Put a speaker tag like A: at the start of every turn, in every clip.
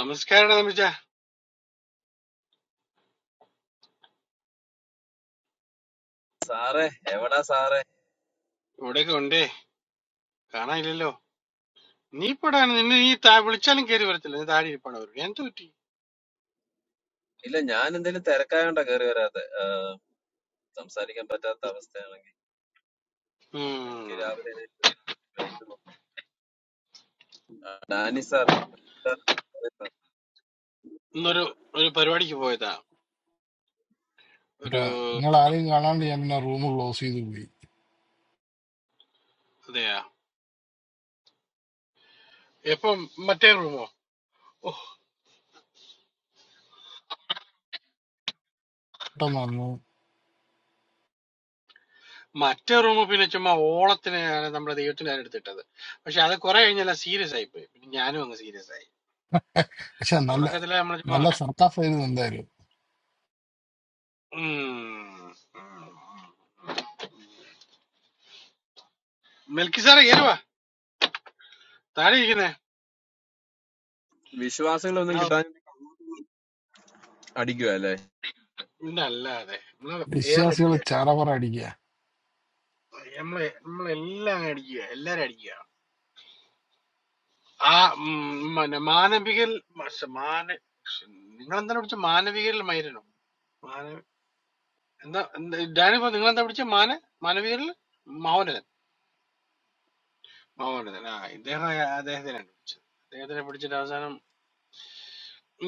A: നമസ്കാരം നമിച്ച
B: Sir, everyone is a sir.
A: ഇവിടെയൊക്കെ ഉണ്ടേ കാണാനില്ലല്ലോ നീ ഇപ്പടാണ് നിന്നെ നീ താ വിളിച്ചാലും കയറി വരത്തില്ല നീ താഴെ ഇരിപ്പാണ് അവർക്ക് എന്ത് പറ്റി
B: If I am in this world, I am a servant. I am a servant of the
A: ഉം.
B: government. I am a servant of
A: ഇന്നൊരു ഒരു പരിപാടിക്ക് പോയതാ ഒരു
C: കേട്ടാ നിങ്ങൾ ആരെയും കാണാണ്ട് ഞാൻ പിന്നെ റൂം ക്ലോസ് ചെയ്ത് പോയി
A: അതെയാ എപ്പം മറ്റേ റൂമോ ഓ
C: പെട്ടെന്ന് വന്നു
A: മറ്റേ റൂമ് പിന്നെ ചുമ്മാ ഓളത്തിന് നമ്മുടെ ദൈവത്തിന്റെ കാര്യം എടുത്തിട്ടത് പക്ഷെ അത് കുറെ കഴിഞ്ഞല്ല സീരിയസ് ആയി പോയി പിന്നെ ഞാനും അങ്ങ് സീരിയസ് ആയി
C: പക്ഷെ നല്ല
A: തുടക്കത്തില് നമ്മൾ ചുമ്മാ
C: നല്ല സർക്കാസ് ആയിരുന്നു എന്തായാലും
A: ഉം. ഉം. മെൽക്കി സാറേ കയറുവാ താഴെ ഇരിക്കുന്നേ
B: the people. I am a servant of
A: എന്നാ-
B: the world. Belief
A: ഇന്നല്ലാതെ നമ്മള്
C: വിശ്വാസികൾ
A: എയറിലടിക്കുക
C: ചാറവറ അടിക്കുക
A: നമ്മളെ നമ്മളെല്ലാം അങ്ങ് അടിക്കുക എല്ലാരും അടിക്കുക ആ ഉം, മന- മാനവികൽ മ- മാന നിങ്ങൾ എന്താണ് പിടിച്ച മാനവികരിൽ മൈരനോ മാന എന്താ എന്താ- ഡാനിപ്പോ നിങ്ങൾ എന്താ പിടിച്ച മാന മാനവികരിൽ മൗനതൻ മൗനതൻ ആ ഇദ്ദേഹം അദ്ദേഹത്തിനാണ് പിടിച്ചത് അദ്ദേഹത്തിനെ പിടിച്ചിട്ട് അവസാനം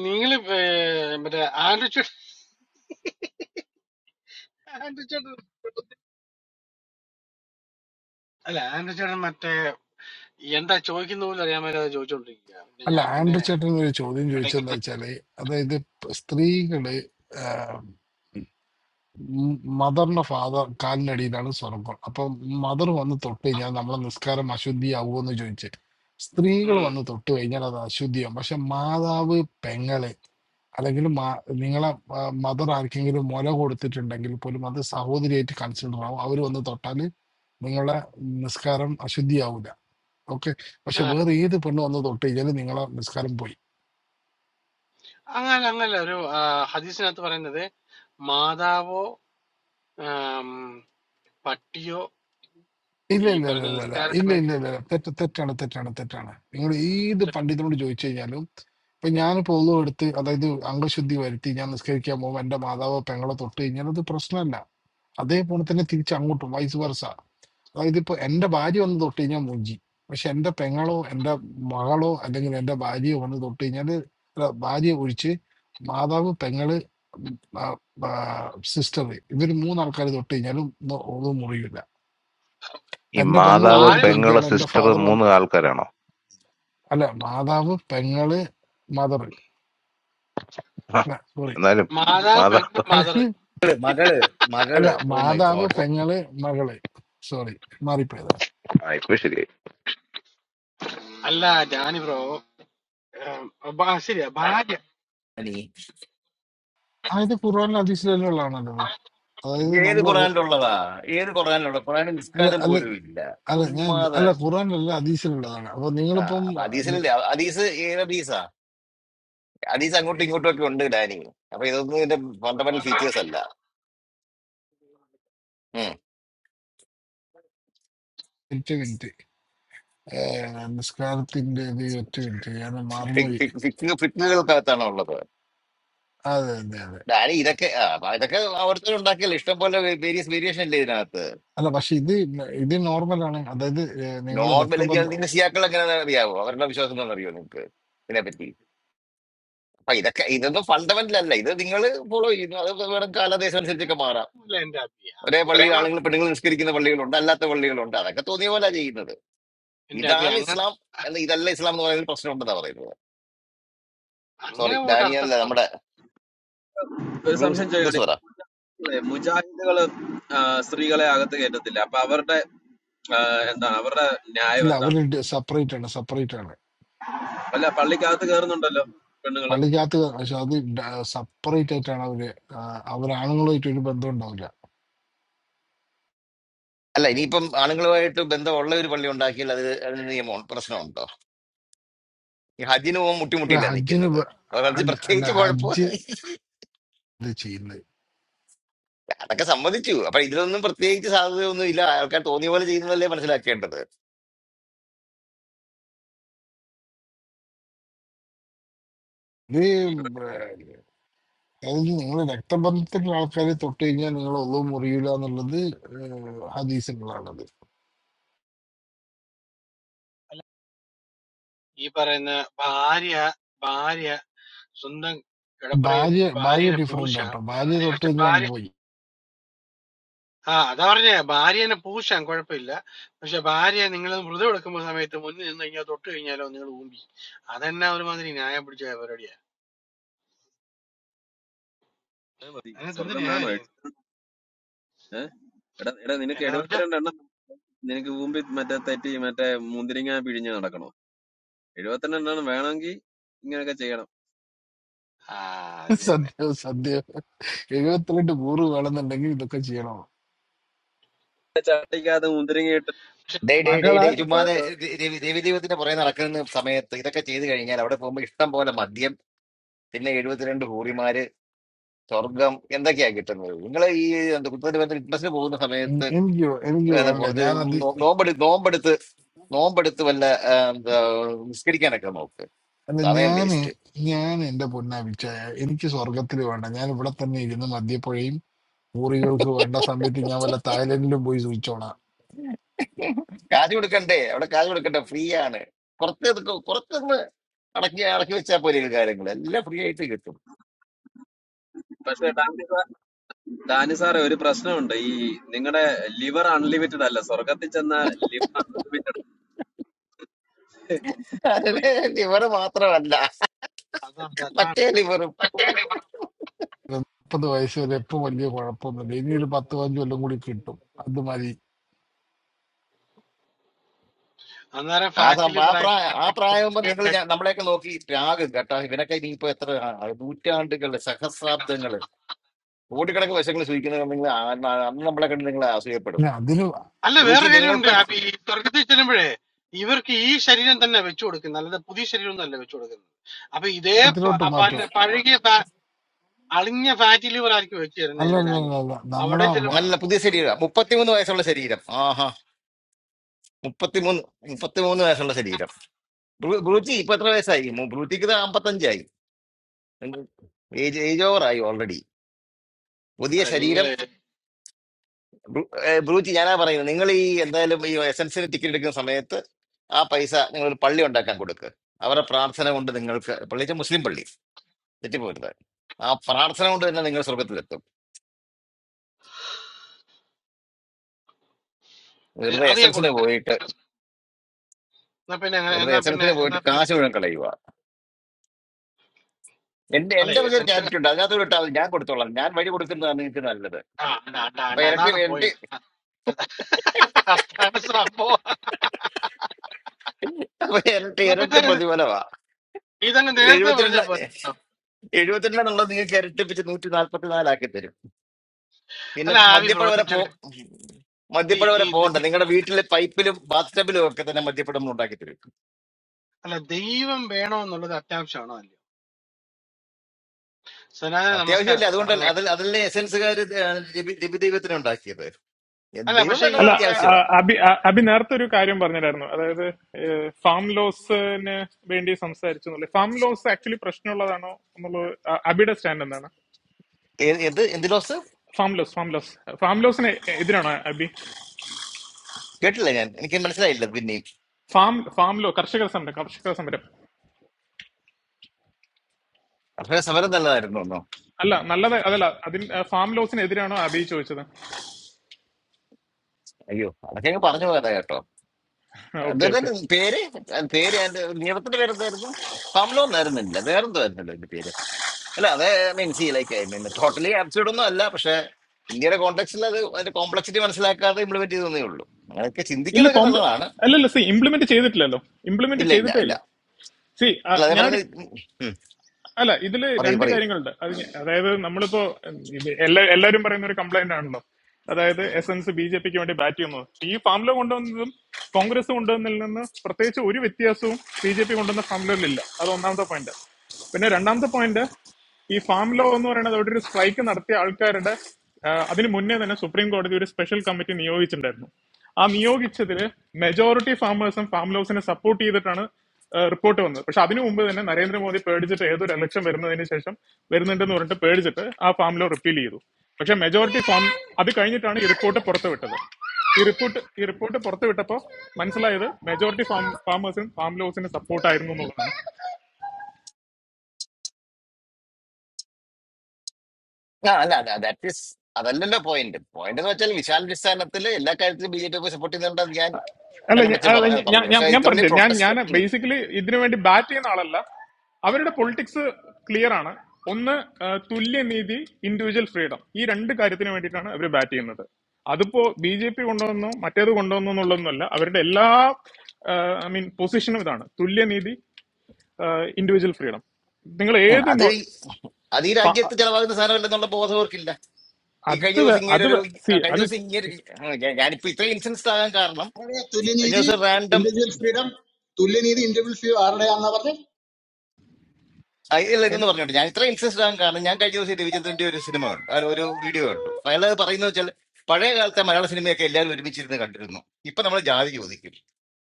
A: നിങ്ങൾ മറ്റേ ആൻഡ്രി ചേ- ആൻഡ്രി ചേട്ടൻ അല്ല ആൻഡ്രി ചേട്ടൻ മറ്റേ എന്താ ചോദിക്കുന്ന പോലും അറിയാൻ മേലെ അത് ചോദിച്ചോണ്ടിരിക്കുക പിന്നെ
C: അല്ല
A: ഞാൻ പിന്നെ
C: ആൻഡ്രി ചേട്ടൻ ഒരു ചോദ്യം ചോദിച്ചെന്താ
A: ഇടയ്ക്ക്
C: വെച്ചാല് അതായത് സ്ത്രീകള് മദറിന്റെ ഫാദർ കാലിനടിയിലാണ് സ്വർഗം അപ്പൊ മദർ വന്ന് തൊട്ട് കഴിഞ്ഞാൽ നമ്മളെ നിസ്കാരം അശുദ്ധിയാവുമോ എന്ന് ചോദിച്ച് സ്ത്രീകൾ വന്ന്
A: ഉം
C: തൊട്ട് കഴിഞ്ഞാൽ അത് അശുദ്ധിയാവും പക്ഷെ മാതാവ് പെങ്ങള് അല്ലെങ്കിൽ മാ- നിങ്ങളെ മദർ ആർക്കെങ്കിലും മുല കൊടുത്തിട്ടുണ്ടെങ്കിൽ പോലും അത് സഹോദരിയായിട്ട് കൺസിഡർ ആവും അവർ വന്ന് തൊട്ടാൽ നിങ്ങളുടെ നിസ്കാരം അശുദ്ധിയാവില്ല ഓക്കെ പക്ഷെ വേറെ ഏത് പെണ്ണ് വന്ന് തൊട്ട് കഴിഞ്ഞാൽ നിങ്ങളെ നിസ്കാരം പോയി
A: അങ്ങനെ അങ്ങനല്ല ഒരു ആ, ഹദീസിനകത്ത് പറയുന്നത് മാതാവോ ആം, പട്ടിയോ
C: ഇല്ല
A: ഈ
C: ഇല്ല ഇല്ല
A: പറഞ്ഞ
C: ഇല്ല ഇല്ല
A: നിസ്കാര
C: ഇല്ല
A: സമയത്ത്
C: ഇല്ല ഇല്ല ഇല്ല. തെറ്റ് തെറ്റാണ് തെറ്റാണ് തെറ്റാണ് നിങ്ങൾ ഏത് പണ്ഡിതനോട് ചോദിച്ചു കഴിഞ്ഞാലും ഇപ്പൊ ഞാനിപ്പോ ഒന്നും എടുത്ത് അതായത് അംഗശുദ്ധി വരുത്തി ഞാൻ നിസ്കരിക്കാൻ പോകുമ്പോൾ എന്റെ മാതാവോ പെങ്ങളോ തൊട്ട് കഴിഞ്ഞാൽ അത് പ്രശ്നമല്ല അതേപോലെ തന്നെ തിരിച്ച് അങ്ങോട്ടും വൈസ് വർഷ അതായത് ഇപ്പൊ എന്റെ ഭാര്യ വന്ന് തൊട്ട് കഴിഞ്ഞാൽ മുഞ്ചി പക്ഷെ എന്റെ പെങ്ങളോ എന്റെ മകളോ അല്ലെങ്കിൽ എന്റെ ഭാര്യയോ വന്ന് തൊട്ട് കഴിഞ്ഞാല് അല്ല, ഭാര്യ ഒഴിച്ച് മാതാവ് പെങ്ങള് സിസ്റ്റർ ഇവര് മൂന്നാൾക്കാർ തൊട്ട് കഴിഞ്ഞാലും ഒന്നും മുറിയില്ല
D: ഈ
C: എന്റെ
A: ഓ,
C: പെങ്ങൾ
D: മാതാവ്,
C: ഒന്നും
A: ഭാര്യ
D: പെങ്ങള്,
C: എടുത്തിരിക്കുകയാണ് എന്റെ
D: സിസ്റ്റർ
C: ഫാദർ
D: മൂന്ന് ആൾക്കാരാണോ?
C: അല്ല മാതാവ് പെങ്ങള് മദർ
D: ആ,
C: അല്ല സോറി
D: എന്നാലും
A: മാതാവ്
D: മാതാ
A: പെങ്ങൾ മദർ
C: അല്ലെങ്കിൽ
E: മകള് മകള്
C: അല്ല
E: മകള് ഓ മൈ
C: മാതാവ്
E: ഗോഡ്
C: പെങ്ങള് മകള് സോറി മാറിപ്പോയത്
D: ആ ഇപ്പൊ ശരിയായി.
A: അല്ല ജാനി ബ്രോ ആം, ബാ- ശരിയാ ഭാര്യ
E: അനി
C: അതായത് ഖുർആാനിൽ അതീശിലുള്ളതാണല്ലോ അതായത്
E: ഏത്
C: നമ്മൾ
E: ഖുറാനിലുള്ളതാ ഏത് ഖുറാനിലുള്ള ഖുറാനിൽ
C: അല്ല
E: നിസ്കാരം
C: അല്ല
E: പോലും ഇല്ല
C: അല്ല ഞാൻ
E: ചുമ്മാതെ
C: അല്ല ഖുർആാനിലല്ല അതീശിലുള്ളതാണ് അപ്പൊ
E: ആ
C: നിങ്ങളിപ്പം
E: അപ്പൊ
C: നി-
E: ഹദീസിലല്ലേ അ- ഹദീസ് ഏത് ഹദീസാ ഹദീസ് അങ്ങോട്ടും ഇങ്ങോട്ടും ഒക്കെ ഉണ്ട് ഡാനി അപ്പൊ ഇതൊന്നും ഇതിന്റെ ഫണ്ടമെന്റൽ ഫീച്ചേഴ്സ് അല്ല ഉം.
C: ഒറ്റ മിനിറ്റ് ഏഹ്, നിസ്കാരത്തിന്റെ ഇത് ഒറ്റ മിനിറ്റ് ഞാൻ
E: ഫിക്-
C: മറന്നുപോയി
E: ഫിക്- ഫിക്- ഫിക്കുകൾക്കകത്താണ് ഉള്ളത്
C: അതെ അതെ അതെ
E: ഡാനി ഇതൊക്കെ ആ, അപ്പൊ ഇതൊക്കെ ഓരോരുത്തർ ഉണ്ടാക്കിയല്ലോ ഇഷ്ടം പോലെ വേരിയസ് വേരിയേഷൻ ഇല്ലേ ഇതിനകത്ത്
C: അല്ല പക്ഷെ ഇത് ഇത് നോർമലാണ് അതായത് ഏഹ്, നിങ്ങളെ
E: നോർമൽ
C: രക്തബന്ധം
E: നിങ്ങൾ സിയാക്കൾ എങ്ങനെയാണെന്ന് അറിയാവോ അവരുടെ വിശ്വാസം എന്താണെന്ന് അറിയോ നിങ്ങൾക്ക് ഇതിനെപ്പറ്റി അപ്പൊ ഇതൊക്കെ ഇതൊന്നും ഫണ്ടമെന്റൽ അല്ല ഇത് നിങ്ങൾ ഫോളോ ചെയ്യുന്നു അത് വേണം കാലദേശം അനുസരിച്ചൊക്കെ മാറാം
A: അങ്ങനൊന്നുമില്ല എന്റെ അഭി
E: ഒരേ
A: അഭി
E: പള്ളിയിൽ
A: അങ്ങനെ
E: ആളുകൾ പെണ്ണുങ്ങൾ നിസ്കരിക്കുന്ന പള്ളികളുണ്ട് അല്ലാത്ത പള്ളികളുണ്ട് അതൊക്കെ തോന്നിയ പോലെ ചെയ്യുന്നത്
A: എന്റെ അഭി
E: ഇതാണ്
A: അങ്ങനെ
E: ഇസ്ലാം അല്ല ഇതല്ല ഇസ്ലാം എന്ന് പറയുന്ന പ്രശ്നം ഉണ്ടെന്നാ പറയുന്നത് സോറി
A: അങ്ങനെ പോയിട്ട്
E: ഡാനിയല്ല
A: അർത്ഥമുണ്ടോ
E: നമ്മുടെ
B: is
E: Bruce
B: something that
E: Bruce പറ
B: we have to take care of. For some reason, we have to take care of it. I do not believe in the gods.
C: ഇല്ല അവര് സെപ്പറേറ്റ് ആണ് separate ആണ്
B: I believe in the laws
C: പള്ളിക്കകത്ത് പക്ഷെ അത് separate ആയിട്ടാണ് അവര് ആ, അവര് ആണുങ്ങളുമായിട്ട് ഒരു ബന്ധം ഉണ്ടാവില്ല
E: അല്ല ഇനിയിപ്പം ആണുങ്ങളുമായിട്ട് ബന്ധമുള്ള ഒരു പള്ളി ഉണ്ടാക്കിയാൽ അത് അതിന് നിയമം പ്രശ്നമുണ്ടോ ഈ ഹജിന് പോകുമ്പോൾ
C: ഇത്
E: മുട്ടിമുട്ടിയില്ല
C: ഹജ്ജിന്
E: നിൽക്കുന്നത്
C: പ-
E: അപ്പൊ അത്
C: ഹജ്ജ് അല്ല
E: പ്രത്യേകിച്ച്
C: ഹജ്ജ്
E: കുഴപ്പം
C: ഇത് ചെയ്യുന്നത്
E: അതൊക്കെ സമ്മതിച്ചു അപ്പൊ ഇതിലൊന്നും പ്രത്യേകിച്ച് സാധ്യതയൊന്നും ഇല്ല ആൾക്കാർ തോന്നിയ പോലെ ചെയ്യുന്നതല്ലേ മനസ്സിലാക്കേണ്ടത്
C: ഇത് അതായത് നിങ്ങൾ രക്തബന്ധത്തിലുള്ള ആൾക്കാരെ തൊട്ട് കഴിഞ്ഞാൽ നിങ്ങൾ ഒന്നും മുറിയില്ല എന്നുള്ളത് ഹദീസിനുള്ളതാണത്
A: ഈ പറയുന്ന ഭാര്യ ഭാര്യ സ്വന്തം കിടപ്പറയിൽ
C: ഭാര്യ ഭാര്യ
A: ഭാര്യനെ
C: ഡിഫറെന്റ്
A: പൂശാം
C: ആട്ടോ ഭാര്യ തൊട്ട്
A: പക്ഷെ
C: കഴിഞ്ഞാൽ
A: ഭാര്യ
C: പോയി
A: ആ അതാ പറഞ്ഞേ ഭാര്യനെ പൂശാൻ കുഴപ്പമില്ല പക്ഷെ ഭാര്യ നിങ്ങൾ വ്രതം എടുക്കുന്ന സമയത്ത് മുന്നിൽ നിന്ന് കഴിഞ്ഞാൽ തൊട്ട് കഴിഞ്ഞാലോ നിങ്ങൾ ഊമ്പി അതെന്നാ ഒരുമാതിരി ന്യായം പിടിച്ച പരിപാടിയാ അതിനകത്ത്
B: of
A: എന്ത്
B: nature. I believe
A: ന്യായമായിരിക്കും
B: in the
A: എന്നെ സംബന്ധിച്ച
B: laws of nature. I believe in the laws of nature. I believe in the laws of nature. I believe in the laws of nature. എഴുപത്തിരണ്ടെണ്ണം വേണമെങ്കിൽ ഇങ്ങനെയൊക്കെ ചെയ്യണം
A: ആ അത് തന്നെ
C: സദ്യ സദ്യ എഴുപത്തിരണ്ട് കൂറ് വേണമെന്നുണ്ടെങ്കിൽ ഇതൊക്കെ ചെയ്യണം
B: ചട്ടിക്കകത്ത് മുന്തിരിങ്ങയിട്ട്
A: പക്ഷെ
E: day day day day
F: Magadala.
E: ചുമ്മാതെ രവിദൈവത്തിന്റെ പുറകെ നടക്കുന്ന സമയത്ത് ഇതൊക്കെ ചെയ്തു കഴിഞ്ഞാൽ അവിടെ പോകുമ്പോൾ ഇഷ്ടം പോലെ മദ്യം പിന്നെ എഴുപത്തിരണ്ട് ഹൂറിമാര് സ്വർഗം എന്തൊക്കെയാ കിട്ടുന്നത് നിങ്ങൾ ഈ എന്താ കുത്തത്തിന് ബന്ധം ഫിറ്റ്നസിന് പോകുന്ന
C: എ-
E: സമയത്ത്
C: എനിക്ക് വേ- എനിക്ക്
E: ഏതാ
C: വേണ്ട
E: കുറച്ച് നോ-
C: ഞാനത്
E: നോമ്പെടു നോമ്പെടുത്ത് നോമ്പെടുത്ത് വല്ല ആ, എന്താ നിസ്കരിക്കാനൊക്കെ നോക്ക്
C: അല്ല
E: സമയം
C: ഞാന്
E: വേസ്റ്റ്
C: ഞാൻ എന്റെ പൊന്നാപിച്ച എനിക്ക് സ്വർഗത്തിൽ വേണ്ട ഞാൻ ഇവിടെ തന്നെ ഇരുന്ന് മദ്യപ്പുഴയും ഊറികൾക്ക് വേണ്ട സമയത്ത് ഞാൻ വല്ല തായ്ലൻഡിലും പോയി സൂചിച്ചോളാം
E: കാശ് കൊടുക്കണ്ടേ അവിടെ കാശ് കൊടുക്കണ്ടേ ഫ്രീ ആണ് കുറച്ച് ഇതൊക്കെ കുറച്ചൊന്ന് അടക്കി അടക്കി വെച്ചാൽ പോലെ കാര്യങ്ങൾ എല്ലാം ഫ്രീ ആയിട്ട് കിട്ടും
B: പക്ഷെ ഡാനി സാർ ഡാനി സാറേ ഒരു പ്രശ്നമുണ്ട് ഈ നിങ്ങളുടെ ലിവർ അൺലിമിറ്റഡ് അല്ല സ്വർഗത്തിൽ ചെന്ന ലിവർ അൺലിമിറ്റഡ്
E: അത് ഇവര് മാത്രമല്ല
A: അതാണ് അതാണ്
E: മറ്റേ
A: പോയിന്റ്
E: ലിവറും
C: മുപ്പത് വയസ്സ് വരെ ഇപ്പൊ വലിയ കുഴപ്പമൊന്നുമില്ല ഇനി ഒരു പത്ത് പതിനഞ്ച് കൊല്ലം കൂടി കിട്ടും അത് മതി
A: അന്നേരം
E: ആ
A: ഫാറ്റ്
E: സംഭവം ആ
A: ലിവർ ആയിട്ട്
E: പ്രായം ആ പ്രായമാകുമ്പോ നിങ്ങൾ നമ്മളെയൊക്കെ നോക്കി രാഗം കേട്ടോ ഇവനൊക്കെ ഇനിയിപ്പോ എത്ര ആ- നൂറ്റാണ്ടുകള് സഹസ്രാബ്ദങ്ങള് കോടിക്കണക്കിന് വശങ്ങൾ സൂചിക്കുന്ന നിങ്ങൾ ആ- അന്ന് നമ്മളെ കണ്ട് നിങ്ങൾ അസൂയപ്പെടും
C: പിന്നെ അതിന്
A: അല്ല വേറെ
E: രുചി
A: കാര്യമുണ്ട്
E: നിങ്ങൾക്കും
A: അപ്പൊ ഈ സ്വർഗത്തിൽ ചെല്ലുമ്പോഴേ ഇവർക്ക് ഈ ശരീരം തന്നെ വെച്ചു കൊടുക്കുന്നത് അല്ലാതെ പുതിയ ശരീരം ഒന്നും അല്ല വെച്ചു കൊടുക്കുന്നത് അപ്പൊ ഇതേ പ-
C: പത്തിലോട്ട് മാറ്റോ
A: പ- പഴകിയ ഫാ- അളിഞ്ഞ ഫാറ്റ് ലിവർ ആയിരിക്കും വെച്ച് തരുന്നത്
C: അല്ല
A: എന്റെ
C: അല്ല
A: ഡാനി
C: അല്ല അല്ല
A: അവിടെ
C: നമ്മളെ
A: ചെല്ലുമ്പോ
E: നല്ല പുതിയ ശരീരം മുപ്പത്തിമൂന്ന് വയസ്സുള്ള ശരീരം ആഹാ മുപ്പത്തിമൂന്ന് മുപ്പത്തിമൂന്ന് വയസ്സുള്ള ശരീരം ബ്രു- ബ്രൂച്ചി ഇപ്പൊ എത്ര വയസ്സായി മു- ബ്രൂച്ചിക്ക് അമ്പത്തഞ്ചായി ഏജ് ഏജ് ഓവർ ആയി ഓൾറെഡി പുതിയ
A: അല്ല
E: ശരീരം
A: നിങ്ങള്
E: ബ്രൂ- ഏ, ബ്രൂച്ച് ഞാനാ പറയുന്നത് നിങ്ങൾ ഈ എന്തായാലും ഈ എസൻസിന് ടിക്കറ്റ് എടുക്കുന്ന സമയത്ത് ആ പൈസ നിങ്ങൾ ഒരു പള്ളി ഉണ്ടാക്കാൻ കൊടുക്കുക അവരുടെ പ്രാർത്ഥന കൊണ്ട് നിങ്ങൾക്ക് പള്ളി വെച്ചാൽ മുസ്ലിം പള്ളി തെറ്റിപ്പോരുത് ആ പ്രാർത്ഥന കൊണ്ട് തന്നെ നിങ്ങൾ സ്വർഗത്തിലെത്തും
A: ഏ,
E: വെറുതെ
A: അധികം
E: എസൻസിന്
A: കൊടുക്കാൻ
E: പോയിട്ട്
A: എന്നാ പിന്നെ
E: വെറുതെ
A: എന്നാ പിന്നെ
E: എസൻസിന്
A: എന്നാ
E: പോയിട്ട്
A: പിന്നെ
E: കാശ് മുഴുവൻ കളയുക എന്റെ
A: അല്ല
E: എന്റെ വക ഒരു
A: എസെൻഷ്യൽ
E: ചാരിറ്റി ഉണ്ട് അതിനകത്ത് വിട്ടാൽ മതി ഞാൻ കൊടുത്തോളാം ഞാൻ വഴി കൊടുക്കുന്നതാണ് നിങ്ങൾക്ക് നല്ലത്
A: ആ അണ്ട അണ്ട
E: അപ്പൊ
A: അണ്ട
E: ഇരട്ടി
A: അതാണ്
E: ഇരട്ടി
A: പോയിന്റ് അതാണ് സംഭവം
E: അപ്പൊ ഇരട്ടി
A: എന്നാ പിന്നെ
E: ഇരട്ടി
A: ഇത്
E: പ്രതിഫലമാ
A: ഇതങ്ങ് നേരത്തെ പറഞ്ഞ
E: എഴുപത്തിരണ്ട്
A: പോലെ
E: എഴുപത്തിരണ്ടെന്നുള്ളത് നിങ്ങൾക്ക് ഇരട്ടിപ്പിച്ച് നൂറ്റി നാല്പത്തി നാലാക്കി തരും പിന്നെ
A: അല്ല ആവി
E: മദ്യപ്പുഴ വരെ
A: പ്രോജക്റ്റ്
E: പോ
A: ഒക്കെ
E: മദ്യപ്പുഴ
A: ദി- ഈ
E: വരെ പോകണ്ട
A: ദി-
E: നിങ്ങളുടെ വീട്ടിലെ പൈപ്പിലും ബാത്ടബിലും ഒക്കെ തന്നെ മദ്യപ്പുഴ നമ്മൾ ഉണ്ടാക്കി തരും
A: അല്ല ദൈവം വേണോ എന്നുള്ളത് അത്യാവശ്യമാണോ അല്ലയോ സനാതന നമസ്കാരം
E: അത്യാവശ്യമില്ല അതുകൊണ്ടല്ല
A: സനാതന-
E: അതിൽ അതല്ലേ എസെൻസുകാർ ദൈവത്തിന് ഉണ്ടാക്കിയത് എ-
A: അല്ല
E: ദൈവം
A: പക്ഷെ ഈ
E: വേണ്ടത്
G: അല്ല
A: നമ്മുടെ
G: ആ,
E: അത്യാവശ്യമാ
G: അബി ആ, അബി നേരത്തെ ഒരു കാര്യം പറഞ്ഞിട്ടായിരുന്നു അതായത് ഫാം ലോസിന് വേണ്ടി സംസാരിച്ചു എന്നുള്ളത് ഫാം ലോസ് ആക്ച്വലി പ്രശ്നമുള്ളതാണോ എന്നുള്ളത് ആ, അബിയുടെ സ്റ്റാൻഡ് എന്താണ്
E: ഏ- ഏത് എന്ത് laws
G: farm laws farm laws farm ലോസിന് എതിരാണോ അബി
E: കേട്ടില്ല ഞാൻ എനിക്ക് മനസ്സിലായില്ല പിന്നെയും
G: ഫാം ഫാം ലോ കർഷക സമരം കർഷക സമരം
E: അപ്പോഴേ സമരം നല്ലതായിരുന്നു ഒന്നോ
G: അല്ല നല്ലത് അതല്ല അതിൽ ഫാം ലോസിന് എതിരാണോ അബി ചോദിച്ചത്
E: അയ്യോ അതൊക്കെ അങ്ങ് പറഞ്ഞു പോയതാ കേട്ടോ
G: ഓക്കെ ഓക്കെ
E: എന്തായാലും പേര് പേര് എന്റെ നിയമത്തിന്റെ പേര് എന്തായിരുന്നു പമലോ എന്നായിരുന്നില്ല വേറെന്തോ ആയിരുന്നല്ലോ എന്റെ പേര് അല്ല അത് മീൻസ് ഈ ലൈക്ക് ടോട്ടലി ആബ്സൈഡ് ഒന്നും അല്ല പക്ഷെ ഇന്ത്യയുടെ കോണ്ടെക്സ്റ്റിൽ അത് അതിന്റെ കോംപ്ലക്സിറ്റി മനസ്സിലാക്കാതെ ഇംപ്ലിമെന്റ് ചെയ്തേ ഉള്ളൂ അങ്ങനെയൊക്കെ
G: ഇല്ല
E: ചിന്തിക്കുന്നതൊക്കെ
G: കോംപ്ര
E: നല്ലതാണ്
G: അല്ലല്ല സി ഇംപ്ലിമെന്റ് ചെയ്തിട്ടില്ലല്ലോ ഇംപ്ലിമെന്റ്
E: ഇല്ല ഇല്ല
G: ചെയ്തിട്ടേ
E: ഇല്ല
G: ഇല്ല സി
E: അല്ല അതേ
G: ഞാനൊരു
E: പറയുന്നത് ഉം, ഉം,
G: അല്ല ഇതില്
E: പറയൂ
G: രണ്ട്
E: പറയൂ
G: കാര്യങ്ങളുണ്ട് അത് ഞ- അതായത് നമ്മളിപ്പോ ഉം, ഇത് എല്ലാ എല്ലാവരും പറയുന്ന ഒരു കംപ്ലൈന്റ് ആണല്ലോ അതായത് എസൻസ് ബി ജെ പിക്ക് വേണ്ടി ബാറ്റ് ചെയ്യുന്നു ഈ ഫാമിലോ കൊണ്ടുവന്നതും കോൺഗ്രസ് കൊണ്ടുവന്നതിൽ നിന്ന് പ്രത്യേകിച്ച് ഒരു വ്യത്യാസവും ബി ജെ പി കൊണ്ടുവന്ന ഫാമിലോയിലില്ല അത് ഒന്നാമത്തെ പോയിന്റ് പിന്നെ രണ്ടാമത്തെ പോയിന്റ് ഈ ഫാം ലോ എന്ന് പറയുന്നത് അവിടെ ഒരു സ്ട്രൈക്ക് നടത്തിയ ആൾക്കാരുടെ ആ, അതിന് മുന്നേ തന്നെ സുപ്രീം കോടതി ഒരു സ്പെഷ്യൽ കമ്മിറ്റി നിയോഗിച്ചിട്ടുണ്ടായിരുന്നു ആ നിയോഗിച്ചതിൽ മെജോറിറ്റി ഫാമേഴ്സും ഫാം ലോസിനെ സപ്പോർട്ട് ചെയ്തിട്ടാണ് റിപ്പോർട്ട് വന്നത് പക്ഷെ അതിനു മുമ്പ് തന്നെ നരേന്ദ്രമോദി പേടിച്ചിട്ട് ഏതൊരു ഇലക്ഷൻ വരുന്നതിന് ശേഷം വരുന്നുണ്ടെന്ന് പറഞ്ഞിട്ട് പേടിച്ചിട്ട് ആ ഫാം ലോ റിപ്പീൽ ചെയ്തു പക്ഷെ മെജോറിറ്റി ഫാം അത് കഴിഞ്ഞിട്ടാണ് ഈ റിപ്പോർട്ട് പുറത്തുവിട്ടത് ഈ റിപ്പോർട്ട് ഈ റിപ്പോർട്ട് പുറത്തുവിട്ടപ്പോൾ മനസ്സിലായത് മെജോറിറ്റി ഫാം ഫാമേഴ്സിനും ഫാം ലോസിനും സപ്പോർട്ടായിരുന്നു എന്നുള്ളതാണ്
E: ആ അല്ല അല്ല ദാറ്റ് ഈസ് അതല്ലല്ലോ പോയിന്റ് പോയിന്റ് എന്ന് വെച്ചാൽ വിശാലടിസ്ഥാനത്തിൽ എല്ലാ കാര്യത്തിലും ബി ജെ പി സപ്പോർട്ട് ചെയ്യുന്നുണ്ടെന്ന് ഞാൻ
G: അല്ല ഞ-
E: കണ്ണടച്ച്
G: അല്ല,
E: പറഞ്ഞ
G: ഞ- ഞാൻ
E: പറഞ്ഞത്
G: ഞാൻ
E: പക്ഷെ
G: ഞാൻ
E: ഇത്ര വലിയ
G: പറഞ്ഞു ഞാൻ
E: പ്രൊട്ടസ്റ്റ്
G: ഞാൻ ബേസിക്കലി ഇതിനു വേണ്ടി ബാറ്റ് ചെയ്യുന്ന ആളല്ല അവരുടെ പൊളിറ്റിക്സ് ക്ലിയർ ആണ് ഒന്ന് ആ, തുല്യനീതി ഇൻഡിവിജ്വൽ ഫ്രീഡം ഈ രണ്ട് കാര്യത്തിന് വേണ്ടിയിട്ടാണ് അവർ ബാറ്റ് ചെയ്യുന്നത് അതിപ്പോ ബി ജെ പി കൊണ്ടുവന്നു മറ്റേത് കൊണ്ടുവന്നു എന്നുള്ളതൊന്നുമല്ല അവരുടെ എല്ലാ ഐ മീൻ പൊസിഷനും ഇതാണ് തുല്യനീതി ഇൻഡിവിജ്വൽ ഫ്രീഡം നിങ്ങൾ ഏത്
E: അത്
G: നോ-
E: ഈ- അത് ഈ
G: ഫ-
E: രാജ്യത്ത് ചെലവാകുന്ന സാധനമല്ലെന്നുള്ള ബോധം അവർക്കില്ല ഈ
G: അത്
E: കഴിഞ്ഞ ദിവസം
G: വേ-
E: ഇങ്ങനെ
G: അത്
E: ഒരു
G: സി
E: കഴിഞ്ഞ
G: അത്
E: ദിവസം ഇങ്ങനെ ഞാനിപ്പോ ഇത്രയും ഇൻസിഡൻസ് ആകാൻ കാരണം കഴിഞ്ഞ ദിവസം ആ, ഇല്ല
G: see,
E: ഇതെന്ന് പറഞ്ഞോട്ടെ ഞാൻ ഇത്ര ഇൻട്രസ്റ്റ് ആകാൻ കാരണം ഞാൻ കഴിഞ്ഞ ദിവസം രവിചന്ദ്രന്റെ ഒരു സിനിമ കണ്ടു അല്ല ഒരു വീഡിയോ കണ്ടു അയാൾ പറയുന്നത് വെച്ചാൽ പഴയ കാലത്തെ മലയാള സിനിമയൊക്കെ എല്ലാവരും ഒരുമിച്ചിരുന്ന് കണ്ടിരുന്നു ഇപ്പൊ നമ്മൾ ജാതി ചോദിക്കും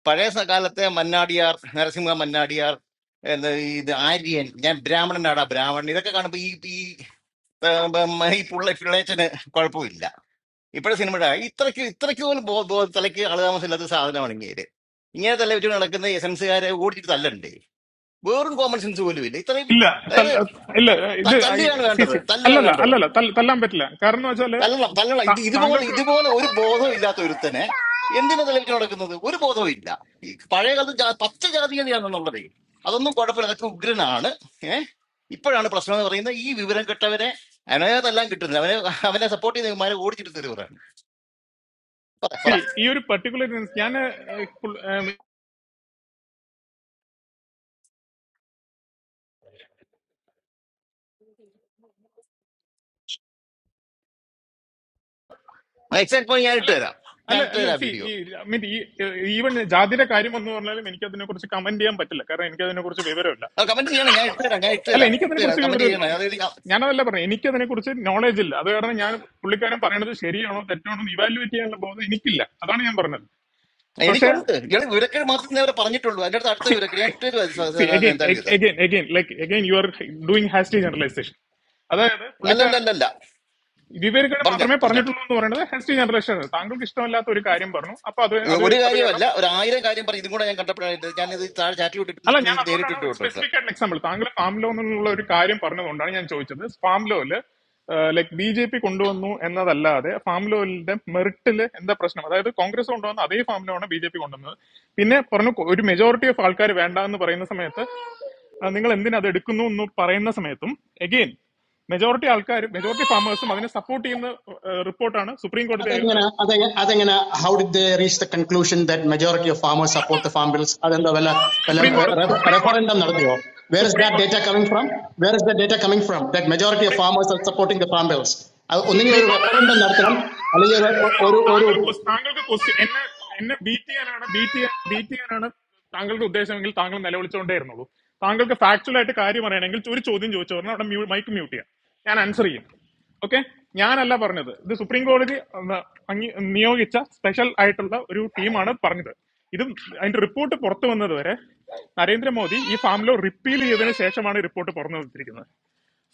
E: പഴയ സ കാലത്തെ മന്നാടിയാർ നരസിംഹ മന്നാടിയാർ എന്താ ഈ ഇത് ആര്യൻ ഞാൻ ബ്രാഹ്മണനാടാ ബ്രാഹ്മണൻ ഇതൊക്കെ കാണുമ്പോൾ ഈ ഈ ആ, ഉം, ഈ പുള്ള പിള്ളേച്ചന് കുഴപ്പമില്ല ഇപ്പോഴത്തെ സിനിമയുടെ ഇത്രയ്ക്ക് ഇത്രയ്ക്ക് പോലും ബോ- ബോ- തലയ്ക്ക് ആളുതാമസമില്ലാത്ത സാധനമാണ് ഇങ്ങനെ ഇങ്ങനെ തല വെച്ച് നടക്കുന്ന എസൻസുകാരെ ഓടിച്ചിട്ട് തല്ലണ്ടേ വേറും കോമൺ സെൻസ് പോലും ഇല്ല ഇത്രയും
G: ഇല്ല
E: അതായത്
G: തല്ല- ഇല്ല ഇത്
E: ത-
G: ഐ-
E: തല്ലുകയാണ്
G: സി
E: വേണ്ടത്
G: സി
E: തല്ലുക
G: അല്ലല്ല
E: വേണ്ടത്
G: അല്ലല്ല തല്ല- തല്ലാൻ പറ്റില്ല കാരണം എന്ന് വെച്ചാല്
E: തല്ലണം തല്ലണം ഇത്
G: താ-
E: ഇതുപോലെ
G: താങ്കൾക്ക്
E: ഇതുപോലെ ഒരു ബോധവും ഇല്ലാത്ത ഒരുത്തനെ എന്തിനാ തെളിവിച്ച് നടക്കുന്നത് ഒരു ബോധവും ഇല്ല ഈ പഴയ കാലത്ത് ജാ- പച്ച ജാതീയതയാണെന്നുള്ളത് അതൊന്നും കുഴപ്പമില്ല അതൊക്കെ ഉഗ്രനാണ് ഏഹ് ഇപ്പോഴാണ് പ്രശ്നം എന്ന് പറയുന്നത് ഈ വിവരം കെട്ടവനെ അവനെല്ലാം കിട്ടുന്നില്ല അവനെ അവനെ സപ്പോർട്ട് ചെയ്യുന്നവന്മാരെ ഓടിച്ചിട്ട് തരുവാണ് പറ
G: സി
E: പറ
G: ഈ ഒരു പർട്ടിക്കുലർ ഞാൻ
E: എക്സാക്ട് പോയി ഞാൻ
G: അല്ല
E: ഇട്ട് തരാം ഞാൻ
G: അല്ല
E: ഇട്ട്
G: അല്ല
E: തരാം
G: സി
E: വീഡിയോ
G: ഈ മീൻ ഈ ഈവൻ ജാതിയുടെ കാര്യം എന്ന് പറഞ്ഞാലും എനിക്ക് അതിനെ കുറിച്ച് കമന്റ് ചെയ്യാൻ പറ്റില്ല കാരണം എനിക്ക് അതിനെ കുറിച്ച് വിവരമില്ല
E: കമന്റ് ചെയ്യണം ഞാൻ ഇട്ട് തരാം ഞാൻ ഇട്ട്
G: അല്ല
E: തരാം
G: എനിക്ക്
E: ഇട്ട്
G: അതിനെ
E: തരാം
G: കുറിച്ച്
E: കമന്റ്
G: വിവരമില്ല
E: ചെയ്യണം
G: ഞാ-
E: അതായത്
G: ഞാനതല്ല പറഞ്ഞു എനിക്ക് അതിനെ കുറിച്ച് നോളേജ് ഇല്ല അത് കാരണം ഞാൻ പുള്ളിക്കാരൻ പറയണത് ശരിയാണോ തെറ്റാണോ ഇവാലുവേറ്റ് ചെയ്യാനുള്ള ബോധം എനിക്കില്ല അതാണ് ഞാൻ പറഞ്ഞത് പക്ഷെ
E: എനിക്കുണ്ട് ഇയാൾ വിവരക്കേട് മാത്രമേ ഇന്നേ വരെ പറഞ്ഞിട്ടുള്ളൂ അതിന്റെ അടുത്ത് അടുത്ത
G: See,
E: വിവരക്കേട് ഞാൻ ഇട്ടു തരുവാ സ-
G: see
E: സ-
G: again,
E: എന്തായാലും
G: ag-
E: ഇത്
G: again, again, like again, you are doing hasty generalization. അതായത് പുള്ളിക്കാരൻ
E: അല്ലല്ലല്ല
G: വിവേകയുടെ
E: പറഞ്ഞോ
G: മാത്രമേ
E: പറഞ്ഞോ
G: പറഞ്ഞിട്ടുള്ളൂ എന്ന് പറയുന്നത് ഹാസ്റ്റി ജനറേഷൻ ആണ്. താങ്കൾക്ക് ഇഷ്ടമല്ലാത്ത ഒരു കാര്യം പറഞ്ഞു അപ്പൊ അത്
E: ഇ-
G: അത്
E: ഒരു
G: അത് കാരണം
E: കാര്യമല്ല ഒരു ആയിരം കാര്യം പറഞ്ഞു ഇതും കൂടെ ഞാൻ കണ്ടപ്പോഴായിട്ട് ഞാൻ ഇത് താഴെ ചാറ്റി വിട്ടിട്ടുണ്ട്
G: അല്ല ഞാൻ
E: നിങ്ങൾക്ക്
G: അതുകൊണ്ടാണ്
E: നേരിട്ടിട്ട്
G: ഒരു
E: വിട്ടോട്ട്
G: സ്പെസിഫിക് ആയിട്ടുള്ള എക്സാമ്പിൾ താങ്കൾ ഫാം ലോ എന്നുള്ള ഒരു കാര്യം പറഞ്ഞതുകൊണ്ടാണ് ഞാൻ ചോദിച്ചത് ഫാം ലോയില് ലൈക് ബി ജെ പി കൊണ്ടുവന്നു എന്നതല്ലാതെ ഫാം ലോയിലെ മെറിറ്റില് എന്താ പ്രശ്നം അതായത് കോൺഗ്രസ് കൊണ്ടുവന്ന അതേ ഫാം ലോ ആണ് ബി ജെ പി കൊണ്ടുവന്നത് പിന്നെ പറഞ്ഞു കൊ- ഒരു മെജോറിറ്റി ഓഫ് ആൾക്കാർ വേണ്ട എന്ന് പറയുന്ന സമയത്ത് ആ, നിങ്ങൾ എന്തിനാ അത് എടുക്കുന്നു എന്ന് പറയുന്ന സമയത്തും എഗെയിൻ മെജോറിറ്റി ആൾക്കാർ മെജോറിറ്റി ഫാമേഴ്സും അതിനെ സപ്പോർട്ട് ചെയ്യുന്ന റിപ്പോർട്ടാണ് സുപ്രീം കോടതി
F: How did they reach the conclusion that majority of farmers support the farm bills? That is why they
G: supreme കോടതി
F: held a
G: സുപ്രീം കോടതി
F: referendum. Where is
G: supreme
F: that
G: കോടതി
F: data coming from? Where is that data coming from? That majority of
G: supreme
F: farmers are supporting the farm bills. Only you
G: supreme
F: hold
G: കോടതി
F: a
G: താങ്കൾ
F: referendum.
G: Question- താങ്കൾക്ക് question എന്നെ എന്നെ beat ചെയ്യാനാണ് beat ചെയ്യാൻ beat ചെയ്യാനാണ് താങ്കളുടെ ഉദ്ദേശമെങ്കിൽ താങ്കൾ നിലവിളിച്ചുകൊണ്ടേ ഇരുന്നുള്ളൂ താങ്കൾക്ക് ഫാക്ച്വൽ ആയിട്ട് കാര്യം പറയണമെങ്കിൽ ഒരു ചോദ്യം ചോദിച്ചു പറഞ്ഞാൽ അവിടെ മൈക്ക് മ്യൂട്ട് ചെയ്യാം ഞാൻ ആൻസർ ചെയ്യും ഓക്കെ ഞാനല്ല പറഞ്ഞത് ഇത് സുപ്രീം കോടതി ഉം, അങ്ങി നിയോഗിച്ച സ്പെഷ്യൽ ആയിട്ടുള്ള ഒരു ടീമാണ് പറഞ്ഞത് ഇതും അതിന്റെ റിപ്പോർട്ട് പുറത്തു വന്നത് വരെ നരേന്ദ്രമോദി ഈ ഫാം ലോ റിപ്പീൽ ചെയ്തതിനു ശേഷമാണ് റിപ്പോർട്ട് പുറത്തു വന്നിരിക്കുന്നത്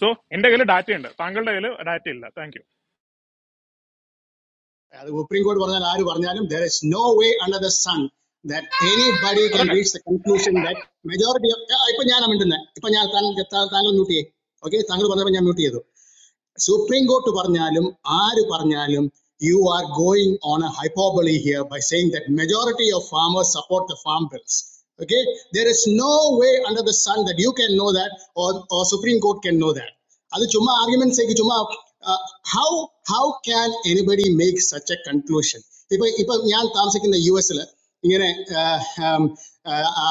G: സോ എന്റെ കയ്യിൽ ഡാറ്റ ഉണ്ട് താങ്കളുടെ കയ്യിൽ ഡാറ്റ ഇല്ല thank you
F: There is no way under the sun that anybody can reach
G: അതന്നെ
F: the conclusion that majority of. Ippu njanam into na. Ippu njan thal thal thalunu nutiye. Okay, thalunu vandanam njan nutiye to. Supreme Court, പറഞ്ഞാലും ആര് പറഞ്ഞാലും you are going on a hyperbole here by saying that majority of farmers support the farm bills okay there is no way under the sun that you can know that or or supreme court can know that അത് ചുമ്മാ arguments ചുമ്മാ uh, how how can anybody make such a conclusion ഇപ്പൊ ഇപ്പൊ ഞാൻ താമസിക്കുന്ന U എസിൽ ഇങ്ങനെ ആ, ആം, ആ, ആ,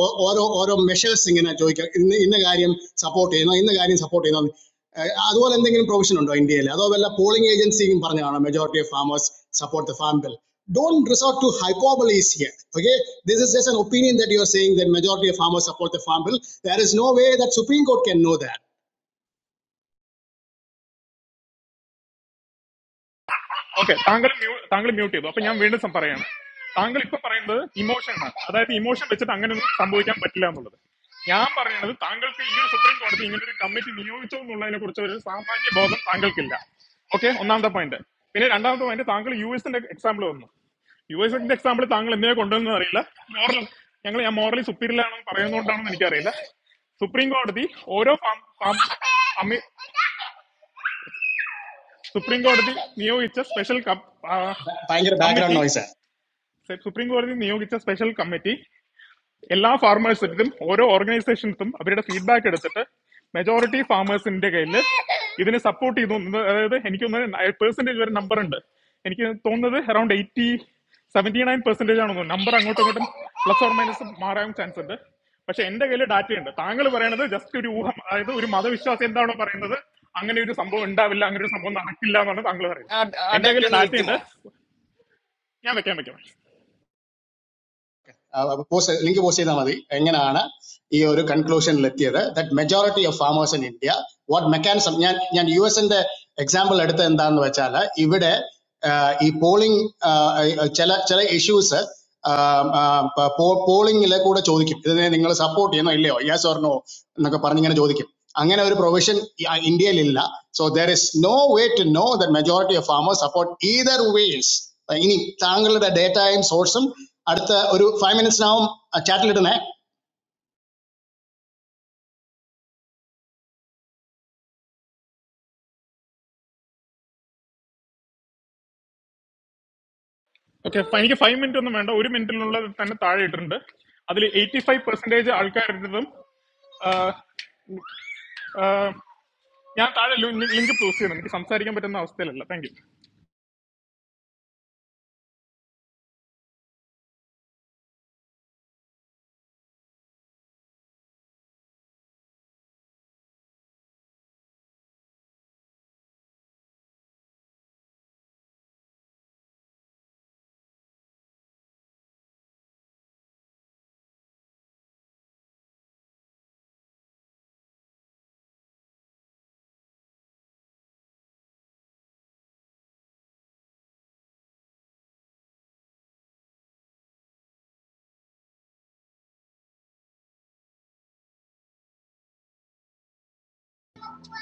F: ഓ- ഓരോ ഓരോ മെഷേഴ്സ് ഇങ്ങനെ ചോദിക്കാം ഇന്ന ഇന്ന കാര്യം സപ്പോർട്ട് ചെയ്യുന്നു ഇന്ന കാര്യം സപ്പോർട്ട് ചെയ്യുന്നു ആ, അതുപോലെ എന്തെങ്കിലും പ്രൊവിഷൻ ഉണ്ടോ ഇന്ത്യയിൽ അതോ വല്ല പോളിംഗ് ഏജൻസിയും പറഞ്ഞതാണോ majority of farmers support the farm bill don't resort to hyperboles here. Okay, this is just an opinion that you are saying that majority of farmers support the farm bill. There is no way that Supreme Court can know that.
G: Okay താങ്കൾ mute- താങ്കൾ mute ചെയ്തു അപ്പൊ ഞാൻ വീണ്ടും some- പറയാണ് താങ്കൾ ഇപ്പൊ പറയുന്നത് ഇമോഷൻ ആണ് അതായത് ഇമോഷൻ വെച്ചിട്ട് അങ്ങനെ ഒന്നും സംഭവിക്കാൻ പറ്റില്ല എന്നുള്ളത് ഞാൻ പറയുന്നത് താങ്കൾക്ക് ഈ ഒരു സുപ്രീം കോടതി ഇങ്ങനെ ഒരു കമ്മിറ്റി നിയോഗിച്ചു എന്നുള്ളതിനെ കുറിച്ച് ഒരു സാമാന്യ ബോധം താങ്കൾക്കില്ല ഓക്കെ ഒന്നാമത്തെ പോയിന്റ് പിന്നെ രണ്ടാമത്തെ പോയിന്റ് താങ്കൾ യു എസിന്റെ എക്സാമ്പിൾ വന്നു യു എസ് എന്റെ എക്സാമ്പിൾ താങ്കൾ എന്തിനെ കൊണ്ടുവന്നു അറിയില്ല മോറൽ ഞങ്ങൾ ഞാൻ മോറലി സുപ്പീരിയർ ആണെന്ന് പറയുന്നതുകൊണ്ടാണെന്ന് എനിക്കറിയില്ല സുപ്രീം കോടതി ഓരോ ഫാം- ഫാം- അമി- സുപ്രീം കോടതി നിയോഗിച്ച സ്പെഷ്യൽ
F: ഭയങ്കര ബാക്ക്ഗ്രൗണ്ട്
G: കമ്മിറ്റി
F: നോയ്സ്
G: സുപ്രീം കോടതി നിയോഗിച്ച സ്പെഷ്യൽ കമ്മിറ്റി എല്ലാ ഫാർമേഴ്സിനും ഓരോ ഓർഗനൈസേഷൻസും അവരുടെ ഫീഡ്ബാക്ക് എടുത്തിട്ട് മെജോറിറ്റി ഫാർമേഴ്സിന്റെ കയ്യിൽ ഇതിനെ സപ്പോർട്ട് ചെയ്തു എന്ന് അതായത് എനിക്കൊന്ന് പേഴ്സൻറ്റേജ് വരെ നമ്പർ ഉണ്ട് എനിക്ക് തോന്നുന്നത് around eighty seventy nine percentage ആണെന്ന് തോന്നുന്നു നമ്പർ അങ്ങോട്ടും ഇങ്ങോട്ടും പ്ലസ് ഓർ മൈനസ് മാറാൻ ചാൻസ് ഉണ്ട് പക്ഷെ എന്റെ കയ്യിൽ ഡാറ്റ ഉണ്ട് താങ്കൾ പറയണത് ജസ്റ്റ് ഒരു ഊഹം അതായത് ഒരു മതവിശ്വാസം എന്താണോ പറയുന്നത് അങ്ങനെ ഒരു സംഭവം ഉണ്ടാവില്ല അങ്ങനെ ഒരു സംഭവം നടക്കില്ല എന്നാണ് താങ്കൾ പറയുന്നത്
E: ആ ആ
G: എന്റെ
E: ഡേറ്റ
G: കയ്യിൽ
E: ഒന്ന്
G: ഡാറ്റ ഉണ്ട്
E: വെക്കുമോ
G: ഞാൻ വെക്കാൻ വെക്കാം
F: പോസ്റ്റ് ലിങ്ക് പോസ്റ്റ് ചെയ്താൽ മതി എങ്ങനെയാണ് ഈ ഒരു കൺക്ലൂഷനിൽ എത്തിയത് that majority of farmers in India what mechanism ഞാൻ ഞാൻ യു എസിന്റെ എക്സാമ്പിൾ എടുത്ത എന്താന്ന് വെച്ചാൽ ഇവിടെ ആ, ഈ പോളിംഗ് ചില ചില ഇഷ്യൂസ് പോളിംഗിലെ കൂടെ ചോദിക്കും ഇതിനെ നിങ്ങൾ സപ്പോർട്ട് ചെയ്യണോ ഇല്ലയോ യെസ് ഓർ നോ എന്നൊക്കെ പറഞ്ഞ് ഇങ്ങനെ ചോദിക്കും അങ്ങനെ ഒരു പ്രൊവിഷൻ ഇന്ത്യയിലില്ല so there is no way to know the majority of farmers support either ways Ini thangalada dataim sourceam. Arda oru five minutes naom a chatleddu nae.
G: Okay എനിക്ക് five minute ഒന്നും വേണ്ട ഒരു മിനിറ്റിനുള്ള തന്നെ താഴെ ഇട്ടിട്ടുണ്ട് അതിൽ എയ്റ്റി ഫൈവ് പെർസെന്റേജ് ആൾക്കാരുടേതും ആഹ്, ആഹ്, ഞാൻ താഴെ ലിങ്ക് പോസ്റ്റ് ചെയ്യണം എനിക്ക് സംസാരിക്കാൻ പറ്റുന്ന അവസ്ഥയിലല്ല താങ്ക് യു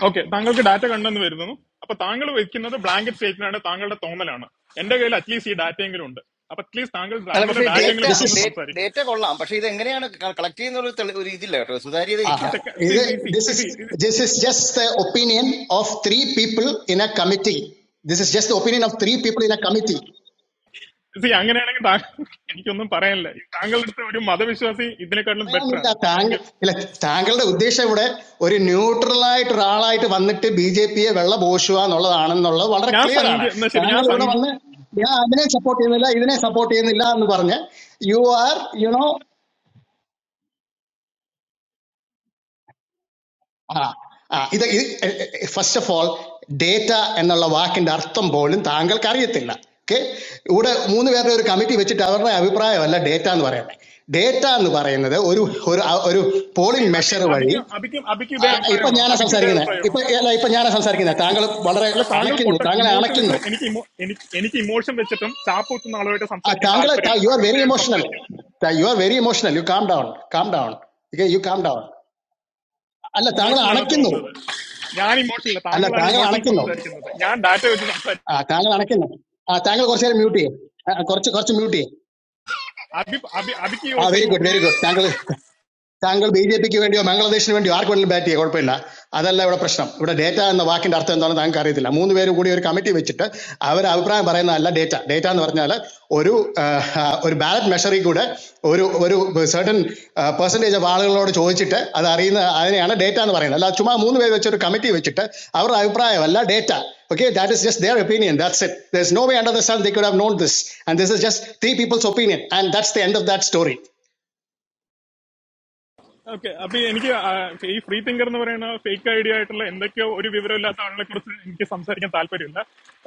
G: ഓക്കെ താങ്കൾക്ക് ഡാറ്റ കണ്ടെന്ന് വരുന്നു അപ്പൊ താങ്കൾ വയ്ക്കുന്നത് ബ്ലാങ്കറ്റ് സ്റ്റേറ്റ്മെന്റ് ആണ് താങ്കളുടെ തോന്നലാണ് എന്റെ കയ്യിൽ അറ്റ്ലീസ്റ്റ് ഈ ഡാറ്റയെങ്കിലും ഉണ്ട് അപ്പൊ അറ്റ്ലീസ്റ്റ് താങ്കൾ
E: അല്ല പക്ഷേ
G: താങ്കളുടെ
E: ഡേറ്റ
G: ഡാറ്റയെങ്കിലും
F: This
G: കൊണ്ടുവന്ന്
F: is.
G: സംസാരിക്കും
E: ഡേറ്റ കൊള്ളാം പക്ഷെ ഇത് എങ്ങനെയാണ് കളക്ട് ചെയ്യുന്ന ഒരു തെളി- ഒരു ഇതില്ല കേട്ടോ സുതാര്യതയില്ല
F: Ah.
G: Second- see, see,
F: This
G: see, see, see,
F: is. This is just the opinion of three people in a committee. This is just the opinion of three people in a committee.
G: ഇത് see, അങ്ങനെയാണെങ്കിൽ താങ്കൾ എനിക്കൊന്നും പറയാനില്ല ഈ താങ്കളുടെ അടുത്ത് ഒരു മതവിശ്വാസി ഇതിനെക്കാട്ടിലും ബെറ്റർ ആണ്
F: Thangalada
G: thank you
F: udesham vude. Oru neutralite, rahalite vannettu BJP a vellala boshua, nolla annam nolla. Vallada
G: ഞാൻ
F: clear ana.
G: സംഖ്യ എന്നാ ശരി ഞാൻ സംഖ്യ
F: Thangalada vanna.
G: see,
F: Ya idine supporten illa, idine supporten illa anu varne. You are, you know. ആ, ആ, ഇത് ഇത് ഫസ്റ്റ് ഓഫ് ഓൾ ഡേറ്റ എന്നുള്ള വാക്കിന്റെ അർത്ഥം പോലും താങ്കൾക്ക് അറിയത്തില്ല ഓക്കെ ഇവിടെ മൂന്ന് പേരുടെ ഒരു കമ്മിറ്റി വെച്ചിട്ട് അവരുടെ അഭിപ്രായമല്ല ഡേറ്റ എന്ന് പറയുന്നത് ഡേറ്റ എന്ന് പറയുന്നത് ഒരു ഒരു ആ, ഒരു പോളിംഗ്
G: അബി
F: മെഷർ വഴി
G: അബിക്കും അബിക്കും അബിക്കും
F: ആ,
G: ഇതേ
F: ഇപ്പൊ
G: അഭിപ്രായമാണോ
F: ഞാനാ
G: അബിക്കും ഇതേ
F: സംസാരിക്കുന്നത്
G: അഭിപ്രായമാണോ
F: ഇപ്പൊ അല്ല ഇപ്പൊ ഞാനാ സംസാരിക്കുന്നത് താങ്കൾ വളരെ
G: അല്ല താങ്കൾ
F: അണയ്ക്കുന്നു
G: പൊട്ട
F: താങ്കളെ
G: ഇമോഷൻ വെച്ച്
F: അണയ്ക്കുന്നു
G: എനിക്ക് emo- എനിക്ക് എനിക്ക് ഇമോഷൻ വെച്ചിട്ടും ചാപ്പൂത്തുന്ന ആളുമായിട്ട്
F: ആ,
G: സംസാരിക്കാൻ
F: താങ്കളെ
G: താല്പര്യമില്ല
F: യു ആർ
G: താങ്കൾക്ക്
F: വെരി
G: ഞാൻ
F: ഇമോഷണൽ
G: സംസാരിക്കുന്നില്ല
F: you are very emotional you calm down calm down you calm down അല്ല താങ്കൾ
G: ഇമോഷനിലാണ്
F: അണയ്ക്കുന്നു
G: തോന്നുന്നത് ഞാൻ ഇമോഷനില്ല
F: അല്ല
G: താങ്കളാണ്
F: താങ്കൾ
G: ഇമോഷൻ
F: അണയ്ക്കുന്നു
G: സംസാരിക്കുന്നത് ഞാൻ ഡാറ്റ വെച്ച് സംസാരിക്കും
F: Ah, thank you, Anakin. Ah, thank you, Gorcher, muti. Ah, Gorcher, Gorcher, muti.
G: Abi Abi അബിക്ക്
F: Ah, very
G: same
F: good, very
G: opinion
F: good.
G: ഉണ്ടോ
F: Thank you. The angle BJP government or Bengal Desh government are going to be at the government. That is our problem. Our data and the work in that part is not done. They are doing it. We have three or four committee members. They have their own. All data data is not there. One a one bad majority group. One one certain person has been asked. All that is not. That is not data. All we have three people. Committee has been asked. They have their own. All data. Okay, that is just their opinion. That's it. There is no way under the sun they could have known this. And this is just three people's opinion. And that's the end of that story.
G: Okay അപ്പൊ എനിക്ക് ആ, ഈ free thinker എന്ന് പറയുന്ന fake idea ആയിട്ടുള്ള എന്തൊക്കെയോ ഒരു വിവരമില്ലാത്ത ആളുകളെ കുറിച്ച് എനിക്ക് സംസാരിക്കാൻ താല്പര്യമില്ല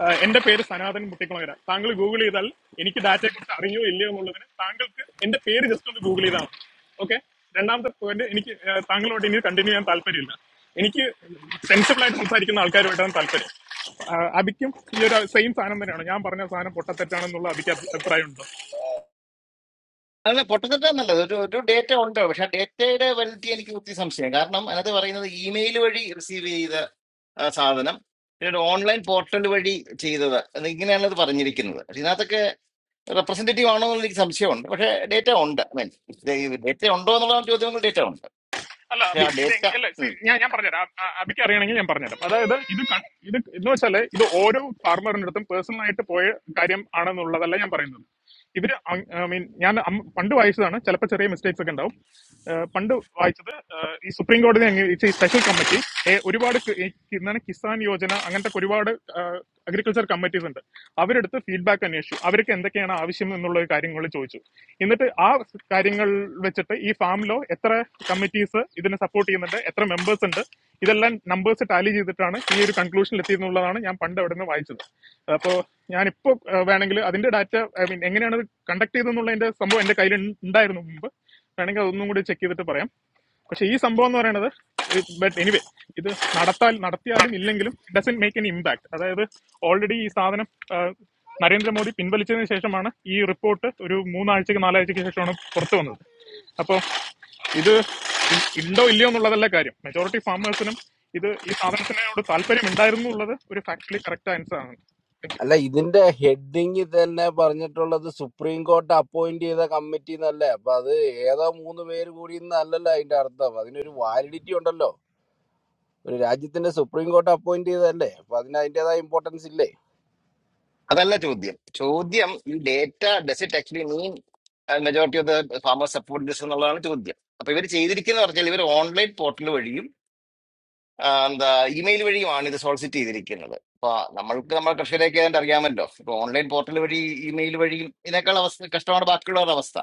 G: ആ, എന്റെ പേര് സനാതൻ മുട്ടിക്കുളങ്ങര താങ്കൾ ഗൂഗിൾ ചെയ്താൽ എനിക്ക് ഡാറ്റയെ കുറിച്ച് അറിയോ ഇല്ലയോ എന്നുള്ളതിന് താങ്കൾക്ക് എന്റെ പേര് ജസ്റ്റ് ഒന്ന് ഗൂഗിൾ ചെയ്താൽ മതി ഓക്കെ രണ്ടാമത്തെ പോയിന്റ് എനിക്ക് ആ, താങ്കളോട് ഇനി കണ്ടിന്യൂ ചെയ്യാൻ താല്പര്യമില്ല എനിക്ക് സെൻസിബിൾ ആയിട്ട് സംസാരിക്കുന്ന ആൾക്കാരുമായിട്ടാണ് താല്പര്യം ആ, അബിക്കും ഈ ഒരു സെയിം സാധനം തന്നെയാണ് ഞാൻ പറഞ്ഞ സാധനം പൊട്ടത്തെറ്റാണെന്നുള്ള അബിക്ക് അഭി- അഭിപ്രായമുണ്ടോ
E: അല്ല പൊട്ടത്തിട്ടാ നല്ലത് ഒരു ഒരു ഡേറ്റ ഉണ്ട് പക്ഷെ ആ ഡേറ്റയുടെ വലിറ്റി എനിക്ക് ഒത്തിരി സംശയം കാരണം അതിനകത്ത് പറയുന്നത് ഇമെയിൽ വഴി റിസീവ് ചെയ്ത ആ സാധനം പിന്നീട് ഓൺലൈൻ പോർട്ടൽ വഴി ചെയ്തത് അത് ഇങ്ങനെയാണ് ഇത് പറഞ്ഞിരിക്കുന്നത് പക്ഷെ ഇതിനകത്തൊക്കെ റെപ്രസെന്റേറ്റീവ് ആണോ എന്ന് എനിക്ക് സംശയമുണ്ട് പക്ഷെ ഡേറ്റ ഉണ്ട് ഐ മീൻ ഡേറ്റ ഉണ്ടോ എന്നുള്ള ചോദ്യങ്ങൾ ഡേറ്റ ഉണ്ട്
G: അല്ല
E: പക്ഷെ
G: അബി
E: ആ
G: ഇത്
E: ഡേറ്റ
G: എങ്- അല്ല see, ഞാൻ ഞാൻ പറഞ്ഞുതരാം അ- അ- അബിക്ക് അറിയണമെങ്കിൽ ഞാൻ പറഞ്ഞുതരാം അതായത് ഇത് കൺ- ഇത് എന്ന് വെച്ചാല് ഇത് ഓരോ ഫാർമറിന്റെ അടുത്തും പേഴ്സണൽ ആയിട്ട് പോയ കാര്യം ആണെന്നുള്ളതല്ല ഞാൻ പറയുന്നത് ഇവര് ഐ മീൻ ഞാൻ അം- പണ്ട് വായിച്ചതാണ് ചിലപ്പോൾ ചെറിയ മിസ്റ്റേക്സ് ഒക്കെ ഉണ്ടാവും ഏഹ് പണ്ട് വായിച്ചത് ഏഹ് ഈ സുപ്രീം കോടതി അംഗീകരിച്ച ഈ സ്പെഷ്യൽ കമ്മിറ്റി ഏഹ് ഒരുപാട് കി- ഈ എന്താണ് കിസാൻ യോജന അങ്ങനത്തെ ഒക്കെ ഒരുപാട് സ്പോൺസർ കമ്മിറ്റീസ് ഉണ്ട് അവരെടുത്ത് ഫീഡ്ബാക്ക് അന്വേഷിച്ചു അവർക്ക് എന്തൊക്കെയാണ് ആവശ്യം എന്നുള്ള കാര്യങ്ങൾ ചോദിച്ചു എന്നിട്ട് ആ കാര്യങ്ങൾ വെച്ചിട്ട് ഈ ഫാമിലോ എത്ര കമ്മിറ്റീസ് ഇതിനെ സപ്പോർട്ട് ചെയ്യുന്നുണ്ട് എത്ര മെമ്പേഴ്സ് ഉണ്ട് ഇതെല്ലാം നമ്പേഴ്സ് ടാലി ചെയ്തിട്ടാണ് ഈ ഒരു കൺക്ലൂഷനിൽ എത്തിയെന്നുള്ളതാണ് ഞാൻ പണ്ട് അവിടെ നിന്ന് വായിച്ചത് അപ്പോൾ ഞാനിപ്പോ ഏഹ്, വേണമെങ്കിൽ അതിന്റെ ഡാറ്റ ഐ മീൻ എങ്ങനെയാണ് കണ്ടക്ട് ചെയ്തെന്നുള്ളതിന്റെ സംഭവം എന്റെ കയ്യിൽ ഉണ്ടായിരുന്നു മുമ്പ് വേണമെങ്കിൽ അതൊന്നും കൂടി ചെക്ക് ചെയ്തിട്ട് പറയാം പക്ഷെ ഈ സംഭവം എന്ന് പറയുന്നത് ബട്ട് എനിവേ ഇത് നടത്താൽ നടത്തിയാലും ഇല്ലെങ്കിലും ഡസൻ മേക്ക് എൻ ഇമ്പാക്ട് അതായത് ഓൾറെഡി ഈ സാധനം ആ, നരേന്ദ്രമോദി പിൻവലിച്ചതിന് ശേഷമാണ് ഈ റിപ്പോർട്ട് ഒരു മൂന്നാഴ്ചക്ക് നാലാഴ്ചക്ക് ശേഷമാണ് പുറത്തു വന്നത് അപ്പോൾ ഇത് ഇ- ഉണ്ടോ ഇല്ലയോ എന്നുള്ളതല്ല കാര്യം മെജോറിറ്റി ഫാമേഴ്സിനും ഇത് ഈ സാധനത്തിനോട് താല്പര്യം ഉണ്ടായിരുന്നു എന്നുള്ളത് ഒരു ഫാക്ച്വലി കറക്റ്റ് ആൻസർ ആണ്
H: അല്ല ഇതിന്റെ ഹെഡിങ് തന്നെ പറഞ്ഞിട്ടുള്ളത് സുപ്രീം കോർട്ട് അപ്പോയിന്റ് ചെയ്ത കമ്മിറ്റി എന്നല്ലേ അപ്പൊ അത് ഏതോ മൂന്ന് പേര് കൂടി എന്നല്ലല്ലോ അതിന്റെ അർത്ഥം അതിനൊരു വാലിഡിറ്റി ഉണ്ടല്ലോ ഒരു രാജ്യത്തിന്റെ സുപ്രീം കോർട്ട് അപ്പോയിന്റ് ചെയ്തതല്ലേ അപ്പൊ അതിന് അതിന്റേതായ ഇമ്പോർട്ടൻസ് ഇല്ലേ
E: അതല്ല ചോദ്യം ചോദ്യം ഈ data does it actually mean majority of the farmers support this എന്നുള്ളതാണ് ചോദ്യം അപ്പൊ ഇവർ ചെയ്തിരിക്കുന്ന പറഞ്ഞാൽ ഇവർ ഓൺലൈൻ പോർട്ടൽ വഴിയും ആ, എന്താ ഇമെയിൽ വഴിയുമാണ് ഇത് സോൾസിറ്റ് ചെയ്തിരിക്കുന്നത് അപ്പൊ നമ്മൾക്ക് നമ്മുടെ കർഷകരെയൊക്കെ ഏതാണ്ട് അറിയാമല്ലോ ഇപ്പൊ ഓൺലൈൻ പോർട്ടൽ വഴി ഇമെയിൽ വഴിയും ഇതിനേക്കാൾ അവസ്ഥ കഷ്ടമാണ് ബാക്കിയുള്ളവരുടെ അവസ്ഥ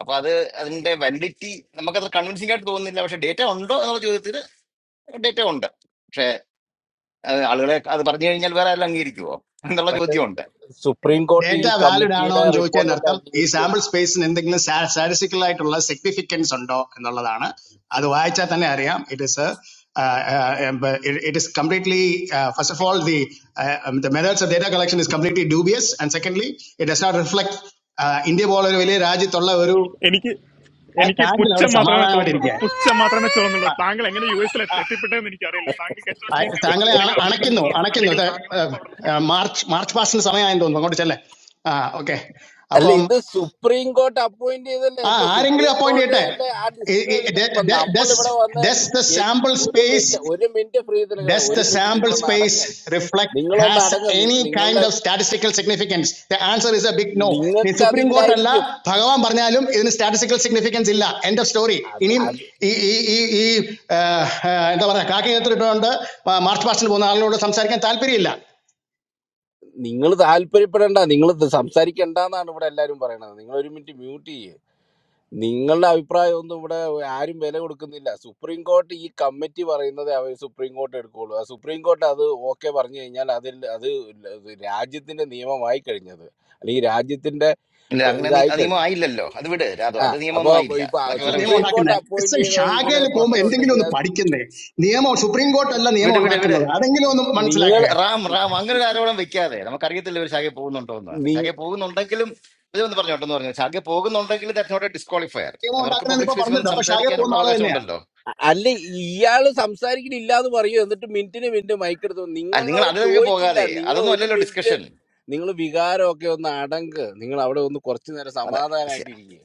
E: അപ്പൊ അത് അതിന്റെ വാലിഡിറ്റി നമുക്കത് കൺവിൻസിംഗ് ആയിട്ട് തോന്നുന്നില്ല പക്ഷെ ഡേറ്റ ഉണ്ടോ എന്നുള്ള ചോദ്യത്തിന് ഡേറ്റ ഉണ്ട് പക്ഷെ അത് ആളുകളെ അത് പറഞ്ഞു കഴിഞ്ഞാൽ വേറെ ആരും അംഗീകരിക്കുവോ എന്നുള്ള
H: പക്ഷെ
E: ചോദ്യമുണ്ട്
H: സുപ്രീം കോർട്ട് ഈ
F: Data value
H: കമ്മിറ്റിയുടെ
F: daanaon joche
H: റിപ്പോർട്ടല്ലേ
F: nartam. This sample
H: അംഗീകരിക്കുള്ളൂ
F: space nindekine saar saare cycle itolala significant sando. Ndalala daana. Ado vai cha thani ariyam. It is a. It is completely. First of all, the the methods of data collection is completely dubious. And secondly, it does not reflect India volleyballer Raji itolala oru.
G: എനിക്ക് എനിക്ക്
F: Thank you. Our
G: പുച്ഛം മാത്രമേ
F: samala na oru
G: തോന്നുന്നുള്ളൂ
F: dirige.
G: പുച്ഛം മാത്രമേ തോന്നുന്നുള്ളൂ താങ്കൾ എങ്ങനെ U എസിൽ എത്തിപ്പെട്ടതെന്ന് എനിക്കറിയില്ല താങ്കൾക്ക് H one B C
F: Thank you. I
G: എടുത്തിട്ടുണ്ടെങ്കിൽ
F: am
G: അവിടെ തന്നെ
F: Anakinno.
G: നിന്നോളൂ
F: Anakinno
G: അല്ലെങ്കിൽ താങ്കൾ അപ്പൊ അവിടെ നിന്ന്
F: thay.
G: പുറത്ത് പോകും.
F: March March passne samaya endon. Mangodi chale. Ah okay.
H: അല്ല
F: Apom.
H: ഇത് സുപ്രീം കോർട്ട് അപ്പോയിന്റ് ചെയ്തല്ലേ
F: ആ
H: ഇപ്പൊ
F: ആരെങ്കിലും
H: സുപ്രീം
F: അപ്പോയിന്റ്
H: കോർട്ട്
F: ചെയ്യട്ടെ.
H: അല്ലേ ആ ഡിസിഷൻ എടുക്ക ഇപ്പൊ നമ്മൾ
F: Does
H: ഇവിടെ വന്ന്
F: does the
H: എ-
F: sample
H: ഒരു
F: space
H: മിനിറ്റ് ഒരു മിനിറ്റ് ഫ്രീ തന്നെ
F: does
H: ഒരു
F: the
H: മിനിറ്റ്
F: sample
H: നിങ്ങളൊന്ന്
F: space
H: അടങ്ങ്
F: reflect
H: നിങ്ങളൊന്ന്
F: has
H: അടങ്ങ് നി-
F: any kind
H: നിങ്ങളുടെ
F: of statistical significance? The answer is a big no. The
H: നിങ്ങൾക്ക്
F: Supreme Court alla
H: അതില്ലായിരിക്കും
F: Bhagavan parnalum idinu statistical significance illa, end of story.
H: അത്
F: Ini
H: അത്
F: ee ee ee endha paraya kaakiyathirukonde March past nu pona aalinodu samsarikkan thalperiyilla.
H: നിങ്ങൾ താല്പര്യപ്പെടണ്ട നിങ്ങൾ സംസാരിക്കണ്ടെന്നാണ് ഇവിടെ എല്ലാവരും പറയണത് നിങ്ങൾ ഒരു മിനിറ്റ് മ്യൂട്ട് ചെയ്യേ നിങ്ങളുടെ അഭിപ്രായം ഒന്നും ഇവിടെ ആരും വില കൊടുക്കുന്നില്ല സുപ്രീം കോർട്ട് ഈ കമ്മിറ്റി പറയുന്നത് അവർ സുപ്രീം കോർട്ട് എടുക്കുകയുള്ളൂ ആ സുപ്രീം കോർട്ട് അത് ഓക്കെ പറഞ്ഞു കഴിഞ്ഞാൽ അതിൽ അത് ഇത് രാജ്യത്തിന്റെ നിയമമായി കഴിഞ്ഞത് അല്ലെങ്കിൽ രാജ്യത്തിന്റെ
E: ഇല്ല
H: ഇപ്പൊ
E: അങ്ങനെ നീ-
H: ഇതായി
E: അത് നിയമം
H: കഴിഞ്ഞു
E: ആയില്ലല്ലോ അത് വിട് രാതു
H: ആ
E: അത്
H: അപ്പൊ
E: നിയമമൊന്നും ആയില്ല
H: ഇപ്പൊ
F: All
E: അതൊക്കെ വേറെ
F: the laws are on
H: Supreme
E: വിഷയം
F: that kind.
H: Court
F: It's
H: appoint
F: a
H: ചെയ്ത
F: shocker
H: ഇതിനെ
F: to go
H: പ്രശ്നം
F: and endingly on
H: ഉണ്ടെങ്കിൽ
F: the
H: അത്
F: party kind. The laws of Supreme Court, all the laws are
E: വിട്
F: on
E: വിട്
F: that kind.
E: വിട്
F: Are endingly on the man's leg.
H: നിങ്ങൾ
F: The
E: Ram Ram അങ്ങനെ ഒരു ആരോപണം വെക്കാതെ നമുക്കറിയത്തില്ല ഒരു ശാഖയെ പോകുന്നുണ്ടോ എന്ന് ശാഖയെ പോകുന്നുണ്ടെങ്കിലും ഇതൊന്ന് പറഞ്ഞോട്ടെ എന്ന് പറഞ്ഞു ശാഖയെ പോകുന്നുണ്ടെങ്കിൽ that not a disqualifier
F: laws are on that
E: അവർക്ക്
F: kind. If
E: public
F: I pardon
E: സ്പേസിൽ
F: the,
E: വന്ന്
F: that's a shocker to go
E: സംസാരിക്കാനുള്ള
F: now.
E: അവകാശം
F: Isn't it?
E: ഉണ്ടല്ലോ
H: അല്ല ഇയാള് സംസാരിക്കണില്ല എന്ന് പറയൂ എന്നിട്ട് മിനിറ്റിന് മിനിറ്റ് മൈക്ക് എടുത്തു
E: ആ, നിങ്ങൾ
H: നിങ്ങളോട്
E: അതിലൊക്കെ
H: ചോദിച്ചില്ല
E: പോകാതെ
H: നിങ്ങൾ
E: അതൊന്നും
H: ഒരു
E: അല്ലല്ലോ
H: മിനിറ്റ്
E: ഡിസ്കഷൻ
H: നിങ്ങൾ വികാരമൊക്കെ ഒന്ന് അടങ്ക് നിങ്ങൾ അവിടെ ഒന്ന് കുറച്ചു നേരം
E: അതെ ശ്ശെ.
H: സമാധാനമായിട്ട് ഇരിക്കുക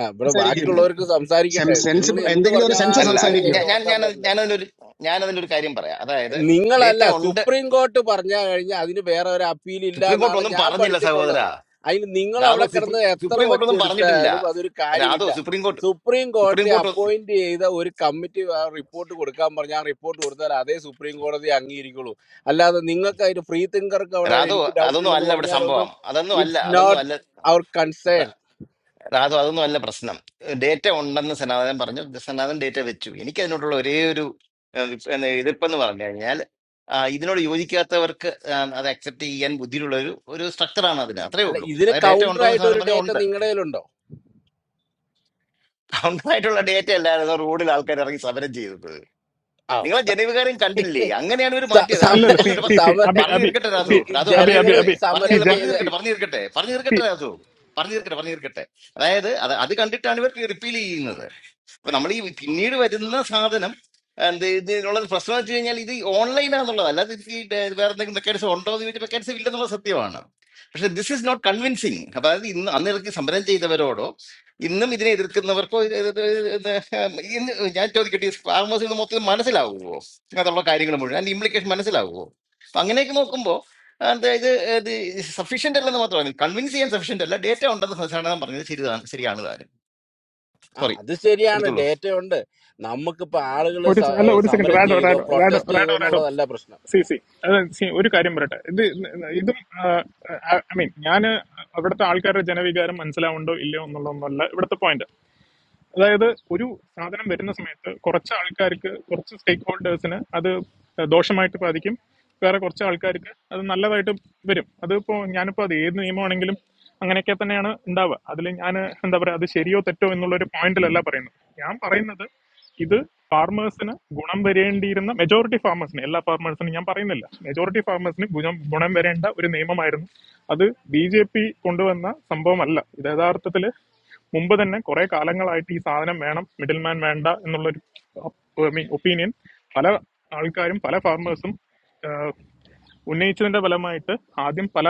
H: ആ ഇവിടെ
F: It's a regime.
E: അങ്ങനെ
H: ബാക്കിയുള്ളവർക്ക്
F: Same
H: സംസാരിക്കട്ടെ
F: sense.
H: നിങ്ങൾ എന്ത്
F: Endingly, a sense of
H: പറഞ്ഞാലും
E: അല്ല
H: കയറി
E: ഞാൻ
F: self-regime.
H: അതിന്റെ
E: ഞാൻ
H: ഉടക്കാൻ
E: ഞാൻ
H: വരണ്ടേ
E: ഞാനതിലൊരു ഞാനതിലൊരു കാര്യം പറയാം അതായത് ഡേറ്റ
H: നിങ്ങളല്ല
E: ഉണ്ട്
H: സുപ്രീം കോർട്ട് പറഞ്ഞാൽ കഴിഞ്ഞാൽ അതിന് വേറെ ഒരു അപ്പീൽ ഇല്ല
E: സുപ്രീം കോർട്ട്
H: എന്നാണ്
E: ഒന്നും
H: ഞാൻ
E: പറഞ്ഞില്ല സഹോദര
H: പഠിച്ചിട്ടുള്ളത് അതിന് നിങ്ങൾ
E: രാധോ
H: അവിടെ
E: സുപ്രീം
H: കിടന്ന് എത്ര
E: സുപ്രീം കോർട്ട് ഒന്നും പറഞ്ഞിട്ടില്ല
H: ഒച്ചെടുത്താലും അതൊരു
E: രാധോ
H: കാര്യമില്ല
E: സുപ്രീം കോർട്ട്
H: സുപ്രീം
E: സുപ്രീം
H: കോടതി
E: കോർട്ട് ഒ-
H: അപ്പോയിന്റ് ചെയ്ത ഒരു കമ്മിറ്റി റിപ്പോർട്ട് കൊടുക്കാൻ പറഞ്ഞാൽ ആ റിപ്പോർട്ട് കൊടുത്താൽ അതേ സുപ്രീം കോടതി അംഗീകരിക്കുള്ളൂ അല്ലാതെ നിങ്ങൾക്ക് അതിന് ഫ്രീ തിങ്കർക്ക് അവിടെ
E: രാധോ
H: എനിക്ക് ഡൗട്ട്
E: അതൊന്നും
H: ഉണ്ടെന്ന്
E: അല്ല ഇവിടെ
H: പറഞ്ഞാലൊന്നും
E: സംഭവം അതൊന്നും അല്ല
H: ഇറ്റ്സ്
E: അതൊന്നും
H: നോട്ട്
E: അല്ല
H: അവർ കൺസേൺ
E: ര- രാധോ അതൊന്നും അല്ല പ്രശ്നം ഡേറ്റ ഉണ്ടെന്ന് സനാതൻ പറഞ്ഞു സനാതൻ ഡേറ്റ വെച്ചു എനിക്ക് അതിനോടുള്ള ഒരേ ഒരു ഏഹ്, ഇപ്പ- എന്ന- എതിർപ്പെന്ന് പറഞ്ഞു കഴിഞ്ഞാൽ ആ, ഇതിനോട് യോജിക്കാത്തവർക്ക് ആ, അത് അക്സെപ്റ്റ് ചെയ്യാൻ ബുദ്ധിയിലുള്ള ഒരു ഒരു സ്ട്രക്ചറാണ് അതിന് അത്രേ
H: അല്ല
E: ഉള്ളൂ
H: ഇതിന്
E: അതായത് ഡേറ്റ
H: കൗണ്ടർ
E: ഉണ്ടോ എന്ന്
H: ആയിട്ട് ഒരു
E: സാധനം
H: ഡേറ്റ
E: പറഞ്ഞു
H: നിങ്ങളുടെ കയ്യിലുണ്ടോ
E: ഉണ്ടായിട്ടുള്ള ഡേറ്റ അല്ലായിരുന്നു റോഡിൽ ആൾക്കാർ ഇറങ്ങി സമരം ചെയ്തത്
H: ആ
E: നിങ്ങളെ ജനവികാരം കണ്ടില്ലേ അങ്ങനെയാണ് ഇവർ
H: സ-
E: മാറ്റിയത്
G: അല്ല
H: സമര
E: അത്
G: അല്ല സി
E: പറഞ്ഞോട്ടെ പ-
G: സി സി
H: സമര
G: അബി
E: പറഞ്ഞു
G: അബി
E: തീർക്കട്ടെ രാസു
G: സി
H: നി-
E: രാസു
G: അബി
E: പറഞ്ഞു
G: അബി
H: ജനങ്ങള്
E: തീർക്കട്ടെ
G: അബി
E: പറഞ്ഞു
G: സി
H: സമരം
E: അല്ല
G: ജൻ
E: പറഞ്ഞു
H: ചെയ്ത്
G: സി
E: തീർക്കട്ടെ പറഞ്ഞു തീർക്കട്ടെ പറഞ്ഞു
G: സി
E: തീർക്കട്ടെ രാസു പറഞ്ഞു തീർക്കട്ടെ പറഞ്ഞു തീർക്കട്ടെ അതായത് അത് അത് കണ്ടിട്ടാണ് ഇവർ റിപ്പീൽ ചെയ്യുന്നത് അപ്പൊ നമ്മൾ ഈ പിന്നീട് വരുന്ന സാധനം എന്ത് ഇതിനുള്ളത് പ്രശ്നം വെച്ച് കഴിഞ്ഞാൽ ഇത് ഓൺലൈനാന്നുള്ളത് അല്ലാതെ ഇത് ഈ ഡേ- വേറെ എന്തെങ്കിലും മെക്കാനിസം ഉണ്ടോ എന്ന് ചോദിച്ചാൽ മെക്കാനിസം ഇല്ലെന്നുള്ള സത്യമാണ് പക്ഷെ ദിസ് ഈസ് നോട്ട് കൺവിൻസിങ് അപ്പൊ അതായത് ഇന്ന് അന്ന് ഇറക്കി സമരം ചെയ്തവരോടോ ഇന്നും ഇതിനെ എതിർക്കുന്നവർക്കോ ഇത് ഇത് ഇത് ഇത് ഇന്ന് ഞാൻ ചോദിക്കട്ടെ ഫാർമേഴ്സ് ഇത് മൊത്തം മനസ്സിലാവുമോ അതുള്ള കാര്യങ്ങൾ മുഴുവൻ അതിന്റെ ഇംപ്ലിക്കേഷൻ മനസ്സിലാവുമോ അപ്പൊ അങ്ങനെയൊക്കെ നോക്കുമ്പോൾ എന്താ ഇത് ഇത് സഫീഷ്യന്റ് അല്ലെന്ന് മാത്രമാണ് കൺവിൻസ് ചെയ്യാൻ സഫീഷ്യന്റ് അല്ല ഡേറ്റ ഉണ്ടെന്ന് സാധാരണ പറഞ്ഞത് ശരിതാണ് ശരിയാണ് താനും
H: ആ
E: സോറി
H: അത് ശരിയാണ്
E: എടുത്തോളൂ
H: ഡേറ്റ ഉണ്ട് നമുക്കിപ്പോ ആളുകൾ
G: ഒരു സെ- അല്ല ഒരു സെക്കൻഡ്
H: സമരം
G: റാഡോ
H: ചെയ്തോ
G: റാഡോ റാഡോ
H: പ്രൊട്ടസ്റ്റ് ചെയ്തോ
G: റാഡോ റാഡോ
H: എന്നുള്ളതല്ല പ്രശ്നം
G: സി സി അത് സി ഒരു കാര്യം പറയട്ടെ ഇത് ഇതും ഐ മീൻ ഞാൻ അവിടുത്തെ ആൾക്കാരുടെ ജനവികാരം മനസ്സിലാവുണ്ടോ ഇല്ലയോ എന്നുള്ളതൊന്നുമല്ല ഇവിടുത്തെ പോയിന്റ് അതായത് ഒരു സാധനം വരുന്ന സമയത്ത് കുറച്ച് ആൾക്കാർക്ക് കുറച്ച് സ്റ്റേക്ക് ഹോൾഡേഴ്സിന് അത് ദോഷമായിട്ട് ബാധിക്കും വേറെ കുറച്ച് ആൾക്കാർക്ക് അത് നല്ലതായിട്ട് വരും അതിപ്പോൾ ഞാനിപ്പോൾ അത് ഏത് നിയമമാണെങ്കിലും അങ്ങനെയൊക്കെ തന്നെയാണ് ഉണ്ടാവുക അതിൽ ഞാൻ എന്താ പറയുക അത് ശരിയോ തെറ്റോ എന്നുള്ളൊരു പോയിന്റിലല്ല പറയുന്നത് ഞാൻ പറയുന്നത് ഇത് ഫാർമേഴ്സിന് ഗുണം വരേണ്ടിയിരുന്ന മെജോറിറ്റി ഫാർമേഴ്സിന് എല്ലാ ഫാർമേഴ്സിനും ഞാൻ പറയുന്നില്ല മെജോറിറ്റി ഫാർമേഴ്സിന് ഗുണം ഗുണം വരേണ്ട ഒരു നിയമമായിരുന്നു അത് ബി ജെ പി കൊണ്ടുവന്ന സംഭവമല്ല ഇത് യഥാർത്ഥത്തിൽ മുമ്പ് തന്നെ കുറെ കാലങ്ങളായിട്ട് ഈ സാധനം വേണം മിഡിൽ മാൻ വേണ്ട എന്നുള്ളൊരു ഒപ്പീനിയൻ പല ആൾക്കാരും പല ഫാർമേഴ്സും ഉന്നയിച്ചതിന്റെ ഫലമായിട്ട് ആദ്യം പല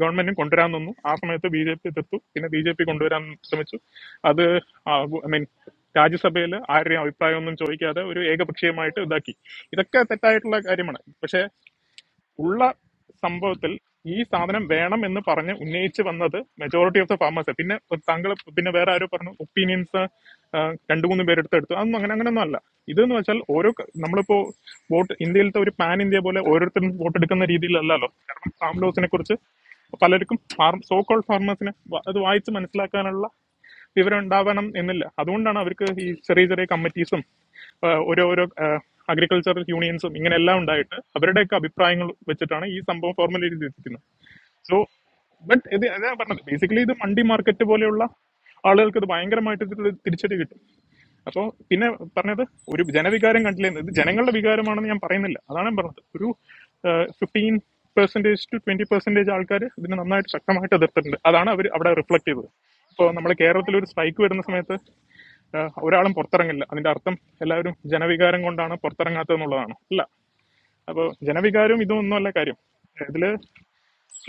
G: ഗവൺമെന്റും കൊണ്ടുവരാൻ നിന്നു ആ സമയത്ത് ബി ജെ പി എതിർത്തു പിന്നെ ബി ജെ പി കൊണ്ടുവരാൻ ശ്രമിച്ചു അത് ഐ മീൻ രാജ്യസഭയിൽ ആരുടെയും അഭിപ്രായമൊന്നും ചോദിക്കാതെ ഒരു ഏകപക്ഷീയമായിട്ട് ഇതാക്കി ഇതൊക്കെ തെറ്റായിട്ടുള്ള കാര്യമാണ് പക്ഷെ ഉള്ള സംഭവത്തിൽ ഈ സാധനം വേണം എന്ന് പറഞ്ഞ് ഉന്നയിച്ച് വന്നത് മെജോറിറ്റി ഓഫ് ദ ഫാമേഴ്സ് പിന്നെ താങ്കൾ പിന്നെ വേറെ ആരോ പറഞ്ഞു ഒപ്പീനിയൻസ് രണ്ടു മൂന്ന് പേരെടുത്ത് എടുത്തു അതൊന്നും അങ്ങനെ അങ്ങനെയൊന്നും അല്ല ഇതെന്ന് വെച്ചാൽ ഓരോ ക- നമ്മളിപ്പോ വോട്ട് ഇന്ത്യയിലത്തെ ഒരു പാൻ ഇന്ത്യ പോലെ ഓരോരുത്തരും വോട്ട് എടുക്കുന്ന രീതിയിലല്ലല്ലോ കാരണം ഫാം ലോസിനെ കുറിച്ച് പലർക്കും ഫാർം സോക്കോൾ ഫാർമേഴ്സിനെ അത് വായിച്ച് മനസ്സിലാക്കാനുള്ള വിവരം ഉണ്ടാവണം എന്നില്ല അതുകൊണ്ടാണ് അവർക്ക് ഈ ചെറിയ ചെറിയ കമ്മിറ്റീസും ഓരോ ഓരോ അഗ്രികൾച്ചറൽ യൂണിയൻസും ഇങ്ങനെ എല്ലാം ഉണ്ടായിട്ട് അവരുടെയൊക്കെ അഭിപ്രായങ്ങൾ വെച്ചിട്ടാണ് ഈ സംഭവം ഫോർമുലേറ്റ് ചെയ്തിരിക്കുന്നത് സോ ബട്ട് ഇത് അതാ പറഞ്ഞത് ബേസിക്കലി ഇത് മണ്ടി മാർക്കറ്റ് പോലെയുള്ള ആളുകൾക്ക് ഇത് ഭയങ്കരമായിട്ട് ഇതിൽ തിരിച്ചടി കിട്ടും അപ്പോൾ പിന്നെ പറഞ്ഞത് ഒരു ജനവികാരം കണ്ടില്ല എന്ന്. ഇത് ജനങ്ങളുടെ വികാരമാണെന്ന് ഞാൻ പറയുന്നില്ല അതാണ് ഞാൻ പറഞ്ഞത് ഒരു fifteen percentage to twenty percentage ആൾക്കാർ ഇതിനെ നന്നായിട്ട് ശക്തമായിട്ട് എതിർത്തിട്ടുണ്ട് അതാണ് അവർ അവിടെ റിഫ്ലക്ട് ചെയ്തത് ഇപ്പോൾ നമ്മുടെ കേരളത്തിൽ ഒരു സ്ട്രൈക്ക് വരുന്ന സമയത്ത് ആ, ഒരാളും പുറത്തിറങ്ങില്ല അതിന്റെ അർത്ഥം എല്ലാവരും ജനവികാരം കൊണ്ടാണ് പുറത്തിറങ്ങാത്തത് എന്നുള്ളതാണ് അല്ല അപ്പോൾ ജനവികാരം ഇതും ഒന്നുമല്ല കാര്യം ഇതില്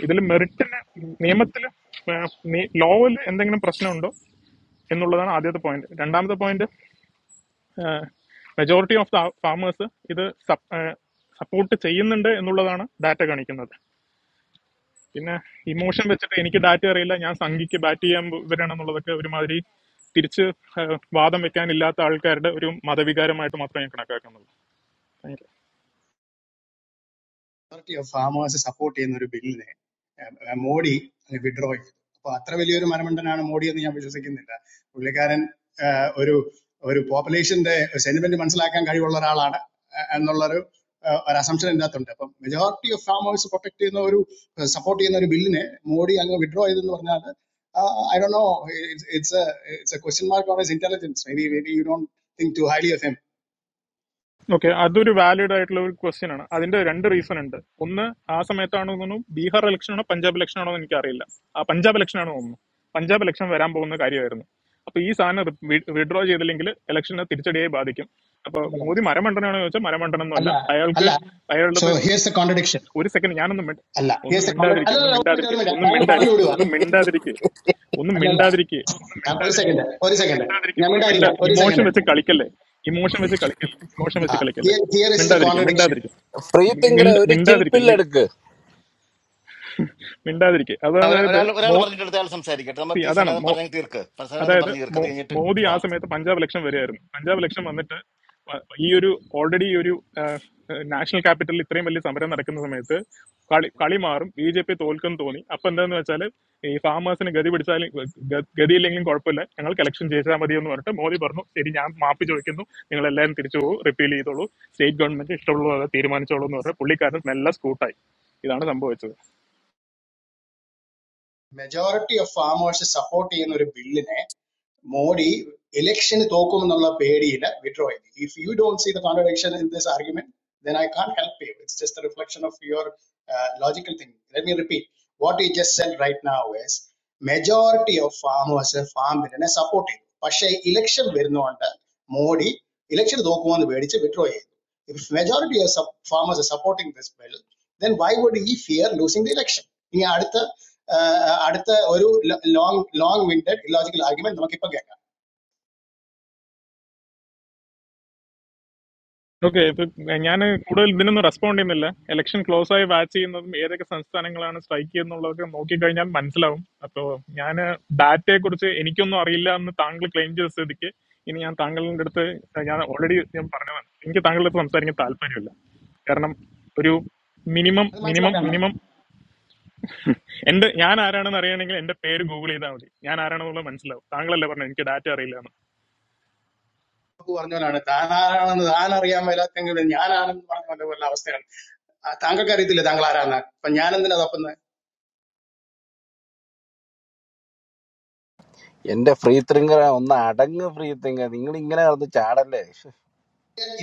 G: ഇതിൽ മെറിറ്റിന് നിയമത്തിൽ ലോയിൽ എന്തെങ്കിലും പ്രശ്നമുണ്ടോ എന്നുള്ളതാണ് ആദ്യത്തെ പോയിന്റ് രണ്ടാമത്തെ point majority of the farmers ഇത് സപ്പോർട്ട് ചെയ്യുന്നുണ്ട് എന്നുള്ളതാണ് ഡാറ്റ കാണിക്കുന്നത് പിന്നെ ഇമോഷൻ വെച്ചിട്ട് എനിക്ക് ഡാറ്റ അറിയില്ല ഞാൻ സംഘിക്ക് ബാറ്റ് ചെയ്യാൻ വരണമെന്നുള്ളതൊക്കെ ഒരുമാതിരി തിരിച്ച് ആ, വാദം വെക്കാനില്ലാത്ത ആൾക്കാരുടെ ഒരു മതവികാരമായിട്ട് മാത്രമേ ഞാൻ കണക്കാക്കുന്നുള്ളൂ thank you.
F: Part of farmers' support is another bill. Now, Modi will withdraw. So, at that level, if you remember, that I am Modi, then I am just a kid. Now, because population, the central government is like a car. All the cars are all assumptions. That's the point. So, majority of farmers' support is another support is another bill. Now, Modi, I am going to withdraw. Then, what is that? I don't know. It's a question mark about his intelligence. Maybe, maybe you don't think too highly of him.
G: Okay അതൊരു valid ആയിട്ടുള്ള ഒരു question ആണ് അതിന്റെ രണ്ട് reason ഉണ്ട് ഒന്ന് ആ സമയത്താണോ തോന്നുന്നു ബീഹാർ ഇലക്ഷൻ ആണോ പഞ്ചാബ് ഇലക്ഷൻ ആണോ എന്ന് എനിക്കറിയില്ല ആ പഞ്ചാബ് ഇലക്ഷൻ ആണോ തോന്നുന്നു പഞ്ചാബ് ഇലക്ഷൻ വരാൻ പോകുന്ന കാര്യമായിരുന്നു അപ്പൊ ഈ സാധനം വിഡ്രോ ചെയ്തില്ലെങ്കിൽ ഇലക്ഷനെ തിരിച്ചടിയായി ബാധിക്കും അപ്പൊ മോദി മരമണ്ടനാണോ ചോദിച്ചാൽ
F: All
G: മരമണ്ടനൊന്നുമല്ല
F: right, all
G: അയാൾക്ക്
F: right.
G: അയാളുടെ
F: So, here's the contradiction.
G: ഒരു സെക്കൻഡ് ഞാനൊന്നും മിണ്ട
F: Allah. Here
G: ഒന്നും
F: is the call. Allah,
G: മിണ്ടാതിരിക്കുക ഒന്നും
F: Allah. I will
G: മിണ്ടാതിരിക്കുക ഒന്നും
F: call
G: മിണ്ടാതിരിക്കുക
F: you.
G: ഒന്നും
F: Allah,
G: മിണ്ടാതിരിക്കുക ഒന്നും
F: Allah.
G: മിണ്ടാതിരിക്കുക ഒന്നും
F: One second.
G: മിണ്ടാതിരിക്കുക
F: One
G: ഒന്നും
F: second.
G: മിണ്ടാതിരിക്കുക
F: I will
G: ഒന്നും
F: call
G: മിണ്ട
F: you. One
G: emotion
F: second.
G: വെച്ച് കളിക്കല്ലേ ഇമോഷൻ വെച്ച് കളിക്കല്ലേ ഇമോഷൻ വെച്ച്
F: Ah,
G: കളിക്കല്ലേ
F: here, here is the
G: മിണ്ടാതിരിക്കുക
F: contradiction.
G: മിണ്ടാതിരിക്കുക
H: ഫ്രീ തിങ്കറെ
G: മിണ്ട
H: ഒരു
G: മിണ്ടാതിരിക്കുക
H: ചിൽപ്പില്ലെടുക്ക്
G: മിണ്ടാതിരിക്കുക
E: ആ, ഒരാ-
G: അതായത്
E: ഒരാൾ ഒരാൾ
G: മോ
E: പറഞ്ഞിട്ട് അയാൾ സംസാരിക്കട്ടെ
G: സി
E: നമുക്ക് ഈ
G: അതാണ്
E: സനാതം
G: മോ
E: പറഞ്ഞ് തീർക്ക് സനാതം
G: അതായത്
E: പറഞ്ഞ് തീർക്ക്
G: മോ
E: അത് കഴിഞ്ഞിട്ട്
G: മോദി ആ
E: റാം
G: സമയത്ത് പഞ്ചാബ് ഇലക്ഷൻ വരികയായിരുന്നു പഞ്ചാബ് ഇലക്ഷൻ വന്നിട്ട് വ- ഈ ഒരു ഓൾറെഡി ഈ ഒരു നാഷണൽ ക്യാപിറ്റലിൽ ഇത്രയും വലിയ സമരം നടക്കുന്ന സമയത്ത് കളി കളി മാറും ബി ജെ പി തോൽക്കും തോന്നി അപ്പൊ എന്താന്ന് വെച്ചാൽ ഈ ഫാമേഴ്സിന് ഗതി പിടിച്ചാലും ഗ- ഗതിയില്ലെങ്കിലും കുഴപ്പമില്ല ഞങ്ങൾക്ക് ഇലക്ഷൻ ജയിച്ചാൽ മതി എന്ന് പറഞ്ഞിട്ട് മോദി പറഞ്ഞു ശരി ഞാൻ മാപ്പ് ചോദിക്കുന്നു നിങ്ങൾ എല്ലാവരും തിരിച്ചു പോകും റിപ്പീൽ ചെയ്തോളൂ സ്റ്റേറ്റ് ഗവൺമെന്റ് ഇഷ്ടമുള്ളത് തീരുമാനിച്ചോളൂ എന്ന് പറഞ്ഞ് പുള്ളിക്കാരൻ നല്ല സ്കൂട്ടായി ഇതാണ് സംഭവിച്ചത്
F: മെജോറിറ്റി ഓഫ് ഫാമേഴ്സ് സപ്പോർട്ട് ചെയ്യുന്ന ഒരു ബില്ലിനെ മോഡി ഇലക്ഷന് തോക്കുമെന്നുള്ള പേടിയില് വിഡ്രോ ചെയ്തു if you don't see the contradiction in this argument then I can't help you. It's just a reflection of your uh, logical thing. Let me repeat. What he just said right now is majority of farmers farm ബില്ലിനെ support ചെയ്തു പക്ഷേ election വരുന്നതുകൊണ്ട് Modi election തോക്കുമെന്ന് പേടിച്ച് withdraw ചെയ്തു if majority of farmers are supporting this bill then why would he fear losing the election? ഇനി അടുത്ത ആ, അടുത്ത ഒരു long long winded illogical argument നമുക്കിപ്പോൾ കേൾക്കാം
G: ഓക്കെ ഇപ്പൊ ഞാൻ കൂടുതൽ ഇതിനൊന്നും റെസ്പോണ്ട് ചെയ്യുന്നില്ല ഇലക്ഷൻ ക്ലോസ് ആയി വാച്ച് ചെയ്യുന്നതും ഏതൊക്കെ സംസ്ഥാനങ്ങളാണ് സ്ട്രൈക്ക് ചെയ്യുന്നുള്ളതൊക്കെ നോക്കിക്കഴിഞ്ഞാൽ മനസ്സിലാവും അപ്പോൾ ഞാൻ ഡാറ്റയെ കുറിച്ച് എനിക്കൊന്നും അറിയില്ല എന്ന് താങ്കൾ ക്ലെയിം ചെയ്ത സ്ഥിതിക്ക് ഇനി ഞാൻ താങ്കളുടെ അടുത്ത് ഞാൻ ഓൾറെഡി ഞാൻ പറഞ്ഞതാണ് എനിക്ക് താങ്കളുടെ അടുത്ത് സംസാരിക്കാൻ താല്പര്യമില്ല കാരണം ഒരു മിനിമം
F: അത്
G: മിനിമം
F: മനസ്സിലാക്കണം
G: മിനിമം എന്റെ ഞാൻ ആരാണെന്ന് അറിയണമെങ്കിൽ എന്റെ പേര് ഗൂഗിൾ ചെയ്താൽ മതി ഞാൻ ആരാണെന്നുള്ളത് മനസ്സിലാവും താങ്കളല്ലേ പറഞ്ഞു എനിക്ക് ഡാറ്റ അറിയില്ല എന്ന്.
F: നമുക്ക് പറഞ്ഞ പോലാണ് താൻ ആരാണെന്ന് താൻ അറിയാൻ മേലാത്തെങ്കിലും ഞാനാണെന്ന് പറഞ്ഞ പോലെ ഉള്ള അവസ്ഥയാണ് ആ, താങ്കൾക്ക് അറിയത്തില്ല താങ്കൾ ആരാന്ന് അപ്പൊ ഞാൻ എന്തിനാ തപ്പുന്നത്
H: എന്റെ ഫ്രീ തിങ്കറെ ഒന്ന് അടങ്ങ് ഫ്രീ തിങ്കർ നിങ്ങൾ ഇങ്ങനെ കിടന്ന് ചാടല്ലേ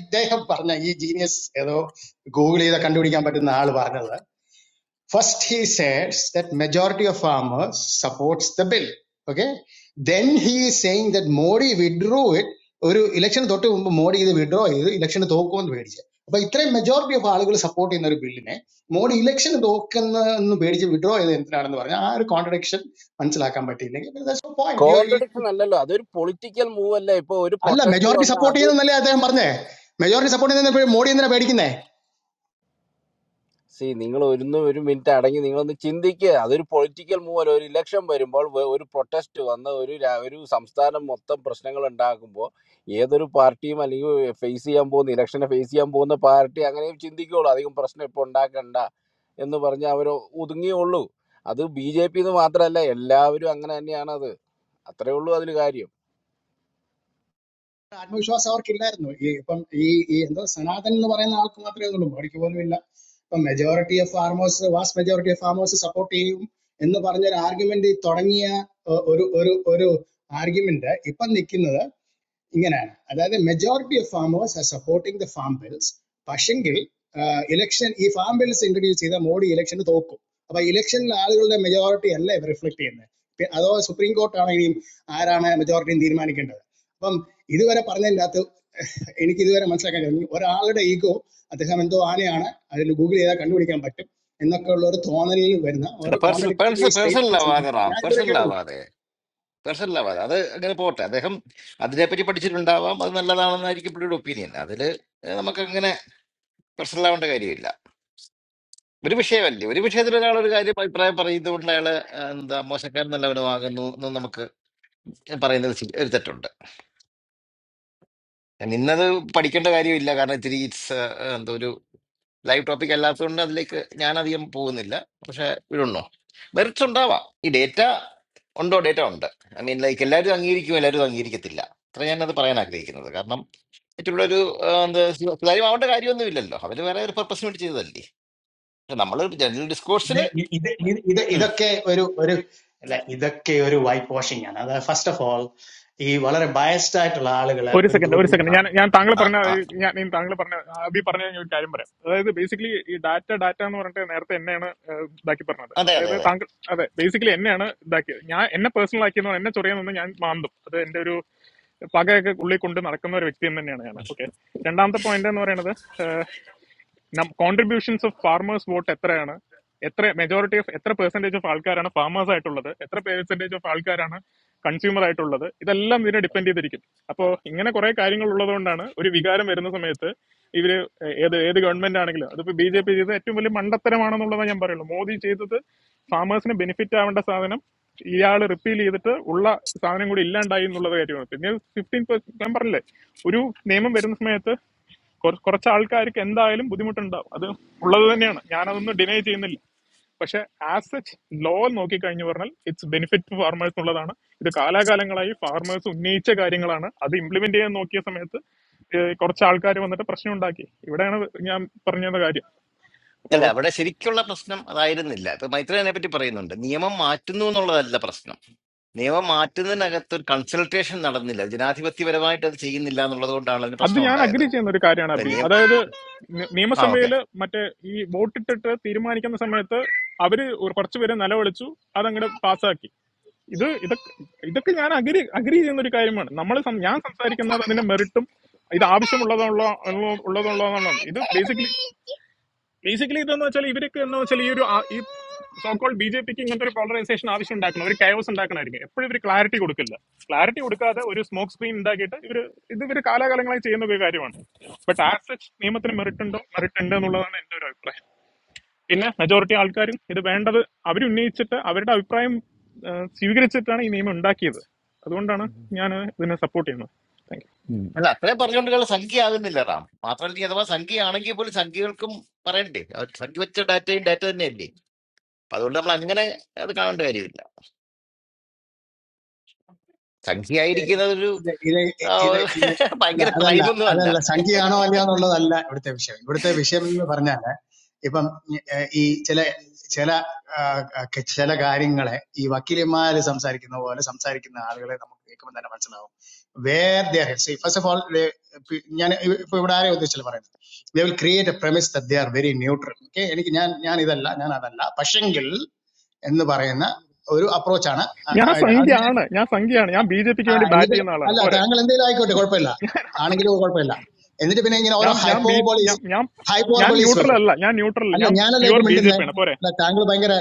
F: ഇദ്ദേഹം പറഞ്ഞ ഈ ജീനിയസ് ഏതോ ഗൂഗിൾ ചെയ്ത കണ്ടുപിടിക്കാൻ പറ്റുന്ന ആള് പറഞ്ഞത് First he says that majority of farmers supports the bill. Okay. Then he is saying that Modi withdrew it. Oru election dopte Modi idhu withdrew. Election dookonu bedje. But itra majority of farmers support inoru bill ne. Modi election dookonnu bedje withdrew. Idhu entra arundu varna. Aru contradiction. Anchala kambuti. Nee. That's the point. You.
H: Contradiction അല്ലല്ലോ അതൊരു political move അല്ലേ ഇപ്പൊ ഒരു
F: Alla
H: protest
F: majority
H: വന്ന
F: support ne
H: അത്
F: naalaya theham arndae. Majority support ne thene Modi idha bedi kine.
H: See നിങ്ങൾ ഒന്ന് ഒരു മിനിറ്റ് അടങ്ങി നിങ്ങളൊന്ന് ചിന്തിക്കുക അതൊരു പൊളിറ്റിക്കൽ മൂവ് അല്ല ഒരു ഇലക്ഷൻ വരുമ്പോൾ വ- ഒരു പ്രൊട്ടസ്റ്റ് വന്ന് ഒരു രാ- ഒരു സംസ്ഥാനം മൊത്തം പ്രശ്നങ്ങൾ ഉണ്ടാക്കുമ്പോൾ ഏതൊരു പാർട്ടിയും അല്ലെങ്കിൽ ഫേസ് ചെയ്യാൻ പോകുന്ന ഇലക്ഷനെ ഫേസ് ചെയ്യാൻ പോകുന്ന പാർട്ടി അങ്ങനെ ചിന്തിക്കുകയുള്ളൂ അധികം പ്രശ്നം ഇപ്പോൾ ഉണ്ടാക്കണ്ട എന്ന് പറഞ്ഞ് അവർ ഒതുങ്ങിയുള്ളൂ അത് ബി ജെ പി എന്ന് മാത്രമല്ല എല്ലാവരും അങ്ങനെ തന്നെയാണ് അത് അത്രേ ഉള്ളൂ അതിൽ കാര്യം
F: ആത്മവിശ്വാസം അവർക്കില്ലായിരുന്നു ഈ ഇപ്പം ഈ ഈ എന്തോ സനാതൻ എന്ന് പറയുന്ന ആൾക്ക് മാത്രമേ ഉള്ളൂ മോഡിക്ക് പോലും ഇല്ല ഇപ്പം majority of farmers vast majority of farmers support ചെയ്യും എന്ന് പറഞ്ഞൊരു ആർഗ്യുമെന്റ് തുടങ്ങിയ ഏഹ്, ഒരു ഒരു ഒരു ആർഗ്യുമെന്റ് ഇപ്പം നിൽക്കുന്നത് ഇങ്ങനെയാണ് അതായത് majority of farmers are supporting the farm bills പക്ഷെങ്കിൽ ഇലക്ഷൻ ഈ ഫാം ബിൽസ് ഇൻട്രൊഡ്യൂസ് ചെയ്ത മോഡി ഇലക്ഷന് തോക്കും അപ്പൊ ഇലക്ഷനിൽ ആളുകളുടെ മെജോറിറ്റി അല്ല ഇവർ റിഫ്ലക്ട് ചെയ്യുന്നത് പി- അതോ സുപ്രീം കോർട്ടാണ് ഇനിയും ആരാണ് മെജോറിറ്റിയും തീരുമാനിക്കേണ്ടത് അപ്പം ഇതുവരെ പറഞ്ഞതിൻ്റെ അകത്ത് എനിക്ക് ഇതുവരെ മനസ്സിലാക്കാൻ കഴിഞ്ഞു ഒരാളുടെ ഈഗോ അദ്ദേഹം എന്തോ ആനയാണ് അതിൽ ഗൂഗിൾ ചെയ്താൽ കണ്ടുപിടിക്കാൻ പറ്റും എന്നൊക്കെ ഉള്ള ഒരു തോന്നലിൽ വരുന്ന ഓരോ
E: പേഴ്സണൽ
F: കോൺട്രഡിക്ടറി
E: പേഴ്സണൽ
F: സ്റ്റേറ്റ്മെന്റ്സ്
E: ആവാതെ റാം
F: ഞാൻ ഇതുവരെ
E: പേഴ്സണൽ
F: കേട്ടുള്ളൂ
E: ആവാതെ പേഴ്സണൽ ആവാതെ അത് അങ്ങനെ പോട്ടെ അദ്ദേഹം അതിനെപ്പറ്റി പഠിച്ചിട്ടുണ്ടാവാം അത് നല്ലതാണെന്നായിരിക്കും പുള്ളിയുടെ ഒപ്പീനിയൻ അതില് നമുക്ക് അങ്ങനെ പേഴ്സണൽ ആവേണ്ട കാര്യമില്ല ഒരു വിഷയമല്ലേ ഒരു വിഷയത്തിൽ ഒരാൾ ഒരു കാര്യം അഭിപ്രായം പറയുന്നത് കൊണ്ട് അയാൾ എന്താ മോശക്കാരൻ നല്ലവനുമാകുന്നു എന്ന് നമുക്ക് പറയുന്നത് ശരി- ഒരു തെറ്റുണ്ട് നിന്നത് പഠിക്കേണ്ട കാര്യമില്ല കാരണം ഇത്തിരി ഇറ്റ്സ് ലൈവ് ടോപ്പിക് അല്ലാത്തതുകൊണ്ട് അതിലേക്ക് ഞാൻ അധികം പോകുന്നില്ല പക്ഷെ ഇടുന്നു മെറിറ്റ്സ് ഉണ്ടാവാം ഈ ഡേറ്റ ഉണ്ടോ ഡേറ്റ ഉണ്ട് ഐ മീൻ ലൈക്ക് എല്ലാവരും അംഗീകരിക്കും എല്ലാവരും അംഗീകരിക്കത്തില്ല അത്ര ഞാനത് പറയാൻ ആഗ്രഹിക്കുന്നത് കാരണം മറ്റുള്ള ഒരു എന്താ സുതാര്യമാവേണ്ട കാര്യമൊന്നുമില്ലല്ലോ അവർ വേറെ ഒരു പർപ്പസിന് വേണ്ടി ചെയ്തതല്ലേ പക്ഷെ നമ്മൾ ജനറൽ ഡിസ്കോഴ്സിൽ
F: This this this this this is a kind of like this is a kind of whitewashing. I mean, first of all, these kind of biased articles, all of them,
G: ഒരു
F: a
G: സെക്കൻഡ്
F: group.
G: ഒരു second ഞാൻ ഞാൻ താങ്കൾ പറഞ്ഞ ഞാൻ ഞാൻ താങ്കൾ പറഞ്ഞ അബി പറഞ്ഞ ഞാൻ ഒരു കാര്യം പറയാം അതായത് ബേസിക്കലി ഈ ഡാറ്റ ഡാറ്റ എന്ന് പറഞ്ഞിട്ട് നേരത്തെ എന്നെയാണ് ഏഹ്, ഇതാക്കി പറഞ്ഞത്
E: അതെ അതെ
G: അതായത്
E: അതെ
G: താങ്കൾ അതെ ബേസിക്കലി എന്നെയാണ് ഇതാക്കിയത് ഞാൻ എന്നെ പേഴ്സണൽ ആക്കിയെന്ന് എന്നെ ചൊറിയാന്നൊന്നും ഞാൻ മാന്തും അത് എന്റെ ഒരു പകയൊക്കെ ഉള്ളിൽ കൊണ്ട് നടക്കുന്ന ഒരു വ്യക്തി എന്ന് തന്നെയാണ് ഞാൻ
E: ഉം.
G: ഓക്കെ രണ്ടാമത്തെ പോയിന്റ് എന്ന് പറയുന്നത് കോൺട്രിബ്യൂഷൻസ് ഓഫ് ഫാർമേഴ്സ് വോട്ട് എത്രയാണ് എത്ര മെജോറിറ്റി ഓഫ് എത്ര പെർസെന്റേജ് ഓഫ് ആൾക്കാരാണ് ഫാർമേഴ്സ് ആയിട്ടുള്ളത് എത്ര പെർസെന്റേജ് ഓഫ് ആൾക്കാരാണ് കൺസ്യൂമർ ആയിട്ടുള്ളത് ഇതെല്ലാം ഇതിനെ ഡിപ്പെൻഡ് ചെയ്തിരിക്കും അപ്പോൾ ഇങ്ങനെ കുറെ കാര്യങ്ങൾ ഉള്ളതുകൊണ്ടാണ് ഒരു വികാരം വരുന്ന സമയത്ത് ഇവര് ഏ- ഏത് ഏത് ഗവൺമെന്റ് ആണെങ്കിലും അതിപ്പോ ബി ജെ പി ചെയ്തത് ഏറ്റവും വലിയ മണ്ടത്തരമാണെന്നുള്ളതാണ് ഞാൻ പറയുള്ളൂ മോദി ചെയ്തത് ഫാമേഴ്സിന് ബെനിഫിറ്റ് ആവേണ്ട സാധനം ഇയാൾ റിപ്പീൽ ചെയ്തിട്ട് ഉള്ള സാധനം കൂടി ഇല്ലാണ്ടായി എന്നുള്ളത് കാര്യമാണ് പിന്നെ ഫിഫ്റ്റീൻ പെർസെന്റ് ഞാൻ പറഞ്ഞില്ലേ ഒരു നിയമം വരുന്ന സമയത്ത് കുറ- കുറച്ച് ആൾക്കാർക്ക് എന്തായാലും ബുദ്ധിമുട്ടുണ്ടാവും അത് ഉള്ളത് തന്നെയാണ് ഞാനതൊന്നും ഡിനൈ ചെയ്യുന്നില്ല പക്ഷെ ആസ് സച്ച് ലോ നോക്കിക്കഴിഞ്ഞു പറഞ്ഞാൽ ഇറ്റ്സ് ബെനിഫിറ്റ് ഫാർമേഴ്സ് എന്നുള്ളതാണ് ഇത് കാലാകാലങ്ങളായി ഫാർമേഴ്സ് ഉന്നയിച്ച കാര്യങ്ങളാണ് അത് ഇംപ്ലിമെന്റ് ചെയ്യാൻ നോക്കിയ സമയത്ത് ഏഹ്, കുറച്ച് ആൾക്കാർ വന്നിട്ട് പ്രശ്നം ഉണ്ടാക്കി ഇവിടെയാണ് ഞാൻ പറഞ്ഞത് കാര്യം അപ്പോ
E: അല്ല അവിടെ ശരിക്കുള്ള പ്രശ്നം അതായിരുന്നില്ല ഇപ്പൊ മൈത്രേനെ പറ്റി പറയുന്നുണ്ട് നിയമം മാറ്റുന്നു എന്നുള്ളതല്ല പ്രശ്നം നിയമം മാറ്റുന്നതിനകത്ത് ഒരു കൺസൾട്ടേഷൻ നടന്നില്ല ജനാധിപത്യപരമായിട്ട് അത് ചെയ്യുന്നില്ല എന്നുള്ളത് കൊണ്ടാണ് അതിന്
G: അത്
E: പ്രശ്നം
G: ഞാൻ
E: ഉണ്ടായത്
G: അഗ്രി ചെയ്യുന്ന ഒരു കാര്യമാണ്
E: ഇപ്പൊ
G: അബി
E: നിയം
G: അതായത് നി-
E: ആ ഓക്കെ
G: നിയമസഭയില് മറ്റേ ഈ വോട്ടിട്ടിട്ട് തീരുമാനിക്കുന്ന സമയത്ത് അവര് ഒരു കുറച്ചുപേരെ നിലവിളിച്ചു അതങ്ങോട്ട് പാസ്സാക്കി ഇത് ഇതൊക്കെ ഇതൊക്കെ ഞാൻ അഗ്രി അഗ്രി ചെയ്യുന്ന ഒരു കാര്യമാണ് നമ്മൾ ഞാൻ സംസാരിക്കുന്നത് അതിന്റെ മെറിറ്റും ഇത് ആവശ്യമുള്ളതുള്ള ഉള്ളതുള്ളതാണ് ഇത് ബേസിക്കലി ബേസിക്കലി ഇതെന്ന് വെച്ചാൽ ഇവരൊക്കെ എന്ന് വെച്ചാൽ ഈ ഒരു ആ- ഈ സോക്കോൾ ബി ജെ പിക്ക് ഇങ്ങനത്തെ ഒരു പോളറൈസേഷൻ ആവശ്യം ഉണ്ടാക്കണം ഒരു കയോസ് ഉണ്ടാക്കണമായിരിക്കും എപ്പോഴും ഇവർ ക്ലാരിറ്റി കൊടുക്കില്ല ക്ലാരിറ്റി കൊടുക്കാതെ ഒരു സ്മോക്ക് സ്ക്രീൻ ഉണ്ടാക്കിയിട്ട് ഇവർ ഇത് ഇവർ കാലാകാലങ്ങളായി ചെയ്യുന്ന ഒരു കാര്യമാണ് ബട്ട് ആസ് സച്ച് നിയമത്തിന് മെറിറ്റ് ഉണ്ടോ മെറിറ്റ് ഉണ്ട് എന്നുള്ളതാണ് എന്റെ ഒരു അഭിപ്രായം പിന്നെ മെജോറിറ്റി ആൾക്കാരും ഇത് വേണ്ടത് അവരുന്നയിച്ചിട്ട് അവരുടെ അഭിപ്രായം ആ, സ്വീകരിച്ചിട്ടാണ് ഈ നിയമം ഉണ്ടാക്കിയത് അതുകൊണ്ടാണ് ഞാൻ ഇതിനെ സപ്പോർട്ട് ചെയ്യുന്നത് താങ്ക് യു
E: അല്ല അത്രയും പറഞ്ഞുകൊണ്ട് സംഖ്യ ആകുന്നില്ല റാം മാത്രമല്ല ഇനി അഥവാ സംഖ്യ ആണെങ്കിൽ പോലും സംഖ്യകൾക്കും പറയണ്ടേ അവർ സംഖ്യ വെച്ച ഡാറ്റയും ഡാറ്റ തന്നെയല്ലേ അപ്പൊ അതുകൊണ്ട് നമ്മൾ അങ്ങനെ അത് കാണേണ്ട കാര്യമില്ല സംഖ്യയായിരിക്കുന്നത് ഒരു
F: This this
E: ആ,
F: this this. All
E: ഭയങ്കര
F: that's
E: ക്രൈമൊന്നും
F: all
E: അല്ല
F: that's all. Sanjay Anandian or whatever. Whatever the issue. Whatever the issue. I mean, I'm saying. ഇപ്പം ഈ ചില ചില ചില കാര്യങ്ങളെ ഈ വക്കീലന്മാര് സംസാരിക്കുന്ന പോലെ സംസാരിക്കുന്ന ആളുകളെ നമുക്ക് കേൾക്കുമ്പോൾ തന്നെ മനസ്സിലാവും. Where they are. So first of all, I am going to say something. We will create a premise that they are very neutral. Okay? I am not saying that. I am not saying that. But generally, what we are saying is an approach. Ah,
G: ഞാൻ
F: this.
G: സംഖ്യയാണ് ഞാൻ സംഖ്യയാണ് ഞാൻ ബി ജെ പിക്ക്
F: Ah,
G: വേണ്ടി bat
F: this.
G: ചെയ്യുന്ന
F: No,
G: ആളാണ്
F: no.
G: പോരെ
F: Angalanda is not a good example.
G: ഞാനാണ്
F: Anagila is not a good example. This is
G: ഞാൻ
F: another
G: ഞാൻ ബി
F: hyperbole.
G: ഞാൻ ഞാൻ ഞാൻ
F: Hyperbole.
G: ന്യൂട്രൽ അല്ല ഞാൻ ന്യൂട്രൽ
F: അല്ല
G: ഞാൻ
F: ഞാനല്ല
G: പ്യുവർ
F: ഇപ്പൊ
G: ബി ജെ
F: മിണ്ടുന്നേ
G: പി ആണ് പോരെ
F: അല്ല താങ്കൾ ഭയങ്കര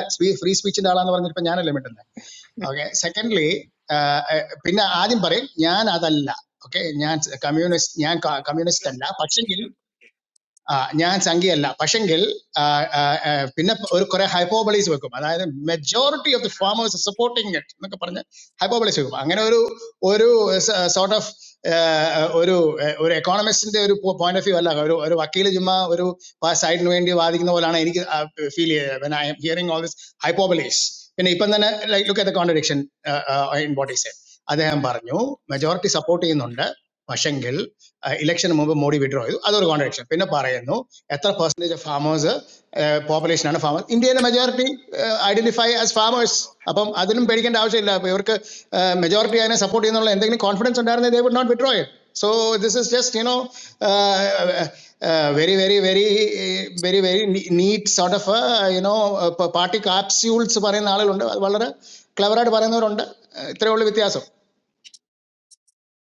F: ഫ്രീ സ്പീച്ചിന്റെ ആളാന്ന് പറഞ്ഞിട്ട് ഇപ്പൊ ഞാനല്ലേ മിണ്ടുന്നേ ഓക്കെ സെക്കൻഡ്ലി പിന്നെ ആദ്യം പറയും ഞാൻ അതല്ല ഓക്കെ ഞാൻ കമ്മ്യൂണിസ്റ്റ് ഞാൻ കമ്മ്യൂണിസ്റ്റ് അല്ല പക്ഷെങ്കിൽ ആ, ഞാൻ സംഖ്യയല്ല പക്ഷെങ്കിൽ ആ, ആ, ആ, പിന്നെ ഒരു കുറെ ഹൈപ്പോബളീസ് വെക്കും അതായത് majority of the farmers supporting it എന്നൊക്കെ പറഞ്ഞ് ഹൈപ്പോബളീസ് വെക്കും അങ്ങനെ ഒരു ഒരു സോർട്ട് ഓഫ് ഒരു ഒരു എക്കോണമിസ്റ്റിന്റെ ഒരു പോയിന്റ് ഓഫ് വ്യൂ അല്ല ഒരു ഒരു വക്കീൽ ചുമ്മാ ഒരു സൈഡിന് വേണ്ടി വാദിക്കുന്ന പോലാണ് എനിക്ക് ഫീൽ ചെയ്തത് I am hearing all this hyperboles പിന്നെ ഇപ്പം തന്നെ like look at the contradiction in body said അദ്ദേഹം പറഞ്ഞു മെജോറിറ്റി സപ്പോർട്ട് ചെയ്യുന്നുണ്ട് വശങ്കിൽ ഇലക്ഷന് മുമ്പ് മോഡി വിഡ്രോ ചെയ്തു അതൊരു കോൺട്രഡിക്ഷൻ പിന്നെ പറയുന്നു എത്ര പെർസെൻറ്റേജ് ഓഫ് ഫാമേഴ്സ് പോപ്പുലേഷൻ ആണ് ഫാമേഴ്സ് ഇന്ത്യയിലെ മെജോറിറ്റി ഐഡന്റിഫൈ ആസ് ഫാമേഴ്സ് അപ്പം അതിനും പേടിക്കേണ്ട ആവശ്യമില്ല അപ്പൊ ഇവർക്ക് മെജോറിറ്റി അതിനെ സപ്പോർട്ട് ചെയ്യുന്നുള്ള എന്തെങ്കിലും കോൺഫിഡൻസ് ഉണ്ടായിരുന്നെങ്കിൽ they would not withdraw it so this is just you know very very very very very neat sort of you know party capsules പറയുന്ന ആളുകളുണ്ട് അത് വളരെ ക്ലവറായിട്ട് പറയുന്നവരുണ്ട് ഇത്രയേ ഉള്ളൂ വ്യത്യാസം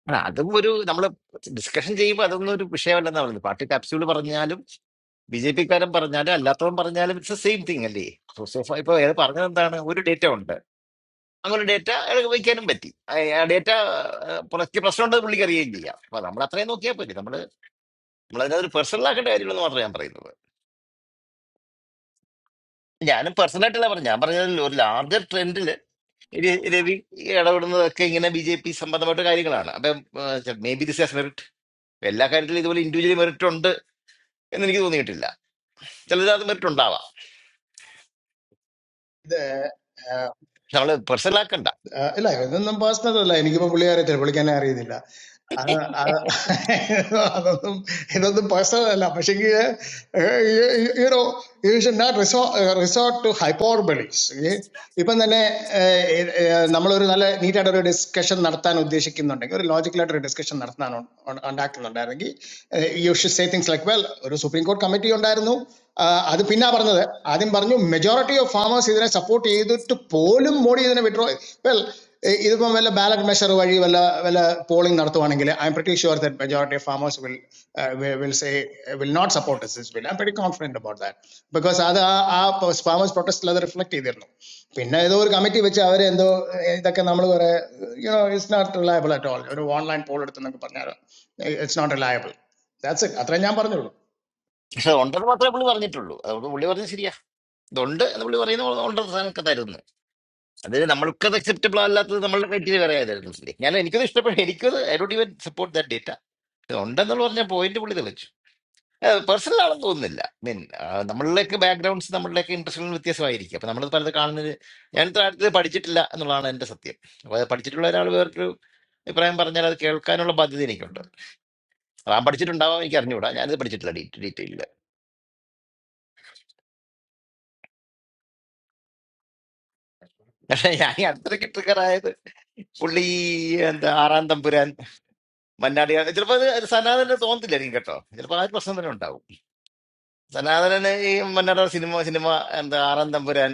E: അല്ല, അതും ഒരു നമ്മൾ ഡിസ്കഷൻ ചെയ്യുമ്പോൾ അതൊന്നും ഒരു വിഷയമല്ലെന്നാണ് പറയുന്നത് പാർട്ടി കാപ്സ്യൂൾ പറഞ്ഞാലും ബി ജെ പിക്കാരൻ പറഞ്ഞാലും അല്ലാത്തവൻ പറഞ്ഞാലും ഇറ്റ്സ് സെയിം തിങ് അല്ലേ സോസോഫ ഇപ്പൊ അയാൾ പറഞ്ഞത് എന്താണ് ഒരു ഡേറ്റ ഉണ്ട് അങ്ങനെ ഡേറ്റ അയാൾക്ക് വയ്ക്കാനും പറ്റി ആ ഡേറ്റ പുറത്ത് പ്രശ്നമുണ്ട് പുള്ളിക്ക് അറിയുകയും ചെയ്യാം അപ്പൊ നമ്മൾ അത്രയും നോക്കിയാൽ പറ്റി നമ്മൾ നമ്മൾ അതിനകത്ത് personal ആക്കേണ്ട കാര്യമുള്ളൂ മാത്രമേ ഞാൻ പറയുന്നത് ഞാനും പേഴ്സണൽ ആയിട്ടല്ല പറഞ്ഞു ഞാൻ പറഞ്ഞതിൽ ഒരു ലാർജർ ട്രെൻഡിൽ രവി ഇടപെടുന്നതൊക്കെ ഇങ്ങനെ ബി ജെ പി സംബന്ധമായിട്ട് കാര്യങ്ങളാണ് അപ്പൊ മേ ബി ദിസ് മെറിറ്റ് എല്ലാ കാര്യത്തിലും ഇതുപോലെ ഇൻഡിവിജ്വലി മെറിറ്റ് ഉണ്ട് എന്ന് എനിക്ക് തോന്നിയിട്ടില്ല ചിലത് അത് മെറിറ്റ് ഉണ്ടാവാം നമ്മൾ പേഴ്സണൽ
F: ആ, ഇല്ല ഇതൊന്നും പേഴ്സണൽ അല്ല എനിക്കിപ്പോൾ പുള്ളിക്കാരത്തിൽ പുള്ളിക്ക് എന്നെ അറിയുന്നില്ല അത് അത് അതൊന്നും ഇതൊന്നും പേഴ്സണൽ അല്ല പക്ഷെങ്കിൽ യുനോ യു ഷുഡ് നോട്ട് റിസോ റിസോർട്ട് ടു ഹൈപ്പോർബിളിക്സ് ഇപ്പം തന്നെ ഏഹ്, ഏഹ്, നമ്മളൊരു നല്ല നീറ്റായിട്ട് ഒരു ഡിസ്കഷൻ നടത്താൻ ഉദ്ദേശിക്കുന്നുണ്ടെങ്കിൽ ഒരു ലോജിക്കലായിട്ട് ഒരു ഡിസ്കഷൻ നടത്താൻ ഉ- ഉ- ഉണ്ടാക്കുന്നുണ്ടായിരുന്നെങ്കിൽ you should say things like well ഒരു സുപ്രീം കോർട്ട് കമ്മിറ്റി ഉണ്ടായിരുന്നു ആ, അത് പിന്നെ പറഞ്ഞത് ആദ്യം പറഞ്ഞു മെജോറിറ്റി ഓഫ് ഫാമേഴ്സ് ഇതിനെ സപ്പോർട്ട് ചെയ്തിട്ട് പോലും മോഡി ഇതിനെ withdraw well this when all ballot measures are voted, all all polling done, I am pretty sure that majority of farmers will will will say will not support us. I am pretty confident about that because that that farmers protest is all reflected there. Now this is one committee which are doing that. This is not reliable at all. You know online poll that they are doing, it's not reliable. That's it. That's why I am saying
E: പക്ഷെ അത് ഉണ്ടെന്ന് മാത്രമേ പുള്ളി പറഞ്ഞിട്ടുള്ളൂ അതുകൊണ്ട് പുള്ളി പറഞ്ഞത് ശരിയാ ഇതുണ്ട് എന്ന് പുള്ളി പറയുന്ന പോലെ ഉണ്ടെന്ന് സാധനമൊക്കെ തരുന്നു അത് നമ്മൾക്കത് അക്സെപ്റ്റബിൾ അല്ലാത്തത് നമ്മളുടെ ക്രൈറ്റീരിയ വേറെ ആയിരുന്നു ഞാൻ എനിക്കത് ഇഷ്ടപ്പെടും എനിക്കത് I don't even support that data ഉണ്ടെന്നുള്ള പറഞ്ഞ പോയിന്റ് പുള്ളി തെളിച്ചു പേഴ്സണൽ ആണെന്ന് തോന്നുന്നില്ല മീൻ നമ്മളിലേക്ക് ബാക്ക്ഗ്രൗണ്ട്സ് നമ്മളിലേക്ക് ഇൻട്രസ്റ്റുകൾ വ്യത്യാസമായിരിക്കും അപ്പൊ നമ്മളത് പലത് കാണുന്നത് ഞാൻ ഇത്ര അടുത്ത് പഠിച്ചിട്ടില്ല എന്നുള്ളതാണ് എന്റെ സത്യം അപ്പൊ അത് പഠിച്ചിട്ടുള്ള ഒരാൾ വേറൊരു അഭിപ്രായം പറഞ്ഞാൽ അത് കേൾക്കാനുള്ള ബാധ്യത എനിക്കുണ്ട് താൻ പഠിച്ചിട്ടുണ്ടാവാം എനിക്ക് അറിഞ്ഞുകൂടാ ഞാനത് പഠിച്ചിട്ടില്ല പക്ഷെ ഞാൻ ഈ അടുത്തിടയ്ക്ക് ട്രിഗറായത് പുള്ളി എന്താ ആറാം തമ്പുരാൻ മന്നാടി ചിലപ്പോൾ അത് അത് സനാതനന് തോന്നത്തില്ലായിരിക്കും കേട്ടോ ചിലപ്പോൾ ആ ഒരു പ്രശ്നം തന്നെ ഉണ്ടാവും സനാതനന് ഈ മന്നാടി സിനിമ സിനിമ എന്താ ആറാം തമ്പുരാൻ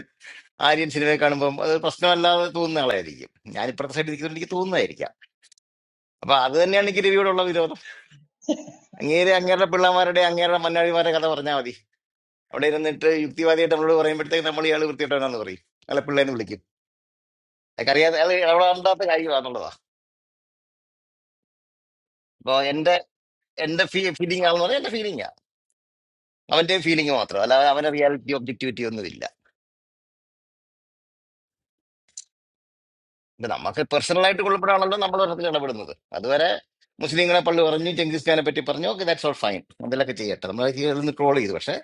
E: ആര്യൻ സിനിമയെ കാണുമ്പോൾ അത് പ്രശ്നമല്ലാതെ തോന്നുന്ന ആളായിരിക്കും ഞാൻ ഇപ്പുറത്തെ സൈഡിൽ നിൽക്കുന്നതുകൊണ്ട് എനിക്ക് തോന്നുന്നതായിരിക്കാം അപ്പൊ അത് തന്നെയാണ് ഗിരിയോടുള്ള വിരോധം അങ്ങേരെ അങ്ങേരുടെ പിള്ളമാരുടെ അങ്ങേരുടെ മന്നാടിമാരുടെ കഥ പറഞ്ഞാൽ മതി അവിടെ ഇരുന്നിട്ട് യുക്തിവാദിയായിട്ട് നമ്മളോട് പറയുമ്പോഴത്തേക്ക് നമ്മൾ ഇയാൾ വൃത്തിയിട്ടവനാന്ന് പറയും അയാളെ പിള്ളേനെ വിളിക്കും അയാൾക്ക് അറിയാതെ അയാൾ അവിടെ അറിയാത്ത കാര്യമാണെന്നുള്ളതാ എന്റെ ഫീ ഫീലിംഗ് ആണെന്ന് പറഞ്ഞാൽ എന്റെ ഫീലിംഗാ അവന്റെ ഫീലിംഗ് മാത്രം അല്ലാതെ അവന്റെ റിയാലിറ്റി ഒബ്ജക്ടിവിറ്റി ഒന്നും ഇല്ല ഇത് നമുക്ക് പേഴ്സണൽ ആയിട്ട് കൊള്ളപ്പെടാണല്ലോ നമ്മൾ ഒരെണ്ണത്തിൽ ഇടപെടുന്നത് അതുവരെ മുസ്ലിങ്ങളെ പള്ളി പറഞ്ഞു ചെങ്കിസ് ഖാനെ പറ്റി പറഞ്ഞു ഓക്കെ ദാറ്റ്സ് ഓൾ ഫൈൻ അതിലൊക്കെ ചെയ്യട്ടെ നമ്മൾ നിന്ന് ട്രോൾ ചെയ്തു പക്ഷേ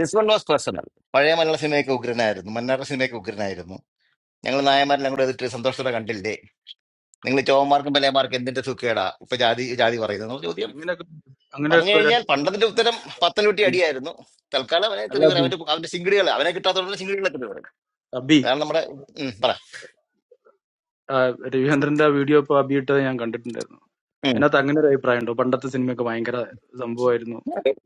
E: ദിസ് വൺ വാസ് പേഴ്സണൽ പഴയ മലയാള സിനിമയൊക്കെ ഉഗ്രനായിരുന്നു മന്നാറ സിനിമയൊക്കെ ഉഗ്രനായിരുന്നു ഞങ്ങൾ നായന്മാരെല്ലാം കൂടെ എതിർത്ത് സന്തോഷത്തോടെ കണ്ടില്ലേ നിങ്ങൾ ചോവന്മാർക്കും പലയമാർക്കും എന്തിന്റെ സുഖേടാ ഇപ്പൊ ജാതി ജാതി പറയുന്നത് എന്നുള്ള ചോദ്യം
I: അങ്ങനെയൊക്കെ
E: പറഞ്ഞു
I: അങ്ങനെയൊക്കെ ഒരു
E: കഴിഞ്ഞാൽ
I: അഭിപ്രായം
E: പണ്ടതിന്റെ ഉത്തരം
I: വന്നിട്ടുണ്ട്.
E: പത്തനംതിട്ട
I: അബി.
E: അടിയായിരുന്നു തൽക്കാലം അവനെ
I: അല്ല
E: തെറി പറ-
I: അബി
E: അവന്റെ അവന്റെ സിംഗിടികൾ അവനെ കിട്ടാത്തതുകൊണ്ട് സിംഗിടികളെ തെറി പറയും
I: അബി
E: അതാണ് നമ്മുടെ ഉം, പറ
I: ആ, രവിചന്ദ്രന്റെ ആ വീഡിയോ ഇപ്പൊ അബി ഇട്ടത് ഞാൻ കണ്ടിട്ടുണ്ടായിരുന്നു
E: ഉം.
I: അതിനകത്ത് അങ്ങനെ ഒരു അഭിപ്രായം ഉണ്ടോ പണ്ടത്തെ സിനിമയൊക്കെ ഭയങ്കര സംഭവമായിരുന്നു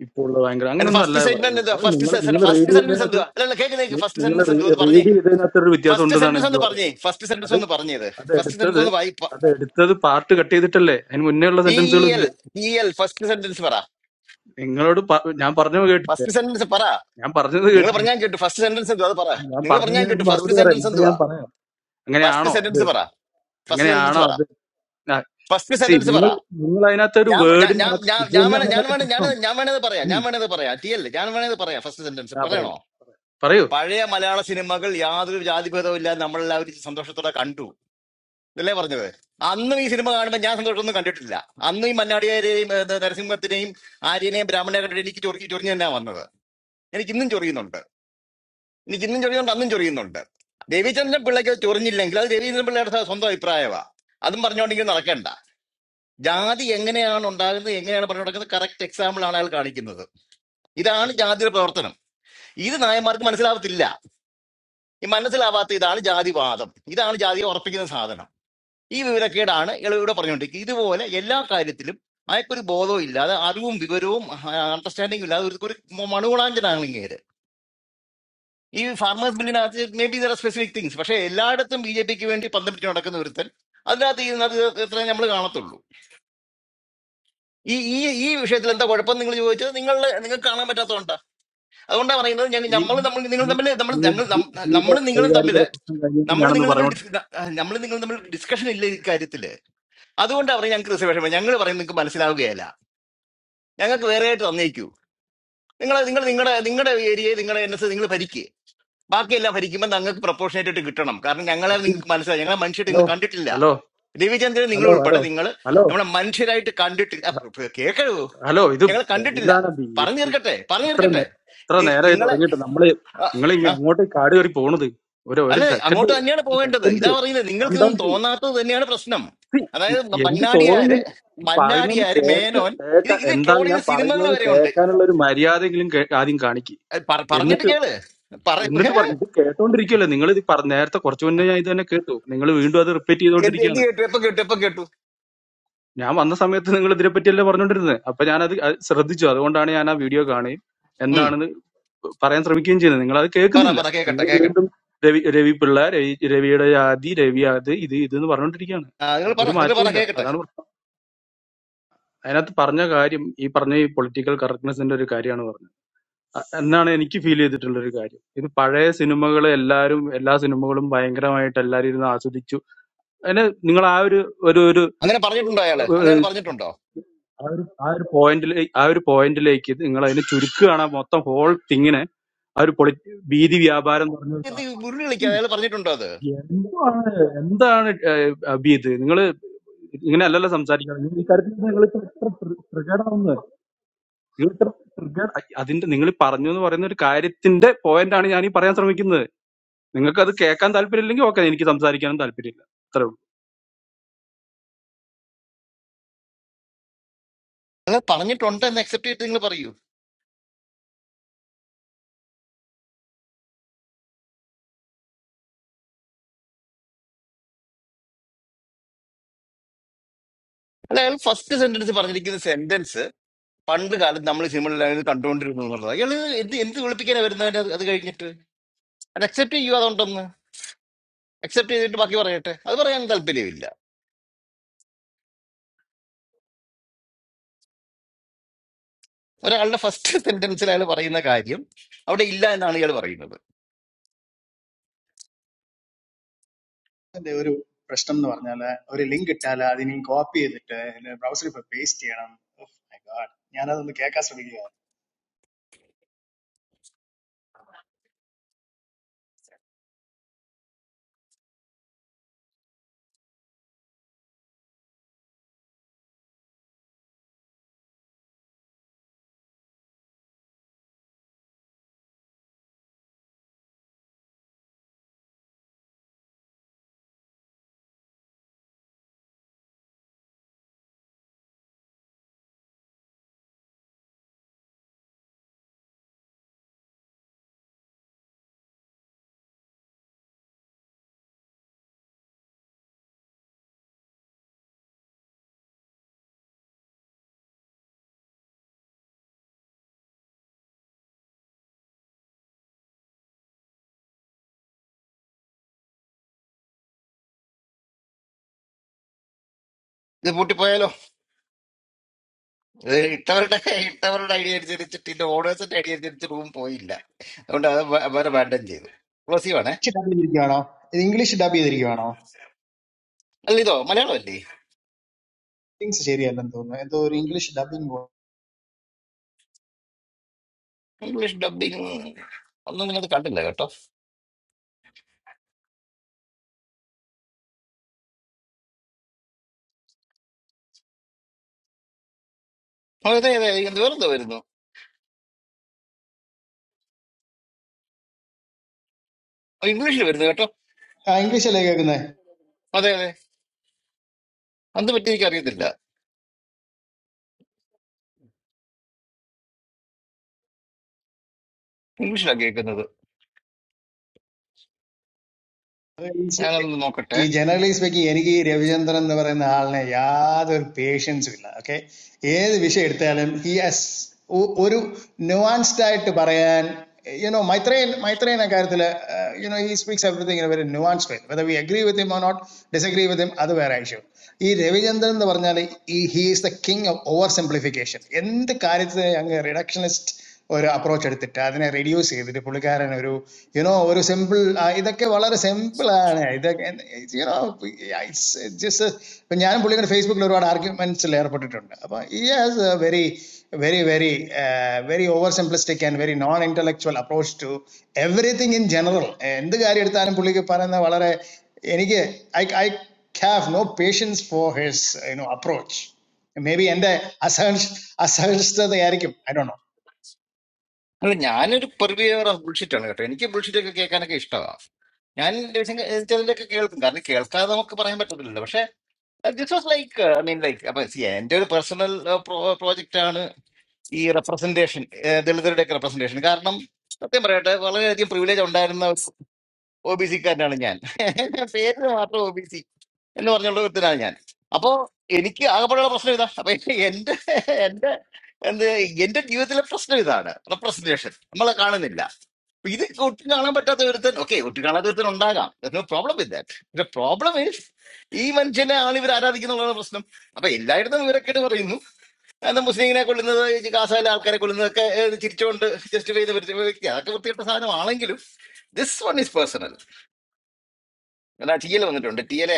I: ഇപ്പോൾ ഉള്ള ഭയങ്കര
E: എന്റെ
I: അങ്ങനെയൊന്നും അല്ല
E: ഫസ്റ്റ് സെഗ്മെന്റ്
I: പറയുന്നത്
E: എന്തുവാ
I: അതായത്
E: ഫസ്റ്റ്
I: നിങ്ങൾ നിങ്ങൾ റീഡ്
E: ഫസ്റ്റ് സെന്റൻസ്
I: ചെയ്യുന്നതിനകത്ത്
E: എന്തുവാ അല്ല കേൾക്കുന്ന കേക്ക് ഫസ്റ്റ്
I: നിങ്ങൾ
E: സെന്റൻസ് എന്തുവാ ഒന്ന് പറഞ്ഞേ
I: റീഡ് ചെയ്തതിനകത്ത് ഒരു വ്യത്യാസം
E: ഫസ്റ്റ്
I: ഉണ്ടെന്നാണ്
E: സെന്റൻസ്
I: എനിക്ക്
E: ഒന്ന് പറഞ്ഞേ
I: പറയുന്നത്
E: ഫസ്റ്റ് സെന്റൻസ്
I: അത്
E: ഒന്ന് പറഞ്ഞേ ഇത്
I: അത്
E: ഫസ്റ്റ് സെന്റൻസ്
I: എടുത്തത്
E: ഒന്ന് വായി
I: അത് എടുത്തത് പാർട്ട് കട്ട് ചെയ്തിട്ടല്ലേ അതിന് മുന്നേ ഉള്ള
E: ടി ഇ
I: സെന്റൻസുകളും
E: എൽ
I: ഇല്ലേ
E: ടി എൽ ഫസ്റ്റ് സെന്റൻസ് പറ
I: നിങ്ങളോട് പ- ഞാൻ പറഞ്ഞത് കേട്ടില്ലേ
E: ഫസ്റ്റ് സെന്റൻസ് പറ
I: ഞാൻ പറഞ്ഞത്
E: നിങ്ങൾ
I: കേട്ടില്ലേ
E: പറഞ്ഞാൽ കേട്ടു ഫസ്റ്റ് സെന്റൻസ് എന്തുവാ അത് പറ
I: ഞാൻ
E: നിങ്ങൾ പറഞ്ഞാൽ
I: പറഞ്ഞതിന് ഒരു
E: കേട്ടു
I: മറുപടി
E: ഫസ്റ്റ്
I: പറയാം
E: സെന്റൻസ്
I: എന്നിട്ട് ഞാൻ
E: എന്തുവാ
I: പറയാം
E: ഫസ്റ്റ്
I: അങ്ങനെയാണോ അത്
E: സെന്റൻസ് പറ ഫസ്റ്റ് സെന്റൻസ്
I: അങ്ങനെയാണോ
E: പറ
I: അത്
E: ഫസ്റ്റ്
I: സി
E: സെന്റൻസ് പറ
I: നിങ്ങൾ നിങ്ങൾ അതിനകത്ത് ഒരു
E: ഞാൻ ഞാൻ ഞാൻ
I: വേർഡിനകത്ത്
E: ഞാൻ
I: ഇത്
E: ഞാൻ വേണേ
I: തന്നെയാണ്
E: ഞാൻ
I: അതിനകത്ത്
E: വേണേ ഞാൻ
I: പ്രശ്നം
E: ഞാൻ വേണത് പറയാം
I: ഉം.
E: ഞാൻ വേണത് പറയാം ടി എൽ ഞാൻ വേണത് പറയാം ഫസ്റ്റ് സെന്റൻസ്
I: ആ പറയൂ
E: പറയണോ
I: പറയൂ
E: പഴയ മലയാള സിനിമകൾ യാതൊരു ജാതിഭേദവും ഇല്ലാതെ നമ്മളെല്ലാവരും സന്തോഷത്തോടെ കണ്ടു ഇതല്ലേ പറഞ്ഞത് അന്നും ഈ സിനിമ കാണുമ്പോൾ ഞാൻ സന്തോഷമൊന്നും കണ്ടിട്ടില്ല അന്നും ഈ മന്നാടിയാരെയും ഏ, നരസിംഹത്തിനെയും ആര്യനെയും ബ്രാഹ്മണനെ കണ്ടിട്ട് എനിക്ക് ചൊറി ചൊറിഞ്ഞു തന്നെയാണ് വന്നത് എനിക്ക് ഇന്നും ചൊറിയുന്നുണ്ട് എനിക്ക് ഇന്നും ചൊറിയുന്നുണ്ട് അന്നും ചൊറിയുന്നുണ്ട് രവിചന്ദ്രൻ പിള്ളയ്ക്ക് അത് ചൊറിഞ്ഞില്ലെങ്കിൽ അത് രവിചന്ദ്രൻ പിള്ളയുടെ സ്വന്തം അഭിപ്രായമാണ് അതും പറഞ്ഞുകൊണ്ടെങ്കിൽ നടക്കണ്ട ജാതി എങ്ങനെയാണ് ഉണ്ടാകുന്നത് എങ്ങനെയാണ് പറഞ്ഞു നടക്കുന്നത് കറക്റ്റ് എക്സാമ്പിൾ ആണ് അയാൾ കാണിക്കുന്നത് ഇതാണ് ജാതിയുടെ പ്രവർത്തനം ഇത് നായന്മാർക്ക് മനസ്സിലാവത്തില്ല ഈ മനസ്സിലാവാത്ത ഇതാണ് ജാതിവാദം ഇതാണ് ജാതിയെ ഉറപ്പിക്കുന്ന സാധനം ഈ വിവരക്കേടാണ് ഇളവിടെ പറഞ്ഞുകൊണ്ടിരിക്കുന്നത് ഇതുപോലെ എല്ലാ കാര്യത്തിലും അയാൾക്കൊരു ബോധവും ഇല്ലാതെ അറിവും വിവരവും അണ്ടർസ്റ്റാൻഡിംഗും ഇല്ലാതെ ഒരു ഒരു മണുകുളാഞ്ചനാണ് ഇങ്ങേര് ഈ ഫാർമേഴ്സ് ബില്ലിനകത്ത് maybe there specific things പക്ഷേ എല്ലായിടത്തും ബി ജെ പിക്ക് വേണ്ടി പന്തം പിടിച്ച് നടക്കുന്ന ഒരുത്തൻ അതിനകത്ത് ഇരുന്നത് ഇത്രയും നമ്മൾ കാണത്തുള്ളൂ ഈ ഈ ഈ വിഷയത്തിൽ എന്താ കുഴപ്പം നിങ്ങൾ ചോദിച്ചത് നിങ്ങൾ നിങ്ങൾക്ക് കാണാൻ പറ്റാത്തതുകൊണ്ടാണ് അതുകൊണ്ടാണ് പറയുന്നത് ഞങ്ങൾ
I: ഇനി
E: നമ്മൾ നമ്മൾ നിങ്ങൾ
I: ഇനി-
E: തമ്മിൽ നമ്മൾ
I: ഇനി
E: ഞങ്ങൾ
I: അഭി അഭിയുടെ
E: നമ്മൾ നിങ്ങളും തമ്മിൽ
I: വൈകാരികത പ്രശ്നം കഴിയുമ്പോൾ
E: നമ്മൾ
I: ഞാനൊന്ന്
E: നിങ്ങൾ നമ്മൾ
I: പറഞ്ഞോട്ടെ
E: നമ്മൾ നിങ്ങൾ നമ്മൾ ഡിസ്കഷൻ ഇല്ല ഇക്കാര്യത്തില് അതുകൊണ്ടാണ് പറഞ്ഞത് ഞങ്ങൾക്ക് റിസർവേഷൻ വേണം. ഞങ്ങൾ പറയുന്നത് നിങ്ങൾക്ക് മനസ്സിലാവുകയല്ല ഞങ്ങൾക്ക് വേറെ ആയിട്ട് തന്നേക്കൂ നിങ്ങൾ നിങ്ങൾ നിങ്ങളുടെ നിങ്ങളുടെ ഏരിയയെ നിങ്ങളുടെ എൻ എസ് നിങ്ങൾ ഭരിക്കുക ബാക്കിയെല്ലാം ഭരിക്കുമ്പോൾ ഞങ്ങൾക്ക് പ്രപ്പോർഷനേറ്റ് ആയിട്ട് കിട്ടണം കാരണം ഞങ്ങളെ
I: അഭി
E: നിങ്ങൾക്ക് മനസ്സിലായി ഞങ്ങളെ മനുഷ്യരായിട്ട്
I: ഹലോ
E: നിങ്ങൾ കണ്ടിട്ടില്ല
I: ഹലോ
E: രവിചന്ദ്രൻ നിങ്ങൾ
I: ഹലോ ഹലോ
E: ഉൾപ്പെടെ നിങ്ങൾ
I: ഹലോ
E: നമ്മളെ മനുഷ്യരായിട്ട് കണ്ടിട്ടില്ല അ, പ്ര- പ്ര- കേക്കൂ
I: ഹലോ ഇത്
E: ഞങ്ങൾ കണ്ടിട്ടില്ല
I: എന്താണ് അഭി
E: പറഞ്ഞു
I: ഇത്
E: തീർക്കട്ടെ പറഞ്ഞു
I: ഇത്ര
E: തീർക്കട്ടെ
I: നേ- ഇത്ര
E: ഈ
I: നേരമായി
E: നിങ്ങളെ
I: തുടങ്ങിയിട്ട് നമ്മള്
E: ആ,
I: നിങ്ങൾ ഇങ്ങനെ അങ്ങോട്ട് കാട് കയറി പോണത് ഒരു ഒരു
E: അല്ല
I: സെക്കൻഡ്
E: അങ്ങോട്ട് തന്നെയാണ്
I: ഒരു
E: പോകേണ്ടത്
I: സെക്കൻഡ്
E: ഇതാ പറയുന്നത്
I: കാം
E: നിങ്ങൾക്ക്
I: ഡൗൺ
E: ഇതൊന്നും
I: ചെയ്യും
E: തോന്നാത്തത് തന്നെയാണ് പ്രശ്നം അതായത് മ-
I: എന്ത്
E: മന്നാടിയാര്
I: തോന്നുന്നില്ല ഇത് പറയുന്നൊന്ന്
E: മന്നാടിയാര്
I: കേക്ക്
E: മേനോൻ ഇത്
I: കേൾക്കാൻ
E: ഇത്
I: എന്താണ്
E: ട്രോൾ
I: ഞാൻ
E: ചെയ്ത സിനിമകൾ
I: പറയുന്നത്
E: വരെ ഉണ്ട്
I: കേൾക്കാനുള്ള ഒരു മര്യാദയെങ്കിലും കേ- ആദ്യം കാണിക്ക്
E: അത് പറ- പറഞ്ഞിട്ട്
I: എന്നിട്ട്
E: കേള് പറ
I: എന്നിട്ട് പറഞ്ഞു ഇത് കേട്ടോണ്ടിരിക്കുവല്ലേ നിങ്ങൾ ഇത് പറ നേരത്തെ കുറച്ചു മുന്നേ ഞാൻ ഇത് തന്നെ കേട്ടു നിങ്ങൾ വീണ്ടും അത് റിപ്പീറ്റ്
E: എന്ത് എന്ത്
I: ചെയ്തുകൊണ്ടിരിക്കുകയാണ്
E: കേട്ടു എപ്പൊ കേട്ടു എപ്പൊ കേട്ടു
I: ഞാൻ വന്ന സമയത്ത് നിങ്ങൾ ഇതിനെപ്പറ്റിയല്ലേ പറഞ്ഞുകൊണ്ടിരുന്നത് അപ്പൊ ഞാനത് അത് ശ്രദ്ധിച്ചു അതുകൊണ്ടാണ് ഞാൻ ആ വീഡിയോ കാണുകയും
E: ഉം.
I: എന്താണെന്ന് പറയാൻ ശ്രമിക്കുകയും ചെയ്യുന്നത് നിങ്ങൾ അത്
E: പറ
I: കേൾക്കുന്നില്ല
E: പറ കേക്കട്ടെ
I: നിങ്ങൾ
E: കേക്കട്ടെ
I: വീണ്ടും രവി രവി പിള്ള രവി രവിയുടെ ജാതി രവി അത് ഇത് ഇത് എന്ന് പറഞ്ഞുകൊണ്ടിരിക്കുകയാണ്
E: ആ, നിങ്ങൾ പറ
I: ഒരു
E: നിങ്ങൾ
I: മാറ്റവും
E: പറ
I: ഇല്ല
E: കേക്കട്ടെ
I: അതാണ് പ്രശ്നം അതിനകത്ത് പറഞ്ഞ കാര്യം ഈ പറഞ്ഞ ഈ പൊളിറ്റിക്കൽ കറക്റ്റ്നെസിന്റെ ഒരു കാര്യമാണ് പറഞ്ഞത് അ- എന്നാണ് എനിക്ക് ഫീൽ ചെയ്തിട്ടുള്ള ഒരു കാര്യം ഇത് പഴയ സിനിമകൾ എല്ലാവരും എല്ലാ സിനിമകളും ഭയങ്കരമായിട്ട് എല്ലാവരും ഇരുന്ന് ആസ്വദിച്ചു അതിന് നിങ്ങൾ ആ ഒരു ഒരു ഒരു
E: അങ്ങനെ പറഞ്ഞിട്ടുണ്ടോ അയാള് അങ്ങനെ അയാൾ
I: ഏഹ്,
E: പറഞ്ഞിട്ടുണ്ടോ
I: ആ ഒരു ആ ഒരു പോയിന്റിലേക്ക് ആ ഒരു പോയിന്റിലേക്ക് ഇത് നിങ്ങൾ അതിനെ ചുരുക്കുകയാണ് മൊത്തം ഹോൾ തിങ്ങിനെ ആ ഒരു പൊളി ഭീതി വ്യാപാരം എന്ന് പറഞ്ഞ ഒരു
E: എന്ത്
I: സാ-
E: ഉരുളി കളിക്കുക
I: ഉം,
E: അയാൾ പറഞ്ഞിട്ടുണ്ടോ അത്
I: എന്താണ് എന്താണ് ഏഹ്, അബി ഇത് നിങ്ങൾ ഇങ്ങനെ അല്ലല്ലോ സംസാരിക്കുന്നത് നിങ്ങൾ ഈ കാര്യത്തിൽ നിങ്ങൾ ഇത്ര പ്രകടമാവുന്നത് നിങ്ങൾ ഇത്ര പ്രകട അതിന്റെ നിങ്ങൾ പറഞ്ഞു എന്ന് പറയുന്ന ഒരു കാര്യത്തിന്റെ പോയിന്റാണ് ഞാൻ ഈ പറയാൻ ശ്രമിക്കുന്നത് നിങ്ങൾക്ക് അത് കേൾക്കാൻ താല്പര്യമില്ലെങ്കിൽ ഓക്കെ എനിക്ക് സംസാരിക്കാനും താല്പര്യമില്ല അത്രേ ഉള്ളൂ
E: അയാൾ പറഞ്ഞിട്ടുണ്ട് എന്ന് അക്സെപ്റ്റ് ചെയ്തിട്ട് നിങ്ങൾ പറയൂ അല്ല അയാൾ ഫസ്റ്റ് സെന്റൻസ് പറഞ്ഞിരിക്കുന്ന സെന്റൻസ് പണ്ട് കാലത്ത് നമ്മൾ സിനിമകളിൽ കണ്ടുകൊണ്ടിരുന്നു എന്നുള്ളത് അയാൾ എന്ത് എന്ത് വിളിപ്പിക്കാനാണ് വരുന്നവൻ അത് അത് കഴിഞ്ഞിട്ട് അത് അക്സെപ്റ്റ് ചെയ്യുക അതുകൊണ്ടൊന്ന് അക്സെപ്റ്റ് ചെയ്തിട്ട് ബാക്കി പറയട്ടെ അത് പറയാൻ താല്പര്യമില്ല ഒരാളുടെ ഫസ്റ്റ് സെന്റൻസിൽ അയാൾ പറയുന്ന കാര്യം അവിടെ ഇല്ല എന്നാണ് ഇയാൾ പറയുന്നത്
F: that they are a person who is doing that. A link is there. You copy it, you browse it, you paste it, and you are like, oh my god, I am doing this.
E: ഇത് പൂട്ടിപ്പോയാലോ ഇത് ഇട്ടവരുടെ ഇട്ടവരുടെ idea അനുസരിച്ചിട്ട് ഇതിന്റെ ഓർഡേഴ്സിന്റെ idea അനുസരിച്ച് room പോയില്ല അതുകൊണ്ട് അത് വേ- വേറെ വേണ്ടം ചെയ്തു ക്ലോസീവാണേ
F: English dubbing दरिया ना English dubbing दरिया ना
E: അല്ല ഇതോ മലയാളം അല്ലേ
F: things चेरिया अंधो ना एंड तो English dubbing
E: ഇംഗ്ലീഷ് ഡബിങ് ഒന്നും നിങ്ങൾ കണ്ടില്ല കേട്ടോ അതെ അതെ അതെ ഇത് വേറെന്തോ വരുന്നു ഓ, ഇംഗ്ലീഷിൽ വരുന്നു കേട്ടോ
F: हाँ English लेके कुन्ना
E: അതെ അതെ അത് പറ്റി എനിക്ക് അറിയത്തില്ല ഇംഗ്ലീഷിലാണ് കേൾക്കുന്നത് ഞാനൊന്ന് നോക്കട്ടെ
F: He generalizes because he, I think, he revisionist and that part is not. He has no patience with it. Okay? Any other thing? Tell him he has. Oh, one nuance type. Parayan, you know, my train, my train. I carry that. You know, he speaks everything in a very nuanced way. Whether we agree with him or not, disagree with him, that will be a issue. He revisionist and that part. You know, he is the king of oversimplification. And the character, young reductionist. Or a approach अड़ते थे अदने radio से इधरे पुलिके आरण वोरू you know वोरू simple आ इधर के वाला रे simple आ ना इधर के you know it's just a when जाने पुलिके ने Facebook लोरू आठ arguments layer put टर्न अब ये is a very very very uh, very oversimplistic and very non-intellectual approach to everything in general Indu गारी अड़ता आने पुलिके पारण ना वाला रे एनी के I I have no patience for his you know approach maybe इंदे asur asur तो दे यारी क्यों I don't know.
E: അല്ല ഞാനൊരു പെർവിയർ ഓഫ് ബുൾഷിറ്റ് ആണ് കേട്ടോ എനിക്ക് ബുൾഷിറ്റ് ഒക്കെ കേൾക്കാനൊക്കെ ഇഷ്ടമാണ് ഞാൻ ചിലതൊക്കെ കേൾക്കും കാരണം കേൾക്കാതെ നമുക്ക് പറയാൻ പറ്റത്തില്ലല്ലോ പക്ഷെ this was like I mean like അപ്പൊ see, എന്റെ ഒരു പേഴ്സണൽ പ്രോജക്റ്റ് ആണ് ഈ റെപ്രസെന്റേഷൻ ദളിതരുടെ ഒക്കെ റെപ്രസെന്റേഷൻ കാരണം സത്യം പറയട്ടെ വളരെയധികം പ്രിവിലേജ് ഉണ്ടായിരുന്ന ഒ ബി സിക്കാരനാണ് ഞാൻ പേരിന് മാത്രം ഒ എന്ന് പറഞ്ഞുള്ള ഒരുത്തനാണ് ഞാൻ അപ്പോ എനിക്ക് ആകെപ്പാടുള്ള പ്രശ്നം ഇതാ അപ്പൊ എന്റെ എന്റെ എന്ത് എന്റെ ജീവിതത്തിലെ പ്രശ്നം ഇതാണ് റെപ്രസെന്റേഷൻ നമ്മളെ കാണുന്നില്ല അപ്പൊ ഇത് ഒട്ടും കാണാൻ പറ്റാത്ത ഒരുത്തൻ ഓക്കെ ഒട്ടും കാണാത്ത ഒരുത്തൻ ഉണ്ടാകാം no problem with that problem is ഈ മനുഷ്യനെ ആണ് ഇവർ ആരാധിക്കുന്നുള്ളതാണ് പ്രശ്നം അപ്പൊ എല്ലായിടത്തും ഇവരൊക്കെ പറയുന്നു എന്താ മുസ്ലിങ്ങിനെ കൊല്ലുന്നത് ഈ ഗാസയിലെ ആൾക്കാരെ കൊല്ലുന്നതൊക്കെ ഏഹ്, ചിരിച്ചുകൊണ്ട് ജസ്റ്റ് ചെയ്ത് വ്യക്തി അതൊക്കെ വൃത്തികെട്ട സാധനമാണെങ്കിലും this one is personal T L വന്നിട്ടുണ്ട് ടി എൽ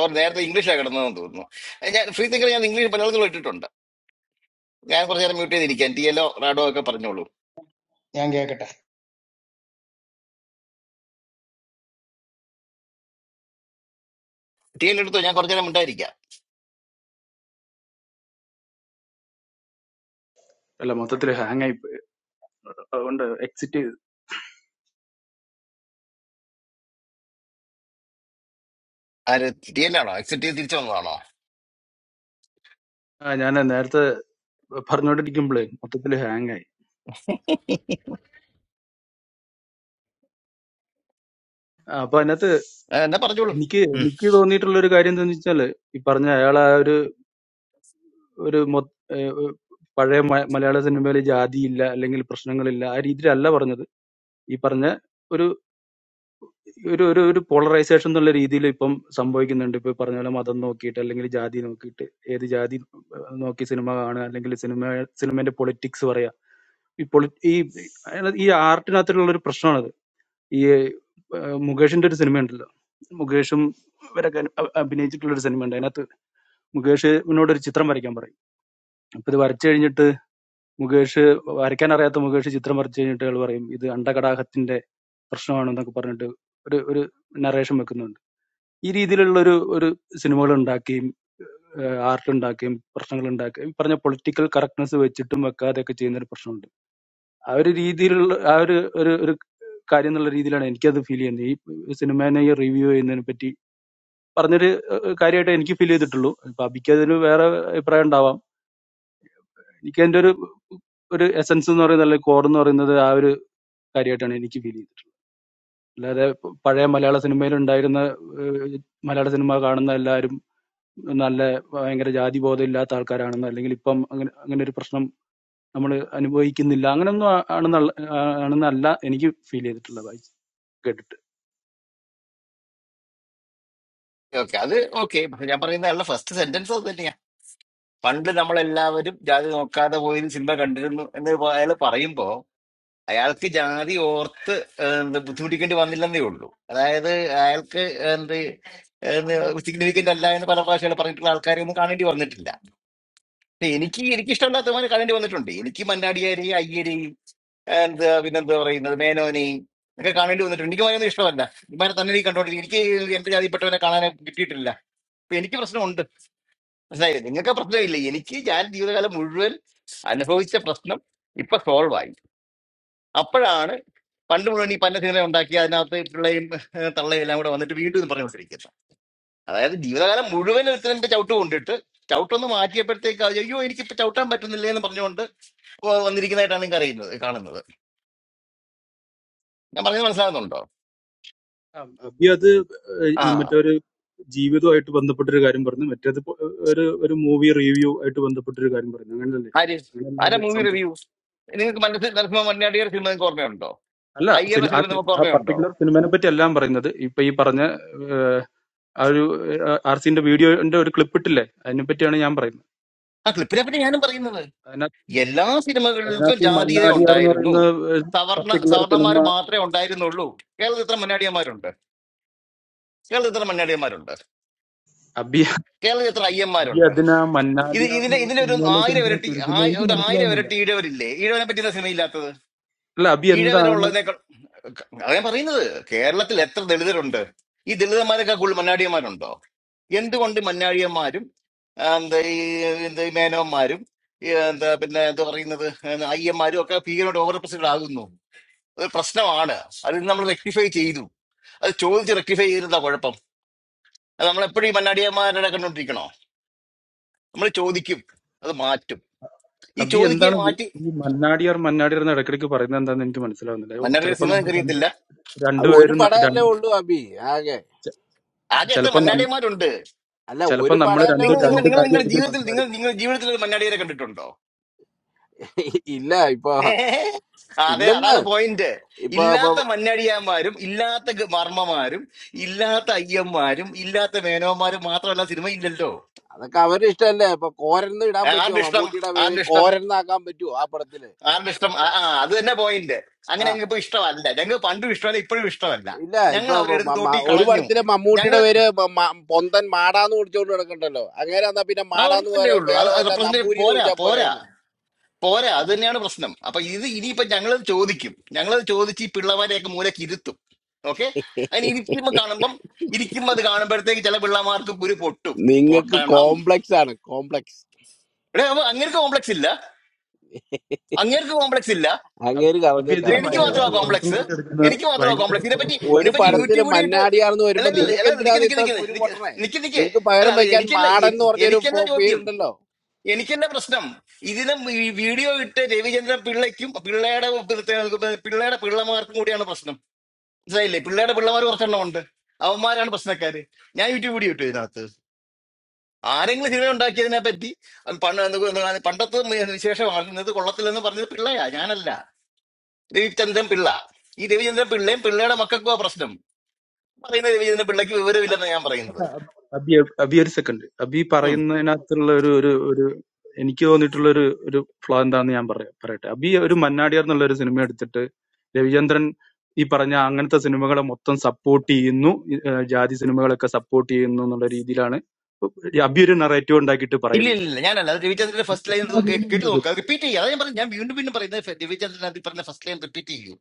E: ഓർ നേരത്തെ ഇംഗ്ലീഷാണ് കിടന്നതെന്ന് തോന്നുന്നു ഏ, ഞാൻ ഫ്രീ തിങ്കർ ഞാൻ ഇംഗ്ലീഷ് പലർക്കും ഇട്ടിട്ടുണ്ട് ഞാൻ കുറച്ച് നേരം മ്യൂട്ട് ചെയ്തിരിക്കാം ടി എല്ലോ റാഡോ ഒക്കെ പറഞ്ഞോളൂ
F: Angyagata.
E: ടി എൽ എടുത്തോ ഞാൻ കുറച്ച് നേരം ഉണ്ടായിരിക്കാം
I: അല്ല മൊത്തത്തിൽ ഹാങ് ആയി പോയി. അതുകൊണ്ട് എക്സിറ്റ് ചെയ്തു
E: ആര് ടി എല്ലാണോ എക്സിറ്റ് ചെയ്ത് തിരിച്ചു വന്നതാണോ
I: ആ, ഞാൻ നേരത്തെ പറഞ്ഞുകൊണ്ടിരിക്കുമ്പോഴേ മൊത്തത്തിൽ ഹാങ് ആയി ആ, അപ്പൊ അതിനകത്ത്
E: ഏ, എന്നാ പറഞ്ഞോളൂ
I: എനിക്ക് എനിക്ക് തോന്നിയിട്ടുള്ള ഒരു കാര്യം എന്താണെന്ന് വെച്ചാല് ഈ പറഞ്ഞ അയാൾ ആ ഒരു ഒരു മൊ- ഏഹ് ഒരു പഴയ മ- മലയാള സിനിമയിൽ ജാതിയില്ല അല്ലെങ്കിൽ പ്രശ്നങ്ങളില്ല ആ രീതിയിലല്ല പറഞ്ഞത് ഈ പറഞ്ഞ ഒരു ഒരു ഒരു ഒരു പോളറൈസേഷൻ എന്നുള്ള രീതിയിൽ ഇപ്പം സംഭവിക്കുന്നുണ്ട് ഇപ്പൊ ഈ പറഞ്ഞ പോലെ മതം നോക്കിയിട്ട് അല്ലെങ്കിൽ ജാതി നോക്കിയിട്ട് ഏത് ജാതി ഏഹ്, നോക്കി സിനിമ കാണുക അല്ലെങ്കിൽ സിനിമ സിനിമേന്റെ പൊളിറ്റിക്സ് പറയാ ഈ പൊളി ഈ ഈ ആർട്ടിനകത്തുള്ള ഒരു പ്രശ്നമാണത് ഈ ഏഹ്, മുകേഷിന്റെ ഒരു സിനിമ ഉണ്ടല്ലോ മുകേഷും ഇവരൊക്കെ അഭി- അഭിനയിച്ചിട്ടുള്ള ഒരു സിനിമ ഉണ്ട് അതിനകത്ത് മുകേഷിനോട് ഒരു ചിത്രം വരയ്ക്കാൻ പറയും അപ്പൊ ഇത് വരച്ചു കഴിഞ്ഞിട്ട് മുകേഷ് വരയ്ക്കാൻ അറിയാത്ത മുകേഷ് ചിത്രം വരച്ചു കഴിഞ്ഞിട്ട് അയാൾ പറയും ഇത് അണ്ടകടാഹത്തിന്റെ പ്രശ്നമാണ് എന്നൊക്കെ പറഞ്ഞിട്ട് ഒരു ഒരു നറേഷൻ വെക്കുന്നുണ്ട് ഈ രീതിയിലുള്ള ഒരു ഒരു സിനിമകൾ ഉണ്ടാക്കുകയും ആർട്ട് ഉണ്ടാക്കുകയും പ്രശ്നങ്ങൾ ഉണ്ടാക്കുകയും ഈ പറഞ്ഞ പൊളിറ്റിക്കൽ കറക്റ്റ്നെസ് വെച്ചിട്ടും വെക്കാതെയൊക്കെ ചെയ്യുന്ന ഒരു പ്രശ്നമുണ്ട് ആ ഒരു രീതിയിലുള്ള ആ ഒരു ഒരു ഒരു കാര്യം എന്നുള്ള രീതിയിലാണ് എനിക്കത് ഫീൽ ചെയ്യുന്നത് ഈ സിനിമേനെ ഈ റിവ്യൂ ചെയ്യുന്നതിനെ പറ്റി പറഞ്ഞൊരു ഏഹ്, കാര്യമായിട്ട് എനിക്ക് ഫീൽ ചെയ്തിട്ടുള്ളൂ ഇപ്പൊ അബിക്കതിന് വേറെ അഭിപ്രായം ഉണ്ടാവാം എനിക്ക് അതിന്റെ ഒരു ഒരു എസൻസ് എന്ന് പറയുന്നത് അല്ലെങ്കിൽ കോർ എന്ന് പറയുന്നത് ആ ഒരു കാര്യമായിട്ടാണ് എനിക്ക് ഫീൽ ചെയ്തിട്ടുള്ളത് അല്ലാതെ പ- പഴയ മലയാള സിനിമയിൽ ഉണ്ടായിരുന്ന ഏഹ്, മലയാള സിനിമ കാണുന്ന എല്ലാവരും നല്ല ഭയങ്കര ജാതിബോധം ഇല്ലാത്ത ആൾക്കാരാണെന്നോ അല്ലെങ്കിൽ ഇപ്പം അങ്ങനെ അങ്ങനെ ഒരു പ്രശ്നം നമ്മൾ അനുഭവിക്കുന്നില്ല അങ്ങനൊന്നും ആ- ആണെന്നുള്ള ആ- ആണെന്നല്ല എനിക്ക് ഫീൽ ചെയ്തിട്ടുള്ളത് വായിച്ച് കേട്ടിട്ട്
E: ഓക്കെ അത് ഓക്കെ ഞാൻ പറയുന്ന അയാളുടെ ഫസ്റ്റ് സെന്റൻസ് അത് തന്നെയാ പണ്ട് നമ്മളെല്ലാവരും ജാതി നോക്കാതെ പോയി സിനിമ കണ്ടിരുന്നു എന്ന് പ- അയാൾ പറയുമ്പോ അയാൾക്ക് ജാതി ഓർത്ത് ഏ, എന്ത് ബുദ്ധിമുട്ടിക്കേണ്ടി വന്നില്ലെന്നേ ഉള്ളൂ അതായത് അയാൾക്ക് എന്ത് സിഗ്നിഫിക്കന്റ് അല്ല എന്ന് പല പ്രാവശ്യം അയാൾ പറഞ്ഞിട്ടുള്ള ആൾക്കാരെ ഒന്നും കാണേണ്ടി വന്നിട്ടില്ല ഇല്ല, എനിക്ക് എനിക്ക് ഇഷ്ടമില്ലാത്തവന് കാണേണ്ടി വന്നിട്ടുണ്ട് എനിക്ക് മന്നാടിയാരി അയ്യരി എന്താ പിന്നെന്താ പറയുന്നത് മേനോനി ഒക്കെ കാണേണ്ടി വന്നിട്ടുണ്ട് എനിക്ക് മനുവിനെ ഇഷ്ടമല്ല ഇമാരെ തന്നെ എനിക്ക് കണ്ടോണ്ടിരിക്കും എനിക്ക് എന്റെ ജാതിപ്പെട്ടവനെ കാണാൻ കിട്ടിയിട്ടില്ല അപ്പൊ എനിക്ക് പ്രശ്നമുണ്ട് മനസ്സിലായില്ലേ നിങ്ങൾക്ക് പ്രശ്നമില്ല എനിക്ക് ഞാൻ ജീവിതകാലം മുഴുവൻ അനുഭവിച്ച പ്രശ്നം ഇപ്പൊ സോൾവ് ആയി അപ്പോഴാണ് പണ്ട് മുഴുവൻ ഈ പന്ന സിനിമ ഉണ്ടാക്കി അതിനകത്ത് പിള്ളയും തള്ളയും എല്ലാം കൂടെ വന്നിട്ട് വീണ്ടും ഇത് പറഞ്ഞു വെച്ചിരിക്കുന്നത് അതായത് ജീവിതകാലം മുഴുവൻ ഒരുത്തരന്റെ ചവിട്ട് കൊണ്ടിട്ട് ചവിട്ടൊന്ന് മാറ്റിയപ്പോഴത്തേക്ക് അത് അയ്യോ എനിക്കിപ്പോ ചവിട്ടാൻ പറ്റുന്നില്ല എന്ന് പറഞ്ഞുകൊണ്ട് ഇപ്പോൾ വന്നിരിക്കുന്നതായിട്ടാണ് നിങ്ങൾക്ക് അറിയുന്നത് കാണുന്നത് ഞാൻ പറഞ്ഞത് മനസ്സിലാകുന്നുണ്ടോ
I: ആ, അബി അത്
E: ആ
I: ഏഹ് മറ്റൊരു ജീവിതമായിട്ട് ബന്ധപ്പെട്ടൊരു കാര്യം പറഞ്ഞു മറ്റേത് ഇപ്പൊ ഒരു ഒരു മൂവി റിവ്യൂ ആയിട്ട് ബന്ധപ്പെട്ടൊരു കാര്യം പറഞ്ഞു അങ്ങനല്ലേ
E: ആര്
I: അങ്ങനല്ലേ
E: ആരാ
I: അത്
E: മൂവി
I: സംഭവം
E: റിവ്യൂ നിങ്ങൾക്ക് മനസ്സിൽ നരസിംഹ മണ്ണിയാടിയുടെ സിനിമ നിങ്ങൾക്ക് ഓർമ്മയുണ്ടോ
I: അല്ല
E: അയ്യരുടെ
I: സിനി- ആ
E: സിനിമ
I: സി-
E: നമുക്ക്
I: ആ
E: ഓർമ്മയുണ്ടോ
I: പർട്ടിക്കുലർ സിനിമേനെ പറ്റി എല്ലാം പറയുന്നത് ഇപ്പൊ ഈ പറഞ്ഞ ആ ഒരു ആർസിന്റെ വീഡിയോന്റെ ഒരു ക്ലിപ്പ് ഇട്ടില്ലേ അതിനെ പറ്റിയാണ് ഞാൻ പറയുന്നത്
E: ആ ക്ലിപ്പിനെ പറ്റി ഞാനും പറയുന്നത് എല്ലാ സിനിമകൾക്കും
I: അതിനകത്ത് ഈ
E: ജാതീയത
I: മന്നാടിയാർ എന്ന്
E: ഉണ്ടായിരുന്നു
I: പറയുന്ന
E: സവർണ
I: പർട്ടിക്കുലർ
E: സവർണന്മാർ
I: സിനിമ
E: മാത്രമേ ഉണ്ടായിരുന്നുള്ളൂ കേരളത്തിൽ ഇത്ര മന്നാടിയന്മാരുണ്ട് കേരളത്തിൽ ഇത്ര മന്നാടിയന്മാരുണ്ട്
I: അബി
E: കേരളത്തിൽ ഇത്ര
I: അബി
E: അയ്യന്മാരുണ്ട്
I: അതിന
E: ഇത്
I: മന്നാടിയാർ
E: ഇതിന്റെ
I: എന്നുള്ള
E: ഇതിന്റെ ഒരു
I: സിനിമയിലേക്ക്
E: ആയിരം
I: എന്തിനാ
E: ഇരട്ടി
I: ചുരുക്കുന്നത്
E: ആയി-
I: എനിക്ക്
E: ഒരു ആയിരം
I: മനസ്സിലാവുന്നില്ല
E: ഇരട്ടി ഈഴവരില്ലേ ഈഴവനെ പറ്റുന്ന സിനിമ
I: അല്ല അബി എന്താണ്
E: ഈഴവരുള്ളതിനേക്കാൾ അതാ ഞാൻ പറയുന്നത് കേരളത്തിൽ എത്ര ദളിതരുണ്ട് ഈ ദളിതന്മാരൊക്കെ കൂടുതൽ മന്നാടിയന്മാരുണ്ടോ എന്തുകൊണ്ട് മന്നാടിയന്മാരും ആ, എന്താ ഈ എന്താ ഈ മേനോന്മാരും ഈ എന്താ പിന്നെ എന്താ പറയുന്നത് എന്താ അയ്യന്മാരും ഒക്കെ ഭീകരമായിട്ട് ഓവർ റെപ്രസെന്റ് ആകുന്നു അത് പ്രശ്നമാണ് അത് നമ്മൾ റെക്ടിഫൈ ചെയ്തു അത് ചോദിച്ച് റെക്ടിഫൈ ചെയ്തിരുന്ന കുഴപ്പം അത് നമ്മൾ എപ്പോഴും ഈ മന്നാടിയന്മാരുടെ കണ്ടോണ്ടിരിക്കണോ നമ്മൾ ചോദിക്കും അത് മാറ്റും ഈ
I: അബി
E: ചോദിക്കുകയെ
I: എന്താണ് ഇത്?
E: മാറ്റി
I: ഈ മന്നാടിയാർ മന്നാടിയാർ എന്ന് ഇടയ്ക്കിടയ്ക്ക് പറയുന്നത് എന്താണെന്ന് എനിക്ക് മനസ്സിലാവുന്നില്ല ഓ,
E: മന്നാടിയുടെ
I: ചിലപ്പോ
E: സിനിമ
I: നമ്മൾ
E: നിങ്ങൾക്ക്
I: രണ്ട്
E: അറിയത്തില്ല
H: അത് ഒരു
I: രണ്ടുപേരും ന-
H: പടമല്ലേ
I: രണ്ട്
H: ഉള്ളൂ അബി ആകെ
I: ചെ-
E: ആകെ എത്ര
I: ചിലപ്പോ നം-
E: മന്നാടിയന്മാരുണ്ട്
H: അല്ല
I: ചിലപ്പോ
H: ഒരു
I: നമ്മൾ
H: പടമല്ലേ
I: രണ്ട്
E: നിങ്ങൾ
H: ഉള്ളൂ
E: നിങ്ങൾ
I: രണ്ട്
E: നിങ്ങൾ നിങ്ങളുടെ
I: കാര്യമായിരിക്കും
E: ജീവിതത്തിൽ നിങ്ങൾ
I: സംസാരിക്കുന്നത്
E: നിങ്ങൾ ജീവിതത്തിൽ ഒരു മന്നാടിയെ കണ്ടിട്ടുണ്ടോ
H: ഇല്ല ഇപ്പൊ
E: ഏ? അതെ
H: ഇല്ലെന്ന്
E: അതാണ് പോയിന്റ്
H: ഇപ്പൊ
E: ഇല്ലാത്ത മന്നാടിയാന്മാരും ഇല്ലാത്ത ഗ- മർമ്മമാരും ഇല്ലാത്ത അയ്യന്മാരും ഇല്ലാത്ത മേനോന്മാരും മാത്രമല്ല സിനിമ ഇല്ലല്ലോ
H: അതൊക്കെ അവരുടെ ഇഷ്ടമല്ലേ ഇപ്പൊ കോരന്ന് ഇടാൻ
E: ആ,
H: പറ്റുമോ
E: ആരുടെ ഇഷ്ടം
H: മമ്മൂട്ടിയുടെ പേര്
E: ആരുടെ ഇഷ്ടം
H: കോരന്നാക്കാൻ പറ്റുമോ ആ പടത്തില്
E: ആരുടെ ഇഷ്ടം ആ ആ, അത് തന്നെ പോയിന്റ് അങ്ങനെ
H: ആ
E: ഞങ്ങൾക്ക് ഇപ്പൊ ഇഷ്ടമല്ല ഞങ്ങൾ പണ്ടും ഇഷ്ടമല്ല ഇപ്പോഴും ഇഷ്ടമല്ല
H: ഇല്ല ഇപ്പൊ
E: ഞങ്ങൾ അവരെടുത്ത്
H: മ-
E: തോട്ടി
H: മ- ഒരു
E: കളഞ്ഞു
H: പടത്തില്
E: ഞങ്ങൾ
H: മമ്മൂട്ടിയുടെ പേര് മ- മ- പൊന്തൻ മാടാന്ന് വിളിച്ചോണ്ട് കിടക്കണ്ടല്ലോ അങ്ങനെ എന്നാ പിന്നെ മാടാന്ന്
E: അവർക്കല്ലേ
H: പോലെ
E: ഉള്ളൂ
H: വേറെ
E: അത്
H: വല്ല
E: റെപ്രസെന്റ്
H: നമ്പൂരിന്ന്
E: പോരാ
H: വിളിച്ചാ
E: പോരാ
H: പോരായിരുന്നോ
E: പോരാ അത് തന്നെയാണ് പ്രശ്നം അപ്പൊ ഇത് ഇനിയിപ്പോ ഞങ്ങളത് ചോദിക്കും ഞങ്ങളത് ചോദിച്ച് ഈ പിള്ളമാരെയൊക്കെ മൂലക്ക് ഇരുത്തും ഓക്കെ അതിന് ഇരിക്കുമ്പോ കാണുമ്പം ഇരിക്കുമ്പോ അത് കാണുമ്പോഴത്തേക്ക് ചില പിള്ളമാർക്ക് കുരു പൊട്ടും
H: നിങ്ങക്ക്
E: പൊട്ടണം
H: കോംപ്ലക്സ് ആണ് കോംപ്ലക്സ്
E: എടേ അപ്പൊ അങ്ങനത്തെ കോംപ്ലക്സ് ഇല്ല അങ്ങനത്തെ കോംപ്ലക്സ് ഇല്ല
I: അബി
H: അങ്ങേര്
I: അബി
H: പറഞ്ഞത്
I: ഇതിന്
H: correct
E: എനിക്ക്
H: ആയ
E: മാത്രമാ
I: ഭയങ്കരമായിട്ട്
H: കാര്യമാണ്
I: പേഴ്സണൽ
E: കോംപ്ലക്സ്
I: ആയിട്ട് എടുക്കുന്ന
E: എനിക്ക് മാത്രമാ
I: ഭയങ്കരമായിട്ട്
E: കോംപ്ലക്സ് ഇതിനെപ്പറ്റി
I: പേഴ്സണൽ
H: ഒരു
E: ഇതിനെപ്പറ്റി
I: ആയിട്ട്
H: പടത്തില്
E: യൂട്യൂബിൽ ഇട്ട്
H: മന്നാടിയാണെന്ന്
E: അല്ല
H: വരുമ്പോ
I: ഒരു
E: അല്ല
H: നിങ്ങൾക്ക്
E: അല്ല നിക്ക്
H: എന്തിനാണ്
E: നിക്ക്
H: ഇത്ര
E: നിക്ക്
H: കുരു
E: നിക്ക്
H: പൊട്ടണേ
E: നിക്ക് നിക്ക്
H: നിങ്ങക്ക്
E: അല്ല
H: പകരം
E: അത്
H: വയ്ക്കാൻ
E: എനിക്കല്ല
H: മാടൻ എന്ന്
E: എനി-
H: പറഞ്ഞൊരു
E: എനിക്കല്ല
H: പോ-
E: ചോദ്യം
H: പേരുണ്ടല്ലോ
E: എനിക്കെന്നെ പ്രശ്നം ഇതിന് ഈ വീഡിയോ ഇട്ട് രവിചന്ദ്രൻ പിള്ളയ്ക്കും പിള്ളയുടെ ഉപ- പിള്ളയുടെ പിള്ളമാർക്കും കൂടിയാണ് പ്രശ്നം മനസ്സിലായില്ലേ പിള്ളയുടെ പിള്ളമാർ കുറച്ചെണ്ണം ഉണ്ട് അവന്മാരാണ് പ്രശ്നക്കാര് ഞാൻ യൂട്യൂബ് വീഡിയോ ഇട്ടു ഇതിനകത്ത് ആരെങ്കിലും സിനിമ ഉണ്ടാക്കിയതിനെ പറ്റി പണ്ട് എന്ത് എന്ത് പണ്ടത്തെ വിശേഷമാണ് ഇന്നത്തെ കൊള്ളത്തില്ലെന്ന് പറഞ്ഞത് പിള്ളയാ ഞാനല്ല രവിചന്ദ്രൻ പിള്ള ഈ രവിചന്ദ്രൻ പിള്ളയും പിള്ളയുടെ മക്കൾക്കും ആ പ്രശ്നം പറയുന്ന രവിചന്ദ്രൻ പിള്ളയ്ക്ക് വിവരമില്ലെന്ന് ഞാൻ പറയുന്നത്
I: അബി അബി ഒരു സെക്കൻഡ് അബി പറയുന്നതിനകത്തുള്ള ഒരു ഒരു ഒരു എനിക്ക് തോന്നിയിട്ടുള്ള ഒരു ഒരു ഫ്ലോ എന്താന്ന് ഞാൻ പറയാം പറയട്ടെ അബി ഒരു മന്നാടിയാർ എന്നുള്ള ഒരു സിനിമ എടുത്തിട്ട് രവിചന്ദ്രൻ ഈ പറഞ്ഞ അങ്ങനത്തെ സിനിമകളെ മൊത്തം സപ്പോർട്ട് ചെയ്യുന്നു ഏഹ് ജാതി സിനിമകളൊക്കെ സപ്പോർട്ട് ചെയ്യുന്നു എന്നുള്ള രീതിയിലാണ് അബി ഒരു നെറേറ്റീവ് ഉണ്ടാക്കിയിട്ട്
E: ഇല്ല
I: പറയുന്നത്
E: ഇല്ല ഇല്ല ഞാനല്ല അത് രവിചന്ദ്രന്റെ ഫസ്റ്റ് ലൈൻ
I: എനിക്കങ്ങനെ feel
E: കേട്ട്
I: ചെയ്യുന്നത്
E: നോക്കുക റിപ്പീറ്റ് ചെയ്യുക അതാ ഞാൻ പറഞ്ഞു ഞാൻ വീണ്ടും വീണ്ടും പറയുന്നത് ഫ- രവിചന്ദ്രൻ അതിൽ പറഞ്ഞ ഫസ്റ്റ് ലൈൻ റിപ്പീറ്റ് ചെയ്യൂ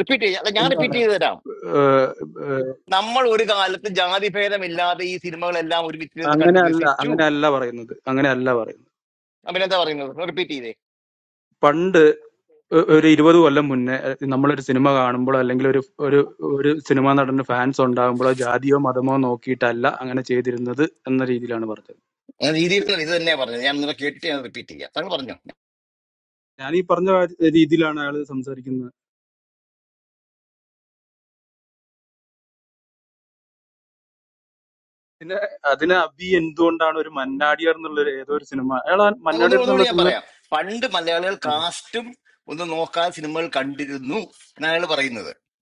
E: റിപ്പീറ്റ് ചെയ്യുക അല്ല ഞാൻ
I: എന്താണ്
E: റിപ്പീറ്റ് ചെയ്ത് തരാം
I: ഏഹ് ഏഹ്
E: നമ്മൾ ഒരു കാലത്ത് ജാതി ഭേദമില്ലാതെ ഈ സിനിമകളെല്ലാം ഒരുമിച്ച് നിന്ന് കണ്ട്
I: അങ്ങനെ അല്ല
E: രസിച്ചു
I: അങ്ങനെ അല്ല പറയുന്നത് അങ്ങനെ അല്ല പറയുന്നത്
E: അഭിനന്ദ പറയുന്നത് റിപ്പീറ്റ് ചെയ്തേ
I: പണ്ട് ഒ- ഒരു 20 കൊല്ലം മുന്നേ അഹ് നമ്മളൊരു സിനിമ കാണുമ്പോഴോ അല്ലെങ്കിൽ ഒരു ഒരു ഒരു സിനിമാ നടന്റെ ഫാൻസ് ഉണ്ടാകുമ്പോഴോ ജാതിയോ മതമോ നോക്കിയിട്ടല്ല അങ്ങനെ ചെയ്തിരുന്നത് എന്ന രീതിയിലാണ് പറഞ്ഞത്
E: ഞാൻ രീതിയിൽ ഇത് തന്നെ പറഞ്ഞത് ഞാൻ നിങ്ങളെ കേട്ടിട്ട് ഞാൻ റിപ്പീറ്റ് ചെയ്യാം താങ്കൾ പറഞ്ഞു
I: ഞാൻ ഈ പറഞ്ഞ കാര്യ- രീതിയിലാണ് അയാൾ സംസാരിക്കുന്നത് പിന്നെ അതിന് അബി എന്തുകൊണ്ടാണ് ഒരു മന്നാടിയർ എന്നുള്ള ഒരു ഏതോ ഒരു സിനിമ അയാൾ ആ
E: ഒന്ന്
I: മന്നാടിയർ
E: ഒന്നുകൂടി
I: എന്നുള്ള
E: ഞാൻ
I: സിനിമ
E: പറയാം പണ്ട് മലയാളികൾ
I: ആ,
E: കാസ്റ്റും ഒന്ന് നോക്കാതെ സിനിമകൾ കണ്ടിരുന്നു എന്നാണ് അയാൾ പറയുന്നത്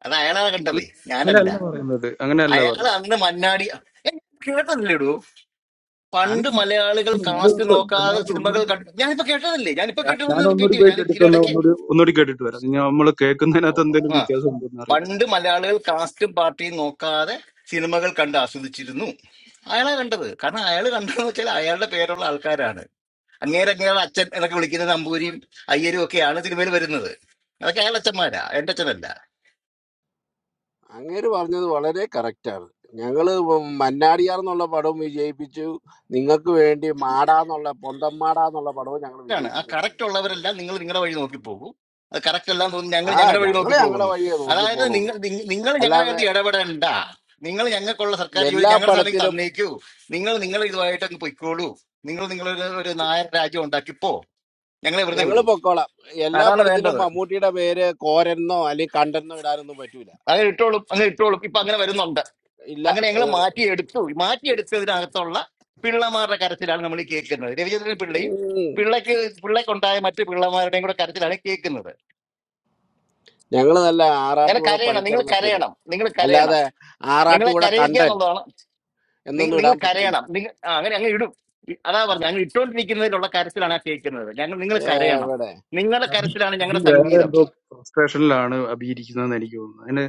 E: അത് അയാളാണ്
I: അല്ല,
E: കണ്ടത് ഞാനല്ല
I: അങ്ങനെയല്ല പറയുന്നത് അങ്ങനെയല്ല
E: അയാൾ
I: പറയുന്നത്
E: അന്ന് മന്നാടി ഏ, കേട്ടതല്ലേ ഇടൂ
I: ഞാൻ
E: പണ്ട് മലയാളികൾ
I: ഞാൻ
E: കാസ്റ്റ് നോക്കാതെ
I: രണ്ടാമത് ഒന്ന്
E: സിനിമകൾ കണ്ടു ഞാനിപ്പോ കേട്ടതല്ലേ ഞാനിപ്പോ
I: ഞാൻ ഞാൻ
E: കേട്ടതൊന്ന് റിപ്പീറ്റ്
I: ഒന്നുകൂടി
E: ചെയ്യും
I: പോയി
E: ഞാൻ
I: കേട്ടിട്ട് വന്നാ
E: ഇതിനിടയ്ക്ക്
I: ഒന്നുകൂടി ഒന്നുകൂടി കേട്ടിട്ട് വരാം നമ്മൾ കേൾക്കുന്നതിനകത്ത്
E: ഓ-
I: എന്തെങ്കിലും
E: ആ
I: വ്യത്യാസം ഉണ്ടോ എന്ന് അറിയില്ല
E: പണ്ട് മലയാളികൾ കാസ്റ്റും പാർട്ടിയും നോക്കാതെ സിനിമകൾ കണ്ട് ആസ്വദിച്ചിരുന്നു അയാളാ കണ്ടത് കാരണം അയാൾ കണ്ടതെന്ന് വെച്ചാൽ അയാളുടെ പേരുള്ള ആൾക്കാരാണ് അങ്ങേരെ അങ്ങേരുടെ അച്ഛൻ എന്നൊക്കെ വിളിക്കുന്ന നമ്പൂരിയും അയ്യരും ഒക്കെയാണ് സിനിമയിൽ വരുന്നത് അതൊക്കെ അയാളുടെ അച്ഛന്മാരാ എന്റെ അച്ഛനല്ല
H: അങ്ങേര് പറഞ്ഞത് വളരെ കറക്റ്റാണ് ഞങ്ങള് മന്നാടിയാർ എന്നുള്ള പടവും വിജയിപ്പിച്ചു നിങ്ങൾക്ക് വേണ്ടി മാടാന്നുള്ള പൊന്തം മാടാന്നുള്ള പടവും ഞങ്ങൾ
E: ആണ് ആ
H: വിജയിപ്പിച്ചിട്ടുണ്ട്
E: കറക്റ്റ് ഉള്ളവരെല്ലാം നിങ്ങൾ നിങ്ങളുടെ വഴി നോക്കി പോകും അത് കറക്റ്റ് അല്ലാന്ന് തോന്നി ഞങ്ങൾ
H: ആ
E: ഞങ്ങളുടെ വഴി നോക്കി
H: ഞങ്ങള് ഞങ്ങളുടെ
E: പോകുന്നു
H: വഴിയെ നോക്കി
E: അതായത്
H: പോണുള്ളൂ
E: നിങ്ങൾ നിങ്ങ- നിങ്ങൾ ഞങ്ങളുടെ
H: അല്ലാതെ
E: കാര്യത്തിൽ ഇടപെടണ്ട നിങ്ങൾ ഞങ്ങൾക്കുള്ള സർക്കാർ ജോലി
H: എല്ലാ
E: ഞങ്ങളുടെ സാധനം
H: പടത്തിലും
E: തന്നേക്കൂ നിങ്ങൾ നിങ്ങൾ ഇതുമായിട്ട് അങ്ങ് പൊയ്ക്കോളൂ നിങ്ങൾ നിങ്ങളൊരു ഒരു നായർ രാജ്യം ഉണ്ടാക്കിപ്പോ ഞങ്ങളെ വെറുതെ
H: ഞങ്ങൾ
E: വിടൂ
H: പൊക്കോളാം എല്ലാ
E: അതാണ്
H: പടത്തിലും
E: വേണ്ടത്
H: മമ്മൂട്ടിയുടെ പേര് കോരെന്നോ അല്ലെങ്കിൽ കണ്ടെന്നോ ഇടാനൊന്നും പറ്റൂല
E: അങ്ങനെ ഇട്ടോളും അങ്ങനെ ഇട്ടോളും ഇപ്പൊ അങ്ങനെ വരുന്നുണ്ട്
H: ഇല്ല
E: അങ്ങനെ ഞങ്ങൾ മാറ്റിയെടുത്തു മാറ്റിയെടുത്തതിനകത്തുള്ള പിള്ളമാരുടെ കരച്ചിലാണ് നമ്മൾ ഈ കേൾക്കുന്നത് രവിചന്ദ്രൻ പിള്ളയും
H: ഉം.
E: പിള്ളയ്ക്ക് പിള്ളയ്ക്കുണ്ടായ മറ്റു പിള്ളമാരുടെയും കൂടെ കരച്ചിലാണ് കേൾക്കുന്നത്
H: ഞങ്ങള് നല്ല
E: അങ്ങനെ
H: ആറാട്ടുപുഴ
E: കരയണം നിങ്ങൾ
H: പണിക്കറന്നൊക്കെ ഇടും
E: കരയണം നിങ്ങൾ കരയണം
H: അല്ലാതെ
E: നിങ്ങളെ
H: ആറാട്ടുപുഴ
E: കരയിക്കുക
H: കണ്ടൻ
E: എന്നുള്ളതാണ് നിങ്ങൾ
H: എന്നൊന്നും
E: നിങ്ങൾ
H: ഇടാൻ പറ്റൂല
E: കരയണം നിങ്ങൾ ആ, അങ്ങനെ അങ്ങ് ഇടും ഇ- അതാ പറഞ്ഞത് അങ്ങ് ഇട്ടുകൊണ്ടിരിക്കുന്നതിലുള്ള കരച്ചിലാണ് ആ കേൾക്കുന്നത് ഞങ്ങൾ നിങ്ങൾ കരയണം
H: എവിടെ
E: നിങ്ങളുടെ
I: അബി
E: കരച്ചിലാണ്
I: അബി
E: ഞങ്ങളുടെ
I: വേറെ
E: സംഗീതം
I: എന്തോ ഫ്രസ്ട്രേഷനിലാണ് അബി ഇരിക്കുന്നതെന്ന് എനിക്ക് തോന്നുന്നു അതിന്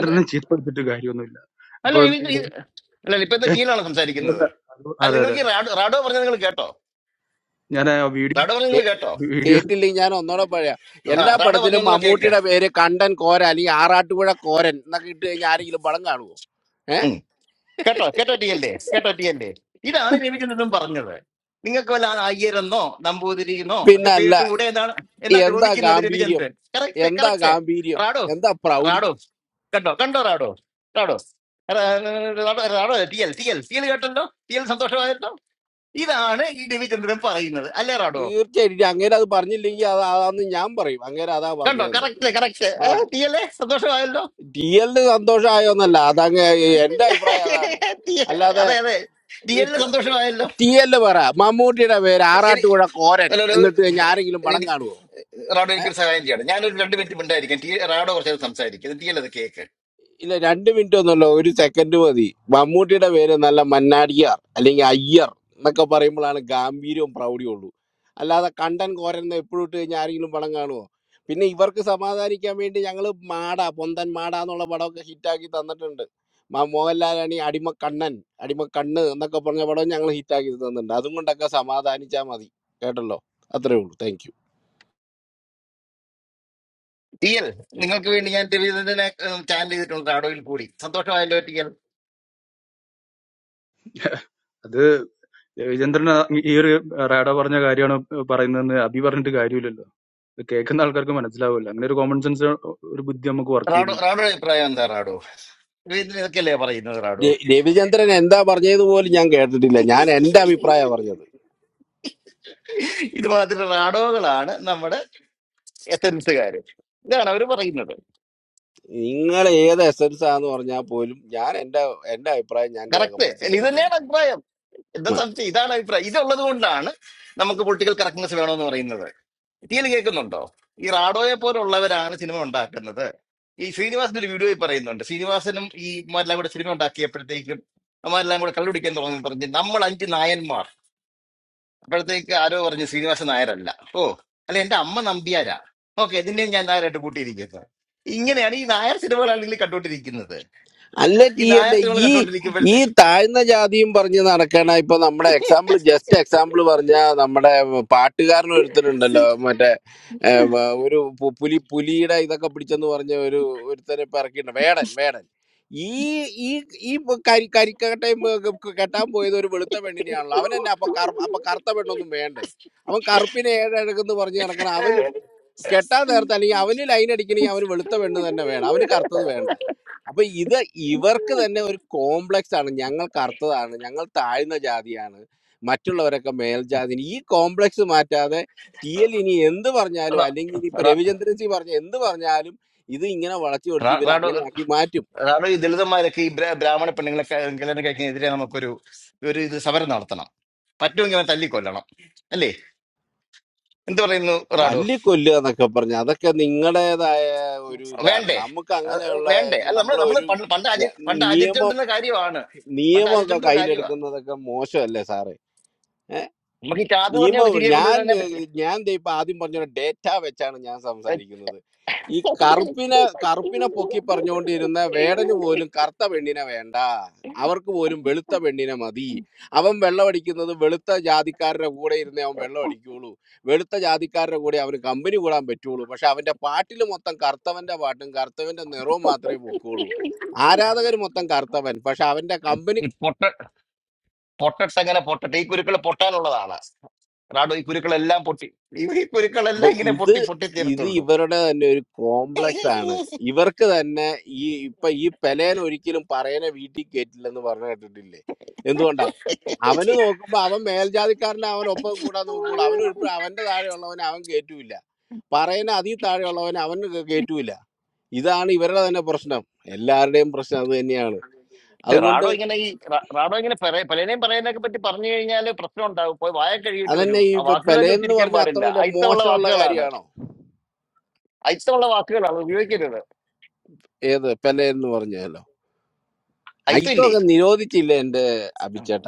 E: എന്ത്
I: ചീത്ത വിളിച്ചിട്ട് കാര്യമൊന്നുമില്ല
E: അല്ല
I: ഇപ്പം
E: രവീന്ദ്ര
I: ഇത്
E: ഈ- അല്ല ഇപ്പൊ എന്താ ടീലാണ്
I: അതുകൊണ്ട്
E: സംസാരിക്കുന്നത്
I: അതുകൊണ്ട്
E: അല്ല
I: അത് അതെ
E: നിങ്ങൾക്ക് ഈ
I: അതെ അതെ
E: റാഡോ റാഡോ പറഞ്ഞത് നിങ്ങൾ കേട്ടോ
I: ഞാൻ ആ വീഡിയോ
E: റാഡോ പറഞ്ഞത് നിങ്ങൾ കേട്ടോ
I: വീഡിയോ
H: കേട്ടില്ലെങ്കിൽ ഞാൻ ഒന്നോടെ പറയാം
E: ആ
I: അതെ.
H: എല്ലാ
E: റാഡോ പറഞ്ഞ
H: പടത്തിലും
E: ഒന്നുകൂടെ
H: മമ്മൂട്ടിയുടെ
E: കേക്ക്
H: പേര് കണ്ടൻ കോര അല്ലെങ്കിൽ ആറാട്ടുപുഴ കോരൻ എന്നൊക്കെ ഇട്ട് കഴിഞ്ഞാൽ ആരെങ്കിലും പടം കാണുമോ ഏ
E: കേട്ടോ കേട്ടോ ടി അല്ലേ കേട്ടോ ടി അല്ലേ ഇതാണ് രവിചന്ദ്രനും പറഞ്ഞത് നിങ്ങൾക്ക് വല്ല അയ്യരെന്നോ നമ്പൂതിരിന്നോ ഒക്കെ
H: പിന്നെ അല്ല
E: പേരിട്ട് കൂടെ എന്നാണ് എന്നാ
H: എന്താ
E: ചോദിക്കുന്നത്
H: ഗാംഭീര്യം
E: രവിചന്ദ്രൻ കറക്റ്റ്
H: എന്താ
E: കറക്റ്റ്
H: ഗാംഭീര്യം
E: റാഡോ
H: എന്താ പ്രൗഢി
E: റാഡോ കണ്ടോ കണ്ടോ Rado Rado Rado Rado T L T L T L കേട്ടല്ലോ ടി എൽ സന്തോഷമായിരുന്നോ ഇതാണ് ഈ രവിചന്ദ്രൻ പറയുന്നത് അല്ലേ റാഡോ
H: തീർച്ചയായിട്ടും അങ്ങനെ അത് പറഞ്ഞില്ലെങ്കിൽ അത് അതാന്ന് ഞാൻ പറയും അങ്ങനെ അതാ
E: കണ്ടോ
H: പറഞ്ഞതെന്ന്
E: കറക്റ്റ് കറക്റ്റ്
H: ആ
E: ടി എൽ സന്തോഷമായല്ലോ
H: ടി എല്ലിന് സന്തോഷമായോന്നല്ല അതങ്ങ് എന്റെ അഭിപ്രായം അതാണ്
E: ടി എൽ,
H: അല്ലാതെ
E: അതെ അതെ ടി എൽ സന്തോഷമായല്ലോ
H: ടി എല്ല് പറ മമ്മൂട്ടിയുടെ പേര്
E: എനി-
H: ആറാട്ടുപുഴ കോരൻ
E: ഹലോ
H: എന്നിട്ട് കഴിഞ്ഞാൽ ആരെങ്കിലും പടം
E: ഹലോ
H: കാണുമോ
E: റാഡോ എനിക്കൊരു സഹായം ചെയ്യണം ഞാനൊരു രണ്ട് മിനിറ്റ് മിണ്ടായിരിക്കാം ടി റാഡോ കുറച്ച് നേരം സംസാരിക്കും ടി എൽ അത് കേക്ക്
H: ഇല്ല രണ്ട് മിനിറ്റ് ഒന്നുമല്ല ഒരു സെക്കൻഡ് മതി മമ്മൂട്ടിയുടെ പേര് നല്ല മന്നാടിയാർ അല്ലെങ്കിൽ അയ്യർ എന്നൊക്കെ പറയുമ്പോഴാണ് ഗാംഭീര്യവും പ്രൗഢിയും ഉള്ളൂ അല്ലാതെ കണ്ടൻ കോരൻ എപ്പോഴും ഇട്ട് കഴിഞ്ഞാൽ ആരെങ്കിലും പടം കാണുമോ പിന്നെ ഇവർക്ക് സമാധാനിക്കാൻ വേണ്ടി ഞങ്ങൾ മാട പൊന്തൻ മാട എന്നുള്ള പടമൊക്കെ ഹിറ്റാക്കി തന്നിട്ടുണ്ട് മ- മോഹൻലാലാണീ അടിമ കണ്ണൻ അടിമ കണ്ണ് എന്നൊക്കെ പറഞ്ഞ പടം ഞങ്ങൾ ഹിറ്റാക്കി തന്നിട്ടുണ്ട് അതും കൊണ്ടൊക്കെ സമാധാനിച്ചാൽ മതി കേട്ടല്ലോ അത്രേ ഉള്ളൂ താങ്ക് യു
E: ടി എൽ നിങ്ങൾക്ക് വേണ്ടി ഞാൻ രവീന്ദ്രനെ ചാനൽ ചെയ്തിട്ടുണ്ട് റാഡോയിൽ കൂടി സന്തോഷമായല്ലോ ടി എൽ
I: അത് രവിചന്ദ്രൻ ആ ഈ ഒരു റാഡോ പറഞ്ഞ കാര്യമാണ് പറയുന്നതെന്ന് അബി പറഞ്ഞിട്ട് കാര്യമില്ലല്ലോ ഇത് കേൾക്കുന്ന ആൾക്കാർക്ക് മനസ്സിലാവില്ല അങ്ങനെ ഒരു കോമൺ സെൻസ് ഒരു ബുദ്ധി നമുക്ക് വർക്ക്
E: റാഡോ
I: ചെയ്യുന്നുണ്ടല്ലോ
E: റാഡോ അഭിപ്രായം എന്താ റാഡോ രവീന്ദ്രൻ ഇതൊക്കെയല്ലേ പറയുന്നത് റാഡോ
H: രവിചന്ദ്രൻ എന്താ പറഞ്ഞത് പോലും ഞാൻ കേട്ടിട്ടില്ല ഞാൻ എൻ്റെ അഭിപ്രായമാണ് പറഞ്ഞത്
E: ഇത് മാത്രം റാഡോകളാണ് നമ്മുടെ എസൻസുകാര് ഇതാണ് അവർ പറയുന്നത്
H: നിങ്ങൾ ഏത് എസൻസ് ആന്ന് പറഞ്ഞാൽ പോലും ഞാൻ എന്റെ എന്റെ അഭിപ്രായം ഞാൻ
E: കറക്റ്റ്
H: രേഖപ്പെടുത്തി
E: ഇത്
H: കഴിഞ്ഞു
E: തന്നെയാണ് അഭിപ്രായം എന്താ
H: ഉം.
E: സംശയം ഇതാണ് അഭിപ്രായം ഇതുള്ളത് കൊണ്ടാണ് നമുക്ക് പൊളിറ്റിക്കൽ കറക്റ്റ്നെസ് വേണമെന്ന് പറയുന്നത് ടി എൽ കേൾക്കുന്നുണ്ടോ ഈ റാഡോയെ പോലുള്ളവരാണ് സിനിമ ഉണ്ടാക്കുന്നത് ഈ ശ്രീനിവാസിന്റെ ഒരു വീഡിയോയിൽ പറയുന്നുണ്ട് ശ്രീനിവാസനും ഈ മാരെല്ലാം കൂടെ സിനിമ ഉണ്ടാക്കിയപ്പോഴത്തേക്കും അമ്മാരെല്ലാം കൂടെ കള്ളുപിടിക്കാൻ തുടങ്ങി പറഞ്ഞ് നമ്മൾ അഞ്ച് നായന്മാർ അപ്പോഴത്തേക്ക് ആരോ പറഞ്ഞു ശ്രീനിവാസൻ നായരല്ല ഓ അല്ല എന്റെ അമ്മ നമ്പ്യാരാ ഓക്കെ ഇതിനെയും ഞാൻ നായരായിട്ട് കൂട്ടിയിരിക്കുന്നത് ഇങ്ങനെയാണ് ഈ നായർ സിനിമകളാണെങ്കിൽ കണ്ടുകൊണ്ടിരിക്കുന്നത്
H: അല്ല
E: ഈ
H: ടീ അല്ല
E: നായർ സിനിമകൾ
H: ഈ ഈ
E: കണ്ടുകൊണ്ടിരിക്കുമ്പോഴത്തെ
H: താഴ്ന്ന ജാതിയും പറഞ്ഞ് നടക്കണ ഇപ്പൊ നമ്മുടെ എക്സാമ്പിൾ ജസ്റ്റ് എക്സാമ്പിൾ പറഞ്ഞ നമ്മുടെ പാട്ടുകാരൻ ഒരുത്തനുണ്ടല്ലോ മറ്റേ ഏ, വ- ഒരു പു- പുലി പുലിയുടെ ഇതൊക്കെ പിടിച്ചെന്ന് പറഞ്ഞ ഒരു ഒരുത്തനെ ഇപ്പൊ ഇറക്കിയിട്ടുണ്ട് വേടൻ വേടൻ ഈ ഈ ഈ ഇപ്പൊ കരി കരിക്കട്ടയും ഏ, ക- കെട്ടാൻ പോയത് ഒരു വെളുത്ത പെണ്ണിനെയാണല്ലോ അവൻ തന്നെ അപ്പൊ കറു അപ്പൊ കറുത്ത പെണ്ണൊന്നും വേണ്ടേ അവൻ കറുപ്പിനെ ഏഴഴകെന്ന് പറഞ്ഞു നടക്കണം അവന് കെട്ടാൻ നേരത്തെ അല്ലെങ്കിൽ അവന് ലൈൻ അടിക്കണമെങ്കിൽ അവന് വെളുത്ത പെണ്ണ് തന്നെ വേണം അവന് കറുത്തത് വേണ്ട അപ്പൊ ഇത് ഇവർക്ക് തന്നെ ഒരു കോംപ്ലക്സ് ആണ് ഞങ്ങൾ കറുത്തതാണ് ഞങ്ങൾ താഴ്ന്ന ജാതിയാണ് മറ്റുള്ളവരൊക്കെ മേൽജാതി ഈ കോംപ്ലക്സ് മാറ്റാതെ ടി എൽ ഇനി എന്ത് പറഞ്ഞാലും
E: അതാ,
H: അല്ലെങ്കിൽ ഇനിയിപ്പോ
E: അതാ,
H: രവിചന്ദ്രൻ സി പറഞ്ഞ എന്ത് പറഞ്ഞാലും ഇത് ഇങ്ങനെ വളച്ചു പൊടിച്ച്
E: റാ-
H: ഇവർ
E: റാഡോ
H: അങ്ങനെയാക്കി മാറ്റും
E: റാഡോ ഈ ദളിതന്മാരൊക്കെ ഈ ബ്രാ- ബ്രാഹ്മണ പെണ്ണുങ്ങളെ ക- കല്യാണം കഴിക്കുന്നതിനെതിരെ നമുക്കൊരു ഒരു ഇത് സമരം നടത്തണം പറ്റുമെങ്കിൽ അവനെ തല്ലിക്കൊല്ലണം അല്ലേ എന്ത് പറയുന്നു റാഡോ
H: തല്ലിക്കൊല്ലുക എന്നൊക്കെ പറഞ്ഞ അതൊക്കെ നിങ്ങളുടേതായ ഒരു ഇതാണ്
E: വേണ്ടേ
H: നമുക്ക്
E: അത്
H: അങ്ങനെയുള്ള
E: വേണ്ടേ അല്ല നമ്മൾ
H: നമ്മൾ
E: നമ്മൾ
H: ഒരു
E: പണ്ട് പണ്ട് ആചരി പണ്ട്
H: നിയമം
E: ആചരിച്ചുകൊണ്ടിരുന്ന കാര്യമാണ് പണ്ട്
H: നിയമമൊക്കെ
E: ആചരിച്ചുകൊണ്ടിരുന്ന കാര്യമാണ്
H: കയ്യിലെടുക്കുന്നതൊക്കെ മോശമല്ലേ സാറേ
E: നമുക്ക് ഈ ചാതു പറഞ്ഞൊക്കെ
H: നിയമം
E: തിരികെ
H: ഞാൻ
E: കൊണ്ടുവരുന്നതിനെ പറ്റി
H: ഏഹ്, ഞാൻ ദേ ഇപ്പൊ ആദ്യം പറഞ്ഞ ഡേറ്റ വെച്ചാണ് ഞാൻ
E: ഏ,
H: സംസാരിക്കുന്നത് ഈ കറുപ്പിനെ കറുപ്പിനെ പൊക്കി പറഞ്ഞുകൊണ്ടിരുന്ന വേടന് പോലും കറുത്ത പെണ്ണിനെ വേണ്ട അവർക്ക് പോലും വെളുത്ത പെണ്ണിനെ മതി അവൻ വെള്ളമടിക്കുന്നത് വെളുത്ത ജാതിക്കാരുടെ കൂടെ ഇരുന്നേ അവൻ വെള്ളമടിക്കുള്ളൂ വെളുത്ത ജാതിക്കാരുടെ കൂടെ അവന് കമ്പനി കൂടാൻ പറ്റുള്ളൂ പക്ഷെ അവന്റെ പാട്ടിൽ മൊത്തം കറുത്തവന്റെ പാട്ടും കറുത്തവന്റെ നിറവും മാത്രമേ പൊക്കുള്ളൂ ആരാധകർ മൊത്തം കറുത്തവൻ പക്ഷെ അവന്റെ കമ്പനി
E: ഈ പൊട്ട പൊട്ടട്സ് അങ്ങനെ പൊട്ടട്ടെ ഈ കുരുക്കൾ പൊട്ടാനുള്ളതാണ് റാഡോ ഈ കുരുക്കളെല്ലാം പൊട്ടി ഈ ഈ
H: അപ്പൊ
E: കുരുക്കളെല്ലാം ഇങ്ങനെ
H: ഇത്
E: പൊട്ടി പൊട്ടി
H: ഇത്
E: തീരത്തുള്ളൂ
H: ഇവരുടെ തന്നെ ഒരു കോംപ്ലക്സ് ആണ് ഇവർക്ക് തന്നെ ഈ ഇപ്പൊ ഈ പെലേൻ ഒരിക്കലും പറയനെ വീട്ടിൽ കേറ്റില്ലെന്ന് പറഞ്ഞു കേട്ടിട്ടില്ലേ എന്തുകൊണ്ടാ അവന് നോക്കുമ്പോ അവൻ മേൽജാതിക്കാരനെ അവൻ ഒപ്പം കൂടാൻ നോക്കുള്ളൂ അവൻ ഒരിപ്പോഴും അവന്റെ താഴെയുള്ളവനെ അവൻ കേറ്റൂല പറയനെ അതിൽ താഴെയുള്ളവനെ അവന് കേ- കേറ്റൂല ഇതാണ് ഇവരുടെ തന്നെ പ്രശ്നം എല്ലാവരുടെയും പ്രശ്നം അത് തന്നെയാണ്
E: പക്ഷെ
H: അതുകൊണ്ട്
E: റാഡോ ഇങ്ങനെ ഈ റ- റാഡോ ഇങ്ങനെ പല- പലരെയും പറയാനൊക്കെ പറ്റി പറഞ്ഞു കഴിഞ്ഞാൽ പ്രശ്നം ഉണ്ടാവും പോയി വായ കഴുകിയിട്ട് വരൂ
H: അതന്നെ ഈ
E: ആ വാക്കുകൾ തന്നെ
H: പെലയെന്ന്
E: ഉച്ചരിക്കാൻ
H: പറഞ്ഞ അത്ര
E: പാടില്ല
H: വലിയ
E: അയിത്തമുള്ള
H: മോശമുള്ള
E: വാക്കുകളാണ്
H: കാര്യമാണോ
E: അയിത്തമുള്ള വാക്കുകളാണ് ഉപയോഗിക്കരുത്
H: ഏത് പെലയെന്ന് പറഞ്ഞാലോ
E: അയിത്തമില്ലേ
H: അയിത്തൊക്കെ നിരോധിച്ചില്ല എന്റെ അഭിച്ചേട്ട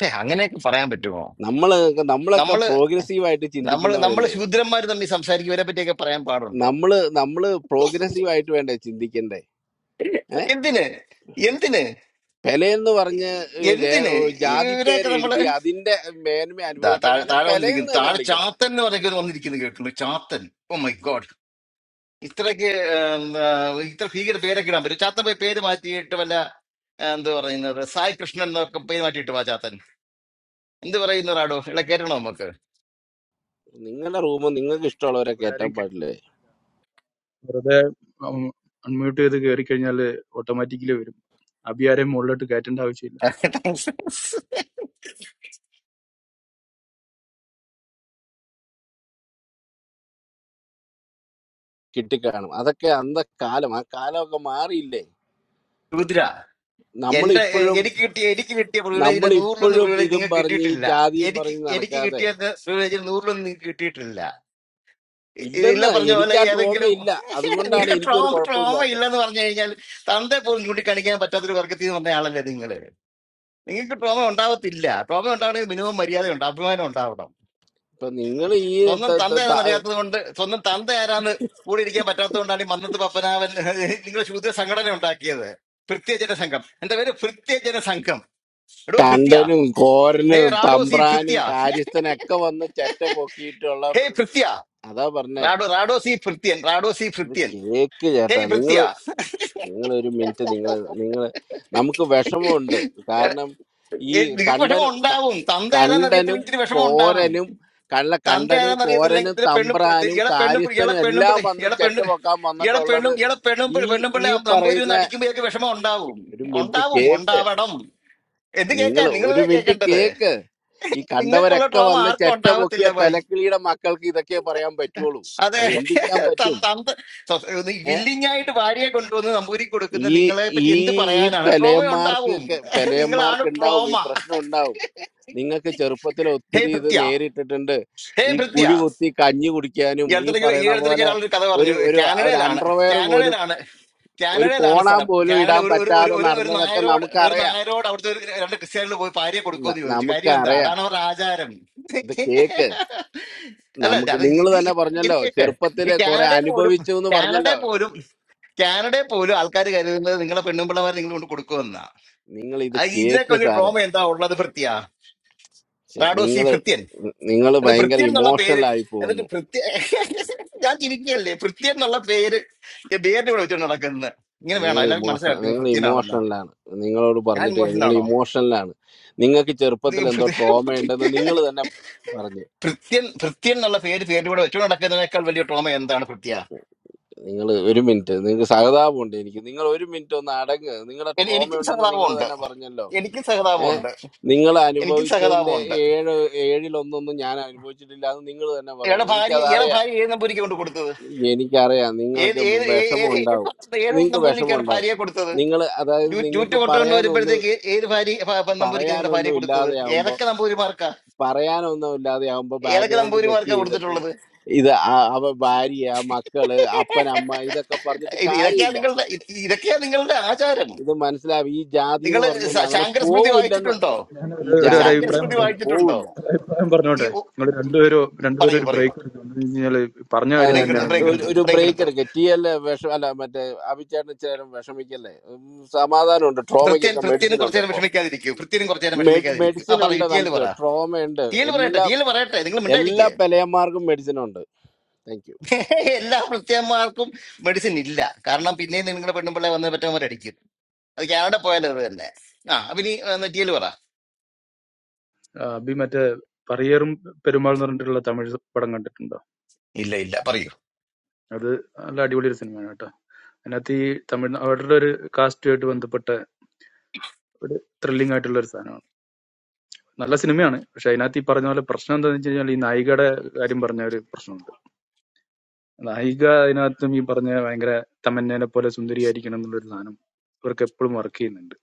E: ഛെ, അങ്ങനെയൊക്കെ പറയാൻ പറ്റുമോ
H: നമ്മള് നമ്മളൊക്കെ
E: നമ്മൾ
H: പ്രോഗ്രസീവ് ആയിട്ട്
E: നമ്മൾ നമ്മൾ
H: ചിന്തിക്കുന്നവരല്ലേ
E: ശൂദ്രന്മാർ തമ്മിൽ സംസാരിക്കും ഇവരെ പറ്റിയൊക്കെ പറയാൻ പാടുണ്ടോ
H: നമ്മള് നമ്മള് പ്രോഗ്രസീവ് ആയിട്ട് വേണ്ടേ ചിന്തിക്കണ്ടേ ഏഹ്
E: എന്തിന് എന്തിന്
H: പെലെ എന്ന് പറഞ്ഞ് ഏഹ്
E: എന്തിന്
H: രേ- ജാതി
E: ഇവരെയൊക്കെ
H: പേര്
E: നമ്മള്
H: എഴുതി അതിന്റെ മേന്മ
E: ദാ താഴെ
H: അനുഭവിക്കണവനെ
E: താഴെ
H: പെലെ എന്ന്
E: വന്നിരിക്കുന്നു
H: തന്നെ
E: താഴെ
H: വിളിക്കണം
E: ചാത്തൻ എന്ന് പറഞ്ഞൊക്കെ വന്നിരിക്കുന്നു കേട്ടു ചാത്തൻ ഓ മൈ ഗോഡ് ഇത്രയ്ക്ക് ഏം, ആ, ഇത്ര ഭീകര പേരൊക്കെ ഇടാൻ പറ്റും ചാത്തൻ പോയി പേര് മാറ്റിയിട്ട് വല്ല ആ, എന്ത് പറയുന്നത് സായി കൃഷ്ണൻ എന്നൊക്കെ പേര് മാറ്റിയിട്ട് വാ ചാത്തൻ എന്ത് പറയുന്നതാടോ ഇവിടെ കേട്ടണോ നമുക്ക്
H: നിങ്ങളുടെ റൂം നിങ്ങൾക്ക് ഇഷ്ടമുള്ളവരെ
I: ഇവിടെ
H: കയറ്റാൻ
I: ആരെയും കേ-
H: പാടില്ലേ
I: വെറുതെ അൺമ്യൂട്ട് ചെയ്ത് കയറി കഴിഞ്ഞാൽ ഓട്ടോമാറ്റിക്കലി വരും അബി ആരെയും മുകളിലോട്ട് കയറ്റേണ്ട ആവശ്യമില്ല
E: താങ്ക്സ്
H: കിട്ടിക്കാണും അതൊക്കെ അന്ന കാലം ആ കാലമൊക്കെ മാറിയില്ലേ
E: രുദ്ര എന്റെ എ-
H: നമ്മളിപ്പോഴും
E: എനിക്ക് കിട്ടിയ എനിക്ക് കിട്ടിയ പ്രിവിലേജിന്റെ നൂറിലൊന്ന്
H: നമ്മളിപ്പോഴും
E: പ്രിവിലേജ്
H: ഇതും
E: നിങ്ങൾക്ക്
H: പറഞ്ഞ് ഈ
E: കിട്ടിയിട്ടില്ല
H: ജാതിയും
E: എനിക്ക്
H: പറഞ്ഞ്
E: എനിക്ക്
H: നടക്കാതെ
E: കിട്ടിയ പ്രിവിലേജിൽ നൂറിലൊന്നും നിങ്ങൾക്ക് കിട്ടിയിട്ടില്ല ഇ- ഇതില്ല
H: ഇല്ലെന്ന്
E: പറഞ്ഞ പോലെ
H: എനിക്ക് ആ ട്രോമ
E: ഏതെങ്കിലും
H: ഇല്ല അതുകൊണ്ടാണ്
E: നിങ്ങൾക്ക് ട്രോമ
H: എനിക്കൊരു
E: ട്രോമ
H: കുഴപ്പമില്ലാത്ത
E: ഇല്ലെന്ന് പറഞ്ഞു കഴിഞ്ഞാൽ തന്റെ പോലും ചൂണ്ടിക്കാണിക്കാൻ പറ്റാത്തൊരു വർഗത്തിൽ നിന്ന് വന്ന ആളല്ലേ നിങ്ങൾ നിങ്ങൾക്ക് ട്രോമ ഉണ്ടാവത്തില്ല ട്രോമ ഉണ്ടാവണമെങ്കിൽ മിനിമം മര്യാദ ഉണ്ട് അഭിമാനം ഉണ്ടാവണം
H: ഇപ്പൊ നിങ്ങൾ
E: സ്വന്തം തന്ത ആരാന്ന്
H: ഈ
E: അറിയാത്തത് കൊണ്ട് സ്വന്തം തന്ത ആരാന്ന് കൂടി ഇരിക്കാൻ പറ്റാത്തത് കൊണ്ടാണ് ഈ മന്നത്ത് പപ്പനാവൻ നിങ്ങളുടെ ശൂദ്ര സംഘടന ഉണ്ടാക്കിയത് ഭൃത്യജന സംഘം എന്റെ പേര് ഭൃത്യജന സംഘം എടോ ഭൃത്യ
H: കണ്ടനും
E: ഹേ
H: കോരനും
E: റാഡോസി
H: തമ്പ്രാനും
E: ഭൃത്യ
H: കാര്യസ്ഥനൊക്കെ വന്ന് ചെറ്റ പൊക്കിയിട്ടുള്ള
E: ഹേ ഭൃത്യ
H: അതാ പറഞ്ഞേ
E: റാഡോ റാഡോസി ഭൃത്യൻ റാഡോസി
H: ഇത്
E: ഭൃത്യൻ
H: കേക്ക്
E: ഹേ
H: ചേട്ടാ
E: ഭൃത്യ
H: നിങ്ങള് നിങ്ങൾ ഒരു മിനിറ്റ് നിങ്ങൾ നിങ്ങൾ നമുക്ക് വിഷമമുണ്ട് കാരണം ഈ
E: ഏ, നിനക്ക് വിഷമം
H: കണ്ടനും ക-
E: ഉണ്ടാവും തന്ത ഏതാന്ന്
H: കണ്ടനും
E: അറിയത്തില്ലെങ്കിൽ ഇച്ചിരി വിഷമം ഉണ്ടാവും
H: കോരനും കള്ള
E: തന്ത
H: കണ്ടനും
E: ഏതാന്ന് അറിയത്തില്ലെങ്കിൽ
H: കോരനും
E: ഇതിലെ പെണ്ണും
H: തമ്പ്രാനും
E: ഇളെ പെണ്ണും ഇളെ
H: കാര്യസ്ഥനും
E: പെണ്ണും
H: എല്ലാം
E: പിള്ളി
H: വന്ന്
E: ഇളെ
H: ചെറ്റ
E: പെണ്ണ്
H: പൊക്കാൻ
E: ഇളെ
H: വന്നിട്ടുള്ളത്
E: പെണ്ണും ഇളെ പെണ്ണും പിള്ളി-
H: ഈ
E: പെണ്ണും
H: ഈ
E: പിള്ളി നമ്പൂരി
H: പറയുന്ന
E: ഒന്ന് അടിക്കുമ്പോഴേക്ക് വിഷമം ഉണ്ടാവും
H: ഒരു മിനിറ്റ്
E: ഉണ്ടാവും
H: കേക്ക്
E: ഉണ്ടാവണം എന്ത്
H: നിങ്ങൾ
E: കേൾക്കാൻ
H: ഒരു
E: നിങ്ങളല്ലേ
H: മിനിറ്റ്
E: കേൾക്കേണ്ടത്
H: കേക്ക് ഈ
E: നിങ്ങൾക്കുള്ള
H: കണ്ടവരൊക്കെ
E: ട്രോമ
H: വന്ന്
E: ആർക്കും
H: ചെറ്റ പൊക്കിയ
E: ഉണ്ടാവത്തില്ല
H: പെലക്കിളിയുടെ മക്കൾക്ക് ഇതൊക്കെ പറയാൻ പറ്റുള്ളൂ
E: അതെ
H: അത് എന്ത് ചെയ്യാൻ
E: ത-
H: പറ്റും
E: തന്ത ത- ഒന്ന്
H: ഏ
E: willing ആയിട്ട് ഭാര്യയെ കൊണ്ടുവന്ന് നമ്പൂരി കൊടുക്കുന്ന
H: ഈ
E: നിങ്ങളെ
H: ഈ
E: പറ്റി എന്ത്
H: ഈ
E: പറയാനാണ് ട്രോമ
H: പെലയന്മാർക്ക്
E: ഉണ്ടാവും
H: ഒക്കെ-
E: നിങ്ങളാണ്
H: പെലയന്മാർക്ക് ഉണ്ടാവും
E: ട്രോമ
H: ഈ പ്രശ്നം ഉണ്ടാവും നിങ്ങൾക്ക് ചെറുപ്പത്തിൽ
E: ഹേ
H: ഒത്തിരി ഇത്
E: ഭൃത്യ
H: നേരിട്ടിട്ടുണ്ട്
E: ഹേ
H: ഈ
E: ഭൃത്യ
H: കുഴി കുത്തി കഞ്ഞി കുടിക്കാനും
E: ഈ
H: ഈ
E: അടുത്തിടയ്ക്ക് ഈ
H: പറയണ
E: അടുത്തിടയ്ക്ക്
H: പോലെ
E: ഒരാളൊരു കഥ
H: ഒരു
E: പറഞ്ഞു
H: ഒരു ഒരു
E: കാനഡയിലാണ്
H: അണ്ടർവെയർ പോലും
E: കാനഡയിലാണ്
H: ഒരു
E: കാനഡയിലാണ്
H: കോണാൻ
E: സ്ഥലം
H: പോലും
E: കാനഡ
H: ഇടാൻ
E: ഒരു ഒരു ഒരു
H: പറ്റാതെ
E: ഒരു ഒരു
H: നടന്നതൊക്കെ
E: നായരോട് ഒരു
H: നമുക്കറിയാം
E: നായരോട് അവിടുത്തെ ഒരു രണ്ട് ക്രിസ്ത്യാനികൾ പോയി ഭാര്യയെ
H: ന-
E: കൊടുക്കുമെന്ന് ചോദിച്ചു കാര്യം എന്താ
H: നമുക്കറിയാം
E: അതാണ് അവരുടെ ആചാരം
H: ഇത് കേക്ക്
E: അല്ല
H: നമുക്ക്
E: അത് ഇത്
H: നിങ്ങൾ തന്നെ
E: ഇത് ഇത്
H: പറഞ്ഞല്ലോ
E: കേക്ക് ഈ
H: ചെറുപ്പത്തില് കുറെ
E: കാനഡ പോലും
H: അനുഭവിച്ചു എന്ന്
E: കാനഡ
H: പറഞ്ഞല്ലോ
E: പോലും കാനഡയിൽ പോലും ആൾക്കാർ കരുതുന്നത് നിങ്ങളെ പെണ്ണുമ്പിള്ളമാരെ നിങ്ങൾ കൊണ്ട് കൊടുക്കുമെന്നാ
H: നിങ്ങൾ ഇത്
E: ആ ഇതിനൊക്കെ
H: കേക്ക്
E: വലിയ
H: സാറേ
E: ട്രോമ എന്താ ഉള്ളത് ഭൃത്യ
H: ഛെ,
E: റാഡോ സി
H: നിങ്ങള്
E: ഭൃത്യൻ
H: നിങ്ങൾ
E: എന്നിട്ട്
H: ഭയങ്കര
E: ഭൃത്യൻ എന്നുള്ള
H: ഇമോഷണൽ
E: പേര്
H: ആയി
E: എന്നിട്ട്
H: പോകുന്നു
E: ഭൃത്യ ഞാൻ ചിരിക്കുകയല്ലേ ഭൃത്യൻ എന്നുള്ള പേര് ഈ ബേറിന്റെ ഇവിടെ വെച്ചോണ്ട് നടക്കുന്നത് ഇങ്ങനെ വേണം
H: നിങ്ങൾ
E: എല്ലാവർക്കും
H: ഇമോഷണൽ
E: മനസ്സിലായിട്ട് നിങ്ങൾ
H: നിങ്ങൾ
E: ഭൃത്യനാണെന്ന്
H: ഇമോഷണലാണ് നിങ്ങളോട്
E: ഞാൻ
H: പറഞ്ഞിട്ട്
E: ഇമോഷണൽ
H: നിങ്ങൾ
E: ആണോ
H: ഇമോഷണലാണ് നിങ്ങൾക്ക്
E: ഇത്
H: ചെറുപ്പത്തിൽ എന്തോ ട്രോമ ഉണ്ടെന്ന്
E: ഭൃത്യ-
H: നിങ്ങൾ തന്നെ പറഞ്ഞു
E: ഭൃത്യൻ ഭൃത്യൻ എന്നുള്ള പേര് പേരിന്റെ കൂടെ വെച്ചോണ്ട് നടക്കുന്നതിനേക്കാൾ വലിയ ട്രോമ എന്താണ് ഭൃത്യ
H: നിങ്ങൾ ഒരു മിനിറ്റ് നിങ്ങൾക്ക് സഹതാപമുണ്ട് എനിക്ക് നിങ്ങൾ ഒരു മിനിറ്റ് ഒന്ന് അടങ്ങ് നിങ്ങളുടെ
E: എനി-
H: ട്രോമ
E: എനിക്കും
H: ഉണ്ടെന്ന് നിങ്ങൾ
E: സഹതാപമുണ്ട്
H: തന്നെ പറഞ്ഞല്ലോ
E: എനിക്കും
H: ഏഹ്
E: സഹതാപമുണ്ട്
H: നിങ്ങൾ
E: എനിക്കും
H: അനുഭവിച്ചതിന്റെ
E: സഹതാപമുണ്ട്
H: ഏഴ് ഏഴിലൊന്നൊന്നും ഞാൻ അനുഭവിച്ചിട്ടില്ല അത് നിങ്ങൾ തന്നെ
E: ഇയാളെ
H: പറയണം
E: ഭാര്യ
H: എനിക്കത്
E: ഇയാളെ
H: അറിയാം
E: ഭാര്യ ഏത് നമ്പൂരിക്ക് കൊണ്ട് കൊടുത്തത്
H: എനിക്കറിയാം
E: ഏത്
H: നിങ്ങൾക്ക്
E: ഏത് ഏ-
H: വിഷമം
E: ഏത്
H: ഉണ്ടാവും
E: ഏത് ഏത്
H: നിങ്ങൾക്ക് വിഷമം
E: നമ്പൂതിരിക്കാണ്
H: ഉണ്ടാവും
E: ഭാര്യയെ കൊടുത്തത്
H: നിങ്ങൾ അതായത്
E: ജൂ- ജൂറ്റ്
H: നിങ്ങൾക്ക്
E: കൊട്ടുകൊണ്ട്
H: പറയാനൊന്നും
E: വരുമ്പോഴത്തേക്ക് ഏത് ഭാര്യ ഭ- ഭ- നമ്പൂതിരിക്ക് നിങ്ങളുടെ
H: പറയാനൊന്നും
E: ഭാര്യയെ കൊടുത്തത്
H: ഇല്ലാതെയാവുമ്പോ
E: ഏതൊക്കെ നമ്പൂതിരിമാർക്കാ
H: പറയാനൊന്നും ഇല്ലാതെയാവുമ്പോ
E: ഏതൊക്കെ
H: ബാക്ക്ഗ്രൗണ്ട് ചെക്ക്
E: നമ്പൂതിരിമാർക്കാ
H: ചെയ്തിട്ട്
E: കൊടുത്തിട്ടുള്ളത്
H: ഇത് ആ- അവ ഭാര്യ മക്കള് അപ്പൻ അമ്മ ഇതൊക്കെ പറഞ്ഞിട്ട്
E: ഇത് ഇതൊക്കെയാ
H: കാര്യമില്ല
E: നിങ്ങളുടെ ഇത് ഇതൊക്കെയാ നിങ്ങളുടെ ആചാരം
H: ഇത് മനസ്സിലാവും ഈ ജാതി
E: നിങ്ങൾ
H: എന്ന് പറഞ്ഞൊന്നും അങ്ങനെ
E: ശാങ്കര സ്മൃതി
H: പോവില്ലെന്ന്
E: വായിച്ചിട്ടുണ്ടോ
I: ഞാൻ
H: ഈ
I: ഒരു ഒരു ഒരു
H: ജാതി
E: ശാങ്കര
H: എന്ന്
I: അഭിപ്രായം
E: സ്മൃതി
H: പറഞ്ഞൊന്നും
I: പറഞ്ഞോട്ടെ
E: വായിച്ചിട്ടുണ്ടോ
H: പോവില്ല
I: ഒരു അഭിപ്രായം
E: ഈ
I: പറഞ്ഞോട്ടെ
E: ഒ-
I: നിങ്ങൾ
H: ടി-
E: ഈ-
I: രണ്ടുപേരും രണ്ടുപേരും
E: പറയൂ
I: ഒരു
E: പറയൂ
I: ബ്രേക്ക് എടുക്കും എന്ന് വെച്ച് കഴിഞ്ഞാല് പറഞ്ഞ
H: അതെ
I: കാര്യം
E: ബ്രേക്ക്
H: അതെ
E: എടുത്തു
I: തന്നെയാണ്
E: ബ്രേക്ക്
I: വീണ്ടും
H: ഒരു
E: എടുത്തു
H: ഒരു
E: ബ്രേക്ക്
H: ബ്രേക്ക്
E: എടുത്തു
H: എടുക്കുക ടി എൽ വിഷം അല്ല മറ്റേ അഭിചേട്ടന് ചേരും വിഷമിക്കല്ലേ ഉം, സമാധാനമുണ്ട്
E: ഭൃത്യൻ
H: ട്രോമയ്ക്കൊക്കെ
E: ഭൃത്യനും
H: മെഡിസിൻ
E: കുറച്ചു
H: ഉണ്ട്
E: നേരം
H: ഇപ്പൊ
E: വിഷമിക്കാതിരിക്കൂ ഭൃത്യനും കുറച്ചു നേരം വിഷമിക്കാതിരിക്കൂ ആ
H: മെഡിസിൻ
E: പറയൂ
H: ഉണ്ട്
E: ടിയൽ
H: നമുക്ക്
E: പറ
H: ട്രോമ ഉണ്ട്
E: ടിയൽ പറയട്ടെ
H: എല്ലാ
E: ടിയൽ പറയട്ടെ നിങ്ങൾ
H: എല്ലാ
E: മിണ്ടായിരിക്കുക
H: പെലയന്മാർക്കും മെഡിസിൻ ഉണ്ട് താങ്ക് യു
E: എല്ലാ ക്രിസ്ത്യന്മാർക്കും മെഡിസിൻ ഇല്ല കാരണം പിന്നെയും നിങ്ങളുടെ പെണ്ണുമ്പിള്ളെ വന്ന് പറ്റവന്മാർ അടിക്കും അത് കാനഡ പോയാലും അത് തന്നെ ആ അപ്പൊ ഇനി നെറ്റിയിൽ പറ
I: ആ, അബി മറ്റേ പറയേറും പെരുമാൾ എന്ന് പറഞ്ഞിട്ടുള്ള തമിഴ് പടം കണ്ടിട്ടുണ്ടോ
E: ഇല്ല ഇല്ല പറയൂ
I: അത് നല്ല അടിപൊളി ഒരു സിനിമയാണ് കേട്ടോ അതിനകത്ത് ഈ തമിഴ് അവരുടെ ഒരു കാസ്റ്റുമായിട്ട് ബന്ധപ്പെട്ട ഒരു ത്രില്ലിംഗ് ആയിട്ടുള്ള ഒരു സാധനമാണ് നല്ല സിനിമയാണ് പക്ഷെ അതിനകത്ത് ഈ പറഞ്ഞ പോലെ പ്രശ്നം എന്താണെന്ന് വെച്ച് കഴിഞ്ഞാൽ ഈ നായികയുടെ കാര്യം പറഞ്ഞ ഒരു പ്രശ്നമുണ്ട് നായിക അതിനകത്തും ഈ പറഞ്ഞ ഭയങ്കര തമന്നേനെ പോലെ സുന്ദരിയായിരിക്കണം എന്നുള്ളൊരു സാധനം ഇവർക്ക് എപ്പോഴും വർക്ക് ചെയ്യുന്നുണ്ട്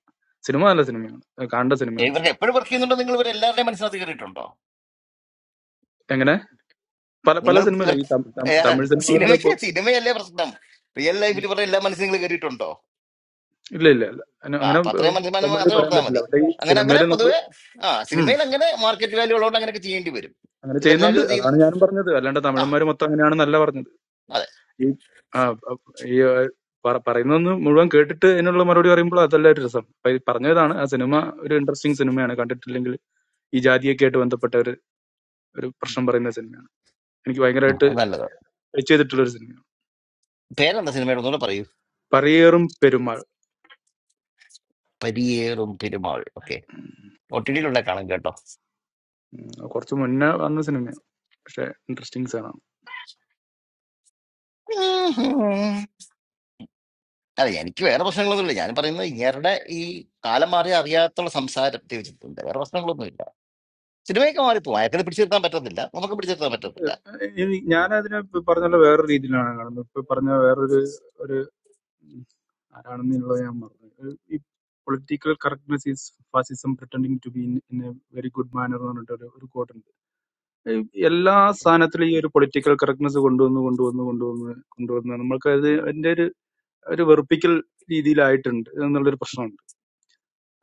I: സിനിമ നല്ല സിനിമയാണ് ഏഹ് കാണേണ്ട സിനിമയാണ്
E: ഇവർക്ക് എപ്പോഴും വർക്ക് ചെയ്യുന്നുണ്ടോ നിങ്ങൾ ഇവർ എല്ലാവരുടെയും മനസ്സിനകത്ത് കയറിയിട്ടുണ്ടോ
I: എങ്ങനെ പല പല
E: നിങ്ങൾ ഇവർ
I: സിനിമയിലും ഈ തം- തം- തമിഴ് സിനിമകളിൽ ഇപ്പൊ
E: സിനിമയ്ക്ക് സിനിമയല്ലേ പ്രശ്നം റിയൽ
I: ഉം,
E: ലൈഫിൽ ഇവരുടെ എല്ലാ മനസ്സിൽ നിങ്ങൾ കയറിയിട്ടുണ്ടോ
I: ഇല്ല ഇല്ല ഇല്ല അങ്ങനെ
E: ആ
I: അങ്ങനെ,
E: അപ്പൊ
I: ഏഹ്,
E: അത്രയും മനസ്സിലാൻ
I: കോമഡിയിൽ
E: മാത്രമേ
I: പറയാൻ
E: ഓർത്താൽ
I: പറ്റില്ല
E: മതി
I: പക്ഷെ ഈ
E: അങ്ങനെ അങ്ങനെ
I: സിനിമയിൽ നമ്മൾ
E: പൊതുവെ ആ
I: ഉം
E: സിനിമയിൽ അങ്ങനെ മാർക്കറ്റ് വാല്യൂ ഉള്ളതുകൊണ്ട് അങ്ങനെയൊക്കെ ചെയ്യേണ്ടി വരും
I: അങ്ങനെ ചെയ്യുന്നുണ്ട്
E: ഇവരെല്ലാവരും ഇത് ചെയ്യുന്നു
I: അതാണ് ഞാനും പറഞ്ഞത് അല്ലാണ്ട്
E: ആ
I: തമിഴന്മാർ മൊത്തം അങ്ങനെയാണെന്നല്ല പറഞ്ഞത്
E: അതെ
I: ഈ ആ, ആ, ഈ ആ, പറ- പറയുന്നതൊന്ന് മുഴുവൻ കേട്ടിട്ട് അതിനുള്ള മറുപടി പറയുമ്പോൾ അതല്ല ഒരു രസം അപ്പൊ ഈ പറഞ്ഞതാണ് ആ സിനിമ ഒരു ഇൻട്രസ്റ്റിംഗ് സിനിമയാണ് കണ്ടിട്ടില്ലെങ്കിൽ ഈ ജാതിയൊക്കെ ആയിട്ട് ബന്ധപ്പെട്ട ഒരു പ്രശ്നം പറയുന്ന സിനിമയാണ് എനിക്ക്
E: ഉം,
I: ഭയങ്കരമായിട്ട്
E: അത് നല്ലത്
I: ടച്ച് ചെയ്തിട്ടുള്ള ഒരു സിനിമയാണ്
E: പേരെന്താ സിനിമയുടെ ഒന്നുകൂടെ പറയൂ
I: പറയേറും പെരുമാൾ
E: പരിയേറും പെരുമാൾ ഒ ടി ടിയിലൂടെ കാണും കേട്ടോ
I: ഉം, അത് കുറച്ച് മുന്നേ വന്ന സിനിമയാണ് പക്ഷെ ഇൻട്രസ്റ്റിംഗ് സാധനമാണ്
E: ഉം. അതെ എനിക്ക് വേറെ പ്രശ്നങ്ങളൊന്നുമില്ല ഞാൻ പറയുന്നത് ഇങ്ങേരുടെ ഈ കാലം മാറി അറിയാത്തുള്ള സംസാരം തീർച്ചയായിട്ടുണ്ട് വേറെ പ്രശ്നങ്ങളൊന്നുമില്ല സിനിമയൊക്കെ മാറിപ്പോകും അയാൾക്കത് പിടിച്ചിരുത്താൻ പറ്റത്തില്ല നമുക്ക് പിടിച്ചിരുത്താൻ പറ്റത്തില്ല
I: ഇനി ഞാൻ അതിനെ പറഞ്ഞ പോലെ വേറെ രീതിയിലാണ് കാണുന്നത് ഇപ്പൊ പറഞ്ഞ വേറൊരു ഒരു ഉം, ആരാണെന്നുള്ളത് ഞാൻ മറന്നു ഒരു- ഈ political correctness is fascism pretending to be in a very good manner എന്ന് പറഞ്ഞിട്ട് ഒരു ഒരു കോട്ടുണ്ട് എല്ലാ സാധനത്തിലും ഈ ഒരു പൊളിറ്റിക്കൽ കറക്റ്റ്നെസ് കൊണ്ടുവന്ന് കൊണ്ടുവന്ന് കൊണ്ടുവന്ന് കൊണ്ടുവന്ന് നമ്മൾക്ക് അത് അതിന്റെ ഒരു ഒരു വെറുപ്പിക്കൽ രീതിയിലായിട്ടുണ്ട് എന്നുള്ളൊരു പ്രശ്നമുണ്ട്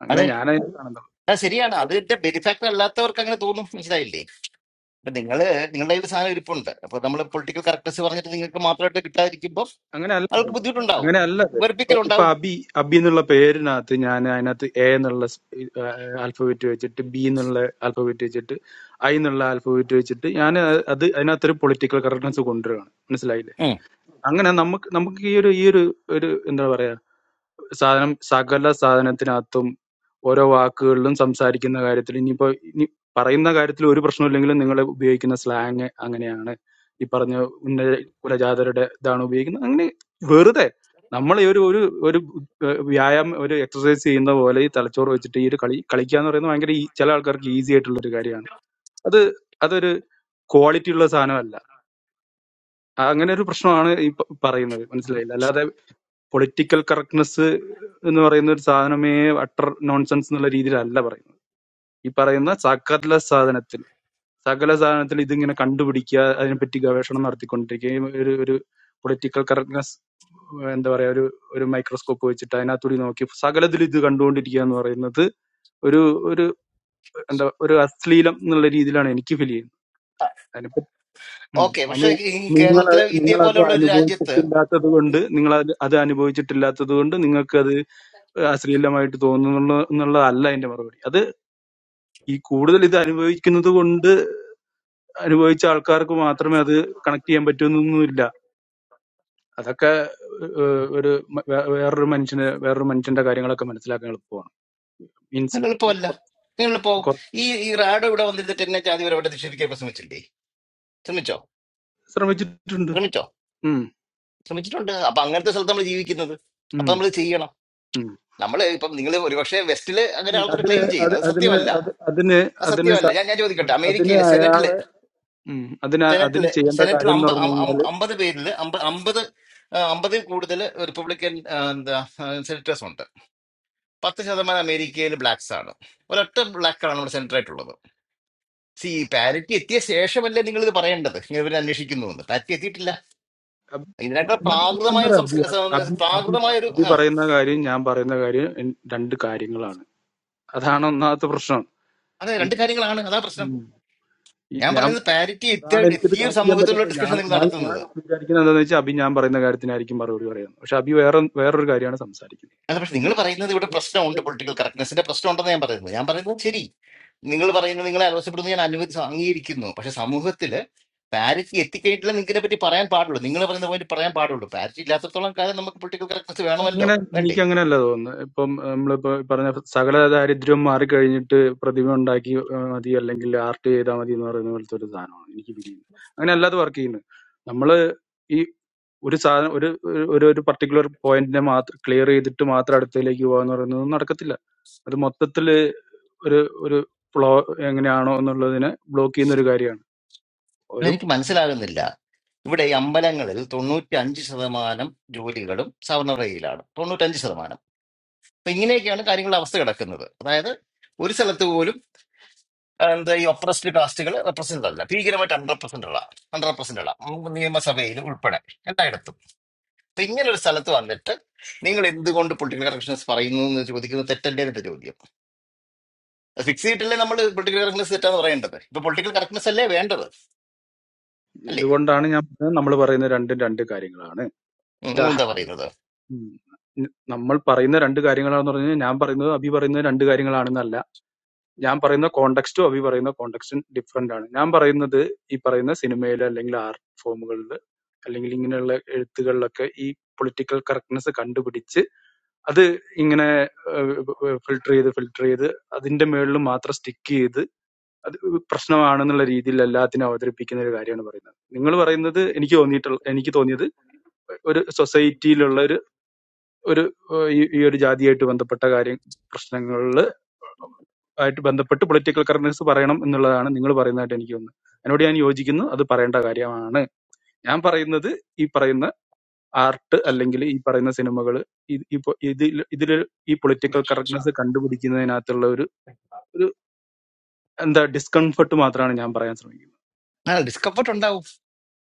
I: അങ്ങനെ
E: അതെ
I: ഞാനതിനെ കാണുന്നത്
E: അത് ശരിയാണ് അതിന്റെ ബെനിഫാക്ടർ അല്ലാത്തവർക്ക് അങ്ങനെ തോന്നും മനസ്സിലായില്ലേ ഇപ്പൊ നിങ്ങള് നിങ്ങളുടെ കയ്യിൽ സാധനം ഇരിപ്പുണ്ട് അപ്പൊ നമ്മൾ പൊളിറ്റിക്കൽ കറക്റ്റ്നസ് പറഞ്ഞിട്ട് നിങ്ങൾക്ക് മാത്രമായിട്ട് കിട്ടാതിരിക്കുമ്പോൾ
I: അങ്ങനെ അല്ല
E: അവർക്ക്
I: അത്.
E: ബുദ്ധിമുട്ടുണ്ടാവും
I: അങ്ങനെ അല്ല അത്. ഇപ്പൊ ഇപ്പൊ
E: വെറുപ്പിക്കലുണ്ടാവും
I: അബി അബി എന്നുള്ള പേരിനകത്ത് ഞാൻ അതിനകത്ത് എ എന്നുള്ള ആൽഫബറ്റ് വെച്ചിട്ട് ബി എന്നുള്ള ആൽഫബറ്റ് വെച്ചിട്ട് ഐ എന്നുള്ള ആൽഫബറ്റ് വെച്ചിട്ട് ഞാൻ അത് അതിനകത്തൊരു പൊളിറ്റിക്കൽ കറക്റ്റ്നസ് കൊണ്ടുവരികയാണ് മനസ്സിലായില്ലേ
E: ഉം.
I: അങ്ങനെ നമുക്ക് നമുക്ക് ഈ ഒരു ഈ ഒരു ഒരു എന്താ പറയാ സാധനം സകല സാധനത്തിനകത്തും ഓരോ വാക്കുകളിലും സംസാരിക്കുന്ന കാര്യത്തിൽ ഇനിയിപ്പോ ഇനി പറയുന്ന കാര്യത്തിൽ ഒരു പ്രശ്നമില്ലെങ്കിലും നിങ്ങൾ ഉപയോഗിക്കുന്ന സ്ലാങ് അങ്ങനെയാണ് ഈ പറഞ്ഞ ഉന്ന കുലജാതരുടെ ഇതാണ് ഉപയോഗിക്കുന്നത് അങ്ങനെ വെറുതെ നമ്മൾ ഈ ഒരു ഒരു ഒരു ഏഹ് വ്യായാമം ഒരു എക്സസൈസ് ചെയ്യുന്ന പോലെ ഈ തലച്ചോറ് വെച്ചിട്ട് ഈ ഒരു കളി കളിക്കുക എന്ന് പറയുന്നത് ഭയങ്കര ഈ ചില ആൾക്കാർക്ക് ഈസി ആയിട്ടുള്ള ഒരു കാര്യമാണ് അത് അതൊരു ക്വാളിറ്റി ഉള്ള സാധനമല്ല ആ അങ്ങനെ ഒരു പ്രശ്നമാണ് ഈ പ- പറയുന്നത് മനസ്സിലായില്ല അല്ലാതെ പൊളിറ്റിക്കൽ കറക്റ്റ്നെസ് എന്ന് പറയുന്ന ഒരു സാധനമേ അട്ടർ നോൺസെൻസ് എന്നുള്ള രീതിയിലല്ല പറയുന്നത് ഈ പറയുന്ന സകല സാധനത്തിൽ സകല സാധനത്തിൽ ഇതിങ്ങനെ കണ്ടുപിടിക്കുക അതിനെപ്പറ്റി ഗവേഷണം നടത്തിക്കൊണ്ടിരിക്കുകയും ഒരു ഒരു പൊളിറ്റിക്കൽ കറക്റ്റ്നെസ് എന്താ പറയാ ഒരു ഒരു മൈക്രോസ്കോപ്പ് വെച്ചിട്ട് അതിനകത്തൂടി നോക്കി സകലത്തിൽ ഇത് കണ്ടുകൊണ്ടിരിക്കുക എന്ന് പറയുന്നത് ഒരു ഒരു എന്താ ഒരു അശ്ലീലം എന്നുള്ള രീതിയിലാണ് എനിക്ക് ഫീൽ ചെയ്യുന്നത് ഉം.
E: ഓക്കെ
I: അത്
E: പക്ഷെ ഈ
I: നിങ്ങൾ
E: കേരളത്തിലെ ഇന്ത്യയെ
I: നിങ്ങളത്
E: പോലെയുള്ള ഒരു രാജ്യത്ത്
I: അനുഭവിച്ചിട്ടില്ലാത്തത് കൊണ്ട് നിങ്ങൾ അത് അത് അനുഭവിച്ചിട്ടില്ലാത്തത് കൊണ്ട് നിങ്ങൾക്കത് അശ്ലീലമായിട്ട് തോന്നുന്നുള്ള എന്നുള്ളതല്ല അതിന്റെ മറുപടി അത് ഈ കൂടുതൽ ഇത് അനുഭവിക്കുന്നത് കൊണ്ട് അനുഭവിച്ച ആൾക്കാർക്ക് മാത്രമേ അത് കണക്ട് ചെയ്യാൻ പറ്റുന്നൊന്നുമില്ല അതൊക്കെ ഏഹ്, ഒരു മ- വേ- വേറൊരു മനുഷ്യന് വേറൊരു മനുഷ്യന്റെ കാര്യങ്ങളൊക്കെ മനസ്സിലാക്കാൻ എളുപ്പമാണ് മീൻസ്
E: അത് എളുപ്പമല്ല നിങ്ങൾ പോകും ഈ ഈ റാഡോ ഇവിടെ വന്നിരുന്നിട്ട് എന്നെ ജാതി വരെ ഇവിടെ നിക്ഷേപിക്കാൻ ഇപ്പൊ ശ്രമിച്ചില്ലേ ശ്രമിച്ചോ
I: ശ്രമിച്ചിട്ടുണ്ട്
E: ശ്രമിച്ചോ
I: ഉം,
E: ശ്രമിച്ചിട്ടുണ്ട് അപ്പൊ അങ്ങനത്തെ സ്ഥലത്ത് നമ്മൾ ജീവിക്കുന്നത്
I: ഉം,
E: അപ്പൊ നമ്മൾ ചെയ്യണം
I: ഉം.
E: നമ്മൾ ഇപ്പം നിങ്ങൾ ഒരുപക്ഷെ വെസ്റ്റില് അങ്ങനെ
I: ഉം.
E: ആൾക്കാർ
I: അതിന്
E: ക്ലെയിം
I: അത്
E: ചെയ്യുന്നു അത്
I: അതിന്
E: സത്യമല്ല
I: അത് അതിന്
E: അത്
I: അതിന്
E: സത്യമല്ല
I: സ-
E: ഞാൻ ഞാൻ ചോദിക്കട്ടെ
I: അതിന്
E: അമേരിക്കയിലെ
I: അയാളെ
E: സെനറ്റില്
I: ഉം. അതിന് അതിന്
E: സെനറ്റില്
I: ചെയ്യേണ്ട
E: സെനറ്റിൽ
I: കാര്യം എന്ന്
E: അമ്പ
I: പറഞ്ഞു
E: അം- അം-
I: കഴിഞ്ഞാല്
E: അമ്പത് പേരിൽ അമ്പ അമ്പത് ആ, അമ്പതിൽ കൂടുതൽ റിപ്പബ്ലിക്കൻ ആ, എന്താ സെനറ്റേഴ്സ് ഉണ്ട് പത്ത് ശതമാനം അമേരിക്കയിൽ ബ്ലാക്ക്സ് ആണ് ഒരൊറ്റ ബ്ലാക്കാണ് നമ്മുടെ സെനറ്റർ ആയിട്ടുള്ളത്. സി പാരിറ്റി എത്തിയ ശേഷമല്ലേ നിങ്ങൾ ഇത് പറയേണ്ടത് ഇങ്ങനെ ഇവർ അന്വേഷിക്കുന്നു എന്ന് പാരിറ്റി എത്തിയിട്ടില്ല
I: അബ്
E: ഇതിനേക്കാൾ
I: ഇതിനകത്ത് പ്രശ്നം
E: പ്രാകൃതമായ
I: എന്താ പറയാ അബി
E: സംസ്കാര
I: അബി അബി
E: പ്രാകൃതമായ
I: പ-
E: ഒരു
I: അബി
E: ആ
I: പറയുന്ന കാര്യം ഞാൻ പറയുന്ന കാര്യം എൻ- രണ്ട് കാര്യങ്ങളാണ് അതാണ് ഒന്നാമത്തെ പ്രശ്നം
E: അതെ രണ്ട് കാര്യങ്ങളാണ് അതാ പ്രശ്നം
I: ഉം. ഈ
E: ഞാൻ
I: ഞാൻ
E: പറയുന്നത് പാരിറ്റി എത്തിയ
I: അതാണ് എനിക്കിത്
E: എത്തിയ ഒരു
I: കണക്ട് ചെയ്യാൻ
E: സമൂഹത്തിലുള്ള
I: പറ്റാത്തത് ഞാൻ
E: ഡിസ്കഷൻ നിങ്ങൾ
I: ഞാൻ ഞാൻ
E: നടത്തുന്നത്
I: വിചാരിക്കുന്നത് എന്താണെന്ന് വെച്ചാൽ അബി ഞാൻ പറയുന്ന കാര്യത്തിനായിരിക്കും മറുപടി പറയുന്നത് പക്ഷെ അബി വേറെ വേറൊരു കാര്യമാണ് സംസാരിക്കുന്നത്
E: അല്ല പക്ഷെ നിങ്ങൾ പറയുന്നത് ഇവിടെ പ്രശ്നമുണ്ട് പൊളിറ്റിക്കൽ കറക്റ്റ്നെസിന്റെ പ്രശ്നം ഉണ്ടെന്ന് ഞാൻ പറയുന്നത് ഞാൻ പറയുന്നത് ശരി നിങ്ങൾ പറയുന്നത് നിങ്ങളെ ആലോചിക്കപ്പെടുന്നത് ഞാൻ അനുവദി അംഗീകരിക്കുന്നു പക്ഷെ സമൂഹത്തിൽ പാരിറ്റി എത്തിക്കഴിഞ്ഞിട്ടില്ല നിങ്ങളെ പറ്റി പറയാൻ പാടുള്ളൂ നിങ്ങൾ പറയുന്ന പോയിന്റ് പറയാൻ പാടുള്ളൂ പാരിറ്റി ഇല്ലാത്തത്തോളം കാലം നമുക്ക് പൊളിറ്റിക്കൽ കറക്റ്റ്നസ് വേണമല്ലോ
I: അങ്ങനെ
E: വേണ്ടേ
I: എനിക്കങ്ങനെ അല്ല തോന്നുന്നത് ഇപ്പം നമ്മളിപ്പോ പറഞ്ഞ സകല ദാരിദ്ര്യവും മാറിക്കഴിഞ്ഞിട്ട് പ്രതിമ ഉണ്ടാക്കി ആ, മതി അല്ലെങ്കിൽ ആർട്ട് ചെയ്താൽ മതി എന്ന് പറയുന്ന പോലത്തെ ഒരു സാധനമാണ് എനിക്ക് ഫീൽ ചെയ്യുന്നത് അങ്ങനെ അല്ലാതെ വർക്ക് ചെയ്യുന്നത് നമ്മള് ഈ ഒരു സാധനം ഒരു ഒരു ഒരു പർട്ടിക്കുലർ പോയിന്റിനെ മാത്രം ക്ലിയർ ചെയ്തിട്ട് മാത്രം അടുത്തതിലേക്ക് പോകാന്ന് പറയുന്നത് നടക്കത്തില്ല അത് മൊത്തത്തില് ഒരു ഒരു ഫ്ലോ എങ്ങനെയാണോ എന്നുള്ളതിനെ ബ്ലോക്ക് ചെയ്യുന്ന ഒരു കാര്യമാണ്
E: അല്ല
I: ഒരു
E: എനിക്ക് മനസ്സിലാകുന്നില്ല ഇവിടെ ഈ അമ്പലങ്ങളിൽ തൊണ്ണൂറ്റി അഞ്ച് ശതമാനം ജോലികളും സവർണറയിലാണ് തൊണ്ണൂറ്റഞ്ച് ശതമാനം അപ്പൊ ഇങ്ങനെയൊക്കെയാണ് കാര്യങ്ങളുടെ അവസ്ഥ കിടക്കുന്നത് അതായത് ഒരു സ്ഥലത്ത് പോലും ആ, എന്താ ഈ ഒപ്രസ്ഡ് കാസ്റ്റുകൾ റെപ്രസെന്റ് അല്ല ഭീകരമായിട്ട് അണ്ടർ റെപ്രസെന്റ് ഉള്ള അണ്ടർ റെപ്രസെന്റ് ഉള്ള ഉം, നിയമസഭയിൽ ഉൾപ്പെടെ എല്ലായിടത്തും അപ്പൊ ഇങ്ങനെ ഒരു സ്ഥലത്ത് വന്നിട്ട് നിങ്ങൾ എന്തുകൊണ്ട് പൊളിറ്റിക്കൽ കറക്ഷൻസ് പറയുന്നു എന്ന് ചോദിക്കുന്നത് തെറ്റല്ലേ എന്റെ ചോദ്യം ഫിക്സ് ചെയ്തിട്ടല്ലേ നമ്മൾ പൊളിറ്റിക്കൽ കറക്ഷൻസ് തെറ്റാന്ന് പറയേണ്ടത് ഇപ്പൊ പൊളിറ്റിക്കൽ കറക്ഷൻസ് അല്ലേ വേണ്ടത് അല്ലേ
I: ഇതുകൊണ്ടാണ് ഞാൻ നമ്മൾ പറയുന്ന രണ്ടും രണ്ട് കാര്യങ്ങളാണ്
E: ഉം, നിങ്ങൾ എന്താ പറയുന്നത്
I: ഉം. ന- നമ്മൾ പറയുന്ന രണ്ട് കാര്യങ്ങളാണെന്ന് പറഞ്ഞു കഴിഞ്ഞാൽ ഞാൻ പറയുന്നത് അഭി പറയുന്നത് രണ്ട് കാര്യങ്ങളാണെന്നല്ല ഞാൻ പറയുന്ന കോണ്ടെക്സ്റ്റും അഭി പറയുന്ന കോണ്ടെക്സ്റ്റും ഡിഫറെന്റ് ആണ് ഞാൻ പറയുന്നത് ഈ പറയുന്ന സിനിമയിൽ അല്ലെങ്കിൽ ആർട്ട് ഫോമുകളിൽ അല്ലെങ്കിൽ ഇങ്ങനെയുള്ള എഴുത്തുകളിലൊക്കെ ഈ പൊളിറ്റിക്കൽ കറക്റ്റ്നെസ് കണ്ടുപിടിച്ച് അത് ഇങ്ങനെ ഫിൽട്ടർ ചെയ്ത് ഫിൽട്ടർ ചെയ്ത് അതിന്റെ മുകളിൽ മാത്രം സ്റ്റിക്ക് ചെയ്ത് അത് പ്രശ്നമാണെന്നുള്ള രീതിയിൽ എല്ലാത്തിനും അവതരിപ്പിക്കുന്ന ഒരു കാര്യമാണ് പറയുന്നത് നിങ്ങൾ പറയുന്നത് എനിക്ക് തോന്നിയിട്ടുള്ള എനിക്ക് തോന്നിയത് ഒരു സൊസൈറ്റിയിലുള്ള ഒരു ഏഹ് ഈ ഈ ഒരു ജാതിയായിട്ട് ബന്ധപ്പെട്ട കാര്യം പ്രശ്നങ്ങളിൽ ആയിട്ട് ബന്ധപ്പെട്ട് പൊളിറ്റിക്കൽ കറക്റ്റ്നസ് പറയണം എന്നുള്ളതാണ് നിങ്ങൾ പറയുന്നതായിട്ട് എനിക്ക് തോന്നുന്നത് അതിനോട് ഞാൻ യോജിക്കുന്നു അത് പറയേണ്ട കാര്യമാണ് ഞാൻ പറയുന്നത് ഈ പറയുന്ന ആർട്ട് അല്ലെങ്കിൽ ഈ പറയുന്ന സിനിമകൾ ഇതിൽ ഇതിൽ ഈ പൊളിറ്റിക്കൽ കറക്റ്റ്നസ് കണ്ടുപിടിക്കുന്നതിനകത്തുള്ള ഒരു ഒരു എന്താ ഡിസ്കംഫർട്ട് മാത്രമാണ് ഞാൻ പറയാൻ ശ്രമിക്കുന്നത്
E: ഡിസ്കംഫർട്ട്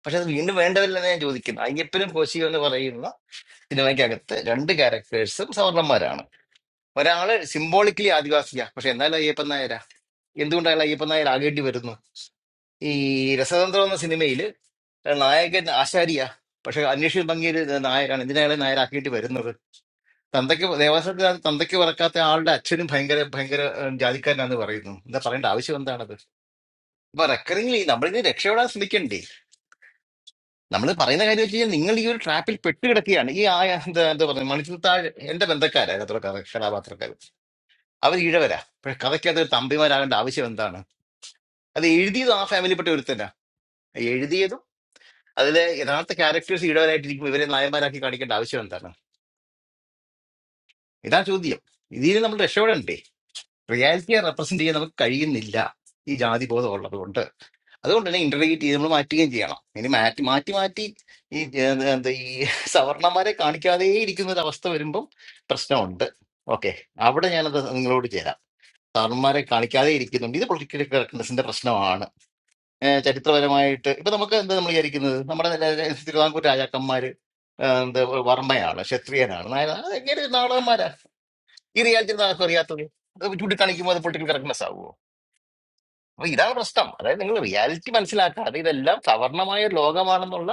E: പക്ഷെ അത് വീണ്ടും വേണ്ടതല്ലെന്ന് ഞാൻ ചോദിക്കുന്നത് അയ്യപ്പനും കോശിയും എന്ന് പറയുന്ന സിനിമയ്ക്കകത്ത് രണ്ട് ക്യാരക്ടേഴ്സും സവർണന്മാരാണ് ഒരാള് സിംബോളിക്കലി ആദിവാസിയാ പക്ഷെ എന്നാലും അയ്യപ്പൻ നായരാ എന്തുകൊണ്ട് അയാൾ അയ്യപ്പൻ നായർ ആകേണ്ടി വരുന്നു ഈ രസതന്ത്രം എന്ന സിനിമയിൽ നായകൻ ആശാരിയാ പക്ഷെ അന്വേഷിച്ച് ഭംഗിയൊരു നായരാണ് എന്തിനാണ് അയാളെ നായരാക്കേണ്ടി വരുന്നത് തന്തയ്ക്ക് ദേവാസ്വത്തിന് തന്തയ്ക്ക് പറക്കാത്ത ആളുടെ അച്ഛനും ഭയങ്കര ഭയങ്കര ഏഹ്, ജാതിക്കാരനാന്ന് പറയുന്നു എന്താ പറയേണ്ട ആവശ്യം എന്താണത് അപ്പൊ റെക്കറിംഗ് നമ്മളിങ്ങനെ രക്ഷപ്പെടാൻ ശ്രമിക്കണ്ടേ നമ്മൾ പറയുന്ന കാര്യം വെച്ച് കഴിഞ്ഞാൽ നിങ്ങൾ ഈ ഒരു ട്രാപ്പിൽ പെട്ട് കിടക്കുകയാണ് ഈ ആ എന്താ എന്താ പറയുക മണിച്ചിൽ താഴെ എന്റെ ബന്ധക്കാരാണ് അത്ര കഥ കഥാപാത്രക്കാർ അവർ ഇഴവരാ പക്ഷെ കഥയ്ക്കകത്ത് ഒരു തമ്പിമാരാകേണ്ട ആവശ്യം എന്താണ് അത് എഴുതിയത് ആ ഫാമിലിപ്പെട്ട ഒരുത്തനാ എഴുതിയതും അതിലെ യഥാർത്ഥ ക്യാരക്ടേഴ്സ് ഇടവരായിട്ടിരിക്കും ഇവരെ നായന്മാരാക്കി കാണിക്കേണ്ട ആവശ്യം എന്താണ് ഇതാ ചോദ്യം ഇതിൽ നമ്മൾ രക്ഷപ്പെടണ്ടേ റിയാലിറ്റിയെ റെപ്രസെന്റ് ചെയ്യാൻ നമുക്ക് കഴിയുന്നില്ല ഈ ജാതി ബോധം ഉള്ളതുകൊണ്ട് അതുകൊണ്ട് തന്നെ ഇന്റർഗ്രേറ്റ് ചെയ്ത് നമ്മൾ മാറ്റുകയും ചെയ്യണം ഇനി മാറ്റി മാറ്റി മാറ്റി ഈ ഏർ, എന്താ ഈ സവർണന്മാരെ കാണിക്കാതെ ഇരിക്കുന്ന ഒരു അവസ്ഥ വരുമ്പം പ്രശ്നമുണ്ട് ഓക്കെ അവിടെ ഞാനത് നിങ്ങളോട് ചേരാം സാറന്മാരെ കാണിക്കാതെ ഇരിക്കുന്നുണ്ട് ഇത് പൊളിറ്റിക്കൽ കറക്റ്റ്നെസിന്റെ പ്രശ്നമാണ് ഏർ, ചരിത്രപരമായിട്ട് ഇപ്പൊ നമുക്ക് എന്താ നമ്മൾ വിചാരിക്കുന്നത് നമ്മുടെ നില- തിരുവിതാംകൂർ രാജാക്കന്മാര് ഏർ, എന്താ വർമ്മയാണ് ക്ഷത്രിയനാണ് നായനാണ് അതെങ്ങനെ നാടകന്മാരാ ഈ റിയാലിറ്റി ആർക്കും അറിയാത്തത് അത് ചൂണ്ടിക്കാണിക്കുമ്പോൾ അത് പൊളിറ്റിക്കൽ കറക്റ്റ്നെസ് ആവുമോ അപ്പൊ ഇതാണ് പ്രശ്നം അതായത് നിങ്ങൾ റിയാലിറ്റി മനസ്സിലാക്കാതെ ഇതെല്ലാം സവർണമായ ഒരു ലോകമാണെന്നുള്ള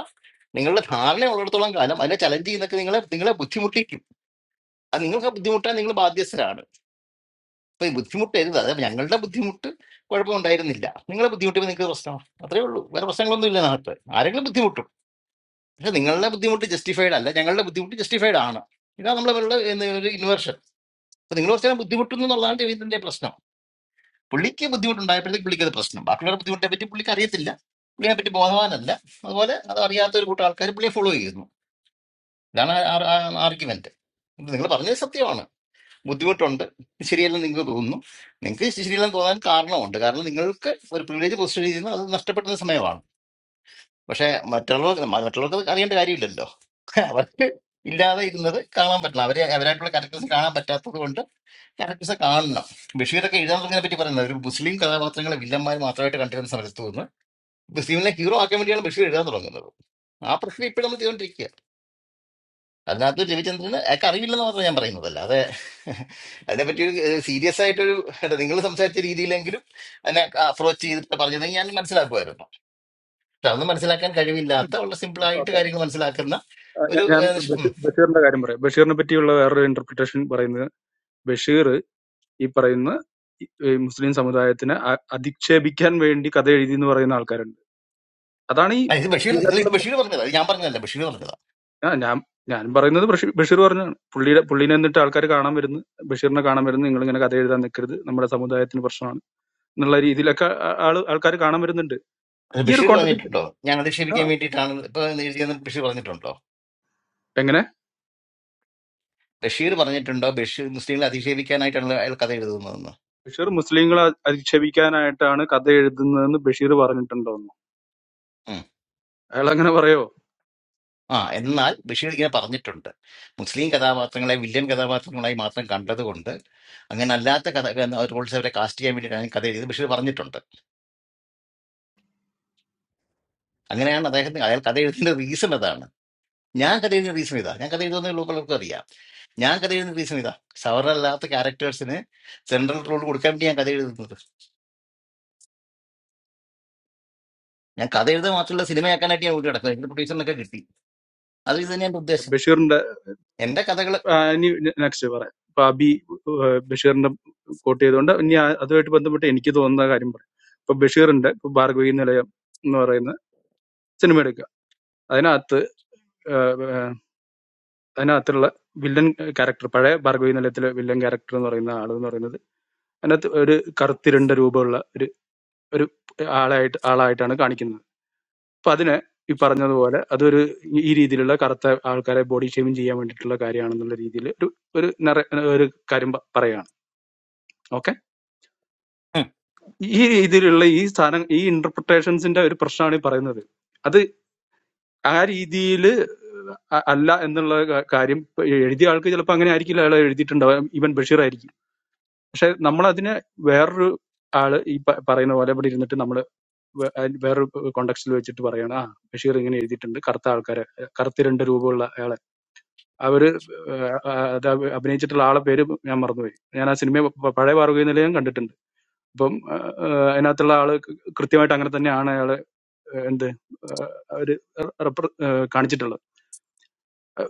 E: നിങ്ങളുടെ ധാരണ ഉള്ളിടത്തോളം കാലം അതിനെ ചലഞ്ച് ചെയ്യുന്നൊക്കെ നിങ്ങളെ നിങ്ങളെ ബുദ്ധിമുട്ടിക്കും അത് നിങ്ങൾക്ക് ബുദ്ധിമുട്ടാൻ നിങ്ങൾ ബാധ്യസ്ഥരാണ് അപ്പൊ ഈ ബുദ്ധിമുട്ടരുത് അതായത് ഞങ്ങളുടെ ബുദ്ധിമുട്ട് കുഴപ്പമുണ്ടായിരുന്നില്ല നിങ്ങളെ ബുദ്ധിമുട്ടിയപ്പോൾ നിങ്ങൾക്ക് പ്രശ്നമാണ് അത്രേ ഉള്ളൂ വേറെ പ്രശ്നങ്ങളൊന്നും ഇല്ല നാട്ടിൽ ആരെങ്കിലും ബുദ്ധിമുട്ടും പക്ഷെ നിങ്ങളുടെ ബുദ്ധിമുട്ട് ജസ്റ്റിഫൈഡ് അല്ല ഞങ്ങളുടെ ബുദ്ധിമുട്ട് ജസ്റ്റിഫൈഡ് ആണ് ഇതാണ് നമ്മൾ അവരുടെ ഒരു ഇൻവേർഷൻ അപ്പൊ നിങ്ങൾ കുറച്ചാൽ ബുദ്ധിമുട്ടുന്നു എന്നുള്ളതാണ് ജീവിതത്തിന്റെ പ്രശ്നം പുള്ളിക്ക് ബുദ്ധിമുട്ടുണ്ടായപ്പോഴത്തേക്ക് പുള്ളിക്ക് അത് പ്രശ്നം ബാക്കിയുള്ള ബുദ്ധിമുട്ടിനെ പറ്റി പുള്ളിക്ക് അറിയത്തില്ല പുള്ളിയെ പറ്റി ബോധവാനല്ല അതുപോലെ അത് അറിയാത്ത ഒരു കൂട്ടം ആൾക്കാർ പുള്ളിയെ ഫോളോ ചെയ്യുന്നു ഇതാണ് ആർഗ്യുമെന്റ് നിങ്ങൾ പറഞ്ഞത് സത്യമാണ് ബുദ്ധിമുട്ടുണ്ട് ശരിയല്ലെന്ന് നിങ്ങൾക്ക് തോന്നുന്നു നിങ്ങൾക്ക് ശരിയല്ലെന്ന് തോന്നാൻ കാരണമുണ്ട് കാരണം നിങ്ങൾക്ക് ഒരു പ്രിവിലേജ് പൊസിഷൻ ചെയ്യുന്നത് അത് നഷ്ടപ്പെടുന്ന സമയമാണ് പക്ഷെ മറ്റുള്ളവർക്ക് മറ്റുള്ളവർക്ക് അറിയേണ്ട കാര്യമില്ലല്ലോ അവർക്ക് ഇല്ലാതെ ഇരുന്നത് കാണാൻ പറ്റണം അവരെ അവരായിട്ടുള്ള ക്യാരക്ടേഴ്സ് കാണാൻ പറ്റാത്തത് കൊണ്ട് ക്യാരക്ടേഴ്സ് കാണണം ബഷീറൊക്കെ എഴുതാൻ തുടങ്ങിയതിനെ പറ്റി പറയുന്നത് ഒരു മുസ്ലിം കഥാപാത്രങ്ങളെ വില്ലന്മാർ മാത്രമായിട്ട് കണ്ടിരുന്ന സമരത്ത് നിന്ന് മുസ്ലിമിനെ ഹീറോ ആക്കാൻ വേണ്ടിയാണ് ബഷീർ എഴുതാൻ തുടങ്ങുന്നത് ആ പ്രശ്നം ഇപ്പോഴും നമ്മൾ ചെയ്തുകൊണ്ടിരിക്കുക അതിനകത്ത് രവിചന്ദ്രന് ഒക്കെ അറിയില്ലെന്ന് മാത്രമേ ഞാൻ പറയുന്നത് അല്ലാതെ അതിനെപ്പറ്റി ഒരു സീരിയസ് ആയിട്ടൊരു എന്താ നിങ്ങൾ സംസാരിച്ച രീതിയിലെങ്കിലും അതിനെ അപ്രോച്ച് ചെയ്തിട്ട് പറഞ്ഞതെങ്കിൽ ഞാൻ മനസ്സിലാക്കുമായിരുന്നു പക്ഷെ അതൊന്നും മനസ്സിലാക്കാൻ
I: ഉം.
E: കഴിവില്ലാത്ത വളരെ സിമ്പിളായിട്ട്
I: ഓക്കെ.
E: കാര്യങ്ങൾ മനസ്സിലാക്കുന്ന
I: ആ, ഞാൻ
E: ഒരു
I: ഞാൻ
E: ഏഹ്, ഷ്- ഉം.
I: ബഷീ- ബഷീറിന്റെ കാര്യം പറയാം ബഷീറിനെ പറ്റിയുള്ള വേറൊരു ഇന്റർപ്രിട്ടേഷൻ പറയുന്നത് ബഷീർ ഈ പറയുന്ന ഈ- ഈ മുസ്ലിം സമുദായത്തിനെ അ- അധിക്ഷേപിക്കാൻ വേണ്ടി കഥ എഴുതി എന്ന് പറയുന്ന ആൾക്കാരുണ്ട് അതാണ് ഈ
E: ആ, ഇത് ബഷീർ അല്ല,
I: ഇതിനകത്തുള്ള
E: ഇത്
I: പ്ര-
E: ബഷീർ പറഞ്ഞതാ ഇത് ഞാൻ പറഞ്ഞതല്ല ബഷീർ പറഞ്ഞതാ
I: ആ ഞാൻ ഞാൻ പറയുന്നത് ബഷീർ ബഷീർ പറഞ്ഞാണ് പുള്ളിയുടെ പുള്ളിനെ എന്നിട്ട് ആൾക്കാർ കാണാൻ വരുന്നു ബഷീറിനെ കാണാൻ വരുന്നു നിങ്ങൾ ഇങ്ങനെ കഥ എഴുതാൻ നിൽക്കരുത് നമ്മുടെ സമുദായത്തിന് പ്രശ്നമാണ് എന്നുള്ള രീതിയിലൊക്കെ ആ- ആള് ആൾക്കാർ കാണാൻ വരുന്നുണ്ട്
E: അത്
I: ഈ ഒരു
E: ബഷീർ
I: കോണ്ടക്ട്
E: പറഞ്ഞിട്ടുണ്ടോ ഞാൻ
I: ആ
E: അധിക്ഷേപിക്കാൻ വേണ്ടിയിട്ടാണ് ഇപ്പൊ എന്ന് എഴുതിയെന്ന് ബഷീർ പറഞ്ഞിട്ടുണ്ടോ
I: എങ്ങനെ
E: ബഷീർ പറഞ്ഞിട്ടുണ്ടോ ബഷീർ മുസ്ലിങ്ങളെ അധിക്ഷേപിക്കാനായിട്ടാണല്ലോ അയാൾ കഥ എഴുതുന്നതെന്ന്
I: ബഷീർ മുസ്ലിങ്ങളെ അ- അധിക്ഷേപിക്കാനായിട്ടാണ് കഥ എഴുതുന്നതെന്ന് ബഷീർ പറഞ്ഞിട്ടുണ്ടോന്നു
E: ഉം.
I: അയാൾ അങ്ങനെ പറയോ
E: ആ എന്നാൽ ബഷീർ ഇങ്ങനെ പറഞ്ഞിട്ടുണ്ട് മുസ്ലിം കഥാപാത്രങ്ങളെ വില്ലൻ കഥാപാത്രങ്ങളായി മാത്രം കണ്ടതുകൊണ്ട് അങ്ങനെ അല്ലാത്ത കഥ റോൾസ് അവരെ കാസ്റ്റ് ചെയ്യാൻ വേണ്ടിയിട്ടാണ് ഈ കഥ എഴുതിയത് ബഷീർ പറഞ്ഞിട്ടുണ്ട് അങ്ങനെയാണ് അദ്ദേഹത്തിന് അയാൾ കഥ എഴുതുന്ന റീസൺ അതാണ് ഞാൻ കഥ എഴുതുന്ന റീസൺ ഇതാ ഞാൻ കഥ എഴുതുന്ന പലർക്കും അറിയാം ഞാൻ കഥ എഴുതുന്ന റീസൺ ഇതാ സവർണല്ലാത്ത ക്യാരക്ടേഴ്സിന് സെൻട്രൽ റോൾ കൊടുക്കാൻ വേണ്ടി ഞാൻ കഥ എഴുതുന്നത് ഞാൻ കഥ എഴുതുക മാത്രമല്ല സിനിമയാക്കാനായിട്ട് ഞാൻ വീട്ടിൽ കിടക്കുന്നത് എനിക്ക് പ്രൊഡ്യൂസറിനൊക്കെ കിട്ടി അത് ഇത് തന്നെയാണ് എൻ്റെ ഉദ്ദേശം
I: ബഷീറിന്റെ
E: എൻ്റെ കഥകൾ
I: ആ, ഇനി നെക്സ്റ്റ് പറയാം ഇപ്പൊ അബി ആ, ബഷീറിന്റെ കോട്ട് ചെയ്തുകൊണ്ട് ഇനി ആ- അതുമായിട്ട് ബന്ധപ്പെട്ട് എനിക്ക് തോന്നുന്ന കാര്യം പറയാം ഇപ്പൊ ബഷീറിന്റെ ഇപ്പൊ ഭാർഗവി നിലയം എന്ന് പറയുന്ന സിനിമ എടുക്കുക അതിനകത്ത് ആ, അതിനകത്തുള്ള വില്ലൻ ക്യാരക്ടർ പഴയ ഭാർഗവി നിലയത്തിലെ വില്ലൻ ക്യാരക്ടർ എന്ന് പറയുന്ന ആൾ എന്ന് പറയുന്നത് അതിനകത്ത് ഒരു കറുത്തിരണ്ട രൂപമുള്ള ഒരു ഒരു ആളായിട്ട് ആളായിട്ടാണ് കാണിക്കുന്നത് അപ്പൊ അതിനെ ഈ പറഞ്ഞതുപോലെ അതൊരു ഈ രീതിയിലുള്ള കറുത്ത ആൾക്കാരെ ബോഡി ഷേമിങ് ചെയ്യാൻ വേണ്ടിയിട്ടുള്ള കാര്യമാണെന്നുള്ള രീതിയിൽ ഒരു ഒരു നറ- ഒരു കാര്യം പ- പറയുകയാണ് ഓക്കെ ഈ രീതിയിലുള്ള ഈ സാധനം ഈ ഇന്റർപ്രിട്ടേഷൻസിന്റെ ഒരു പ്രശ്നമാണ് ഈ പറയുന്നത് അത് ആ രീതിയിൽ അല്ല എന്നുള്ള ക- കാര്യം ഇപ്പൊ എഴുതിയ ആൾക്ക് ചിലപ്പോൾ അങ്ങനെ ആയിരിക്കില്ല അയാൾ എഴുതിയിട്ടുണ്ടാവും ഈവൻ ബഷീർ ആയിരിക്കും പക്ഷെ നമ്മൾ അതിനെ വേറൊരു ആള് ഈ പ- പറയുന്ന പോലെ ഇവിടെ ഇരുന്നിട്ട് നമ്മൾ വേറൊരു കോണ്ടക്സ്റ്റിൽ വെച്ചിട്ട് പറയണം ആ ബഷീർ ഇങ്ങനെ എഴുതിയിട്ടുണ്ട് കറുത്ത ആൾക്കാരെ കറുത്ത രണ്ട് രൂപമുള്ള അയാളെ അവര് ഏഹ് ആ അത് അഭി- അഭിനയിച്ചിട്ടുള്ള ആളെ പേര് ഞാൻ മറന്നുപോയി ഞാൻ ആ സിനിമ പ- പഴയ പാറുകയിൽ നില ഞാൻ കണ്ടിട്ടുണ്ട് അപ്പം ഏഹ് അതിനകത്തുള്ള ആള് കൃത്യമായിട്ട് അങ്ങനെ തന്നെയാണ് എന്ത് അവർ കാണിച്ചിട്ടുള്ളത്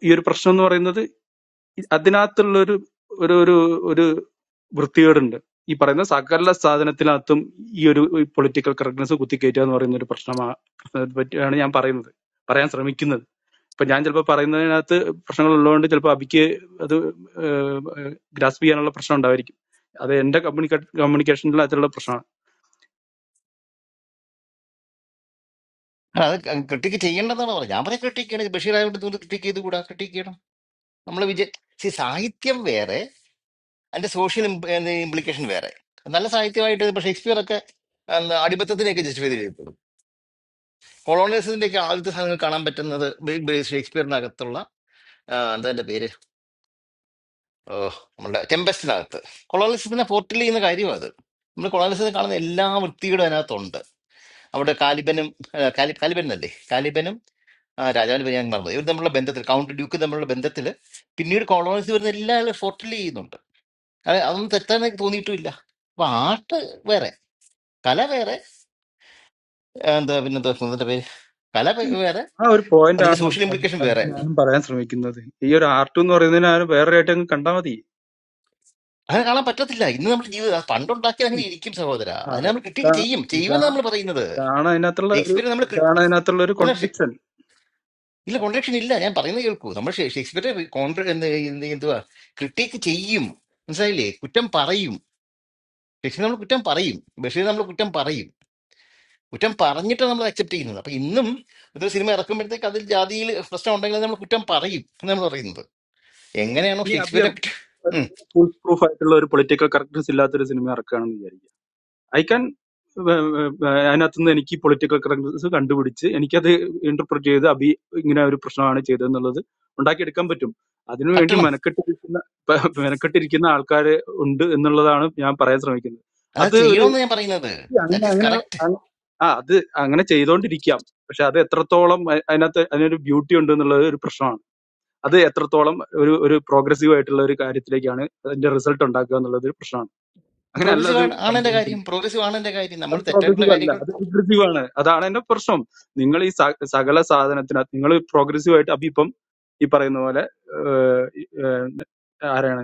I: ഈ ഒരു പ്രശ്നം എന്ന് പറയുന്നത് ഈ അതിനകത്തുള്ള ഒരു ഒരു ഒരു ഒരു വൃത്തികേടുണ്ട് ഈ പറയുന്ന സകല സാധനത്തിനകത്തും ഈ ഒരു പൊളിറ്റിക്കൽ കറക്റ്റ്നെസ് കുത്തിക്കയറ്റുക എന്ന് പറയുന്ന ഒരു പ്രശ്നമാണ് പറ്റിയാണ് ഞാൻ പറയുന്നത് പറയാൻ ശ്രമിക്കുന്നത് ഇപ്പൊ ഞാൻ ചിലപ്പോൾ പറയുന്നതിനകത്ത് പ്രശ്നങ്ങൾ ഉള്ളതുകൊണ്ട് ചിലപ്പോൾ അബിക്ക് അത് ഗ്രാസ്പ് ചെയ്യാനുള്ള പ്രശ്നം ഉണ്ടായിരിക്കും അത് എന്റെ കമ്മ്യൂണിക്കേ കമ്മ്യൂണിക്കേഷനിൽ അതിലുള്ള പ്രശ്നമാണ്
E: അത് ക്രിട്ടിക്ക് ചെയ്യേണ്ടതാണ് പറഞ്ഞത് ഞാൻ പറയാം ക്രിട്ടിക്ക് ചെയ്യണം ബഷീർ ആയതുകൊണ്ട് നിങ്ങൾ ക്രിട്ടിക്ക് ചെയ്തുകൂടാ ക്രിട്ടിക്ക് ചെയ്യണം നമ്മൾ വിജയ സി സാഹിത്യം വേറെ അതിൻ്റെ സോഷ്യൽ ഇംപ്ലിക്കേഷൻ വേറെ നല്ല സാഹിത്യമായിട്ട് ഇപ്പോൾ ഷേക്സ്പിയർ ഒക്കെ എന്താ, അടിമത്തത്തിനെയൊക്കെ ജസ്റ്റിഫൈ ചെയ്തിട്ടുള്ളൂ കൊളോണിയസിന്റെ ഒക്കെ ആദ്യത്തെ സാധനങ്ങൾ കാണാൻ പറ്റുന്നത് ബി- ബി- ഷേക്സ്പിയറിനകത്തുള്ള ആ, എന്താ അതിന്റെ പേര്, ഓ, നമ്മുടെ ചെമ്പസ്റ്റിനകത്ത് കൊളോണിസത്തിനെ പോർട്ടൽ ചെയ്യുന്ന കാര്യം അത് നമ്മൾ കൊളോണിസത്തിൽ കാണുന്ന എല്ലാ വൃത്തികളും അതിനകത്തുണ്ട് അവിടെ കാലിബനും ആ, കാലി കാലിബൻ അല്ലേ കാലിബനും ആ, രാജാവിന് ബനിയാൻ മറന്നത് ഇവർ തമ്മിലുള്ള ബന്ധത്തിൽ കൗണ്ട് ഡ്യൂക്ക് തമ്മിലുള്ള ബന്ധത്തിൽ പിന്നീട് കൊളോണിസ് വരുന്ന എല്ലാവരും പോർട്ടൽ ചെയ്യുന്നുണ്ട് അത് അതൊന്നും തെറ്റാന്ന് എനിക്ക് തോന്നിയിട്ടുമില്ല അപ്പൊ ആർട്ട് വേറെ കല വേറെ ആ, എന്താ പിന്നെ എന്താ അതിന്റെ പേര് കല വേ-
I: ഈ-
E: വേറെ
I: ആ ഒരു പോയിന്റ്
E: അതിന്റെ
I: ആണ്
E: സോഷ്യൽ
I: അത്
E: ഇംപ്ലിക്കേഷൻ
I: അത്
E: വേറെ
I: ഞാനും പറയാൻ ശ്രമിക്കുന്നത് ഈ ഒരു ആർട്ട് എന്ന് പറയുന്നതിന് ആ ഒരു വേറെ ആയിട്ട് അങ്ങ് കണ്ടാൽ മതി
E: അങ്ങനെ കാണാൻ പറ്റത്തില്ല ഇന്ന് നമ്മുടെ ജീവിതം പണ്ടുണ്ടാക്കി
I: See,
E: അങ്ങനെ ഇരിക്കും സഹോദര
I: ആ,
E: അതിനെ നമ്മൾ ക്രിട്ടിക്ക്
I: ഇതാ
E: ചെയ്യും
I: ഇതാ
E: ചെയ്യുമെന്ന് നമ്മൾ പറയുന്നത്
I: ഇതാണ് അതിനകത്തുള്ള ഒരു
E: ഷേക്സ്പിയർ നമ്മൾ
I: ഇതാണ് അതിനകത്തുള്ള ഒരു
E: അല്ല
I: കോൺട്രഡിക്ഷൻ
E: ഇല്ല കോൺട്രഡിക്ഷൻ ഇല്ല ഞാൻ പറയുന്നത് കേൾക്കൂ നമ്മൾ ഷേ- ഷേക്സ്പിയറെ കോൺട്ര എന്ത് എന്ത് എന്തുവാ ക്രിട്ടിക്ക് ചെയ്യും മനസ്സിലായില്ലേ കുറ്റം പറയും ഷേക്സ്പിയർ നമ്മൾ കുറ്റം പറയും ബഷീർ നമ്മൾ കുറ്റം പറയും കുറ്റം പറഞ്ഞിട്ടാണ് നമ്മൾ അക്സെപ്റ്റ് ചെയ്യുന്നത് അപ്പൊ ഇന്നും ഒരു സിനിമ ഇറക്കുമ്പോഴത്തേക്ക് അതിൽ ജാതിയിൽ പ്രശ്നം ഉണ്ടെങ്കിൽ നമ്മൾ കുറ്റം പറയും എന്ന് നമ്മൾ പറയുന്നത് എങ്ങനെയാണോ
I: ഇനി അബി
E: ഷേക്സ്പിയറെ പറ്റ- ഉം,
I: ഫുൾ പ്രൂഫ് ആയിട്ടുള്ള ഒരു പൊളിറ്റിക്കൽ കറക്റ്റ്നസ് ഇല്ലാത്തൊരു സിനിമ ഇറക്കുകയാണെന്ന് വിചാരിക്കും ഐ ക്യാൻ അതിനകത്തുനിന്ന് എനിക്ക് പൊളിറ്റിക്കൽ കറക്റ്റ്നസ് കണ്ടുപിടിച്ച് എനിക്കത് ഇന്റർപ്രറ്റ് ചെയ്ത് അബി ഇങ്ങനെ ഒരു പ്രശ്നമാണ് ചെയ്തതെന്നുള്ളത് ഉണ്ടാക്കിയെടുക്കാൻ പറ്റും അതിനുവേണ്ടി
E: പറ്റണം
I: മെനക്കെട്ടിരിക്കുന്ന പ- മെനക്കെട്ടിരിക്കുന്ന ആൾക്കാർ ഉണ്ട് എന്നുള്ളതാണ് ഞാൻ പറയാൻ ശ്രമിക്കുന്നത്
E: അത്
I: അത് ഒരു
E: ചെയ്യണമെന്ന് ഞാൻ പറയുന്നത്
I: അങ്ങനെ
E: ദാറ്റ് ഈസ്
I: അങ്ങനെ
E: കറക്റ്റ്
I: അങ്- ആ അത് അങ്ങനെ ചെയ്തുകൊണ്ടിരിക്കാം പക്ഷെ അത് എത്രത്തോളം അ- അതിനകത്ത് അതിനൊരു ബ്യൂട്ടി ഉണ്ട് എന്നുള്ളത് ഒരു പ്രശ്നമാണ് അത് എത്രത്തോളം ഒരു ഒരു പ്രോഗ്രസീവ് ആയിട്ടുള്ള ഒരു കാര്യത്തിലേക്കാണ് അതിന്റെ റിസൾട്ട് ഉണ്ടാക്കുക എന്നുള്ളത് ഒരു പ്രശ്നമാണ് അങ്ങനെ അല്ല
E: പ്രോഗ്രസീവ്
I: അത്
E: ആണ് ആണ് എന്റെ
I: സംഭവിക്കുന്നത്
E: കാര്യം പ്രോഗ്രസീവ് ആണ് എന്റെ കാര്യം നമ്മൾ
I: അത്
E: തെറ്റായിട്ടുള്ള
I: പ്രോഗ്രസീവ് അല്ല
E: കാര്യങ്ങൾ
I: അത് റിഗ്രസീവ് ആണ് അതാണ് എന്റെ പ്രശ്നം നിങ്ങൾ ഈ സ- സകല സാധനത്തിന് നിങ്ങൾ പ്രോഗ്രസീവ് ആയിട്ട് അപ്പൊ ഇപ്പം ഈ പറയുന്ന പോലെ ഏഹ്, ഈ, ഏഹ്, ആരാണ്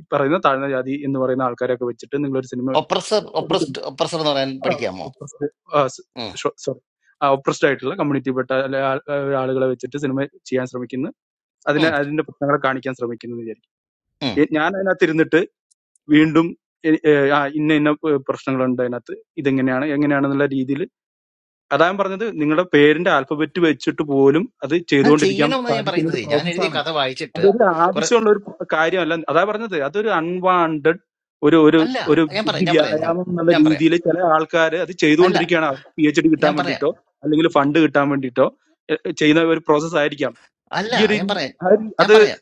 I: ഈ പറയുന്ന താഴ്ന്ന ജാതി എന്ന് പറയുന്ന ആൾക്കാരെയൊക്കെ വെച്ചിട്ട് നിങ്ങൾ ഒരു സിനിമ
E: ഒപ്രസർ
I: എടുക്കുന്നു
E: ഒപ്രസ്ഡ് ഒപ്രസർ എന്ന് പറയാൻ പഠിക്കാമോ ഉം,
I: സോറി ഒപ്രസ്ഡ് ആയിട്ടുള്ള കമ്മ്യൂണിറ്റി പെട്ട അല്ലെ ആ- ആ ആളുകളെ വെച്ചിട്ട് സിനിമ ചെയ്യാൻ ശ്രമിക്കുന്നു അതിനെ
E: ഉം,
I: അതിന്റെ പ്രശ്നങ്ങളെ കാണിക്കാൻ ശ്രമിക്കുന്നു എന്ന് വിചാരിക്കും
E: ഉം.
I: ഏ, ഞാൻ അതിനകത്ത് ഇരുന്നിട്ട് വീണ്ടും എ- ഏഹ്, ആ, ഇന്ന ഇന്ന പ്രശ്നങ്ങളുണ്ട് അതിനകത്ത് ഇതെങ്ങനെയാണ് എങ്ങനെയാണെന്നുള്ള രീതിയിൽ അതാ ഞാൻ പറഞ്ഞത് നിങ്ങളുടെ പേരിന്റെ ആൽഫബറ്റ് വെച്ചിട്ട് പോലും അത്
E: അത്
I: ചെയ്തുകൊണ്ടിരിക്കാൻ
E: ചെയ്യണമെന്ന് ഞാൻ
I: സാധിക്കുന്ന ഒരു
E: പറയുന്നത് ഞാൻ എഴുതിയ
I: പ്രോസസ്സാണ്
E: കഥ വായിച്ചിട്ട്
I: അതൊരു
E: കുറെ
I: ആവശ്യമുള്ള ഒരു കാര്യമല്ല അതാ പറഞ്ഞത് അതൊരു അൺവാണ്ടഡ് ഒരു ഒരു
E: അല്ല
I: ഒരു
E: ഞാൻ പറയാം
I: ബുദ്ധി
E: ഞാൻ പറയാം ഞാൻ
I: വ്യായാമം എന്നുള്ള
E: ഞാൻ പറയാം
I: രീതിയിൽ ചില ആൾക്കാർ അത്
E: അല്ല
I: ചെയ്തുകൊണ്ടിരിക്കുകയാണ് പി എച്ച് ഡി കിട്ടാൻ
E: ഞാൻ പറയാം
I: വേണ്ടിയിട്ടോ അല്ലെങ്കിൽ ഫണ്ട് കിട്ടാൻ വേണ്ടിയിട്ടോ എ- ചെയ്യുന്ന ഒരു പ്രോസസ്സ് ആയിരിക്കാം
E: അല്ല
I: ഈ ഒരു
E: ഞാൻ പറയാം
I: ആ ഒരു-
E: ഞാൻ
I: അത്
E: പറയാം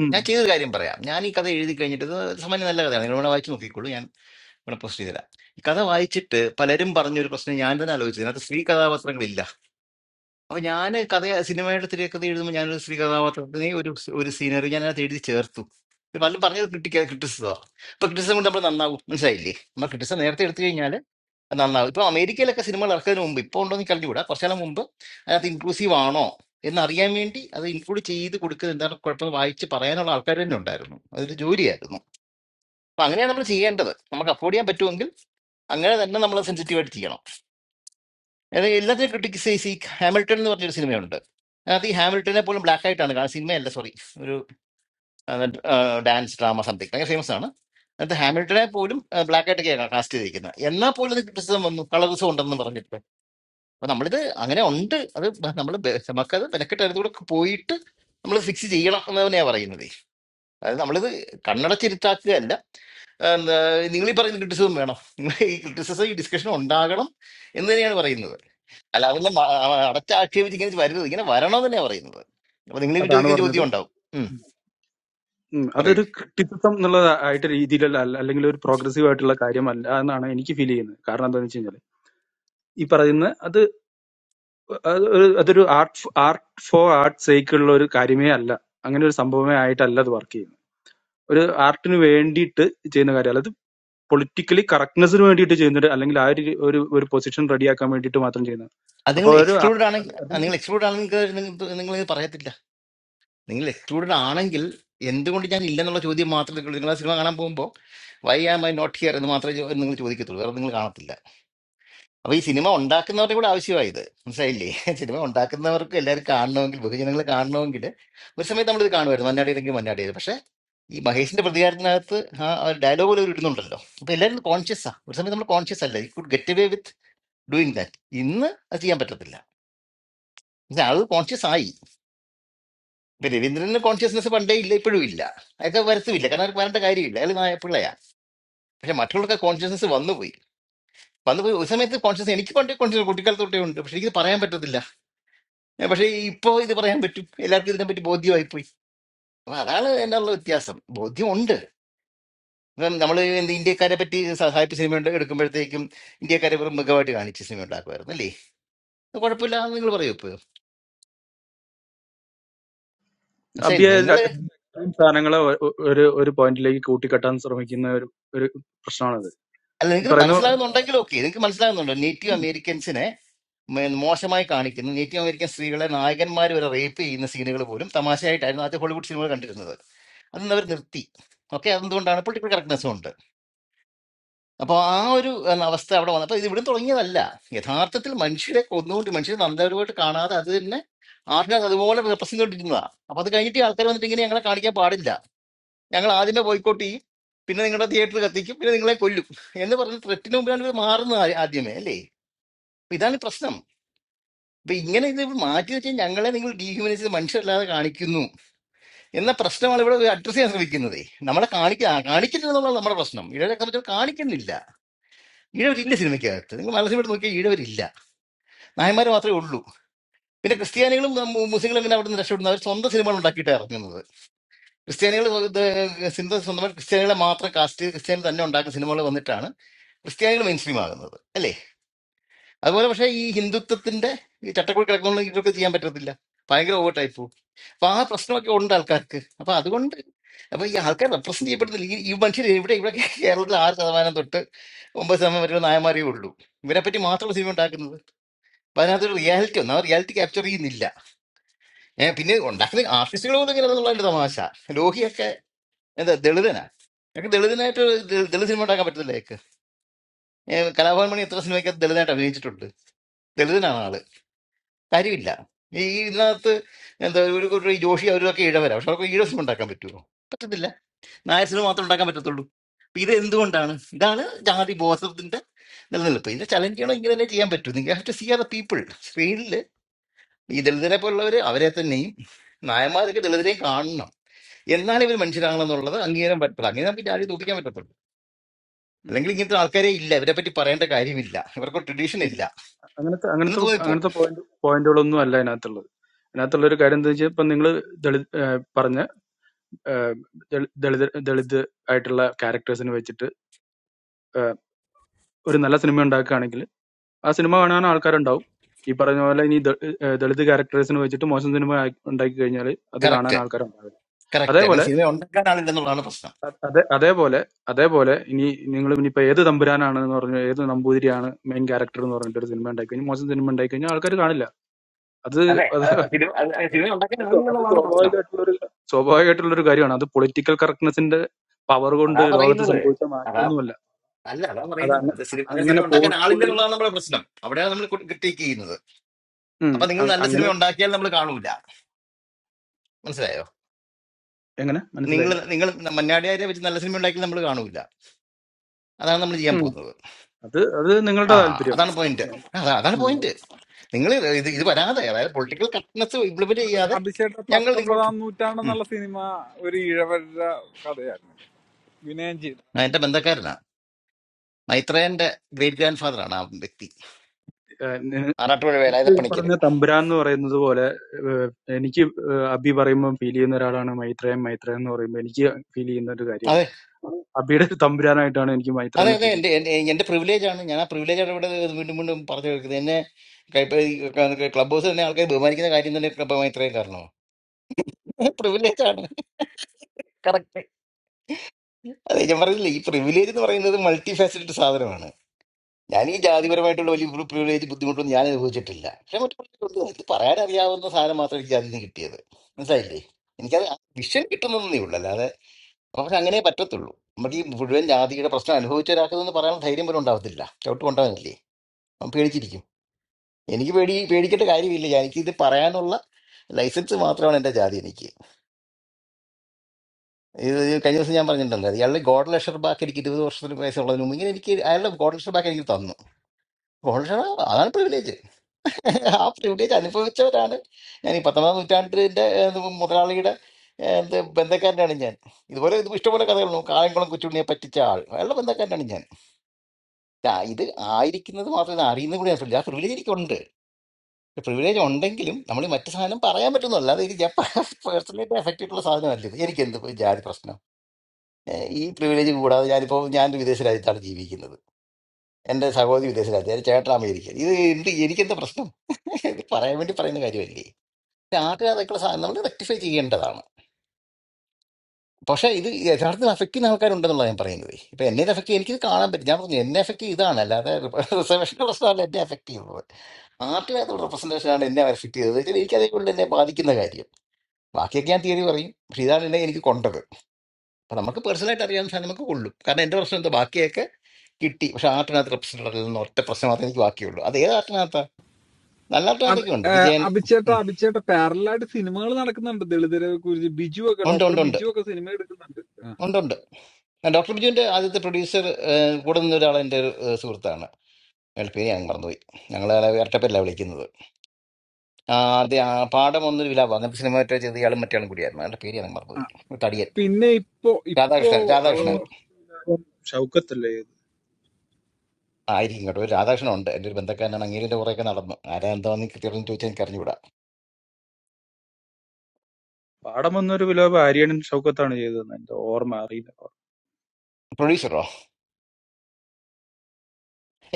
I: ഉം,
E: ഞാൻ ചെയ്തൊരു കാര്യം പറയാം ഞാൻ ഈ കഥ എഴുതി കഴിഞ്ഞിട്ട് ഇത് സാമാന്യം നല്ല കഥയാണ് നിങ്ങൾ ഇവിടെ വായിച്ചു നോക്കിക്കോളൂ ഞാൻ ഇവിടെ പോസ്റ്റ് ചെയ്തുതരാം ഈ കഥ വായിച്ചിട്ട് പലരും പറഞ്ഞൊരു പ്രശ്നം ഞാൻ തന്നെ ആലോചിച്ചു അതിനകത്ത് സ്ത്രീ കഥാപാത്രങ്ങളില്ല അപ്പൊ ഞാൻ കഥ സിനിമയുടെ തിരക്കഥ എഴുതുമ്പോൾ ഞാനൊരു സ്ത്രീ കഥാപാത്രത്തിന് ഒരു ഒരു സീനറി ഞാൻ അതിനകത്ത് എഴുതി ചേർത്തു ഇത് പലരും പറഞ്ഞത് ക്രിട്ടിക്ക ക്രിട്ടിസിസമാണ് അപ്പൊ ക്രിട്ടിസിസം കൊണ്ട് നമ്മൾ നന്നാവും മനസ്സിലായില്ലേ നമ്മൾ ക്രിട്ടിസിസം നേരത്തെ എടുത്തു കഴിഞ്ഞാൽ നന്നാവും ഇപ്പൊ അമേരിക്കയിലൊക്കെ സിനിമകൾ ഇറക്കുന്നതിന് മുമ്പ് ഇപ്പോൾ ഉണ്ടോ എന്ന് എനിക്ക് അറിഞ്ഞുകൂടാ കുറച്ചു കാലം മുമ്പ് അതിനകത്ത് ഇൻക്ലൂസീവ് ആണോ എന്നറിയാൻ വേണ്ടി അത് ഇൻക്ലൂഡ് ചെയ്ത് കൊടുക്കുന്നത് എന്താണ് കുഴപ്പം വായിച്ച് പറയാനുള്ള ആൾക്കാർ തന്നെ ഉണ്ടായിരുന്നു അതൊരു ജോലിയായിരുന്നു അപ്പൊ അങ്ങനെയാണ് നമ്മൾ ചെയ്യേണ്ടത് നമുക്ക് അഫോർഡ് ചെയ്യാൻ പറ്റുമെങ്കിൽ അങ്ങനെ തന്നെ നമ്മൾ സെൻസിറ്റീവായിട്ട് ചെയ്യണം അതായത് എല്ലാത്തിനും ക്രിട്ടിക്സ് ഈ ഹാമിൽട്ടൺ എന്ന് പറഞ്ഞൊരു സിനിമയുണ്ട് അതിനകത്ത് ഈ ഹാമിൽട്ടനെ പോലും ബ്ലാക്ക് ആയിട്ടാണ് കാണുന്നത് സിനിമയല്ല സോറി ഒരു ഡാൻസ് ഡ്രാമ സംതിങ് ഭയങ്കര ഫേമസ് ആണ് അതിനകത്ത് ഹാമിൽട്ടനെ പോലും ബ്ലാക്ക് ആയിട്ടൊക്കെയാണ് കാസ്റ്റ് ചെയ്തിരിക്കുന്നത് എന്നാൽ പോലും അത് ക്രിറ്റിസിസം വന്നു കളറിസം ഉണ്ടെന്ന് പറഞ്ഞിട്ട് അപ്പൊ നമ്മളിത് അങ്ങനെ ഉണ്ട് അത് നമ്മൾ നമുക്കത് വിലക്കെട്ട് അടുത്തുകൂടെ പോയിട്ട് നമ്മൾ ഫിക്സ് ചെയ്യണം എന്ന് തന്നെയാണ് പറയുന്നത് അതായത് നമ്മളിത് കണ്ണടച്ചിരുത്താക്കുകയല്ല എന്താ, നിങ്ങൾ ഈ പറയുന്ന ക്രിറ്റിസിസം വേണം നിങ്ങൾ ഈ ക്രിറ്റിസിസം ഈ ഡിസ്കഷൻ ഉണ്ടാകണം എന്ന് തന്നെയാണ് പറയുന്നത് അല്ല അതൊന്നും മ- അ- അടച്ചാക്ഷേപിച്ചിങ്ങനെ വരരുത് ഇങ്ങനെ വരണമെന്ന് തന്നെയാണ് പറയുന്നത് അപ്പൊ നിങ്ങൾ
I: അതാണ്
E: ചോദിക്കുന്ന
I: പറഞ്ഞത്
E: ചോദ്യം ഉണ്ടാവും ഉം,
I: ഉം,
E: പറയൂ
I: അതൊരു ക്രിട്ടിസിസം എന്നുള്ള ആയിട്ട് രീതിയിലല്ല അല്ല- അല്ലെങ്കിൽ ഒരു പ്രോഗ്രസീവ് ആയിട്ടുള്ള കാര്യമല്ല എന്നാണ് എനിക്ക് ഫീൽ ചെയ്യുന്നത് കാരണം എന്താണെന്ന് വെച്ച് കഴിഞ്ഞാൽ ഈ പറയുന്ന അത് അത് ഒരു- അതൊരു ആർട്ട് ആർട്ട് ഫോർ ആർട്ട് സേക്കുള്ള ഒരു കാര്യമേ അല്ല അങ്ങനെ ഒരു സംഭവമേ ആയിട്ടല്ല അത് വർക്ക് ചെയ്യുന്നത് ഒരു ആർട്ടിന് വേണ്ടിയിട്ട് ചെയ്യുന്ന കാര്യമല്ല അത് പൊളിറ്റിക്കലി കറക്റ്റ്നെസ്സിന് വേണ്ടിയിട്ട് ചെയ്യുന്നത് അല്ലെങ്കിൽ ആ ഒരു ഒരു ഒരു പൊസിഷൻ റെഡിയാക്കാൻ വേണ്ടിയിട്ട് മാത്രം ചെയ്യുന്നത്
E: അത്
I: അപ്പൊ
E: നിങ്ങൾ
I: ഒരു ആ-
E: എക്സ്ക്ലൂഡഡ് ആണെങ്കിൽ
I: അതിന്
E: നിങ്ങൾ എക്സ്ക്ലൂഡ് ആണെങ്കിൽ നിങ്ങൾ നിങ്ങൾ ഇത് പറയത്തില്ല നിങ്ങൾ എക്സ്ക്ലൂഡഡ് ആണെങ്കിൽ എന്തുകൊണ്ട് ഞാൻ ഇല്ലെന്നുള്ള ചോദ്യം മാത്രമേ നിങ്ങൾ നിങ്ങളെ സിനിമ കാണാൻ പോകുമ്പോൾ why am I not here എന്ന് മാത്രമേ ചോ- നിങ്ങൾ ചോദിക്കത്തുള്ളൂ വേറെ നിങ്ങൾ കാണത്തില്ല അപ്പോൾ ഈ സിനിമ ഉണ്ടാക്കുന്നവരുടെ കൂടെ ആവശ്യമായത് മനസ്സിലായില്ലേ സിനിമ ഉണ്ടാക്കുന്നവർക്ക് എല്ലാവരും കാണണമെങ്കിൽ ബഹുജനങ്ങൾ കാണണമെങ്കിൽ ഒരു സമയത്ത് നമ്മളിത് കാണുമായിരുന്നു മന്നാടിയില്ലെങ്കിൽ മന്നാടിയത് പക്ഷേ ഈ മഹേഷിന്റെ പ്രതികാരത്തിനകത്ത് ആ ഡയലോഗ് പോലെ ഒരു ഇടുന്നുണ്ടല്ലോ അപ്പൊ എല്ലാവരും കോൺഷ്യസ് ആ ഒരു സമയത്ത് നമ്മൾ കോൺഷ്യസ് അല്ല you could get away with doing that ഇന്ന് അത് ചെയ്യാൻ പറ്റത്തില്ല പക്ഷെ അത് കോൺഷ്യസ് ആയി ഇപ്പൊ രവീന്ദ്രന് കോൺഷ്യസ്നസ് പണ്ടേ ഇല്ല ഇപ്പോഴും ഇല്ല അതൊക്കെ വരത്തുമില്ല കാരണം അവർക്ക് വരേണ്ട കാര്യമില്ല അയാൾ നായ പിള്ളയാ പക്ഷെ മറ്റുള്ളവർക്ക് കോൺഷ്യസ്നസ് വന്നുപോയി വന്നുപോയി ഒരു സമയത്ത് കോൺഷ്യസ് എനിക്ക് പണ്ടേ കോൺഷ്യസ് കുട്ടിക്കാലത്ത് തൊട്ടേ ഉണ്ട് പക്ഷെ എനിക്ക് പറയാൻ പറ്റത്തില്ല ഏ, പക്ഷെ ഇപ്പോ ഇത് പറയാൻ പറ്റും എല്ലാവർക്കും ഇതിനെപ്പറ്റി ബോധ്യമായി പോയി അപ്പൊ അതാണ് എന്നുള്ള വ്യത്യാസം ബോധ്യമുണ്ട് നമ്മൾ ഇന്ത്യക്കാരെ പറ്റി സ- സാഹിത്യ സിനിമ ഉണ്ട് എടുക്കുമ്പോഴത്തേക്കും ഇന്ത്യക്കാരെ വെറും മികവായിട്ട് കാണിച്ച സിനിമ ഉണ്ടാക്കുമായിരുന്നു അല്ലേ അത് കുഴപ്പമില്ല എന്ന് നിങ്ങൾ പറയൂ ഇപ്പൊ പക്ഷേ
I: അബിയ
E: നിങ്ങൾ
I: ഇത്രയും സാധനങ്ങളെ ഒ- ഒ- ഒരു ഒരു പോയിന്റിലേക്ക് കൂട്ടിക്കെട്ടാൻ ശ്രമിക്കുന്ന ഒരു ഒരു പ്രശ്നമാണത്
E: അല്ല
I: ഈ
E: നിങ്ങൾക്ക്
I: പറയുന്ന
E: മനസ്സിലാകുന്നുണ്ടെങ്കിൽ ഓക്കെ നിങ്ങൾക്ക് മനസ്സിലാകുന്നുണ്ടോ നേറ്റീവ്
I: ഉം.
E: അമേരിക്കൻസിനെ മേ- മോശമായി കാണിക്കുന്നു നേറ്റീവ് അമേരിക്കൻ സ്ത്രീകളെ നായകന്മാർ വരെ റേപ്പ് ചെയ്യുന്ന സീനുകൾ പോലും തമാശയായിട്ടായിരുന്നു ആദ്യം ഹോളിവുഡ് സിനിമകൾ കണ്ടിരുന്നത് അതൊന്നും അവർ നിർത്തി ഓക്കെ അതെന്തുകൊണ്ടാണ് പൊളിറ്റിക്കൽ കറക്റ്റ്നെസ്സും ഉണ്ട് അപ്പോൾ ആ ഒരു എന്ന അവസ്ഥ അവിടെ വന്നപ്പോൾ ഇത് ഇവിടെ തുടങ്ങിയതല്ല യഥാർത്ഥത്തിൽ മനുഷ്യരെ കൊന്നുകൊണ്ട് മനുഷ്യരെ നന്ദപരമായിട്ട് കാണാതെ അത് തന്നെ ആർട്ടിനെ അതുപോലെ റെപ്രസെന്റ് ചെയ്തിരുന്നതാണ് അപ്പോൾ അത് കഴിഞ്ഞിട്ട് ഈ ആൾക്കാർ വന്നിട്ട് ഇങ്ങനെ ഞങ്ങളെ കാണിക്കാൻ പാടില്ല ഞങ്ങൾ ആദ്യമേ ബോയ്ക്കോട്ട് ചെയ്യും പിന്നെ നിങ്ങളുടെ തിയേറ്റർ കത്തിക്കും പിന്നെ നിങ്ങളെ കൊല്ലും എന്ന് പറഞ്ഞ് ത്രെറ്റിന് മുമ്പിലാണ് ഇത് മാറുന്നത് ആ- ആദ്യമേ അല്ലേ അപ്പൊ ഇതാണ് പ്രശ്നം അപ്പൊ ഇങ്ങനെ ഇത് മാറ്റി വെച്ച് ഞങ്ങളെ നിങ്ങൾ ഡീഹ്യൂമനൈസ് ചെയ്ത് മനുഷ്യരല്ലാതെ കാണിക്കുന്നു എന്ന പ്രശ്നമാണ് ഇവിടെ അഡ്രസ് ചെയ്യാൻ ശ്രമിക്കുന്നത് നമ്മളെ കാണിക്ക കാണിക്കുന്നത് എന്നുള്ളത് നമ്മുടെ പ്രശ്നം ഇഴയെ സംബന്ധിച്ച് കാണിക്കുന്നില്ല ഈഴവരില്ല സിനിമയ്ക്കകത്ത് നിങ്ങൾ മനസ്സിൽ ഇവിടെ നോക്കിയാൽ ഈഴവരില്ല നായന്മാർ മാത്രമേ ഉള്ളൂ പിന്നെ ക്രിസ്ത്യാനികളും മു- മുസ്ലിങ്ങളും പിന്നെ അവിടെ നിന്ന് രക്ഷപ്പെടുന്നത് അവർ സ്വന്തം സിനിമകൾ ഉണ്ടാക്കിയിട്ട് ഇറങ്ങുന്നത് ക്രിസ്ത്യാനികൾ സ്വന്തം സ്വന്തമായി ക്രിസ്ത്യാനികളെ മാത്രം കാസ്റ്റ് ക്രിസ്ത്യാനി തന്നെ ഉണ്ടാക്കുന്ന സിനിമകൾ വന്നിട്ടാണ് ക്രിസ്ത്യാനികൾ മെയിൻ സ്ട്രീം ആകുന്നത് അല്ലേ അതുപോലെ പക്ഷേ ഈ ഹിന്ദുത്വത്തിന്റെ ഈ ചട്ടക്കൂട് കിടക്കുന്ന ഇതൊക്കെ ചെയ്യാൻ പറ്റത്തില്ല ഭയങ്കര ഓവർട്ടായി പോകും അപ്പൊ ആ പ്രശ്നമൊക്കെ ഉണ്ട് ആൾക്കാർക്ക് അപ്പൊ അതുകൊണ്ട് അപ്പൊ ഈ ആൾക്കാർ റെപ്രസെന്റ് ചെയ്യപ്പെടുന്നില്ല ഈ ഈ മനുഷ്യർ ഇവിടെ ഇവിടെ കേരളത്തിൽ ആറ് ശതമാനം തൊട്ട് ഒമ്പത് ശതമാനം വരെയുള്ള നായമാരേ ഉള്ളൂ ഇവരെപ്പറ്റി മാത്രമുള്ള സിനിമ ഉണ്ടാക്കുന്നത് അപ്പൊ അതിനകത്തൊരു റിയാലിറ്റി ഒന്നും ആ റിയാലിറ്റി ക്യാപ്ചർ ചെയ്യുന്നില്ല ഏഹ് പിന്നെ ഉണ്ടാക്കുന്ന ആർട്ടിസ്റ്റുകൾ പോലും ഇങ്ങനെ എന്റെ തമാശ ലോഹിയൊക്കെ എന്താ ദളിതനാ ഞങ്ങൾക്ക് ദളിതനായിട്ട് ദളിത് സിനിമ ഉണ്ടാക്കാൻ പറ്റത്തില്ല ഏക്ക് കലാഭവൻ മണി എത്ര സിനിമയ്ക്ക് ദളിതനായിട്ട് അഭിനയിച്ചിട്ടുണ്ട് ദളിതനാണ് ആള് കാര്യമില്ല ഈ ഇതിനകത്ത് എന്താ ഒരു കൂട്ടർ ഈ ജോഷി അവരൊക്കെ ഇഴവരാം പക്ഷെ അവർക്ക് ഈഴ സിനിമ ഉണ്ടാക്കാൻ പറ്റുമോ പറ്റത്തില്ല നായർ സിനിമ മാത്രം ഉണ്ടാക്കാൻ പറ്റത്തുള്ളൂ അപ്പൊ ഇത് എന്തുകൊണ്ടാണ് ഇതാണ് ജാതി ബോധത്തിന്റെ നിലനിൽപ്പ് ഇതിനെ ചലഞ്ച് ചെയ്യണം ഇങ്ങനെ തന്നെ ചെയ്യാൻ പറ്റൂ നിങ്ങൾ have to see are the people സ്ക്രീനിൽ ഈ ദളിതരെ പോലുള്ളവർ അവരെ തന്നെയും നായന്മാരൊക്കെ ദളിതരെയും കാണണം എന്നാലും ഇവർ മനുഷ്യരാണെന്നുള്ളത് അംഗീകാരം പറ്റത്തുള്ളൂ അങ്ങനെ നമുക്ക് ജാതി തോപ്പിക്കാൻ പറ്റത്തുള്ളൂ
I: ഉം.
E: അല്ലെങ്കിൽ ഇങ്ങനത്തെ ആൾക്കാരെ ഇല്ല ഇവരെ പറ്റി പറയേണ്ട കാര്യമില്ല ഇവർക്ക് ട്രഡീഷൻ
I: ഉം.
E: ഇല്ല
I: അങ്ങനത്തെ
E: എന്ന്
I: അങ്ങനത്തെ
E: തോന്നിപ്പോ
I: അങ്ങനത്തെ പോയിന്റ് പോയിന്റുകളൊന്നും അല്ല അതിനകത്തുള്ളത് അതിനകത്തുള്ള ഒരു കാര്യം എന്താ വെച്ചാൽ ഇപ്പൊ നിങ്ങൾ ഏഹ് ദളി- ദളിത് ദളിത് ആയിട്ടുള്ള ക്യാരക്ടേഴ്സിനെ വെച്ചിട്ട് ഏഹ് ഒരു നല്ല സിനിമ ഉണ്ടാക്കുകയാണെങ്കിൽ ആ സിനിമ കാണാൻ ആൾക്കാരുണ്ടാവും ഈ പറഞ്ഞ പോലെ ഇനി ദ- ഏഹ് ദളിത് ക്യാരക്ടേഴ്സിനെ വെച്ചിട്ട് മോശം സിനിമ ആ- ഉണ്ടാക്കി കഴിഞ്ഞാൽ അത് കാണാൻ
E: കറക്റ്റ്
I: ആൾക്കാരുണ്ടാവില്ല
E: കറക്റ്റ് അങ്ങനെ
I: അതേപോലെ
E: സിനിമ ഉണ്ടാക്കാൻ ആളില്ലെന്നുള്ളതാണ് പ്രശ്നം
I: അതെ അതേപോലെ അതേപോലെ ഇനി നിങ്ങൾ ഇനിയിപ്പോ ഏത് തമ്പുരാനാണ് എന്ന് പറഞ്ഞു ഏത് നമ്പൂതിരിയാണ് മെയിൻ ക്യാരക്ടർ എന്ന് പറഞ്ഞിട്ട് ഒരു സിനിമ ഉണ്ടാക്കി കഴിഞ്ഞാൽ മോശം സിനിമ ഉണ്ടാക്കി കഴിഞ്ഞാൽ ആൾക്കാർ കാണില്ല അത്
E: അതെ
I: അത്
E: അഹ് സിനിമ അത് സിനിമ ഉണ്ടാക്കാൻ
I: അത് സ്വ- അത്
E: ആളില്ലെന്നുള്ളതാണ് പ്രശ്നം
I: സ്വാഭാവികമായിട്ടുള്ളൊരു സ്വാഭാവികമായിട്ടുള്ളൊരു കാര്യമാണ് അത് പൊളിറ്റിക്കൽ കറക്റ്റ്നെസിന്റെ പവർ കൊണ്ട്
E: അതാ
I: ലോകത്ത്
E: പറയുന്നത്
I: സംഭവിച്ച
E: അതാ
I: മാറ്റമൊന്നുമല്ല
E: അല്ല അതാ
I: അത്
E: പറയുന്നത്
I: അങ്ങ-
E: അത് സിനിമ അങ്ങനെ
I: അങ്ങനെ
E: സിനിമ ഉണ്ടാക്കാൻ
I: ഫോഴ്സ്ഫുള്ളി
E: ആളില്ലെന്നുള്ളതാണ് നമ്മുടെ പ്രശ്നം അവിടെയാണ് നമ്മൾ ക്രിട്ടിക്ക് ചെയ്യുന്നത്
I: ഉം
E: അപ്പൊ നിങ്ങൾ
I: അ-
E: നല്ല
I: അങ്ങനെ
E: സിനിമ ഉണ്ടാക്കിയാൽ നമ്മൾ കാണൂല മനസ്സിലായോ
I: എങ്ങനെ
E: നിങ്ങൾ
I: മനസ്സിലായില്ല
E: നിങ്ങൾ മന്നാടിയാരെ വെച്ച് നല്ല സിനിമ ഉണ്ടാക്കിയാൽ നമ്മൾ കാണൂല അതാണ് നമ്മൾ ചെയ്യാൻ
I: ഉം
E: പോകുന്നത്
I: അത് അത് നിങ്ങളുടെ
E: ആ
I: താല്പര്യം
E: അതാണ് പോയിന്റ് അതാ അതാണ്
I: ഉം,
E: പോയിന്റ് നിങ്ങൾ ഇത് ഇത് വരാതെ അതായത് പൊളിറ്റിക്കൽ കറക്റ്റ്നെസ് ഇംപ്ലിമെന്റ് ചെയ്യാതെ
J: അഭിഷേക്
E: ഞങ്ങൾ നിങ്ങളോട്
J: പത്തൊമ്പതാം
E: ഉം,
J: നൂറ്റാണ്ടെന്നുള്ള സിനിമ ഒരു ഇഴവരുടെ കഥയായിരുന്നു വിനയം ചെയ്തു
E: എന്റെ ബന്ധക്കാരനാണ് മൈത്രേയന്റെ ഗ്രേറ്റ് ഗ്രാൻഡ് ഫാദറാണ് ആ വ്യക്തി
I: ഏഹ്
E: ആറാട്ടുപുഴ
I: നിങ്ങൾക്ക് ഈ
E: വേലായുധപ്പണിക്കര്
I: പറഞ്ഞ തമ്പുരാൻ എന്ന് പറയുന്നത് പോലെ ഏഹ് എനിക്ക് ഏഹ് അബി പറയുമ്പോൾ ഫീൽ ചെയ്യുന്ന ഒരാളാണ് മൈത്രേയൻ മൈത്രേയൻ എന്ന് പറയുമ്പോൾ എനിക്ക് ഫീൽ ചെയ്യുന്ന ഒരു കാര്യമാണ്
E: അതെ
I: അബിയുടെ ഒരു തമ്പുരാനായിട്ടാണ് എനിക്ക്
E: അതെ
I: മൈത്രേനെ
E: അതെ
I: ഫീൽ
E: എന്റെ
I: ചെയ്യുന്നത്
E: എന്റെ എന്റെ privilege ആണ് ഞാൻ ആ privilege ആണ് ഇവിടെ ഇത് വീണ്ടും വീണ്ടും പറഞ്ഞു കേൾക്കുന്നത് എന്നെ ക്ലബ് ഹൗസ് തന്നെ ആൾക്കാർ ബഹുമാനിക്കുന്ന കാര്യം തന്നെ ക്ലബ് ഇത്രയും കാരണമോ പ്രിവിലേജ് ആണ് അതെ ഞാൻ പറഞ്ഞില്ല ഈ പ്രിവിലേജ് എന്ന് പറയുന്നത് മൾട്ടി ഫാസിലിറ്റി സാധനമാണ് ഞാൻ ഈ ജാതിപരമായിട്ടുള്ള വലിയ പ്രിവിലേജ് ബുദ്ധിമുട്ടൊന്നും ഞാൻ അനുഭവിച്ചിട്ടില്ല പക്ഷെ മറ്റു പലർക്കും ഇത് പറയാൻ അറിയാവുന്ന സാധനം മാത്രം എനിക്ക് അതിൽ നിന്ന് കിട്ടിയത് മനസ്സിലായില്ലേ എനിക്കത് വിഷൻ കിട്ടുന്നതെന്നേ ഉള്ളൂ അല്ലാതെ പക്ഷെ അങ്ങനെ പറ്റത്തുള്ളൂ നമുക്ക് ഈ മുഴുവൻ ജാതിയുടെ പ്രശ്നം അനുഭവിച്ച ഒരാൾക്ക് ഇതൊന്നും പറയാൻ ധൈര്യം പോലും ഉണ്ടാവത്തില്ല ചവിട്ട് കൊണ്ടാവില്ലേ അവൻ പേടിച്ചിരിക്കും എനിക്ക് പേടി പേടിക്കേണ്ട കാര്യമില്ല ഞാൻ- എനിക്ക് ഇത് പറയാനുള്ള ലൈസൻസ് മാത്രമാണ് എൻ്റെ ജാതി എനിക്ക് ഇത് ഈ കഴിഞ്ഞ ദിവസം ഞാൻ പറഞ്ഞിട്ടുണ്ടല്ലോ ഇയാളുടെ ഗോഡ് ലെഷർ ബാക്ക് എനിക്ക് ഇരുപത് വർഷത്തിന് വയസ്സുള്ളതിന് മുമ്പ് ഇങ്ങനെ എനിക്ക് അയാളുടെ ഗോഡ് ലെഷർ ബാക്ക് എനിക്ക് തന്നു ഗോഡ് ലെഷർ അതാണ് പ്രിവിലേജ് ആ പ്രിവിലേജ് അനുഭവിച്ചവരാണ് ഞാൻ ഈ പത്തൊമ്പതാം നൂറ്റാണ്ടിൻ്റെ ഏഹ്, മുതലാളിയുടെ ഏഹ്, എന്ത് ബന്ധക്കാരനാണ് ഞാൻ ഇതുപോലെ ഇത് ഇഷ്ടംപോലെ കഥകളുണ്ട് കായംകുളം കൊച്ചുണ്ണിയെ പറ്റിച്ച ആൾ അയാളുടെ ബന്ധക്കാരനാണ് ഞാൻ ആ, ഇത് ആയിരിക്കുന്നത് മാത്രമേ ഇത് അറിയുന്നത് കൂടി ഞാൻ ആ പ്രിവിലേജ് എനിക്കുണ്ട് പ്രിവിലേജ് ഉണ്ടെങ്കിലും നമ്മൾ മറ്റു സാധനം പറയാൻ പറ്റുന്നു അല്ലാതെ ഇത് ജപ്പാൻ പേഴ്സണലായിട്ട് എഫക്റ്റ് ആയിട്ടുള്ള സാധനമല്ല ഇത് എനിക്ക് എന്ത് ജാതി പ്രശ്നം ഏ, ഈ പ്രിവിലേജ് കൂടാതെ ഞാനിപ്പോൾ ഞാൻ വിദേശ രാജ്യത്താണ് ജീവിക്കുന്നത് എൻ്റെ സഹോദരി വിദേശ രാജ്യത്ത് എൻ്റെ ചേട്ടൻ അമേരിക്ക ഇത് എന്ത് എനിക്കെന്താ പ്രശ്നം ഇത് പറയാൻ വേണ്ടി പറയുന്ന കാര്യമല്ലേ ഇത് നാട്ടുകാരായിട്ടുള്ള സാധനം നമ്മൾ റെക്ടിഫൈ ചെയ്യേണ്ടതാണ് പക്ഷേ ഇത് യഥാർത്ഥത്തിൽ അഫക്റ്റ് ചെയ്യുന്ന ആൾക്കാരുണ്ടെന്നുള്ള ഞാൻ പറയുന്നത് ഇപ്പം എന്നെ അഫക്റ്റ് എനിക്കിത് കാണാൻ പറ്റും ഞാൻ പറഞ്ഞു എന്നെ അഫക്റ്റ് ഇതാണ് അല്ലാതെ റിസർവേഷൻ പ്രശ്നമല്ല എന്നെ അഫക്റ്റ് ചെയ്യുന്നത് ആർട്ടിനകത്തുള്ള റെപ്രസെൻറ്റേഷൻ ആണ് എന്നെ അഫക്റ്റ് ചെയ്തത് എനിക്കതേ കൊണ്ട് എന്നെ ബാധിക്കുന്ന കാര്യമല്ല ബാക്കിയൊക്കെ ഞാൻ തിയറി പറയും പക്ഷെ ഇതാണല്ലേ എനിക്ക് കൊണ്ടത് അപ്പം നമുക്ക് പേഴ്സണലായിട്ട് അറിയാവുന്ന സാധനം നമുക്ക് കൊള്ളും കാരണം എൻ്റെ പ്രശ്നം എന്താ ബാക്കിയൊക്കെ കിട്ടി പക്ഷെ ആർട്ടിനകത്ത് റെപ്രസെൻ്റ് എന്ന ഒറ്റ പ്രശ്നം മാത്രമേ എനിക്ക് ബാക്കിയുള്ളൂ അത് ഏത് ആർട്ടിനകത്താ നല്ല ആർട്ടിനകത്തൊക്കെ ഉണ്ട് വിജയൻ
J: അഭിച്ചേട്ട
E: ഉം.
J: അഭിച്ചേട്ട പാരലായിട്ട് സിനിമകൾ നടക്കുന്നുണ്ട് ദളിതരെ കുറിച്ച് ബിജു ഒക്കെ
E: ഉണ്ട്
J: ഡോക്ടർ
E: ഉണ്ട് ഉണ്ട്
J: ബിജു ഒക്കെ സിനിമ എടുക്കുന്നുണ്ട് ആ.
E: ഉണ്ട് ഉണ്ട് ഞാൻ ഡോക്ടർ ബിജുവിൻ്റെ ആദ്യത്തെ പ്രൊഡ്യൂസർ കൂടെ നിന്ന ഒരാൾ എൻ്റെ ഒരു ഏഹ്, സുഹൃത്താണ് അയാളുടെ പേര് ഞാൻ മറന്നുപോയി ഞങ്ങൾ ഇരട്ടപ്പല്ല വിളിക്കുന്നത് ആ, ആദ്യ ആ, പാഠം ഒന്നൊരു വിലാപം അങ്ങനത്തെ സിനിമ മറ്റോ ചെയ്ത് ഇയാളും മറ്റേ ആളും കൂടിയായിരുന്നു അയാളുടെ പേര് ഞാൻ മറന്നുപോയി ഒരു തടിയൻ
J: പിന്നെ ഇപ്പോ ഇപ്പോ
E: രാധാകൃഷ്ണൻ രാധാകൃഷ്ണൻ
J: ഏഹ്,
I: പാഠമൊന്നും ഷൗക്കത്തല്ലേ ചെയ്ത്
E: ആയിരിക്കും കേട്ടോ ഒരു രാധാകൃഷ്ണൻ ഉണ്ട് എൻ്റെ ഒരു ബന്ധക്കാരനാണ് അങ്ങേരിൻ്റെ കുറെയൊക്കെ നടന്നു ആരാ എന്താന്ന് കൃത്യമായിട്ട് ചോദിച്ചാൽ എനിക്ക് അറിഞ്ഞുകൂടാ
I: പാഠം വന്നൊരു വിലോപം ആര്യനും ഷൗക്കത്താണ് ചെയ്തതെന്ന് എന്റെ ഓർമ്മ അറിയില്ല
E: പ്രൊഡ്യൂസറോ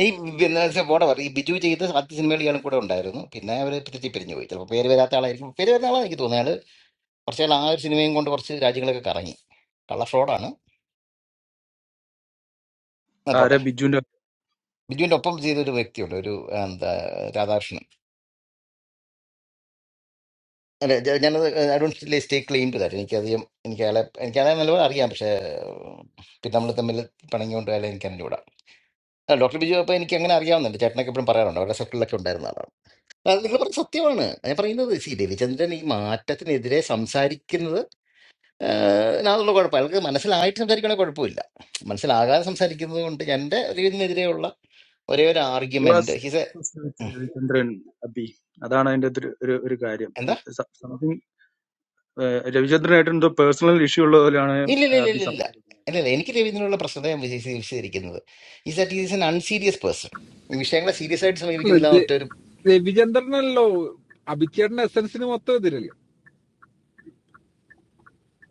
E: ഈ പിന്നെ പോടെ പറ ഈ ബിജു ചെയ്ത ആദ്യ സിനിമകൾ ഇയാളും കൂടെ ഉണ്ടായിരുന്നു പിന്നെ അവർ തിരിച്ച് പിരിഞ്ഞു പോയി ചിലപ്പോൾ പേര് വരാത്ത ആളായിരിക്കും പേര് വരുന്ന ആളാണ് എനിക്ക് തോന്നുന്നത് അയാൾ കുറച്ച് നാൾ ആ ഒരു സിനിമയും കൊണ്ട് കുറച്ച് രാജ്യങ്ങളൊക്കെ കറങ്ങി കള്ള ഫ്രോഡാണ് എന്നാ
I: ആരാ
E: പോട്ടെ
I: ബിജുവിന്റെ
E: ബിജുവിൻ്റെ ഒപ്പം ചെയ്തൊരു വ്യക്തിയുണ്ട് ഒരു എന്താ രാധാകൃഷ്ണൻ അല്ല ജ- ഞാനത് I don't stay claim to that എനിക്കധികം എനിക്ക് അയാളെ എനിക്ക് അയാളെ നല്ലപോലെ അറിയാം പക്ഷേ പിന്നെ നമ്മൾ തമ്മിൽ പിണങ്ങിക്കൊണ്ട് അയാളെ എനിക്ക് ആ, ഡോക്ടർ ബിജു അപ്പോൾ എനിക്ക് അങ്ങനെ അറിയാവുന്നുണ്ട് ചേട്ടനൊക്കെ എപ്പോഴും പറയാറുണ്ട് അവരുടെ സർക്കിളിലൊക്കെ ഉണ്ടായിരുന്ന ആളാണ് ആ, നിങ്ങൾ പറഞ്ഞ സത്യമാണ് ഞാൻ പറയുന്നത് സി രവിചന്ദ്രൻ ഈ മാറ്റത്തിനെതിരെ സംസാരിക്കുന്നത് അതിനുള്ള കുഴപ്പമില്ല അയാൾക്ക് മനസ്സിലായിട്ട് സംസാരിക്കണേ കുഴപ്പമില്ല മനസ്സിലാകാതെ സംസാരിക്കുന്നത് കൊണ്ട് എൻ്റെ ഒരു ഇതിനെതിരെയുള്ള ഒരേ ഒരു
I: your
E: argument is
I: Ravichandran അബി അതാണ് അതിന്റെ ഒരു ഒരു ഒരു കാര്യം
E: എന്താ
I: സംതിങ് രവിചന്ദ്രനായിട്ട് എന്തോ പേഴ്സണൽ ഇഷ്യൂ ഉള്ള പോലെയാണ്
E: ഇല്ല ഇല്ല ഇല്ല
I: അബി
E: ഇല്ല ഇല്ല
I: സംസാരിക്കുന്നത്
E: ഇല്ല ഇല്ല, എനിക്ക് രവീന്ദ്രനുള്ള പ്രശ്നത ഞാൻ വിശേഷി- വിശദീകരിക്കുന്നത് is that is an unserious person ഈ വിഷയങ്ങളെ സീരിയസ് ആയിട്ട്
J: ര-
E: സമീപിക്കുന്നില്ല
J: രവിചന്ദ്രനല്ലോ അഭിച്ചേട്ടന്റെ എസൻസിന് മൊത്തം എതിരല്ലേ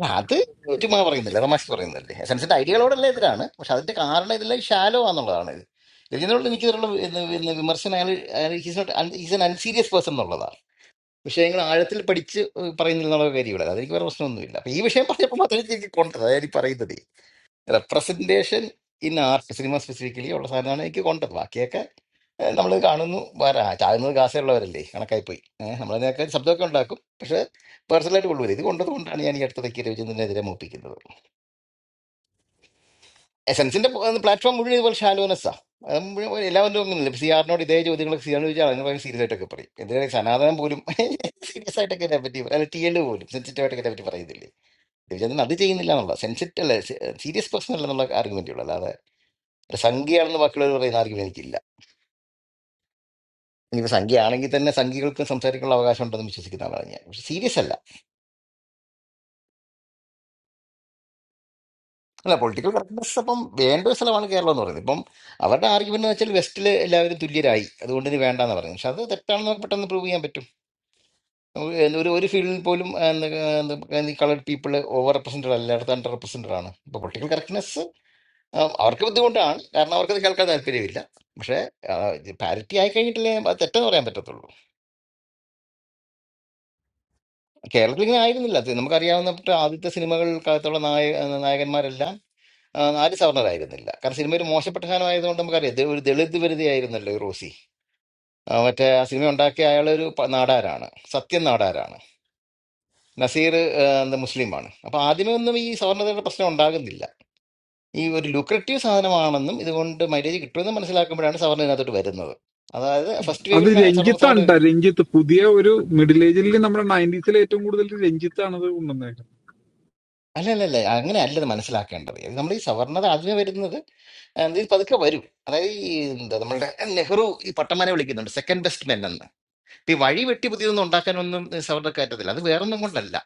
E: ആ, അത് ചുമ്മാ പറയുന്നില്ല തമാശ പറയുന്നില്ലേ എസൻസിന്റെ ഐഡിയകളോടല്ല എതിരാണ് പക്ഷെ അതിന്റെ കാരണം ഇതെല്ലാം ഷാലോ ആണെന്നുള്ളതാണ് ഇത് രജനോട് എനിക്ക് ഇതിലുള്ള ഇത് ഇത് വിമർശനം അയാൾ ഈസ് എൻ അൺസീരിയസ് പേഴ്സൺ എന്നുള്ളതാണ് വിഷയങ്ങൾ ആഴത്തിൽ പഠിച്ച് പറയുന്നില്ല എന്നുള്ള കാര്യമില്ല അതെനിക്ക് വേറെ പ്രശ്നമൊന്നുമില്ല അപ്പൊ ഈ വിഷയം പറഞ്ഞപ്പോൾ മാത്രമേ എനിക്ക് കൊണ്ടത് അതായത് പറയുന്നത് representation in art cinema specifically ഉള്ള സാധനമാണ് എനിക്ക് കൊണ്ടത് ബാക്കിയൊക്കെ നമ്മൾ കാണുന്നു വരാ ചാകുന്നത് കാസുള്ളവരല്ലേ കണക്കായി പോയി നമ്മളതിനൊക്കെ ശബ്ദമൊക്കെ ഉണ്ടാക്കും പക്ഷേ പേഴ്സണലായിട്ട് കൊള്ളുവരും ഇത് കൊണ്ടത് കൊണ്ടാണ് ഞാൻ ഈ അടുത്തതൊക്കെ രവിചന്ദ്രനെതിരെ മൂപ്പിക്കുന്നത് എസെൻസിന്റെ പ്ലാറ്റ്ഫോം മുഴുവൻ ഇതുപോലെ ഷാലോനസ്സാണ് അത് മുഴുവൻ എല്ലാവരും ഒന്നുമില്ല സി ആറിനോട് ഇതേ ചോദ്യങ്ങളൊക്കെ സി ആറിന് ചോദിച്ചാൽ അതിന് ഭയങ്കര സീരിയസ് ആയിട്ടൊക്കെ പറയും എന്തിനാണ് സനാതനം പോലും സീരിയസ് ആയിട്ടൊക്കെ ഇതിനെ പറ്റി പറയും. അല്ല ടി എൽ പോലും സെൻസിറ്റീവ് ആയിട്ടൊക്കെ ഇതിനെ പറ്റി പറയുന്നില്ലേ രവിചന്ദ്രൻ അത് ചെയ്യുന്നില്ല എന്നുള്ള സെൻസിറ്റീവ് അല്ല സീരിയസ് പേഴ്സൺ അല്ല എന്നുള്ള ആർഗ്യുമെന്റുള്ളൂ ഒരു സംഖ്യയാണെന്ന് ബാക്കിയുള്ളവർ പറയുന്ന ആർക്കും എനിക്കില്ല ഇനിയിപ്പോൾ സംഖ്യയാണെങ്കിൽ തന്നെ സംഖ്യകൾക്ക് സംസാരിക്കാനുള്ള അവകാശം ഉണ്ടെന്ന് വിശ്വസിക്കുന്ന ആളാണ് ഞാൻ പക്ഷെ സീരിയസ് അല്ല അല്ല പൊളിറ്റിക്കൽ കറക്റ്റ്നെസ് അപ്പം വേണ്ട ഒരു സ്ഥലമാണ് കേരളം എന്ന് പറയുന്നത് ഇപ്പം അവരുടെ ആർഗ്യുമെന്റ് എന്ന് വെച്ചാൽ വെസ്റ്റിൽ എല്ലാവരും തുല്യരായി അതുകൊണ്ട് ഇനി വേണ്ടാന്ന് പറയുന്നത് പക്ഷെ അത് തെറ്റാണെന്ന് നമുക്ക് പെട്ടെന്ന് പ്രൂവ് ചെയ്യാൻ പറ്റും നമുക്ക് ഒരു ഒരു ഫീൽഡിൽ പോലും കളർഡ് പീപ്പിൾ ഓവർ റെപ്രസെൻറ്റഡ് അല്ല അടുത്ത് അണ്ടർ റെപ്രസെൻറ്റഡ് ആണ് ഇപ്പോൾ പൊളിറ്റിക്കൽ കറക്റ്റ്നെസ് അവർക്ക് ബുദ്ധിമുട്ടാണ് കാരണം അവർക്കത് കേൾക്കാൻ താല്പര്യമില്ല പക്ഷേ പാരിറ്റി ആയി കഴിഞ്ഞിട്ടില്ലേ അത് തെറ്റെന്ന് പറയാൻ പറ്റത്തുള്ളൂ കേരളത്തിൽ ഇങ്ങനെ ആയിരുന്നില്ല അത് നമുക്കറിയാവുന്ന മറ്റ് ആദ്യത്തെ സിനിമകൾക്കകത്തുള്ള നായ നായകന്മാരെല്ലാം ആ, ആര്യ സവർണരായിരുന്നില്ല കാരണം സിനിമ ഒരു മോശപ്പെട്ട സാധനമായതുകൊണ്ട് നമുക്കറിയാം ദേ ഒരു ദളിത് വരുതിയായിരുന്നല്ലോ ഈ റോസി ആ, മറ്റേ ആ സിനിമ ഉണ്ടാക്കിയ അയാളൊരു പ- നാടാരാണ് സത്യൻ നാടാരാണ് നസീർ ആ, എന്താ മുസ്ലിമാണ് അപ്പൊ ആദ്യമേ ഒന്നും ഈ സവർണതയുടെ പ്രശ്നം ഉണ്ടാകുന്നില്ല ഈ ഒരു ലുക്രറ്റീവ് സാധനമാണെന്നും ഇതുകൊണ്ട് മൈലേജ് കിട്ടുമെന്ന് മനസ്സിലാക്കുമ്പോഴാണ് സവർണ ഇതിനകത്തോട്ട് വരുന്നത് അതായത്
I: ഈ
E: ഫസ്റ്റ്
J: അത്
E: വേവിൽ സവർണ സവർണ
J: രഞ്ജിത്താണ് ട്ടാ, രഞ്ജിത്ത് പുതിയ ഒരു മിഡിൽ ഏജിൽ നമ്മുടെ നയൻറ്റീസിൽ ഏറ്റവും കൂടുതൽ രഞ്ജിത്താണ് ഇത് ഉണ്ടെന്ന്
E: അല്ല അല്ല അല്ല അങ്ങനെയല്ല ഇത് മനസ്സിലാക്കേണ്ടത് നമ്മൾ ഈ സവർണത ആദ്യമേ വരുന്നത് ആ, ഇത് പതുക്കെ വരും അതായത് ഈ എന്താ നമ്മളുടെ നെഹ്റു ഈ പട്ടമാനെ വിളിക്കുന്നുണ്ട് സെക്കൻഡ് ബെസ്റ്റ് മെൻ എന്ന് ഇപ്പൊ ഈ വഴി വെട്ടി പുതിയതൊന്നും ഉണ്ടാക്കാനൊന്നും സവർണ്ണ കയറ്റത്തില്ല അത് വേറൊന്നും കൊണ്ടല്ല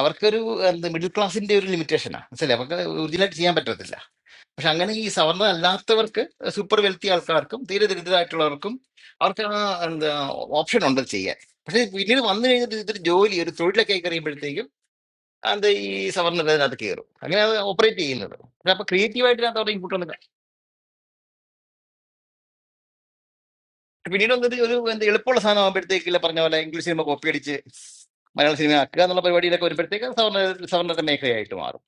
E: അവർക്കൊരു എന്താ മിഡിൽ ക്ലാസിന്റെ ഒരു ലിമിറ്റേഷനാണ് മനസ്സിലെ അവർക്ക് ഒറിജിനലായിട്ട് ചെയ്യാൻ പറ്റത്തില്ല പക്ഷെ അങ്ങനെ ഈ സവർണ്ണ അല്ലാത്തവർക്ക് സൂപ്പർ വെൽത്തി ആൾക്കാർക്കും തീരെ ദരിദ്രരായിട്ടുള്ളവർക്കും അവർക്ക് ആ എന്താ ഓപ്ഷൻ ഉണ്ട് ചെയ്യാൻ പക്ഷെ പിന്നീട് വന്നു കഴിഞ്ഞിട്ട് ഇതൊരു ജോലി ഒരു തൊഴിലൊക്കെ ആയി കഴിയുമ്പോഴത്തേക്കും അത് ഈ സവർണ്ണ അതിനകത്ത് കയറും അങ്ങനെ അത് ഓപ്പറേറ്റ് ചെയ്യുന്നത് പക്ഷെ അപ്പൊ ക്രിയേറ്റീവായിട്ട് അതിനകത്ത് അവരുടെ പിന്നീട് വന്നിട്ട് ഒരു എന്താ എളുപ്പമുള്ള സാധനം ആകുമ്പോഴത്തേക്കില്ല പറഞ്ഞ പോലെ ഇംഗ്ലീഷ് സിനിമ കോപ്പി അടിച്ച് മലയാള സിനിമ ആക്കുക എന്നുള്ള പരിപാടിയിലൊക്കെ വരുമ്പോഴത്തേക്ക് അത് സവർണ്ണ സവർണ്ണത്തെ മേഖലയായിട്ട് മാറും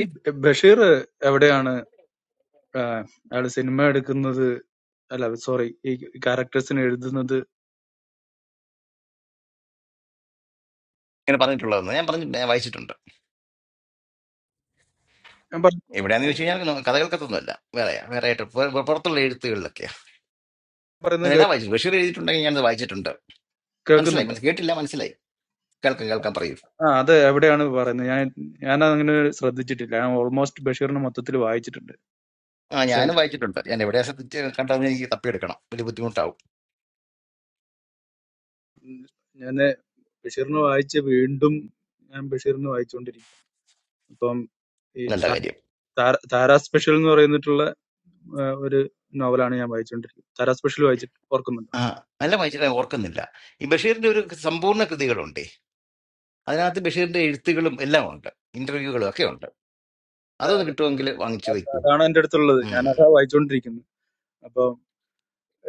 I: ഈ ബഷീർ എവിടെയാണ് ആ, അയാള് സിനിമ എടുക്കുന്നത് അല്ല സോറി ഈ ക്യാരക്ടേഴ്സിന് എഴുതുന്നത്
E: ഇങ്ങനെ പറഞ്ഞിട്ടുള്ളതെന്ന് ഞാൻ പറഞ്ഞിട്ടുണ്ട് ഞാൻ വായിച്ചിട്ടുണ്ട്
I: ഞാൻ പറ-
E: എവിടെയാന്ന് ചോദിച്ചു കഴിഞ്ഞാൽ കഥകൾക്കത്തൊന്നുമല്ല വേറെയാ വേറെ ആയിട്ട് പു- പുറത്തുള്ള എഴുത്തുകളിലൊക്കെയാ
I: പറയുന്നത് കേ-
E: ഞാനെല്ലാം വായിച്ചു ബഷീർ എഴുതിയിട്ടുണ്ടെങ്കിൽ ഞാനത് വായിച്ചിട്ടുണ്ട് മനസ്സിലായി
I: കേൾക്കുന്നുണ്ടോ
E: മനസ്സിലായി കേട്ടില്ല മനസ്സിലായി കേൾക്കാം കേൾക്കാം പറയൂ
I: ആ അത് എവിടെയാണ് പറയുന്നത് ഞാൻ ഞാൻ അങ്ങനെ ശ്രദ്ധിച്ചിട്ടില്ല ഞാൻ ഓൾമോസ്റ്റ് ബഷീറിനെ മൊത്തത്തിൽ വായിച്ചിട്ടുണ്ട്
E: ആ
I: പക്ഷെ
E: ഞാനും വായിച്ചിട്ടുണ്ട് ഞാൻ എവിടെ ശ്രദ്ധിച്ച് കണ്ടതെന്ന് എനിക്ക് തപ്പിയെടുക്കണം വലിയ ബുദ്ധിമുട്ടാവും
I: ഞാൻ ബഷീറിനെ വായിച്ച് വീണ്ടും ഞാൻ ബഷീറിനെ വായിച്ചുകൊണ്ടിരിക്കും അപ്പം ഈ
E: നല്ല
I: താ-
E: കാര്യം
I: താര- താര സ്പെഷ്യൽ എന്ന് പറയുന്നിട്ടുള്ള ആ, ഒരു നോവലാണ് ഞാൻ വായിച്ചുകൊണ്ടിരിക്കുന്നത് താര സ്പെഷ്യൽ വായിച്ചിട്ട് ഓർക്കുന്നുണ്ടോ
E: ആ അല്ല വായിച്ചിട്ട് ഞാൻ ഓർക്കുന്നില്ല ഈ ബഷീറിന്റെ ഒരു സമ്പൂർണ്ണ കൃതികളുണ്ട് അതിനകത്ത് ബഷീറിന്റെ എഴുത്തുകളും എല്ലാം ഉണ്ട് ഇന്റർവ്യൂകളും ഒക്കെ ഉണ്ട്
I: അതെ
E: അതൊന്ന്
I: അതെ
E: കിട്ടുമെങ്കിൽ വാങ്ങിച്ചു
I: അത്
E: വെക്കും
I: അതാണ് എന്റെ അടുത്തുള്ളത് ഞാൻ
E: ഉം,
I: അതാ വായിച്ചുകൊണ്ടിരിക്കുന്നത് അപ്പം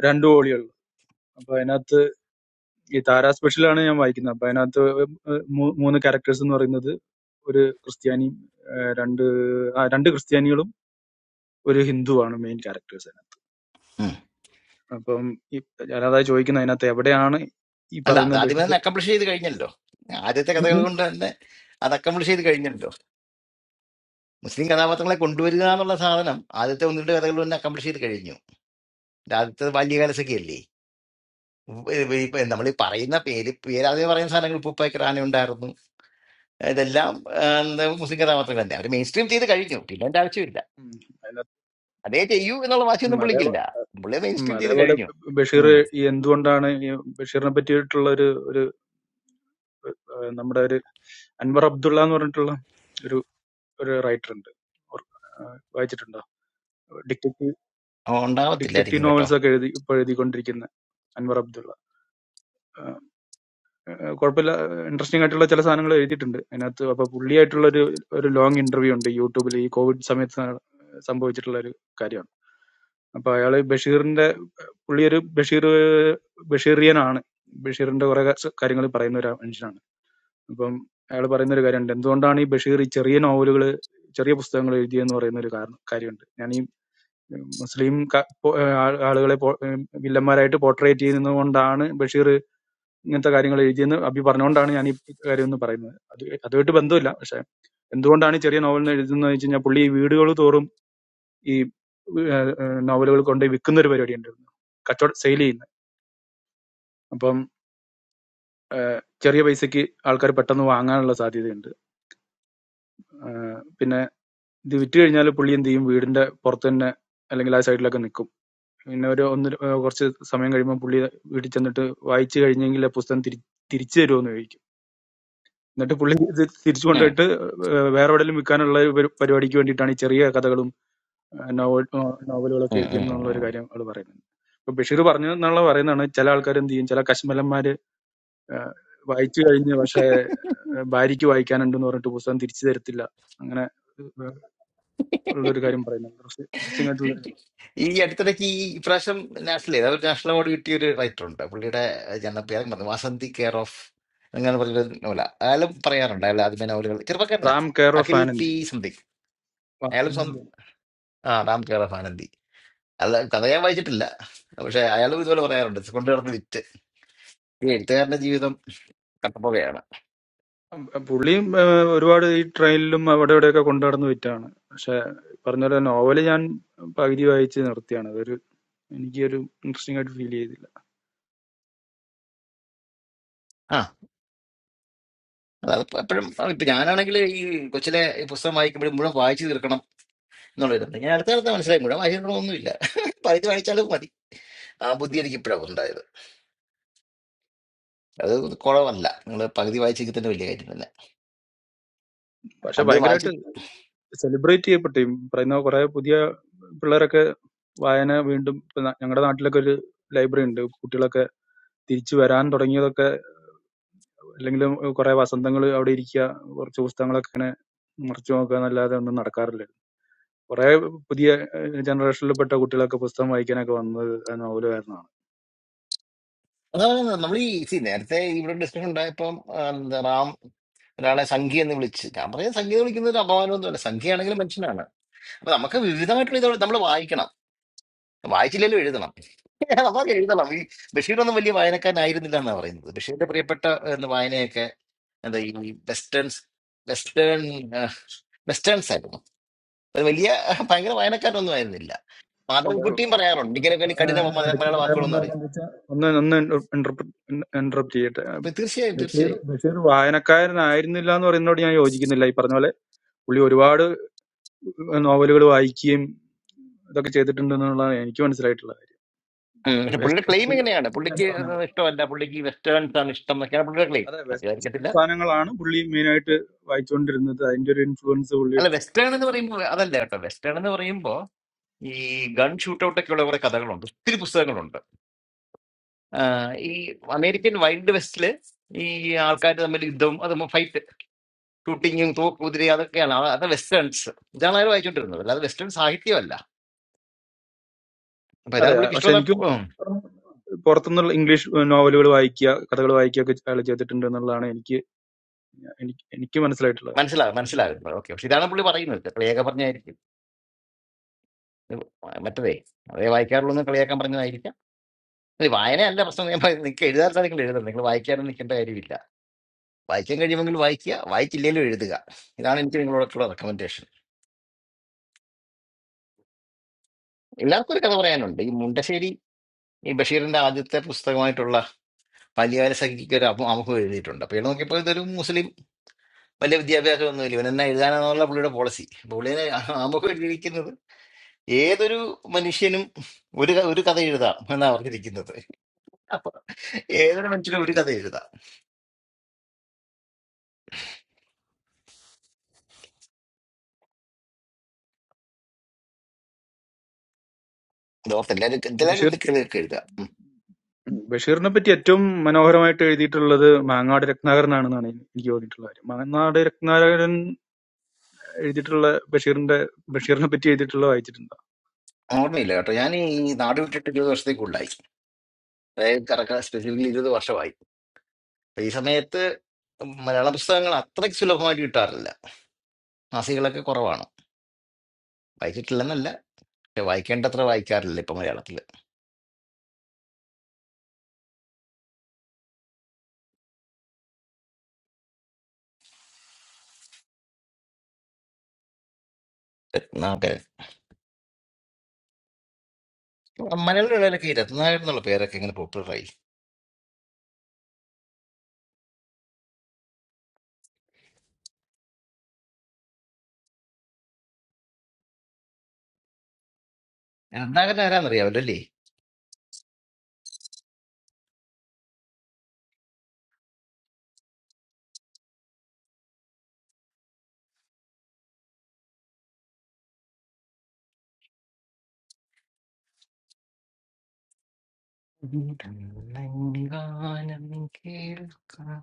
I: രണ്ട് വോളിയുള്ളു അപ്പൊ അതിനകത്ത് ഈ താര സ്പെഷ്യലാണ് ഞാൻ വായിക്കുന്നത് അപ്പൊ അതിനകത്ത് മൂ- മൂന്ന് ക്യാരക്ടേഴ്സ് എന്ന് പറയുന്നത് ഒരു ക്രിസ്ത്യാനിയും ആ, രണ്ട് ആ, രണ്ട് ക്രിസ്ത്യാനികളും ഒരു ഹിന്ദുവാണ് മെയിൻ ക്യാരക്ടേഴ്സ് അതിനകത്ത്
E: ഉം.
I: അപ്പം ഈ ഞാനതാ ചോദിക്കുന്നത് അതിനകത്ത് എവിടെയാണ് ഈ
E: അല്ല അത്
I: പറയുന്ന
E: ആദ്യമേ
I: ബഷീർ
E: തന്നെ അക്കംപ്ലിഷ് ചെയ്ത് കഴിഞ്ഞല്ലോ ആദ്യത്തെ കഥകൾ
I: ഉം.
E: കൊണ്ട് തന്നെ അത് അക്കംപ്ലിഷ് ചെയ്ത് കഴിഞ്ഞല്ലോ മുസ്ലിം കഥാപാത്രങ്ങളെ കൊണ്ടുവരിക എന്നുള്ള സാധനം ആദ്യത്തെ ഒന്ന് രണ്ട് കഥകൾ തന്നെ അക്കംപ്ലിഷ് ചെയ്ത് കഴിഞ്ഞു ഇത് ആദ്യത്തെ ബാല്യകാലസഖി അല്ലേ ഇപ്പൊ നമ്മൾ ഈ പറയുന്ന പേര് പേരാദ്യം പറയുന്ന സാധനങ്ങൾ ഉപ്പുപ്പായ്ക്ക് റാന ഉണ്ടായിരുന്നു ഇതെല്ലാം ആ, എന്താ, മുസ്ലിം കഥാപാത്രങ്ങൾ തന്നെ അവർ മെയിൻ സ്ട്രീം ചെയ്ത് കഴിഞ്ഞു പിന്നെ എന്റെ ആവശ്യമില്ല
I: അതിനകത്ത്
E: അതേ ചെയ്യൂ എന്നുള്ള വാശിയൊന്നും
I: ഉം,
E: പുള്ളിക്കില്ല
I: അതെ
E: പുള്ളി മെയിൻ
I: ഉം.
E: സ്ട്രീം ചെയ്ത്
I: അതേപോലെ ബഷീർ
E: കഴിഞ്ഞു
I: ഈ എന്തുകൊണ്ടാണ് ഈ ബഷീറിനെ പറ്റിയിട്ടുള്ള ഒരു ഒരു ഏഹ് നമ്മുടെ ഒരു അൻവർ അബ്ദുള്ള എന്ന് പറഞ്ഞിട്ടുള്ള ഒരു ഒരു റൈറ്റർ ഉണ്ട് ഓർ- ഏഹ് വായിച്ചിട്ടുണ്ടോ ഡിറ്റക്റ്റീവ്
E: ഓ,
I: ഡിറ്റക്റ്റീവ്
E: ഉണ്ടാവത്തില്ലായിരിക്കും കേട്ടോ
I: നോവൽസ് ഒക്കെ എഴുതി ഇപ്പോൾ എഴുതിക്കൊണ്ടിരിക്കുന്ന അൻവർ അബ്ദുള്ള ഏഹ് ഏഹ് കുഴപ്പമില്ല ഇൻട്രസ്റ്റിംഗ് ആയിട്ടുള്ള ചില സാധനങ്ങൾ എഴുതിയിട്ടുണ്ട് അതിനകത്ത് അപ്പൊ പുള്ളിയായിട്ടുള്ള ഒരു ഒരു ലോങ് ഇന്റർവ്യൂ ഉണ്ട് യൂട്യൂബിൽ ഈ കോവിഡ് സമയത്ത് സംഭവിച്ചിട്ടുള്ള ഒരു കാര്യമാണ് അപ്പൊ അയാള് ബഷീറിന്റെ പുള്ളി ഒരു ബഷീർ ബഷീറിയനാണ് ബഷീറിന്റെ കുറെ കാര്യങ്ങൾ പറയുന്ന ഒരു മനുഷ്യനാണ് അപ്പം അയാൾ പറയുന്ന ഒരു കാര്യമുണ്ട് എന്തുകൊണ്ടാണ് ഈ ബഷീർ ഈ ചെറിയ നോവലുകൾ ചെറിയ പുസ്തകങ്ങൾ എഴുതിയെന്ന് പറയുന്ന ഒരു കാരണം കാര്യമുണ്ട് ഞാൻ ഈ മുസ്ലിം ക- പോ- ആ- ആളുകളെ പോ- വില്ലന്മാരായിട്ട് പോർട്രേറ്റ് ചെയ്യുന്നതുകൊണ്ടാണ് ബഷീർ ഇങ്ങനത്തെ കാര്യങ്ങൾ എഴുതിയെന്ന് അഭി പറഞ്ഞുകൊണ്ടാണ് ഞാൻ ഈ കാര്യം ഒന്ന് പറയുന്നത് അത് അതുമായിട്ട് ബന്ധമില്ല പക്ഷെ എന്തുകൊണ്ടാണ് ഈ ചെറിയ നോവൽ എന്ന് എഴുതുന്നത് വെച്ച് കഴിഞ്ഞാൽ പുള്ളി ഈ വീടുകൾ തോറും ഈ ഏഹ് ഏഹ് നോവലുകൾ കൊണ്ട് വിൽക്കുന്ന ഒരു പരിപാടി ഉണ്ടായിരുന്നു കച്ചവടം സെയിൽ ചെയ്യുന്ന അപ്പം ഏഹ് ചെറിയ പൈസക്ക് ആൾക്കാർ പെട്ടെന്ന് വാങ്ങാനുള്ള സാധ്യതയുണ്ട് ഏഹ് പിന്നെ ഇത് വിറ്റ് കഴിഞ്ഞാൽ പുള്ളി എന്ത് ചെയ്യും വീടിന്റെ പുറത്ത് തന്നെ അല്ലെങ്കിൽ ആ സൈഡിലൊക്കെ നിൽക്കും പിന്നെ ഒരു ഒന്ന് ര- ഏഹ് കുറച്ച് സമയം കഴിയുമ്പോൾ പുള്ളി വീട്ടിൽ ചെന്നിട്ട് വായിച്ചു കഴിഞ്ഞെങ്കിൽ ആ പുസ്തകം തിരി തിരിച്ചു തരുമെന്ന് ചോദിക്കും എന്നിട്ട് പുള്ളി ഇത് തിരിച്ചു
E: ഉം,
I: കൊണ്ടുപോയിട്ട് ഏഹ് വേറെ എവിടെയെങ്കിലും വിൽക്കാനുള്ള ഒരു പരി- പരിപാടിക്ക് വേണ്ടിയിട്ടാണ് ഈ ചെറിയ കഥകളും നോവൽ നോവലുകളൊക്കെ
E: ഉം, ഉം,
I: എഴുതിയെന്നുള്ള ഒരു
E: ഉം.
I: കാര്യം അവള് പറയുന്നുണ്ട് ഇപ്പൊ ബഷീർ പറഞ്ഞു എന്നുള്ള പറയുന്നതാണ് ചില ആൾക്കാർ എന്ത് ചെയ്യും ചില കശ്മലന്മാര് ഏഹ് വായിച്ചു കഴിഞ്ഞ് പക്ഷേ ഏഹ് ഭാര്യയ്ക്ക് വായിക്കാനുണ്ടെന്ന് പറഞ്ഞിട്ട് പുസ്തകം തിരിച്ചു തരത്തില്ല അങ്ങനെ ഏഹ് ഉള്ളൊരു കാര്യം പറയുന്നുണ്ട് ദൃശ്യ- ദൃശ്യമായിട്ടുള്ള ഒരു കാര്യം.
E: ഈ അടുത്തിടയ്ക്ക് ഈ പ്രാവശ്യം നാഷണൽ ഏതാ ഒരു നാഷണൽ അവാർഡ് കിട്ടിയ ഒരു റൈറ്റർ ഉണ്ട് പുള്ളിയുടെ ഞാൻ പേര് മറന്നു വാസന്തി കെയർ ഓഫ് അങ്ങനെ പറഞ്ഞൊരു നോവല അയാളും പറയാറുണ്ട് അയാൾ ആദ്യമേ നോവലുകൾ ചെറുപ്പക്കാരനാ
I: Ram care of
E: Akhil P
I: Anandi
E: something അയാളും സ്വന്തം
I: വാസന്തി.
E: ആ റാം കെയർ ഓഫ് ആനന്ദി അല്ല കഥ ഞാൻ വായിച്ചിട്ടില്ല പക്ഷെ അയാളും ഇതുപോലെ പറയാറുണ്ട് കൊണ്ടു നടന്ന് വിറ്റ് ഈ എഴുത്തുകാരന്റെ ജീവിതം കട്ടപ്പുകയാണ്
I: ഉം, പുള്ളിയും ഏഹ് ഒരുപാട് ഈ ട്രെയിനിലും അവിടെ ഇവിടെയൊക്കെ കൊണ്ടു നടന്ന് വിറ്റാണ് പക്ഷെ പറഞ്ഞ പോലെ നോവല് ഞാൻ പകുതി വായിച്ച് നിർത്തിയാണ് അതൊരു എനിക്ക് ഒരു ഇൻട്രസ്റ്റിംഗ് ആയിട്ട് ഫീൽ ചെയ്തില്ല
E: ആ അത് എപ്പോഴും ഇപ്പൊ ഞാനാണെങ്കിൽ ഈ കൊച്ചിലെ ഈ പുസ്തകം വായിക്കുമ്പോഴും മുഴുവൻ വായിച്ചു തീർക്കണം എന്നുള്ളൊരു ഞാൻ അടുത്ത കാലത്ത് മനസ്സിലായി മുഴുവൻ വായിച്ചിട്ടൊന്നുമില്ല പകുതി വായിച്ചാലും മതി ആ ബുദ്ധി എനിക്ക് ഇപ്പോഴാണ് ഉണ്ടായത് അത് കുറവല്ല നിങ്ങൾ പകുതി വായിച്ചെങ്കിൽ തന്നെ വലിയ കാര്യം തന്നെ
I: പക്ഷെ
E: പണ്ട് വായിച്ച്
I: ഭയങ്കരമായിട്ട് സെലിബ്രേറ്റ് ചെയ്യപ്പെട്ടു ഈ പറയുന്ന കുറെ പുതിയ പിള്ളേരൊക്കെ വായന വീണ്ടും ഇപ്പൊ ന- ഞങ്ങളുടെ നാട്ടിലൊക്കെ ഒരു ലൈബ്രറി ഉണ്ട് കുട്ടികളൊക്കെ തിരിച്ചു വരാൻ തുടങ്ങിയതൊക്കെ അല്ലെങ്കിൽ കുറെ വസന്തങ്ങൾ അവിടെ ഇരിക്കുക കുറച്ച് പുസ്തകങ്ങളൊക്കെ ഇങ്ങനെ മറിച്ചു നോക്കുക എന്നല്ലാതെ ഒന്നും നടക്കാറില്ല കുറെ പുതിയ ജനറേഷനിൽപ്പെട്ട കുട്ടികളൊക്കെ പുസ്തകം വായിക്കാനൊക്കെ വന്നത് നോവൽ
E: അതാണ് നമ്മൾ ഈ see, നേരത്തെ ഇവിടെ ഡിസ്കഷൻ ഉണ്ടായപ്പം ആ, എന്താ റാം ഒരാളെ സംഖ്യ എന്ന് വിളിച്ച് ഞാൻ പറയുന്നത് സംഖ്യ എന്ന് വിളിക്കുന്നത് ഒരു അപമാനമൊന്നുമല്ല സംഖ്യയാണെങ്കിലും മനുഷ്യനാണ് അപ്പൊ നമുക്ക് വിവിധമായിട്ടുള്ള ഇതോടെ നമ്മൾ വായിക്കണം വായിച്ചില്ലെങ്കിലും എഴുതണം നമുക്ക് എഴുതണം ഈ ബഷീറൊന്നും വലിയ വായനക്കാരനായിരുന്നില്ല എന്നാണ് പറയുന്നത് ബഷീറിന്റെ പ്രിയപ്പെട്ട എന്താ, വായനയൊക്കെ എന്താ ഈ വെസ്റ്റേൺസ് വെസ്റ്റേൺ ആ, വെസ്റ്റേൺസ് ആയിരുന്നു ഒരു വലിയ ഭയങ്കര വായനക്കാരൊന്നും ആയിരുന്നില്ല
I: അത്
E: മാധവൻകുട്ടിയും പറയാറുണ്ട്
I: അത്
E: ഇങ്ങനെയൊക്കെ എനിക്ക് കഠിന മ-
I: ഇടയ്ക്ക്
E: മലയാള
I: പറയാൻ വന്ന
E: വാക്കുകളൊന്നും
I: കാര്യം
E: അറിയും
I: എന്ന് വെച്ചാൽ ഒന്ന് ഒന്ന് ഇന്റർപ്റ്റ് ചെയ്യട്ടെ
E: അപ്പൊ തീർച്ചയായും
I: ബഷീർ
E: തീർച്ചയായും
I: ബഷീർ വായനക്കാരനായിരുന്നില്ല എന്ന് പറയുന്നതോട് ഞാൻ യോജിക്കുന്നില്ല ഈ പറഞ്ഞ പോലെ പുള്ളി ഒരുപാട് നോവലുകൾ വായിക്കുകയും ഇതൊക്കെ ചെയ്തിട്ടുണ്ടെന്നുള്ളതാണ് എനിക്ക് മനസ്സിലായിട്ടുള്ള
E: ഉം, പക്ഷെ
I: കാര്യം
E: പുള്ളിയുടെ ക്ലെയിം
I: എസ്പെഷ്യലി
E: എങ്ങനെയാണ്
I: വെസ്റ്റേൺ
E: പുള്ളിക്ക്
I: സാധനങ്ങൾ
E: ഇഷ്ടമല്ല പുള്ളിക്ക് വെസ്റ്റേൺസ് ആണ് ഇഷ്ടം എന്നൊക്കെയാണ് പുള്ളിയുടെ ക്ലെയിം
I: അതെ വെസ്റ്റേൺ
E: സത്യമായിരിക്കത്തില്ല
I: സാധനങ്ങളാണ് പുള്ളി മെയിനായിട്ട് വായിച്ചുകൊണ്ടിരുന്നത് അതിന്റെ ഒരു ഇൻഫ്ലുവൻസ് പുള്ളി
E: അല്ല വെസ്റ്റേൺ എന്ന് പറയുമ്പോൾ അതല്ല കേട്ടോ വെസ്റ്റേൺ എന്ന് പറയുമ്പോൾ ഈ ഗൺ ഷൂട്ടൗട്ട് ഒക്കെയുള്ള കുറെ കഥകളുണ്ട് ഒത്തിരി പുസ്തകങ്ങളുണ്ട് ആഹ് ഈ അമേരിക്കൻ വൈൽഡ് വെസ്റ്റില് ഈ ആൾക്കാർ തമ്മിൽ യുദ്ധവും അതും ഫൈറ്റ് ഷൂട്ടിങ്ങും തോക്കുതിരി അതൊക്കെയാണ് അവ- അത് വെസ്റ്റേൺസ് ഇതാണ് അയാൾ വായിച്ചുകൊണ്ടിരുന്നത് അല്ലാതെ വെസ്റ്റേൺ സാഹിത്യമല്ല അപ്പൊ
I: അതെ
E: ഇതാണ് പുള്ളിക്ക്
I: പക്ഷെ
E: ഇഷ്ടം
I: എനിക്ക് പുറത്തുനിന്നുള്ള ഇംഗ്ലീഷ് നോവലുകൾ വായിക്കുക കഥകൾ വായിക്കുക ഒക്കെ അയാൾ ചെയ്തിട്ടുണ്ട് എന്നുള്ളതാണ് എനിക്ക് എനിക്ക് എനിക്ക് മനസ്സിലായിട്ടുള്ള കാര്യം
E: മനസ്സിലാകും മനസ്സിലാകുന്നത് ഓക്കെ പക്ഷെ ഇതാണ് പുള്ളി പറയുന്നത് കളിയാക്കാൻ പറഞ്ഞായിരിക്കും ഇത് മറ്റതേ അതേ വായിക്കാറുള്ളൂ എന്ന് കളിയാക്കാൻ പറഞ്ഞതായിരിക്കാം ഇത് വായനയല്ല പ്രശ്നം ഞാൻ പറയുന്നത് നിങ്ങൾക്ക് എഴുതാറില്ല നിങ്ങൾ എഴുതണം നിങ്ങൾ വായിക്കാനും നിൽക്കേണ്ട കാര്യമില്ല വായിക്കാൻ കഴിയുമെങ്കിൽ വായിക്കുക വായിച്ചില്ലെങ്കിലും എഴുതുക ഇതാണ് എനിക്ക് നിങ്ങളോടൊക്കെയുള്ള റെക്കമെൻഡേഷൻ എല്ലാവർക്കും ഒരു കഥ പറയാനുണ്ട് ഈ മുണ്ടശ്ശേരി ഈ ബഷീറിന്റെ ആദ്യത്തെ പുസ്തകമായിട്ടുള്ള ബാല്യകാല സഖിക്ക് ഒരു അമു- അമുഖം എഴുതിയിട്ടുണ്ട് അപ്പൊ ഇവിടെ നോക്കിയപ്പോൾ ഇതൊരു മുസ്ലിം വലിയ വിദ്യാഭ്യാസമൊന്നുമില്ല ഇവൻ എന്നാ എഴുതാനെന്നുള്ള പുള്ളിയുടെ പോളിസി പുള്ളിനെ നമുക്ക് ഇരിക്കുന്നത് ഏതൊരു മനുഷ്യനും ഒരു ക- ഒരു കഥ എഴുതാം എന്നാ പറഞ്ഞിരിക്കുന്നത് അപ്പൊ ഏതൊരു മനുഷ്യനും ഒരു കഥ എഴുതാം ഇതോർത്ത് എല്ലാവരും എല്ലാവരും
I: ബഷീർ
E: എന്തൊക്കെ എഴുതാം ഉം.
I: ബഷീറിനെ പറ്റി ഏറ്റവും മനോഹരമായിട്ട് എഴുതിയിട്ടുള്ളത് മാങ്ങാട് രത്നാകരനാണെന്നാണ് എനി- എനിക്ക് തോന്നിയിട്ടുള്ള കാര്യം മാങ്ങാട് രത്നാകരൻ എഴുതിയിട്ടുള്ള ബഷീറിന്റെ ബഷീറിനെ പറ്റി എഴുതിയിട്ടുള്ള വായിച്ചിട്ടുണ്ട്
E: ഓർമ്മയില്ല കേട്ടോ ഞാൻ ഈ നാട് വിട്ടിട്ട് ഇരുപത് വർഷത്തേക്ക് ഉണ്ടായി അതായത് കറക്റ്റ് സ്പെസിഫിക്കലി ഇരുപത് വർഷമായി അപ്പൊ ഈ സമയത്ത് മലയാള പുസ്തകങ്ങൾ അത്രയ്ക്ക് സുലഭമായിട്ട് കിട്ടാറില്ല മാസികളൊക്കെ കുറവാണ് വായിച്ചിട്ടില്ലെന്നല്ല പക്ഷെ വായിക്കേണ്ടത്ര വായിക്കാറില്ല ഇപ്പൊ മലയാളത്തില് രത്നാകരൻ മലയാളം ഇടയിലൊക്കെ ഈ രത്നാകരൻ എന്നുള്ള പേരൊക്കെ ഇങ്ങനെ പോപ്പുലറായി രണ്ടാകൻ ആരാന്നറിയാമല്ലോ അല്ലേ ഗാനം കേൾക്കാം.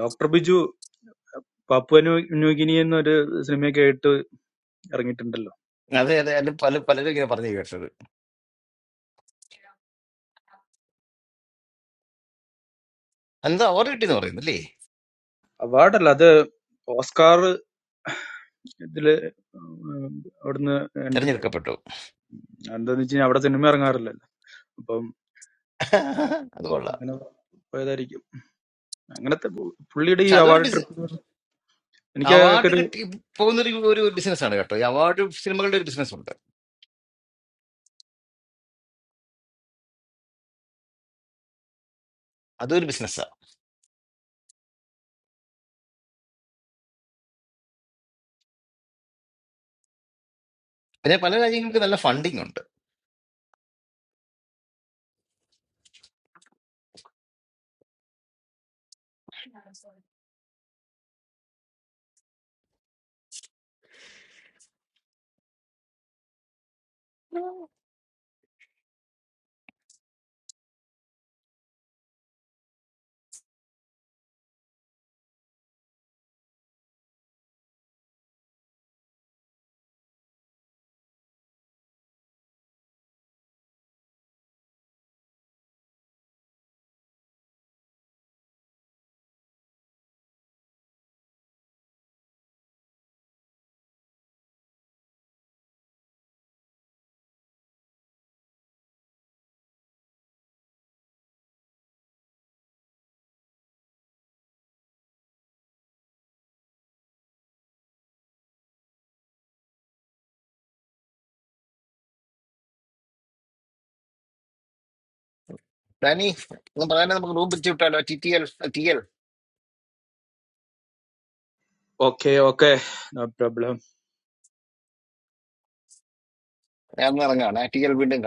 I: Doctor Biju Papua New New Guinea എന്നൊരു സിനിമയൊക്കെ ആയിട്ട് ഇറങ്ങിയിട്ടുണ്ടല്ലോ
E: അതെ അതെ അതിൽ പല പലരും ഇങ്ങനെ പറഞ്ഞു കേട്ടത് എന്താ അവാർഡ് കിട്ടിയെന്ന് പറയുന്നല്ലേ
I: അവാർഡല്ല അത് ഓസ്കാർ ഇതില് ഉം അവിടുന്ന് എൻട്രി
E: തെരഞ്ഞെടുക്കപ്പെട്ടു
I: എന്താന്ന് വെച്ച് കഴിഞ്ഞാൽ അവിടെ സിനിമ ഇറങ്ങാറില്ലല്ലോ അപ്പം ഏഹ്
E: അത് കൊള്ളാം
I: അങ്ങനെ പോയതായിരിക്കും അങ്ങനത്തെ പു- പുള്ളിയുടെ ഈ
E: പക്ഷെ അതൊരു
I: അവാർഡ്
E: ബിസിനസ്
I: ട്രിപ്പ് എനിക്ക്
E: അവാർഡ്
I: ഒരു
E: കിട്ടി പോകുന്ന ഒരു ഒരു ബിസിനസ്സാണ് കേട്ടോ ഈ അവാർഡ് സിനിമകളുടെ ഒരു ബിസിനസ് ഉണ്ട് അതൊരു ബിസിനസ്സാണ് പിന്നെ പല രാജ്യങ്ങൾക്ക് നല്ല ഫണ്ടിങ് ഉണ്ട് ഡാനി പ്രധാനം നമുക്ക് റൂം പിരിച്ചു വിട്ടാലോ T T L T L
I: okay okay no problem
E: ഞാൻ ഇറങ്ങാണ് ടി എൽ വീണ്ടും കാണാം